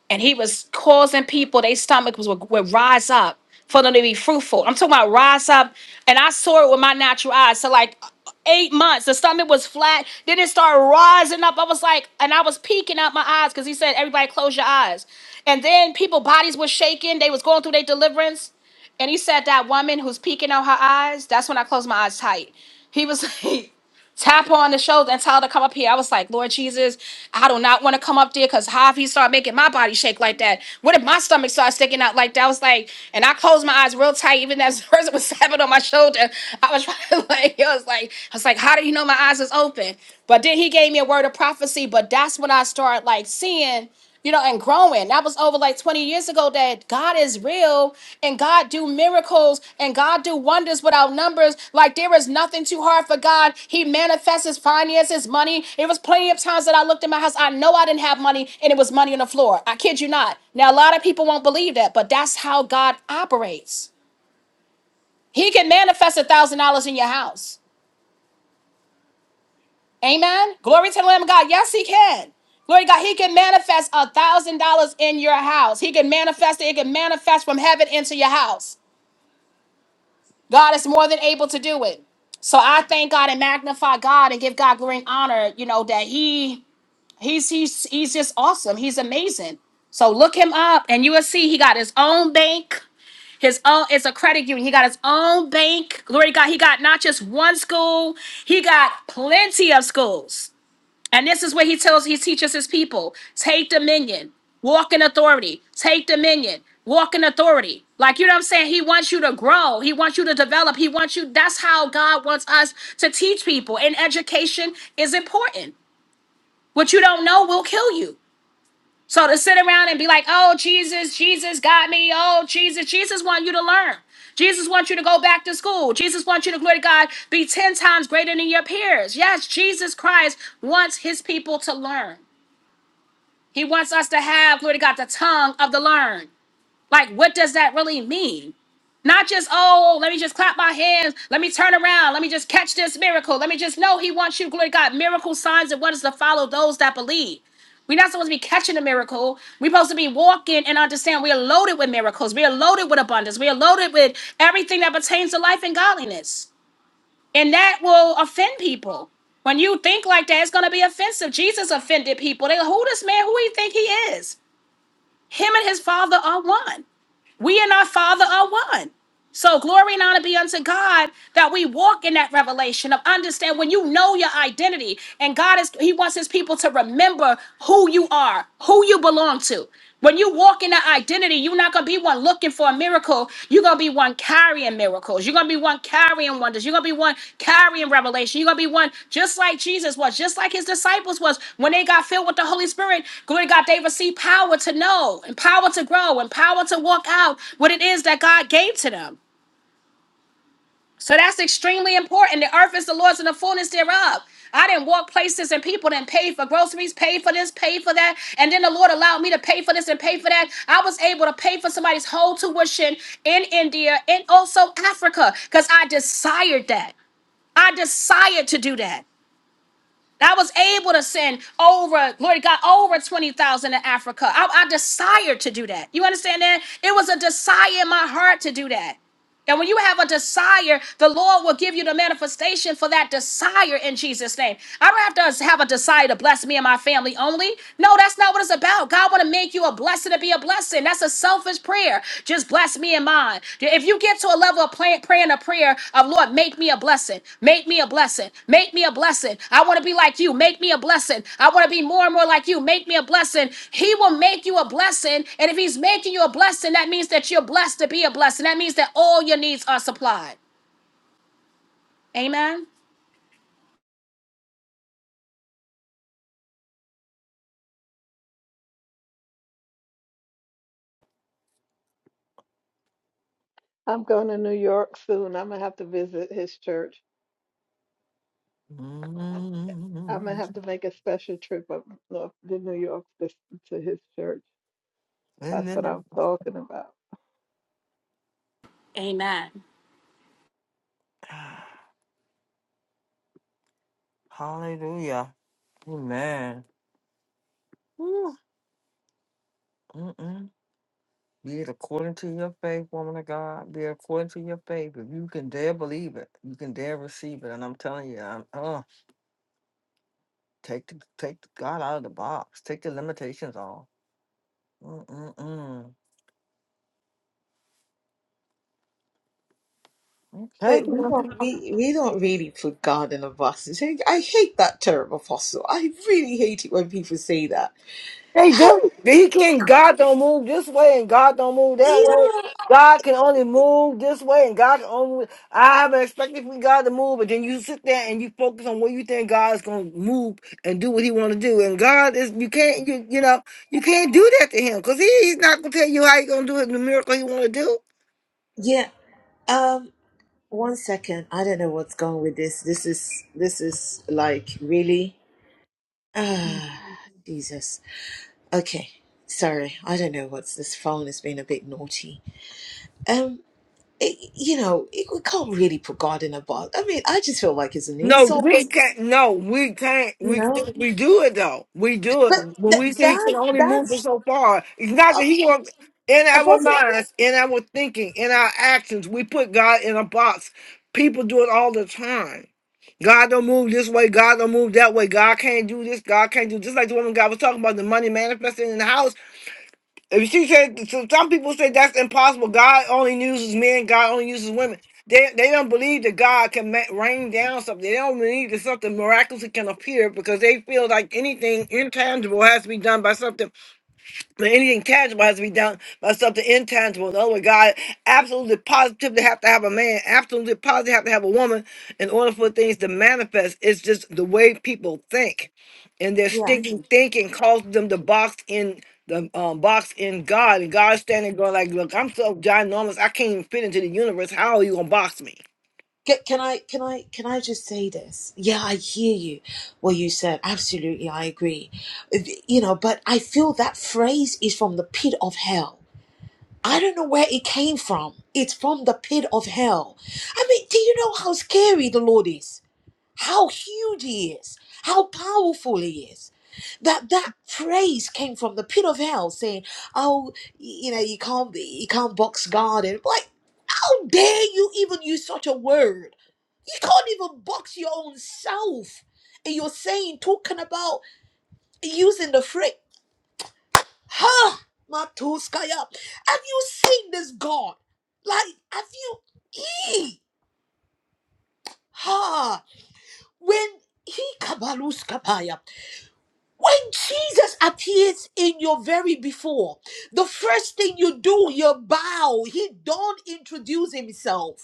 and he was causing people their stomach was would, would rise up for them to be fruitful. I'm talking about rise up, and I saw it with my natural eyes. So like eight months, the stomach was flat. Then it started rising up. I was like, and I was peeking out my eyes because he said, "Everybody close your eyes." And then people bodies were shaking. They was going through their deliverance, and he said that woman who's peeking out her eyes. That's when I closed my eyes tight. He was. tap her on the shoulder and tell her to come up here. I was like, Lord Jesus, I do not want to come up there because how if he start making my body shake like that? What if my stomach starts sticking out like that? I was like, and I closed my eyes real tight, even as the person was tapping on my shoulder. I was trying to like, it was like, I was like, how do you know my eyes is open? But then he gave me a word of prophecy, but that's when I started like seeing you know, and growing. That was over like 20 years ago that God is real and God do miracles and God do wonders without numbers. Like there is nothing too hard for God. He manifests his finances, money. It was plenty of times that I looked in my house. I know I didn't have money and it was money on the floor. I kid you not. Now, a lot of people won't believe that, but that's how God operates. He can manifest a thousand dollars in your house. Amen. Glory to the Lamb of God. Yes, he can. Glory to God. He can manifest a thousand dollars in your house. He can manifest it. It can manifest from heaven into your house. God is more than able to do it. So I thank God and magnify God and give God glory and honor. You know that He He's He's He's just awesome. He's amazing. So look him up, and you will see he got his own bank. His own it's a credit union. He got his own bank. Glory to God. He got not just one school. He got plenty of schools. And this is where he tells he teaches his people, take dominion, walk in authority, take dominion, walk in authority. Like you know what I'm saying? He wants you to grow, he wants you to develop, he wants you that's how God wants us to teach people. And education is important. What you don't know will kill you. So to sit around and be like, "Oh, Jesus, Jesus got me. Oh, Jesus, Jesus want you to learn." Jesus wants you to go back to school. Jesus wants you to, glory to God, be 10 times greater than your peers. Yes, Jesus Christ wants his people to learn. He wants us to have, glory to God, the tongue of the learned. Like, what does that really mean? Not just, oh, let me just clap my hands. Let me turn around. Let me just catch this miracle. Let me just know he wants you, glory to God, miracle signs and wonders to follow those that believe. We're not supposed to be catching a miracle. We're supposed to be walking and understand we are loaded with miracles. We are loaded with abundance. We are loaded with everything that pertains to life and godliness. And that will offend people. When you think like that, it's going to be offensive. Jesus offended people. They go, who this man, who he think he is? Him and his father are one. We and our father are one. So glory and honor be unto God that we walk in that revelation of understand when you know your identity and God is he wants his people to remember who you are, who you belong to. When you walk in that identity, you're not going to be one looking for a miracle. You're going to be one carrying miracles. You're going to be one carrying wonders. You're going to be one carrying revelation. You're going to be one just like Jesus was, just like his disciples was. When they got filled with the Holy Spirit, glory to God, they received power to know and power to grow and power to walk out what it is that God gave to them. So that's extremely important. The earth is the Lord's and the fullness thereof. I didn't walk places and people didn't pay for groceries, pay for this, pay for that. And then the Lord allowed me to pay for this and pay for that. I was able to pay for somebody's whole tuition in India and also Africa because I desired that. I desired to do that. I was able to send over, glory to God, over 20,000 to Africa. I, I desired to do that. You understand that? It was a desire in my heart to do that. And when you have a desire, the Lord will give you the manifestation for that desire in Jesus' name. I don't have to have a desire to bless me and my family only. No, that's not what it's about. God want to make you a blessing to be a blessing. That's a selfish prayer. Just bless me and mine. If you get to a level of prayer praying a prayer of Lord, make me a blessing, make me a blessing, make me a blessing. I want to be like you, make me a blessing. I want to be more and more like you, make me a blessing. He will make you a blessing, and if He's making you a blessing, that means that you're blessed to be a blessing. That means that all your needs are supplied. Amen.
I'm going to New York soon. I'm gonna have to visit his church. I'm gonna have
mm
to make a special trip up north to New York to, to his church. That's what I'm
Amen.
talking about.
Hallelujah. Amen. Woo. Be it according to your faith, woman of God. Be it according to your faith. If you can dare believe it, you can dare receive it. And I'm telling you, I'm, uh, take the, take the God out of the box. Take the limitations off. Mm-mm-mm.
But we
Okay,
don't we, we don't really put God in a box. I hate that term, Apostle. I really hate it when people say that.
They do.
How
He can God don't move this way and God don't move that way.
you know?
God can only move this way and God can only I haven't expected for God to move, but then you sit there and you focus on what you think God's gonna move and do what he wanna do. And God is you can't you you know, you can't do that to him because he's not gonna tell you how he's gonna do it the miracle he wanna do.
Yeah. Um. One second. I don't know what's going with this. This is this is like really. Ah, Jesus. Okay. Sorry. I don't know what's this phone has been a bit naughty. Um. it, you know, it, we can't really put God in a box. I mean, I just feel like it's an
No,
insult,
we can't. No, we can't.
you
We
know.
can't. We do it though. We do it
But
when we
that
say he can
that
only move us
that's
so far. It's not
uh,
that he won't. In our
apostle.
minds, in our thinking, in our actions, we put God in a box. People do it all the time. God don't move this way. God don't move that way. God can't do this. God can't do just like the woman God was talking about the money manifesting in the house. If she said, so some people say that's impossible. God only uses men. God only uses women. They they don't believe that God can ma- rain down something. They don't believe that something miraculously can appear because they feel like anything intangible has to be done by something but anything tangible has to be done by something intangible. In other words, God absolutely positively have to have a man, absolutely positively have to have a woman in order for things to manifest. It's just the way people think. And their
Yeah.
stinking thinking causes them to box in the um, box in God. And God's standing going like, look, I'm so ginormous, I can't even fit into the universe. How are you gonna box me?
Ca- Can I can I can I just say this? Yeah, I hear you. What you said, absolutely, I agree. You know, but I feel that phrase is from the pit of hell. I don't know where it came from. It's from the pit of hell. I mean, do you know how scary the Lord is? how huge he is, how powerful he is. That that praise came from the pit of hell, saying, "Oh, you know, you can't be, you can't box God." And like, how dare you even use such a word? You can't even box your own self, and you're saying, talking about using the phrase, "Huh, Matuskaya." Have you seen this God? Like, have you? He, ha, when he kabaluskapaya. When Jesus appears in your very before, the first thing you do, you bow. He don't introduce himself.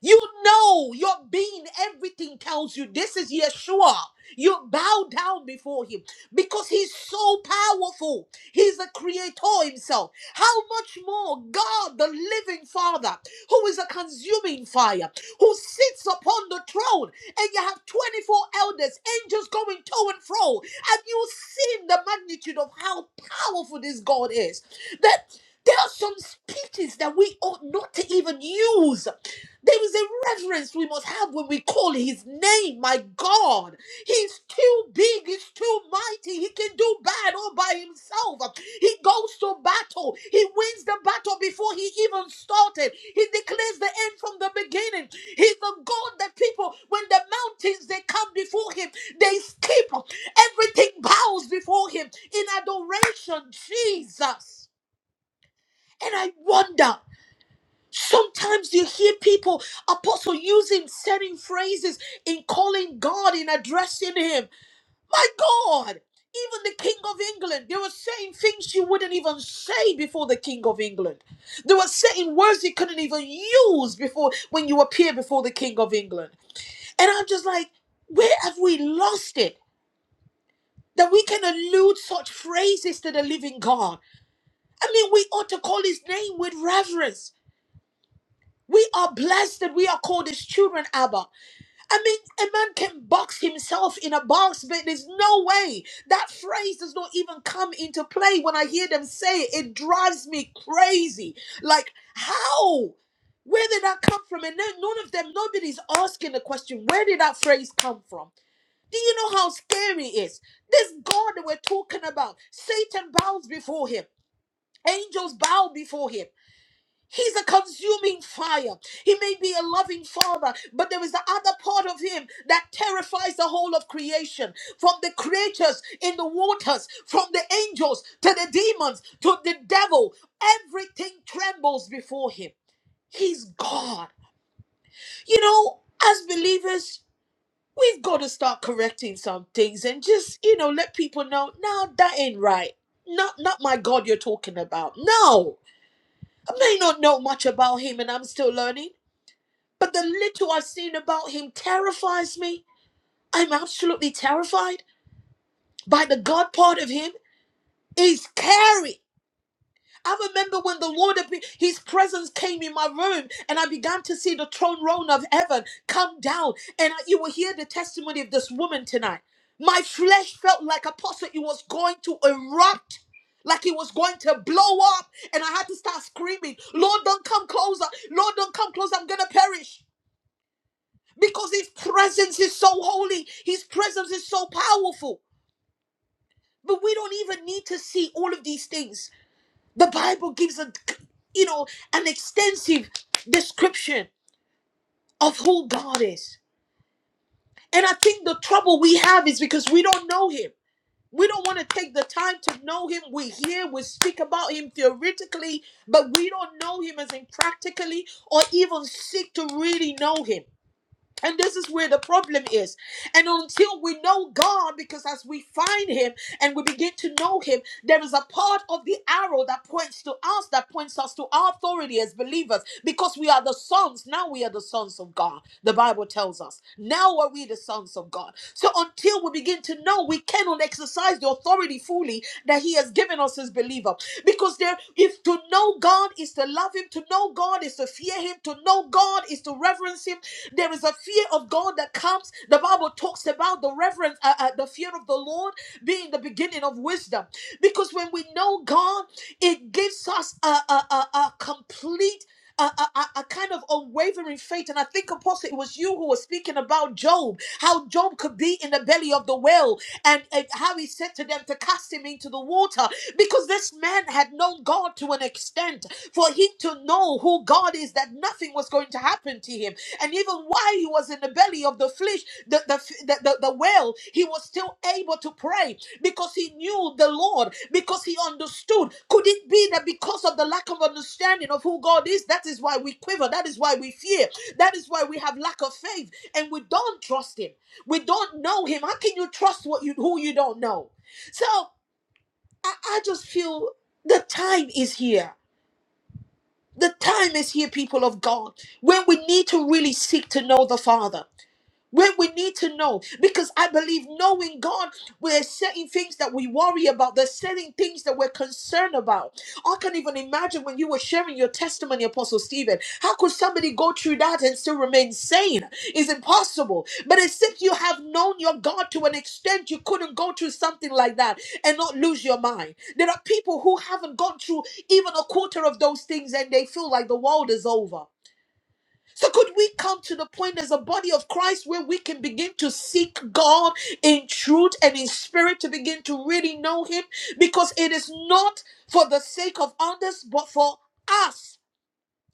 You know your being, everything tells you this is Yeshua. You bow down before him because he's so powerful. He's the creator himself. How much more God, the living Father, who is a consuming fire, who sits upon the throne, and you have 24 elders, angels going to and fro, and you've seen the magnitude of how powerful this God is. That there are some speeches that we ought not to even use there is a reverence we must have when we call his name, my God. He's too big, he's too mighty. He can do bad all by himself. He goes to battle, he wins the battle before he even started. He declares the end from the beginning. He's the God that people, when the mountains they come before him, they skip. Everything bows before him in adoration, Jesus. And I wonder. Sometimes you hear people, apostle, using certain phrases in calling God, in addressing Him. My God, even the King of England, they were saying things you wouldn't even say before the King of England. They were saying words you couldn't even use before when you appear before the King of England. And I'm just like, where have we lost it? That we can allude such phrases to the living God. I mean, we ought to call his name with reverence. We are blessed that we are called his children, Abba. I mean, a man can box himself in a box, but there's no way. That phrase does not even come into play when I hear them say it. It drives me crazy. Like, how? Where did that come from? And then none of them, nobody's asking the question, where did that phrase come from? Do you know how scary it is? This God that we're talking about, Satan bows before him. Angels bow before him. He's a consuming fire. He may be a loving father, but there is the other part of him that terrifies the whole of creation from the creatures in the waters, from the angels to the demons to the devil. Everything trembles before him. He's God. You know, as believers, we've got to start correcting some things and just, you know, let people know, no, that ain't right. Not, not my God you're talking about. No, I may not know much about him and I'm still learning But the little I've seen about him terrifies me. I'm absolutely terrified by the God part of him. He's scary. I remember when the Lord, appeared, His presence came in my room, and I began to see the throne room of heaven come down. And I- you will hear the testimony of this woman tonight. My flesh felt like Apostle, it was going to erupt, like it was going to blow up. And I had to start screaming, Lord, don't come closer. Lord, don't come closer. I'm going to perish. because his presence is so holy, his presence is so powerful. But we don't even need to see all of these things. The Bible gives a you know an extensive description of who God is. And I think the trouble we have is because we don't know him. We don't want to take the time to know him. We hear, we speak about him theoretically, but we don't know him as in practically or even seek to really know him. And this is where the problem is. And until we know God, because as we find Him and we begin to know Him, there is a part of the arrow that points to us, that points us to our authority as believers, because we are the sons. Now we are the sons of God, the Bible tells us. Now are we the sons of God. So until we begin to know, we cannot exercise the authority fully that He has given us as believer, Because there, if to know God is to love Him, to know God is to fear Him, to know God is to reverence Him, there is a fear of God that comes. The Bible talks about the reverence, uh, uh, the fear of the Lord being the beginning of wisdom. Because when we know God, it gives us a, a, a, a complete a, a, a kind of unwavering faith. And I think, Apostle, it was you who was speaking about Job, how Job could be in the belly of the whale, and, and how he said to them to cast him into the water because this man had known God to an extent for him to know who God is, that nothing was going to happen to him and even while he was in the belly of the flesh the the, the, the, the whale he was still able to pray because he knew the lord because he understood could it be that because of the lack of understanding of who god is that is why we quiver that is why we fear that is why we have lack of faith and we don't trust him we don't know him how can you trust what you who you don't know so i, I just feel the time is here the time is here, people of God, when we need to really seek to know the Father. We, we need to know because I believe knowing God, we're certain things that we worry about. There's certain things that we're concerned about. I can even imagine when you were sharing your testimony, Apostle Stephen. How could somebody go through that and still remain sane? It's impossible. But except you have known your God to an extent, you couldn't go through something like that and not lose your mind. There are people who haven't gone through even a quarter of those things and they feel like the world is over. So could we come to the point as a body of Christ where we can begin to seek God in truth and in spirit to begin to really know Him? Because it is not for the sake of others, but for us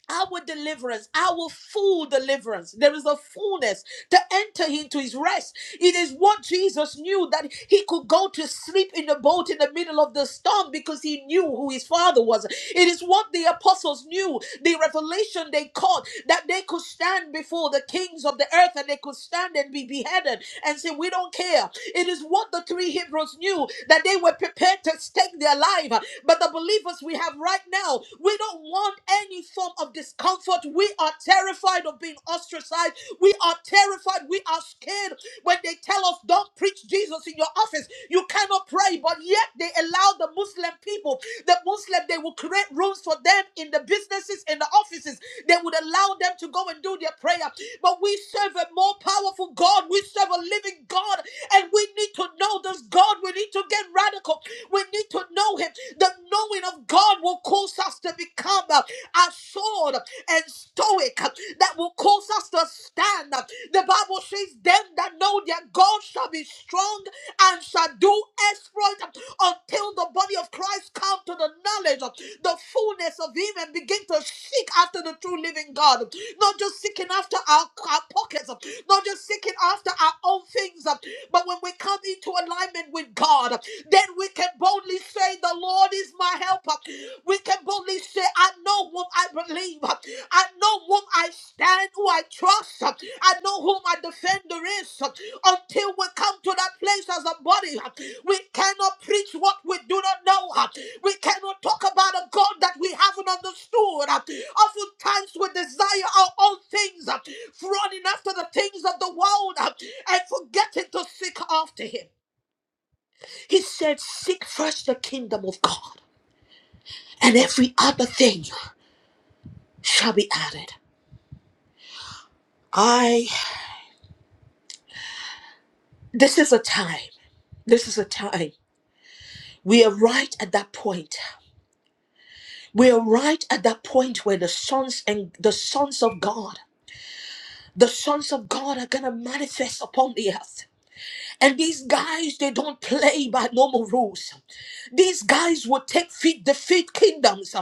our deliverance, our full deliverance. There is a fullness to enter into his rest. It is what Jesus knew that he could go to sleep in the boat in the middle of the storm because he knew who his father was. It is what the apostles knew, the revelation they caught that they could stand before before the kings of the earth and they could stand and be beheaded and say, We don't care. It is what the three Hebrews knew that they were prepared to stake their life. But the believers we have right now, we don't want any form of discomfort. We are terrified of being ostracized. We are terrified. We are scared when they tell us don't preach Jesus in your office, you cannot pray, but yet they allow the Muslim people, the Muslim, they will create rooms for them in the businesses, in the offices. They would allow them to go and do their prayer. But we serve a more powerful God. We serve a living God. And we need to know this God. We need to get radical. We need to know Him. The knowing of God will cause us to become uh, assured and stoic. uh, That will cause us to stand. The Bible says, Them that know their God shall be strong and shall do exploit until the body of Christ come to the knowledge of the fullness of him and begin to seek after the true living God. Not just seeking after our, our pockets, not just seeking after our own things, but when we come into alignment with God, then we can boldly say, The Lord is my helper. We can boldly say, I know whom I believe. I know whom I stand, who I trust. I know whom my defender is. Until we come to that place as a body, we cannot preach what we do not know. We cannot talk about a God that we haven't understood. Oftentimes we desire our own things, running after the things of the world and forgetting to seek after Him. He said, Seek first the kingdom of God, and every other thing shall be added. I This is a time. This is a time. We are right at that point. We are right at that point where the sons and the sons of God, the sons of God are gonna manifest upon the earth. And these guys, they don't play by normal rules. These guys will take feet, defeat kingdoms.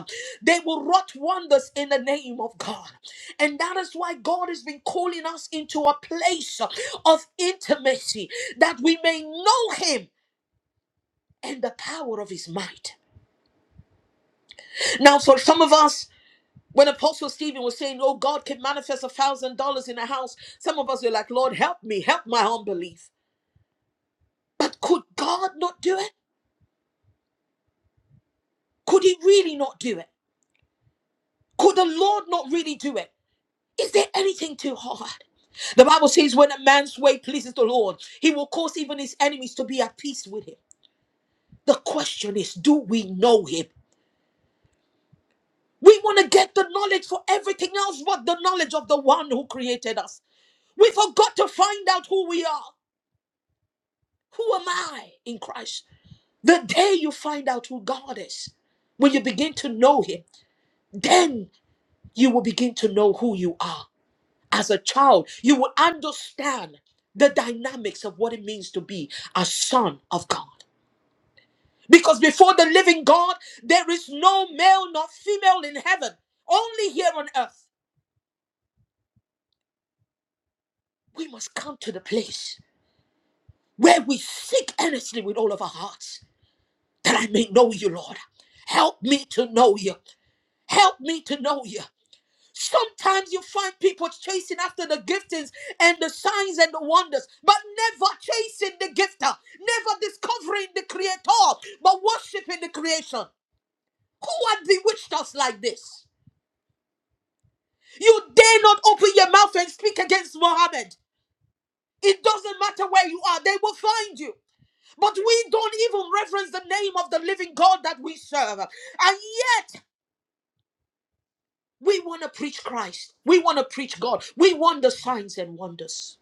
They will wrought wonders in the name of God. And that is why God has been calling us into a place of intimacy that we may know Him and the power of His might. Now, for some of us, when Apostle Stephen was saying, Oh, God can manifest a thousand dollars in a house, some of us were like, Lord, help me, help my unbelief. But could God not do it? Could He really not do it? Could the Lord not really do it? Is there anything too hard? The Bible says, When a man's way pleases the Lord, He will cause even His enemies to be at peace with Him. The question is, do we know Him? We want to get the knowledge for everything else but the knowledge of the one who created us. We forgot to find out who we are. Who am I in Christ? The day you find out who God is, when you begin to know Him, then you will begin to know who you are. As a child, you will understand the dynamics of what it means to be a son of God. Because before the living God, there is no male nor female in heaven, only here on earth. We must come to the place where we seek earnestly with all of our hearts that I may know you, Lord. Help me to know you. Help me to know you. Sometimes you find people chasing after the giftings and the signs and the wonders, but never chasing the gifter, never discovering the creator, but worshiping the creation. Who had bewitched us like this? You dare not open your mouth and speak against Mohammed. It doesn't matter where you are, they will find you. But we don't even reverence the name of the living God that we serve. And We want to preach Christ. We want to preach God. We want the signs and wonders.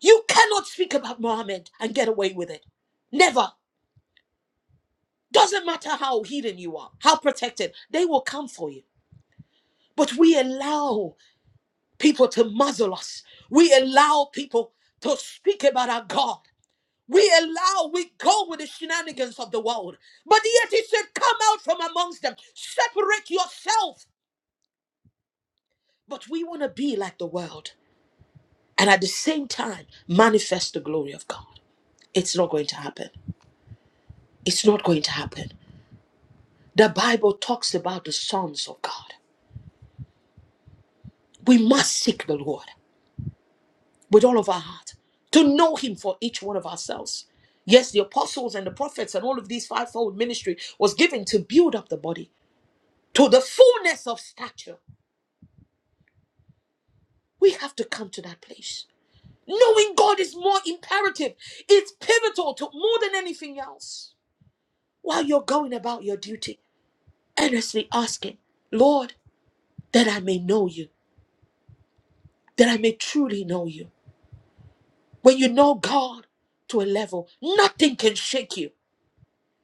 You cannot speak about Muhammad and get away with it. Never. Doesn't matter how hidden you are, how protected, they will come for you. But we allow people to muzzle us. We allow people to speak about our God. We allow, we go with the shenanigans of the world. But yet he said, Come out from amongst them, separate yourself. But we want to be like the world. and at the same time manifest the glory of God. It's not going to happen. It's not going to happen. The Bible talks about the sons of God. We must seek the Lord with all of our heart to know Him for each one of ourselves. Yes, the apostles and the prophets and all of these fivefold ministry was given to build up the body to the fullness of stature. We have to come to that place. Knowing God is more imperative, it's pivotal to more than anything else. While you're going about your duty, earnestly asking, Lord, that I may know you, that I may truly know you. When you know God to a level, nothing can shake you.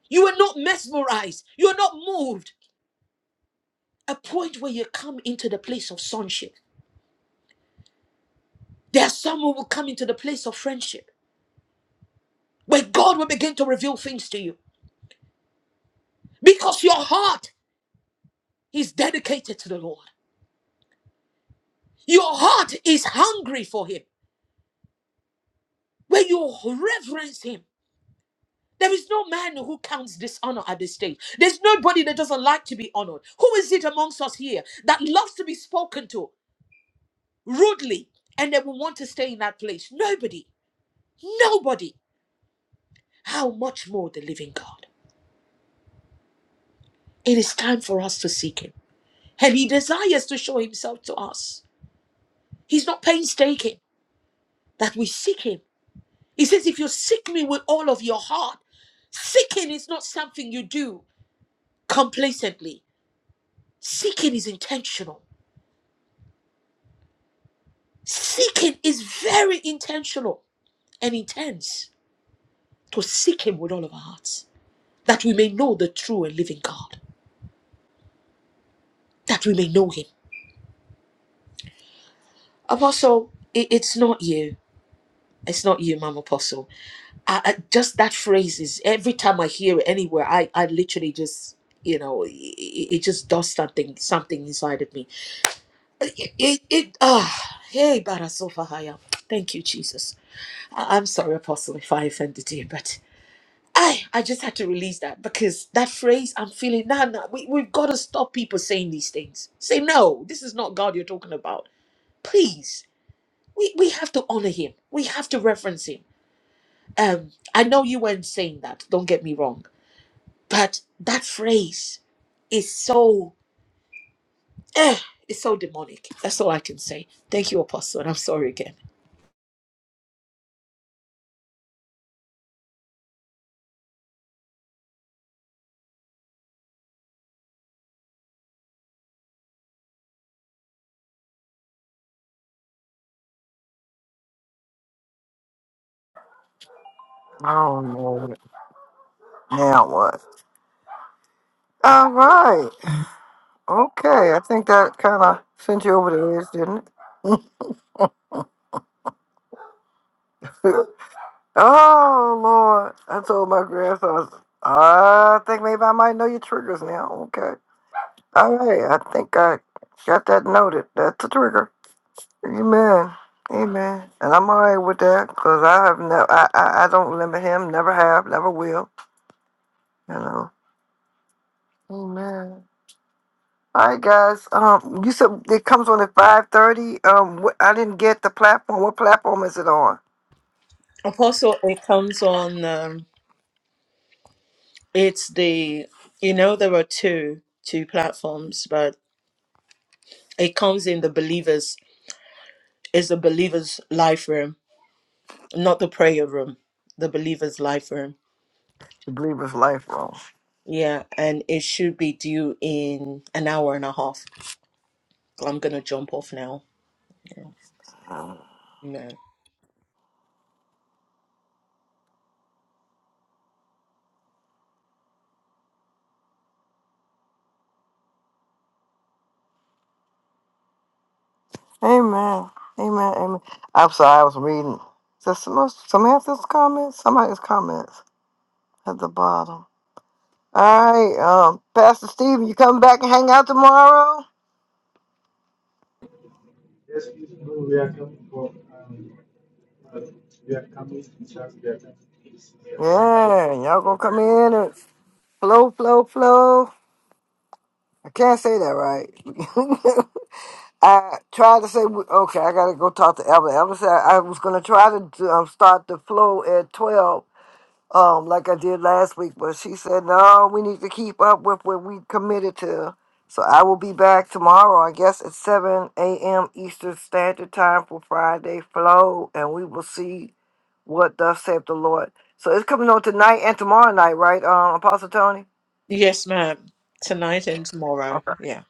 You are not mesmerized, you are not moved. A point where you come into the place of sonship. There are some who will come into the place of friendship, where God will begin to reveal things to you because your heart is dedicated to the Lord. Your heart is hungry for Him, where you reverence Him There is no man who counts dishonor at this stage. There's nobody that doesn't like to be honored. Who is it amongst us here that loves to be spoken to rudely and they will want to stay in that place? Nobody. Nobody. How much more the living God? It is time for us to seek Him. And He desires to show Himself to us. He's not painstaking that we seek Him. He says, If you seek me with all of your heart, seeking is not something you do complacently, seeking is intentional. Seeking is very intentional and intense to seek Him with all of our hearts, that we may know the true and living God, that we may know Him. Apostle, it, it's not you. It's not you, Mom Apostle. I, I, just that phrase is every time I hear it anywhere, I, I literally just, you know, it, it just does something, something inside of me. It, it, it ah, hey, Barasofahaya. Thank you, Jesus. I, I'm sorry, Apostle, if I offended you, but. I, I just had to release that because that phrase I'm feeling nah nah we, we've got to stop people saying these things. Say no, this is not God you're talking about. Please. We we have to honor him. We have to reference him. Um I know you weren't saying that, don't get me wrong. But that phrase is so eh, it's so demonic. That's all I can say. Thank you, Apostle, and I'm sorry again.
Oh man. Now what? All right. Okay. I think that kind of sent you over the edge, didn't it? Oh Lord! I told my grandson, I think maybe I might know your triggers now. Okay, all right. I think I got that noted. That's a trigger. Amen. Amen. And I'm all right with that because I have never, I, I, I don't limit him. Never have. Never will. You know. Amen. All right, guys. Um, you said it comes on at five thirty. Um, wh- I didn't get the platform. What platform is it on?
Apostle, it comes on. Um, it's the you know there are two two platforms, but It comes in the believers, is the believers' life room, not the prayer room, the believers' life room.
The Believer's Life Room.
Yeah, and it should be due in an hour and a half. I'm going to jump off now. Yeah. No.
Amen. Amen. Amen. I'm sorry, I was reading. Is some Samantha's comments? Somebody's comments at the bottom. All right, um, Pastor Steve, you coming back and hang out tomorrow?
Yes, please, no, we are coming for, um, uh, we are coming, to fact, we are coming, to peace, we are coming for
Yeah,
peace,
y'all gonna
Friday.
come in and flow, flow, flow. I can't say that right. I tried to say, okay, I gotta go talk to Evelyn. Evelyn said I was gonna try to um, start the flow at 12, um, like I did last week. But she said, no, we need to keep up with what we committed to. So I will be back tomorrow, I guess, at 7 a.m. Eastern Standard Time for Friday Flow, and we will see what thus saith the Lord. So it's coming on tonight and tomorrow night, right, um, Apostle Tony?
Yes, ma'am. Tonight and tomorrow.
Okay.
Yeah.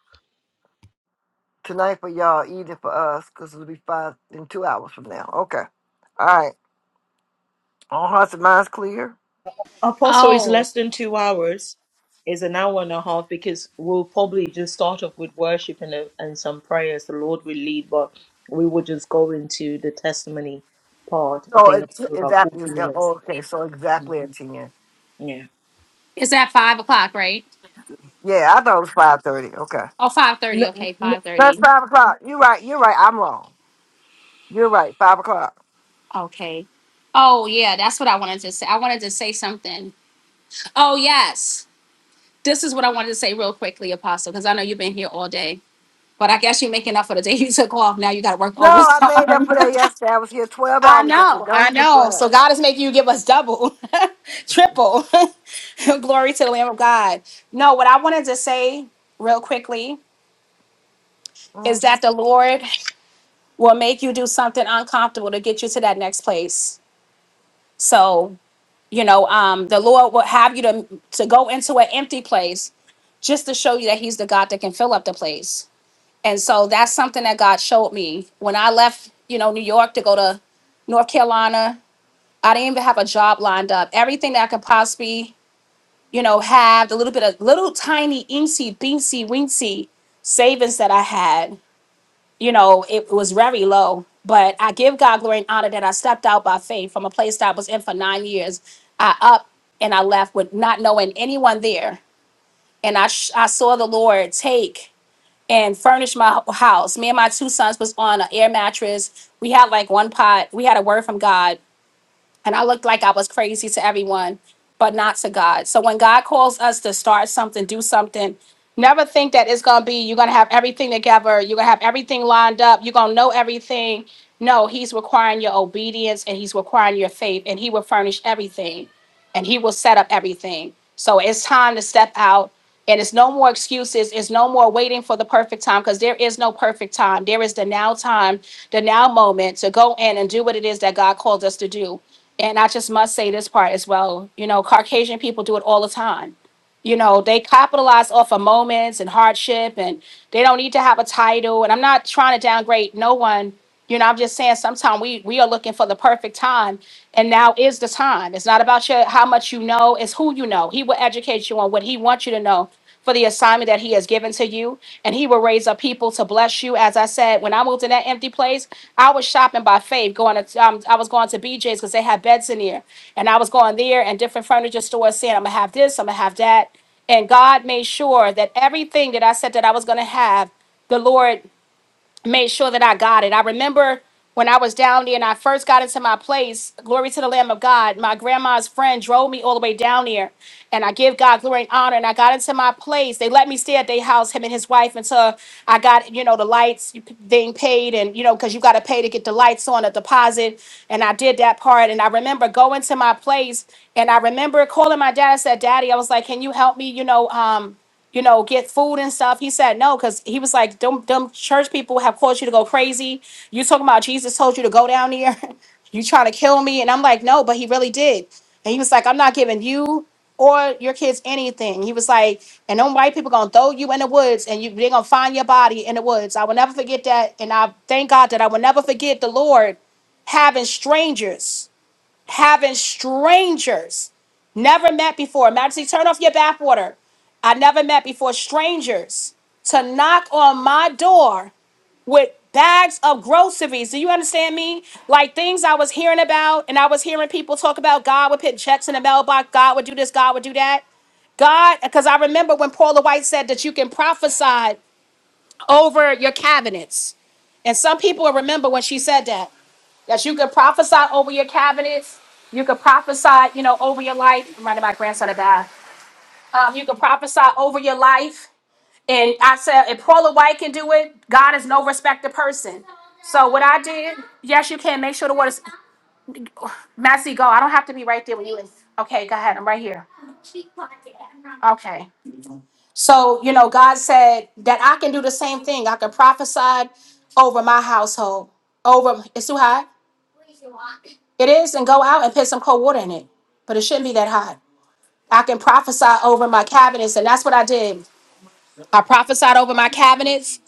Tonight for y'all, evening for us, because it'll be five in two hours from now. Okay. All right. All hearts and minds clear.
Apostle is
Oh,
less than two hours. is an hour and a half because we'll probably just start off with worship and, a, and some prayers. The Lord will lead, but we will just go into the testimony part. I
So
think
it's
that's for about
exactly,
40
yeah,
minutes.
okay, so exactly at 10.
Yeah.
is that five o'clock, right?
Yeah, I thought it was five thirty. Okay,
Oh, five thirty.
No, n-
Okay,
no,
that's
5.30.
five o'clock. You're right. You're right. I'm wrong. You're right. Five o'clock.
Okay. Oh, yeah, that's what I wanted to say. I wanted to say something. Oh, yes. This is what I wanted to say real quickly, Apostle, because I know you've been here all day. But I guess you're making up for the day you took off. Now you got to work
No, I made up
overtime.
for that yesterday. I was here twelve
I
hours. I said,
know, I
don't even
know.
try.
So God is making you give us double, triple. Glory to the Lamb of God. No, what I wanted to say real quickly is
Mhm.
that the Lord will make you do something uncomfortable to get you to that next place. So, you know, um, the Lord will have you to, to go into an empty place just to show you that He's the God that can fill up the place And so that's something that God showed me when I left, you know, New York to go to North Carolina. I didn't even have a job lined up. Everything that I could possibly, you know, have the little bit of little tiny incy beansy wincy savings that I had, you know, it was very low. But I give God glory and honor that I stepped out by faith from a place that I was in for nine years. I up and I left with not knowing anyone there, and I sh- I saw the Lord take and furnished my house. Me and my two sons was on an air mattress. We had like one pot. We had a word from God and I looked like I was crazy to everyone, but not to God. So when God calls us to start something, do something, never think that it's gonna be you're gonna have everything together, you're gonna have everything lined up, you're gonna know everything. No, He's requiring your obedience and He's requiring your faith, and He will furnish everything, and He will set up everything. So it's time to step out. And it's no more excuses. It's no more waiting for the perfect time because there is no perfect time. There is the now time, the now moment to go in and do what it is that God called us to do and I just must say this part as well. You know, Caucasian people do it all the time. You know, they capitalize off of moments and hardship, and they don't need to have a title. And I'm not trying to downgrade no one. You know, I'm just saying sometimes we we are looking for the perfect time, and now is the time. It's not about your how much you know; it's who you know. He will educate you on what he wants you to know for the assignment that he has given to you. And he will raise up people to bless you. As I said, when I moved in that empty place, I was shopping by faith. Going to, um, I was going to BJ's because they had beds in there. And I was going there and different furniture stores saying, I'm going to have this, I'm going to have that. And God made sure that everything that I said that I was going to have, the Lord made sure that I got it. I remember when I was down there and I first got into my place, glory to the Lamb of God, my grandma's friend drove me all the way down there. And I give God glory and honor. And I got into my place. They let me stay at their house, him and his wife, until I got, you know, the lights being paid. And, you know, because you got to pay to get the lights on, a deposit. And I did that part. And I remember going to my place and I remember calling my dad. I said, Daddy, I was like, can you help me, you know, um, you know, get food and stuff. He said no, because he was like, "Dumb, dumb church people have caused you to go crazy. You talking about Jesus told you to go down here? you trying to kill me?" And I'm like, "No," but he really did. And he was like, "I'm not giving you or your kids anything." He was like, "And them white people gonna throw you in the woods, and you they gonna find your body in the woods." I will never forget that, and I thank God that I will never forget the Lord having strangers having strangers never met before. Majesty, turn off your backwater. I never met before strangers to knock on my door with bags of groceries. Do you understand me? Like things I was hearing about, and I was hearing people talk about God would put checks in the mailbox, God would do this, God would do that. God, because I remember when Paula White said that you can prophesy over your cabinets. And some people will remember when she said that. Yes, you could prophesy over your cabinets. You could prophesy, you know, over your life. I'm running my grandson a bath. Um, you could prophesy over your life. And I said, if Paula White can do it, God is no respecter person. So what I did, yes, you can. Make sure the water's messy. Go. I don't have to be right there when you. Okay, go ahead. I'm right here. Okay. So you know, God said that I can do the same thing. I can prophesy over my household. Over it's too hot. It is, and go out and put some cold water in it. But it shouldn't be that hot. I can prophesy over my cabinets. And that's what I did. I prophesied over my cabinets.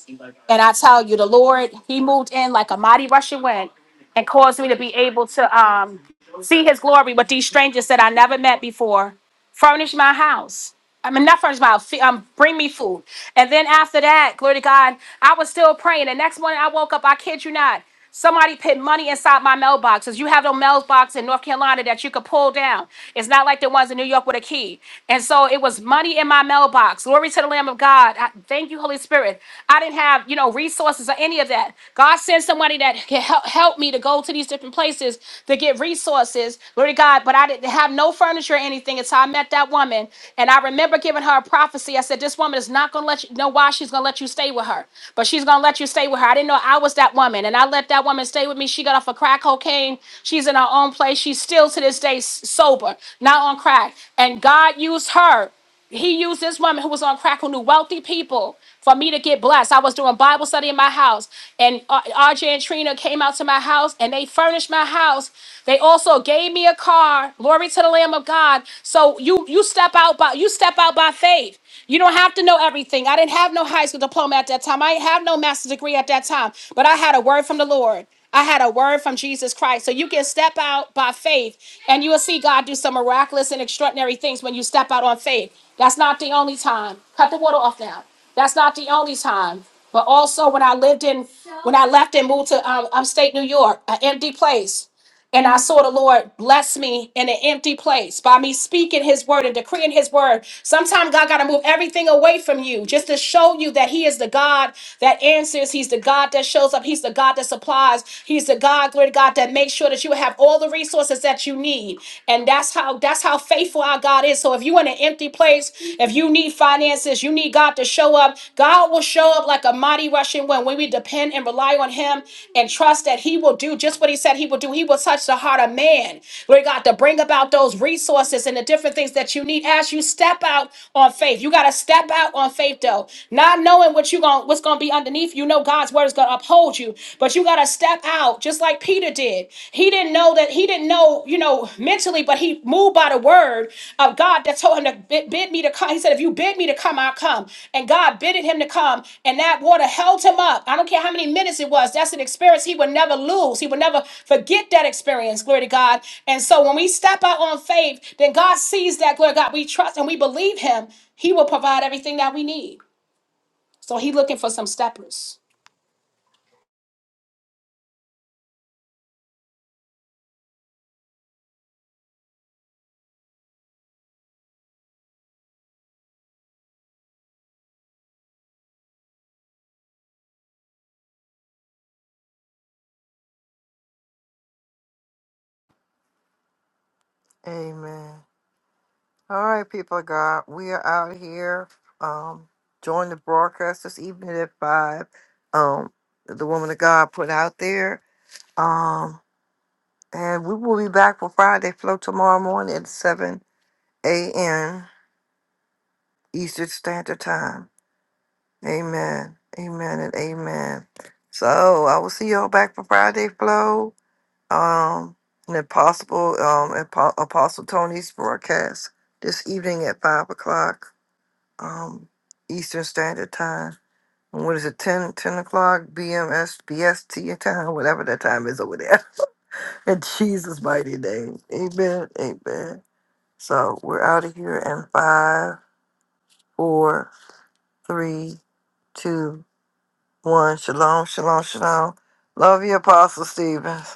And I tell you, the Lord, He moved in like a mighty rushing wind and caused me to be able to um, see His glory with these strangers that I never met before. Furnish my house. I mean, not first mile. fe- Um, bring me food, and then after that, glory to God, I was still praying. The next morning, I woke up. I kid you not, somebody put money inside my mailboxes. You have no mailbox in North Carolina that you could pull down. It's not like the ones in New York with a key. And so it was money in my mailbox. Glory to the Lamb of God. I, thank you, Holy Spirit. I didn't have you know resources or any of that. God sent somebody that can help help me to go to these different places to get resources. Glory to God. But I didn't have no furniture or anything everything. It's how I met that woman. And I remember giving her a prophecy. I said, This woman is not going to let you know why she's going to let you stay with her, but she's going to let you stay with her. I didn't know I was that woman. And I let that woman stay with me. She got off of crack cocaine. She's in her own place. She's still to this day s- sober, not on crack. And God used her he used this woman who was on crack who knew wealthy people for me to get blessed. I was doing Bible study in my house, and uh, RJ and Trina came out to my house and they furnished my house. They also gave me a car. Glory to the Lamb of God. So you you step out by you step out by faith. You don't have to know everything. I didn't have no high school diploma at that time. I didn't have no master's degree at that time, but I had a word from the Lord. I had a word from Jesus Christ. So you can step out by faith and you will see God do some miraculous and extraordinary things when you step out on faith. That's not the only time. Cut the water off now. That's not the only time. But also when I lived in, when I left and moved to um, upstate New York, an empty place. And I saw the Lord bless me in an empty place by me speaking his word and decreeing his word. Sometimes God got to move everything away from you just to show you that he is the God that answers. He's the God that shows up. He's the God that supplies. He's the God, glory to God, that makes sure that you have all the resources that you need. And that's how that's how faithful our God is. So if you're in an empty place, if you need finances, you need God to have to show up. God will show up like a mighty rushing wind when we depend and rely on Him and trust that He will do just what He said He will do. He will touch the heart of man, Lord God, to bring about those resources and the different things that you need as you step out on faith. You got to step out on faith, though, not knowing what you going what's going to be underneath. You know God's word is going to uphold you, but you got to step out just like Peter did. He didn't know that he didn't know, you know, mentally, but he moved by the word of God that told him to bid, bid me to come. He said, If you bid me to come, I'll come. And God bidded him to come, and that water held him up. I don't care how many minutes it was. That's an experience he would never lose. He would never forget that experience, glory to God. And so when we step out on faith, then God sees that, glory to God, we trust and we believe him. He will provide everything that we need. So he looking for some steppers.
Amen. All right, people of God, we are out here. Um, join the broadcast this evening at five. Um, the woman of God put out there. Um, and we will be back for Friday flow tomorrow morning at seven a.m. Eastern Standard Time. Amen. Amen and amen. So I will see y'all back for Friday Flow. Um and if possible, um Apo- Apostle Tony's broadcast this evening at five o'clock um Eastern Standard Time. And what is it, 10 10 o'clock BMS BST time, whatever that time is over there. In Jesus' mighty name. Amen. Amen. So we're out of here in five, four, three, two. one. Shalom, shalom, shalom. Love you, Apostle Stevens.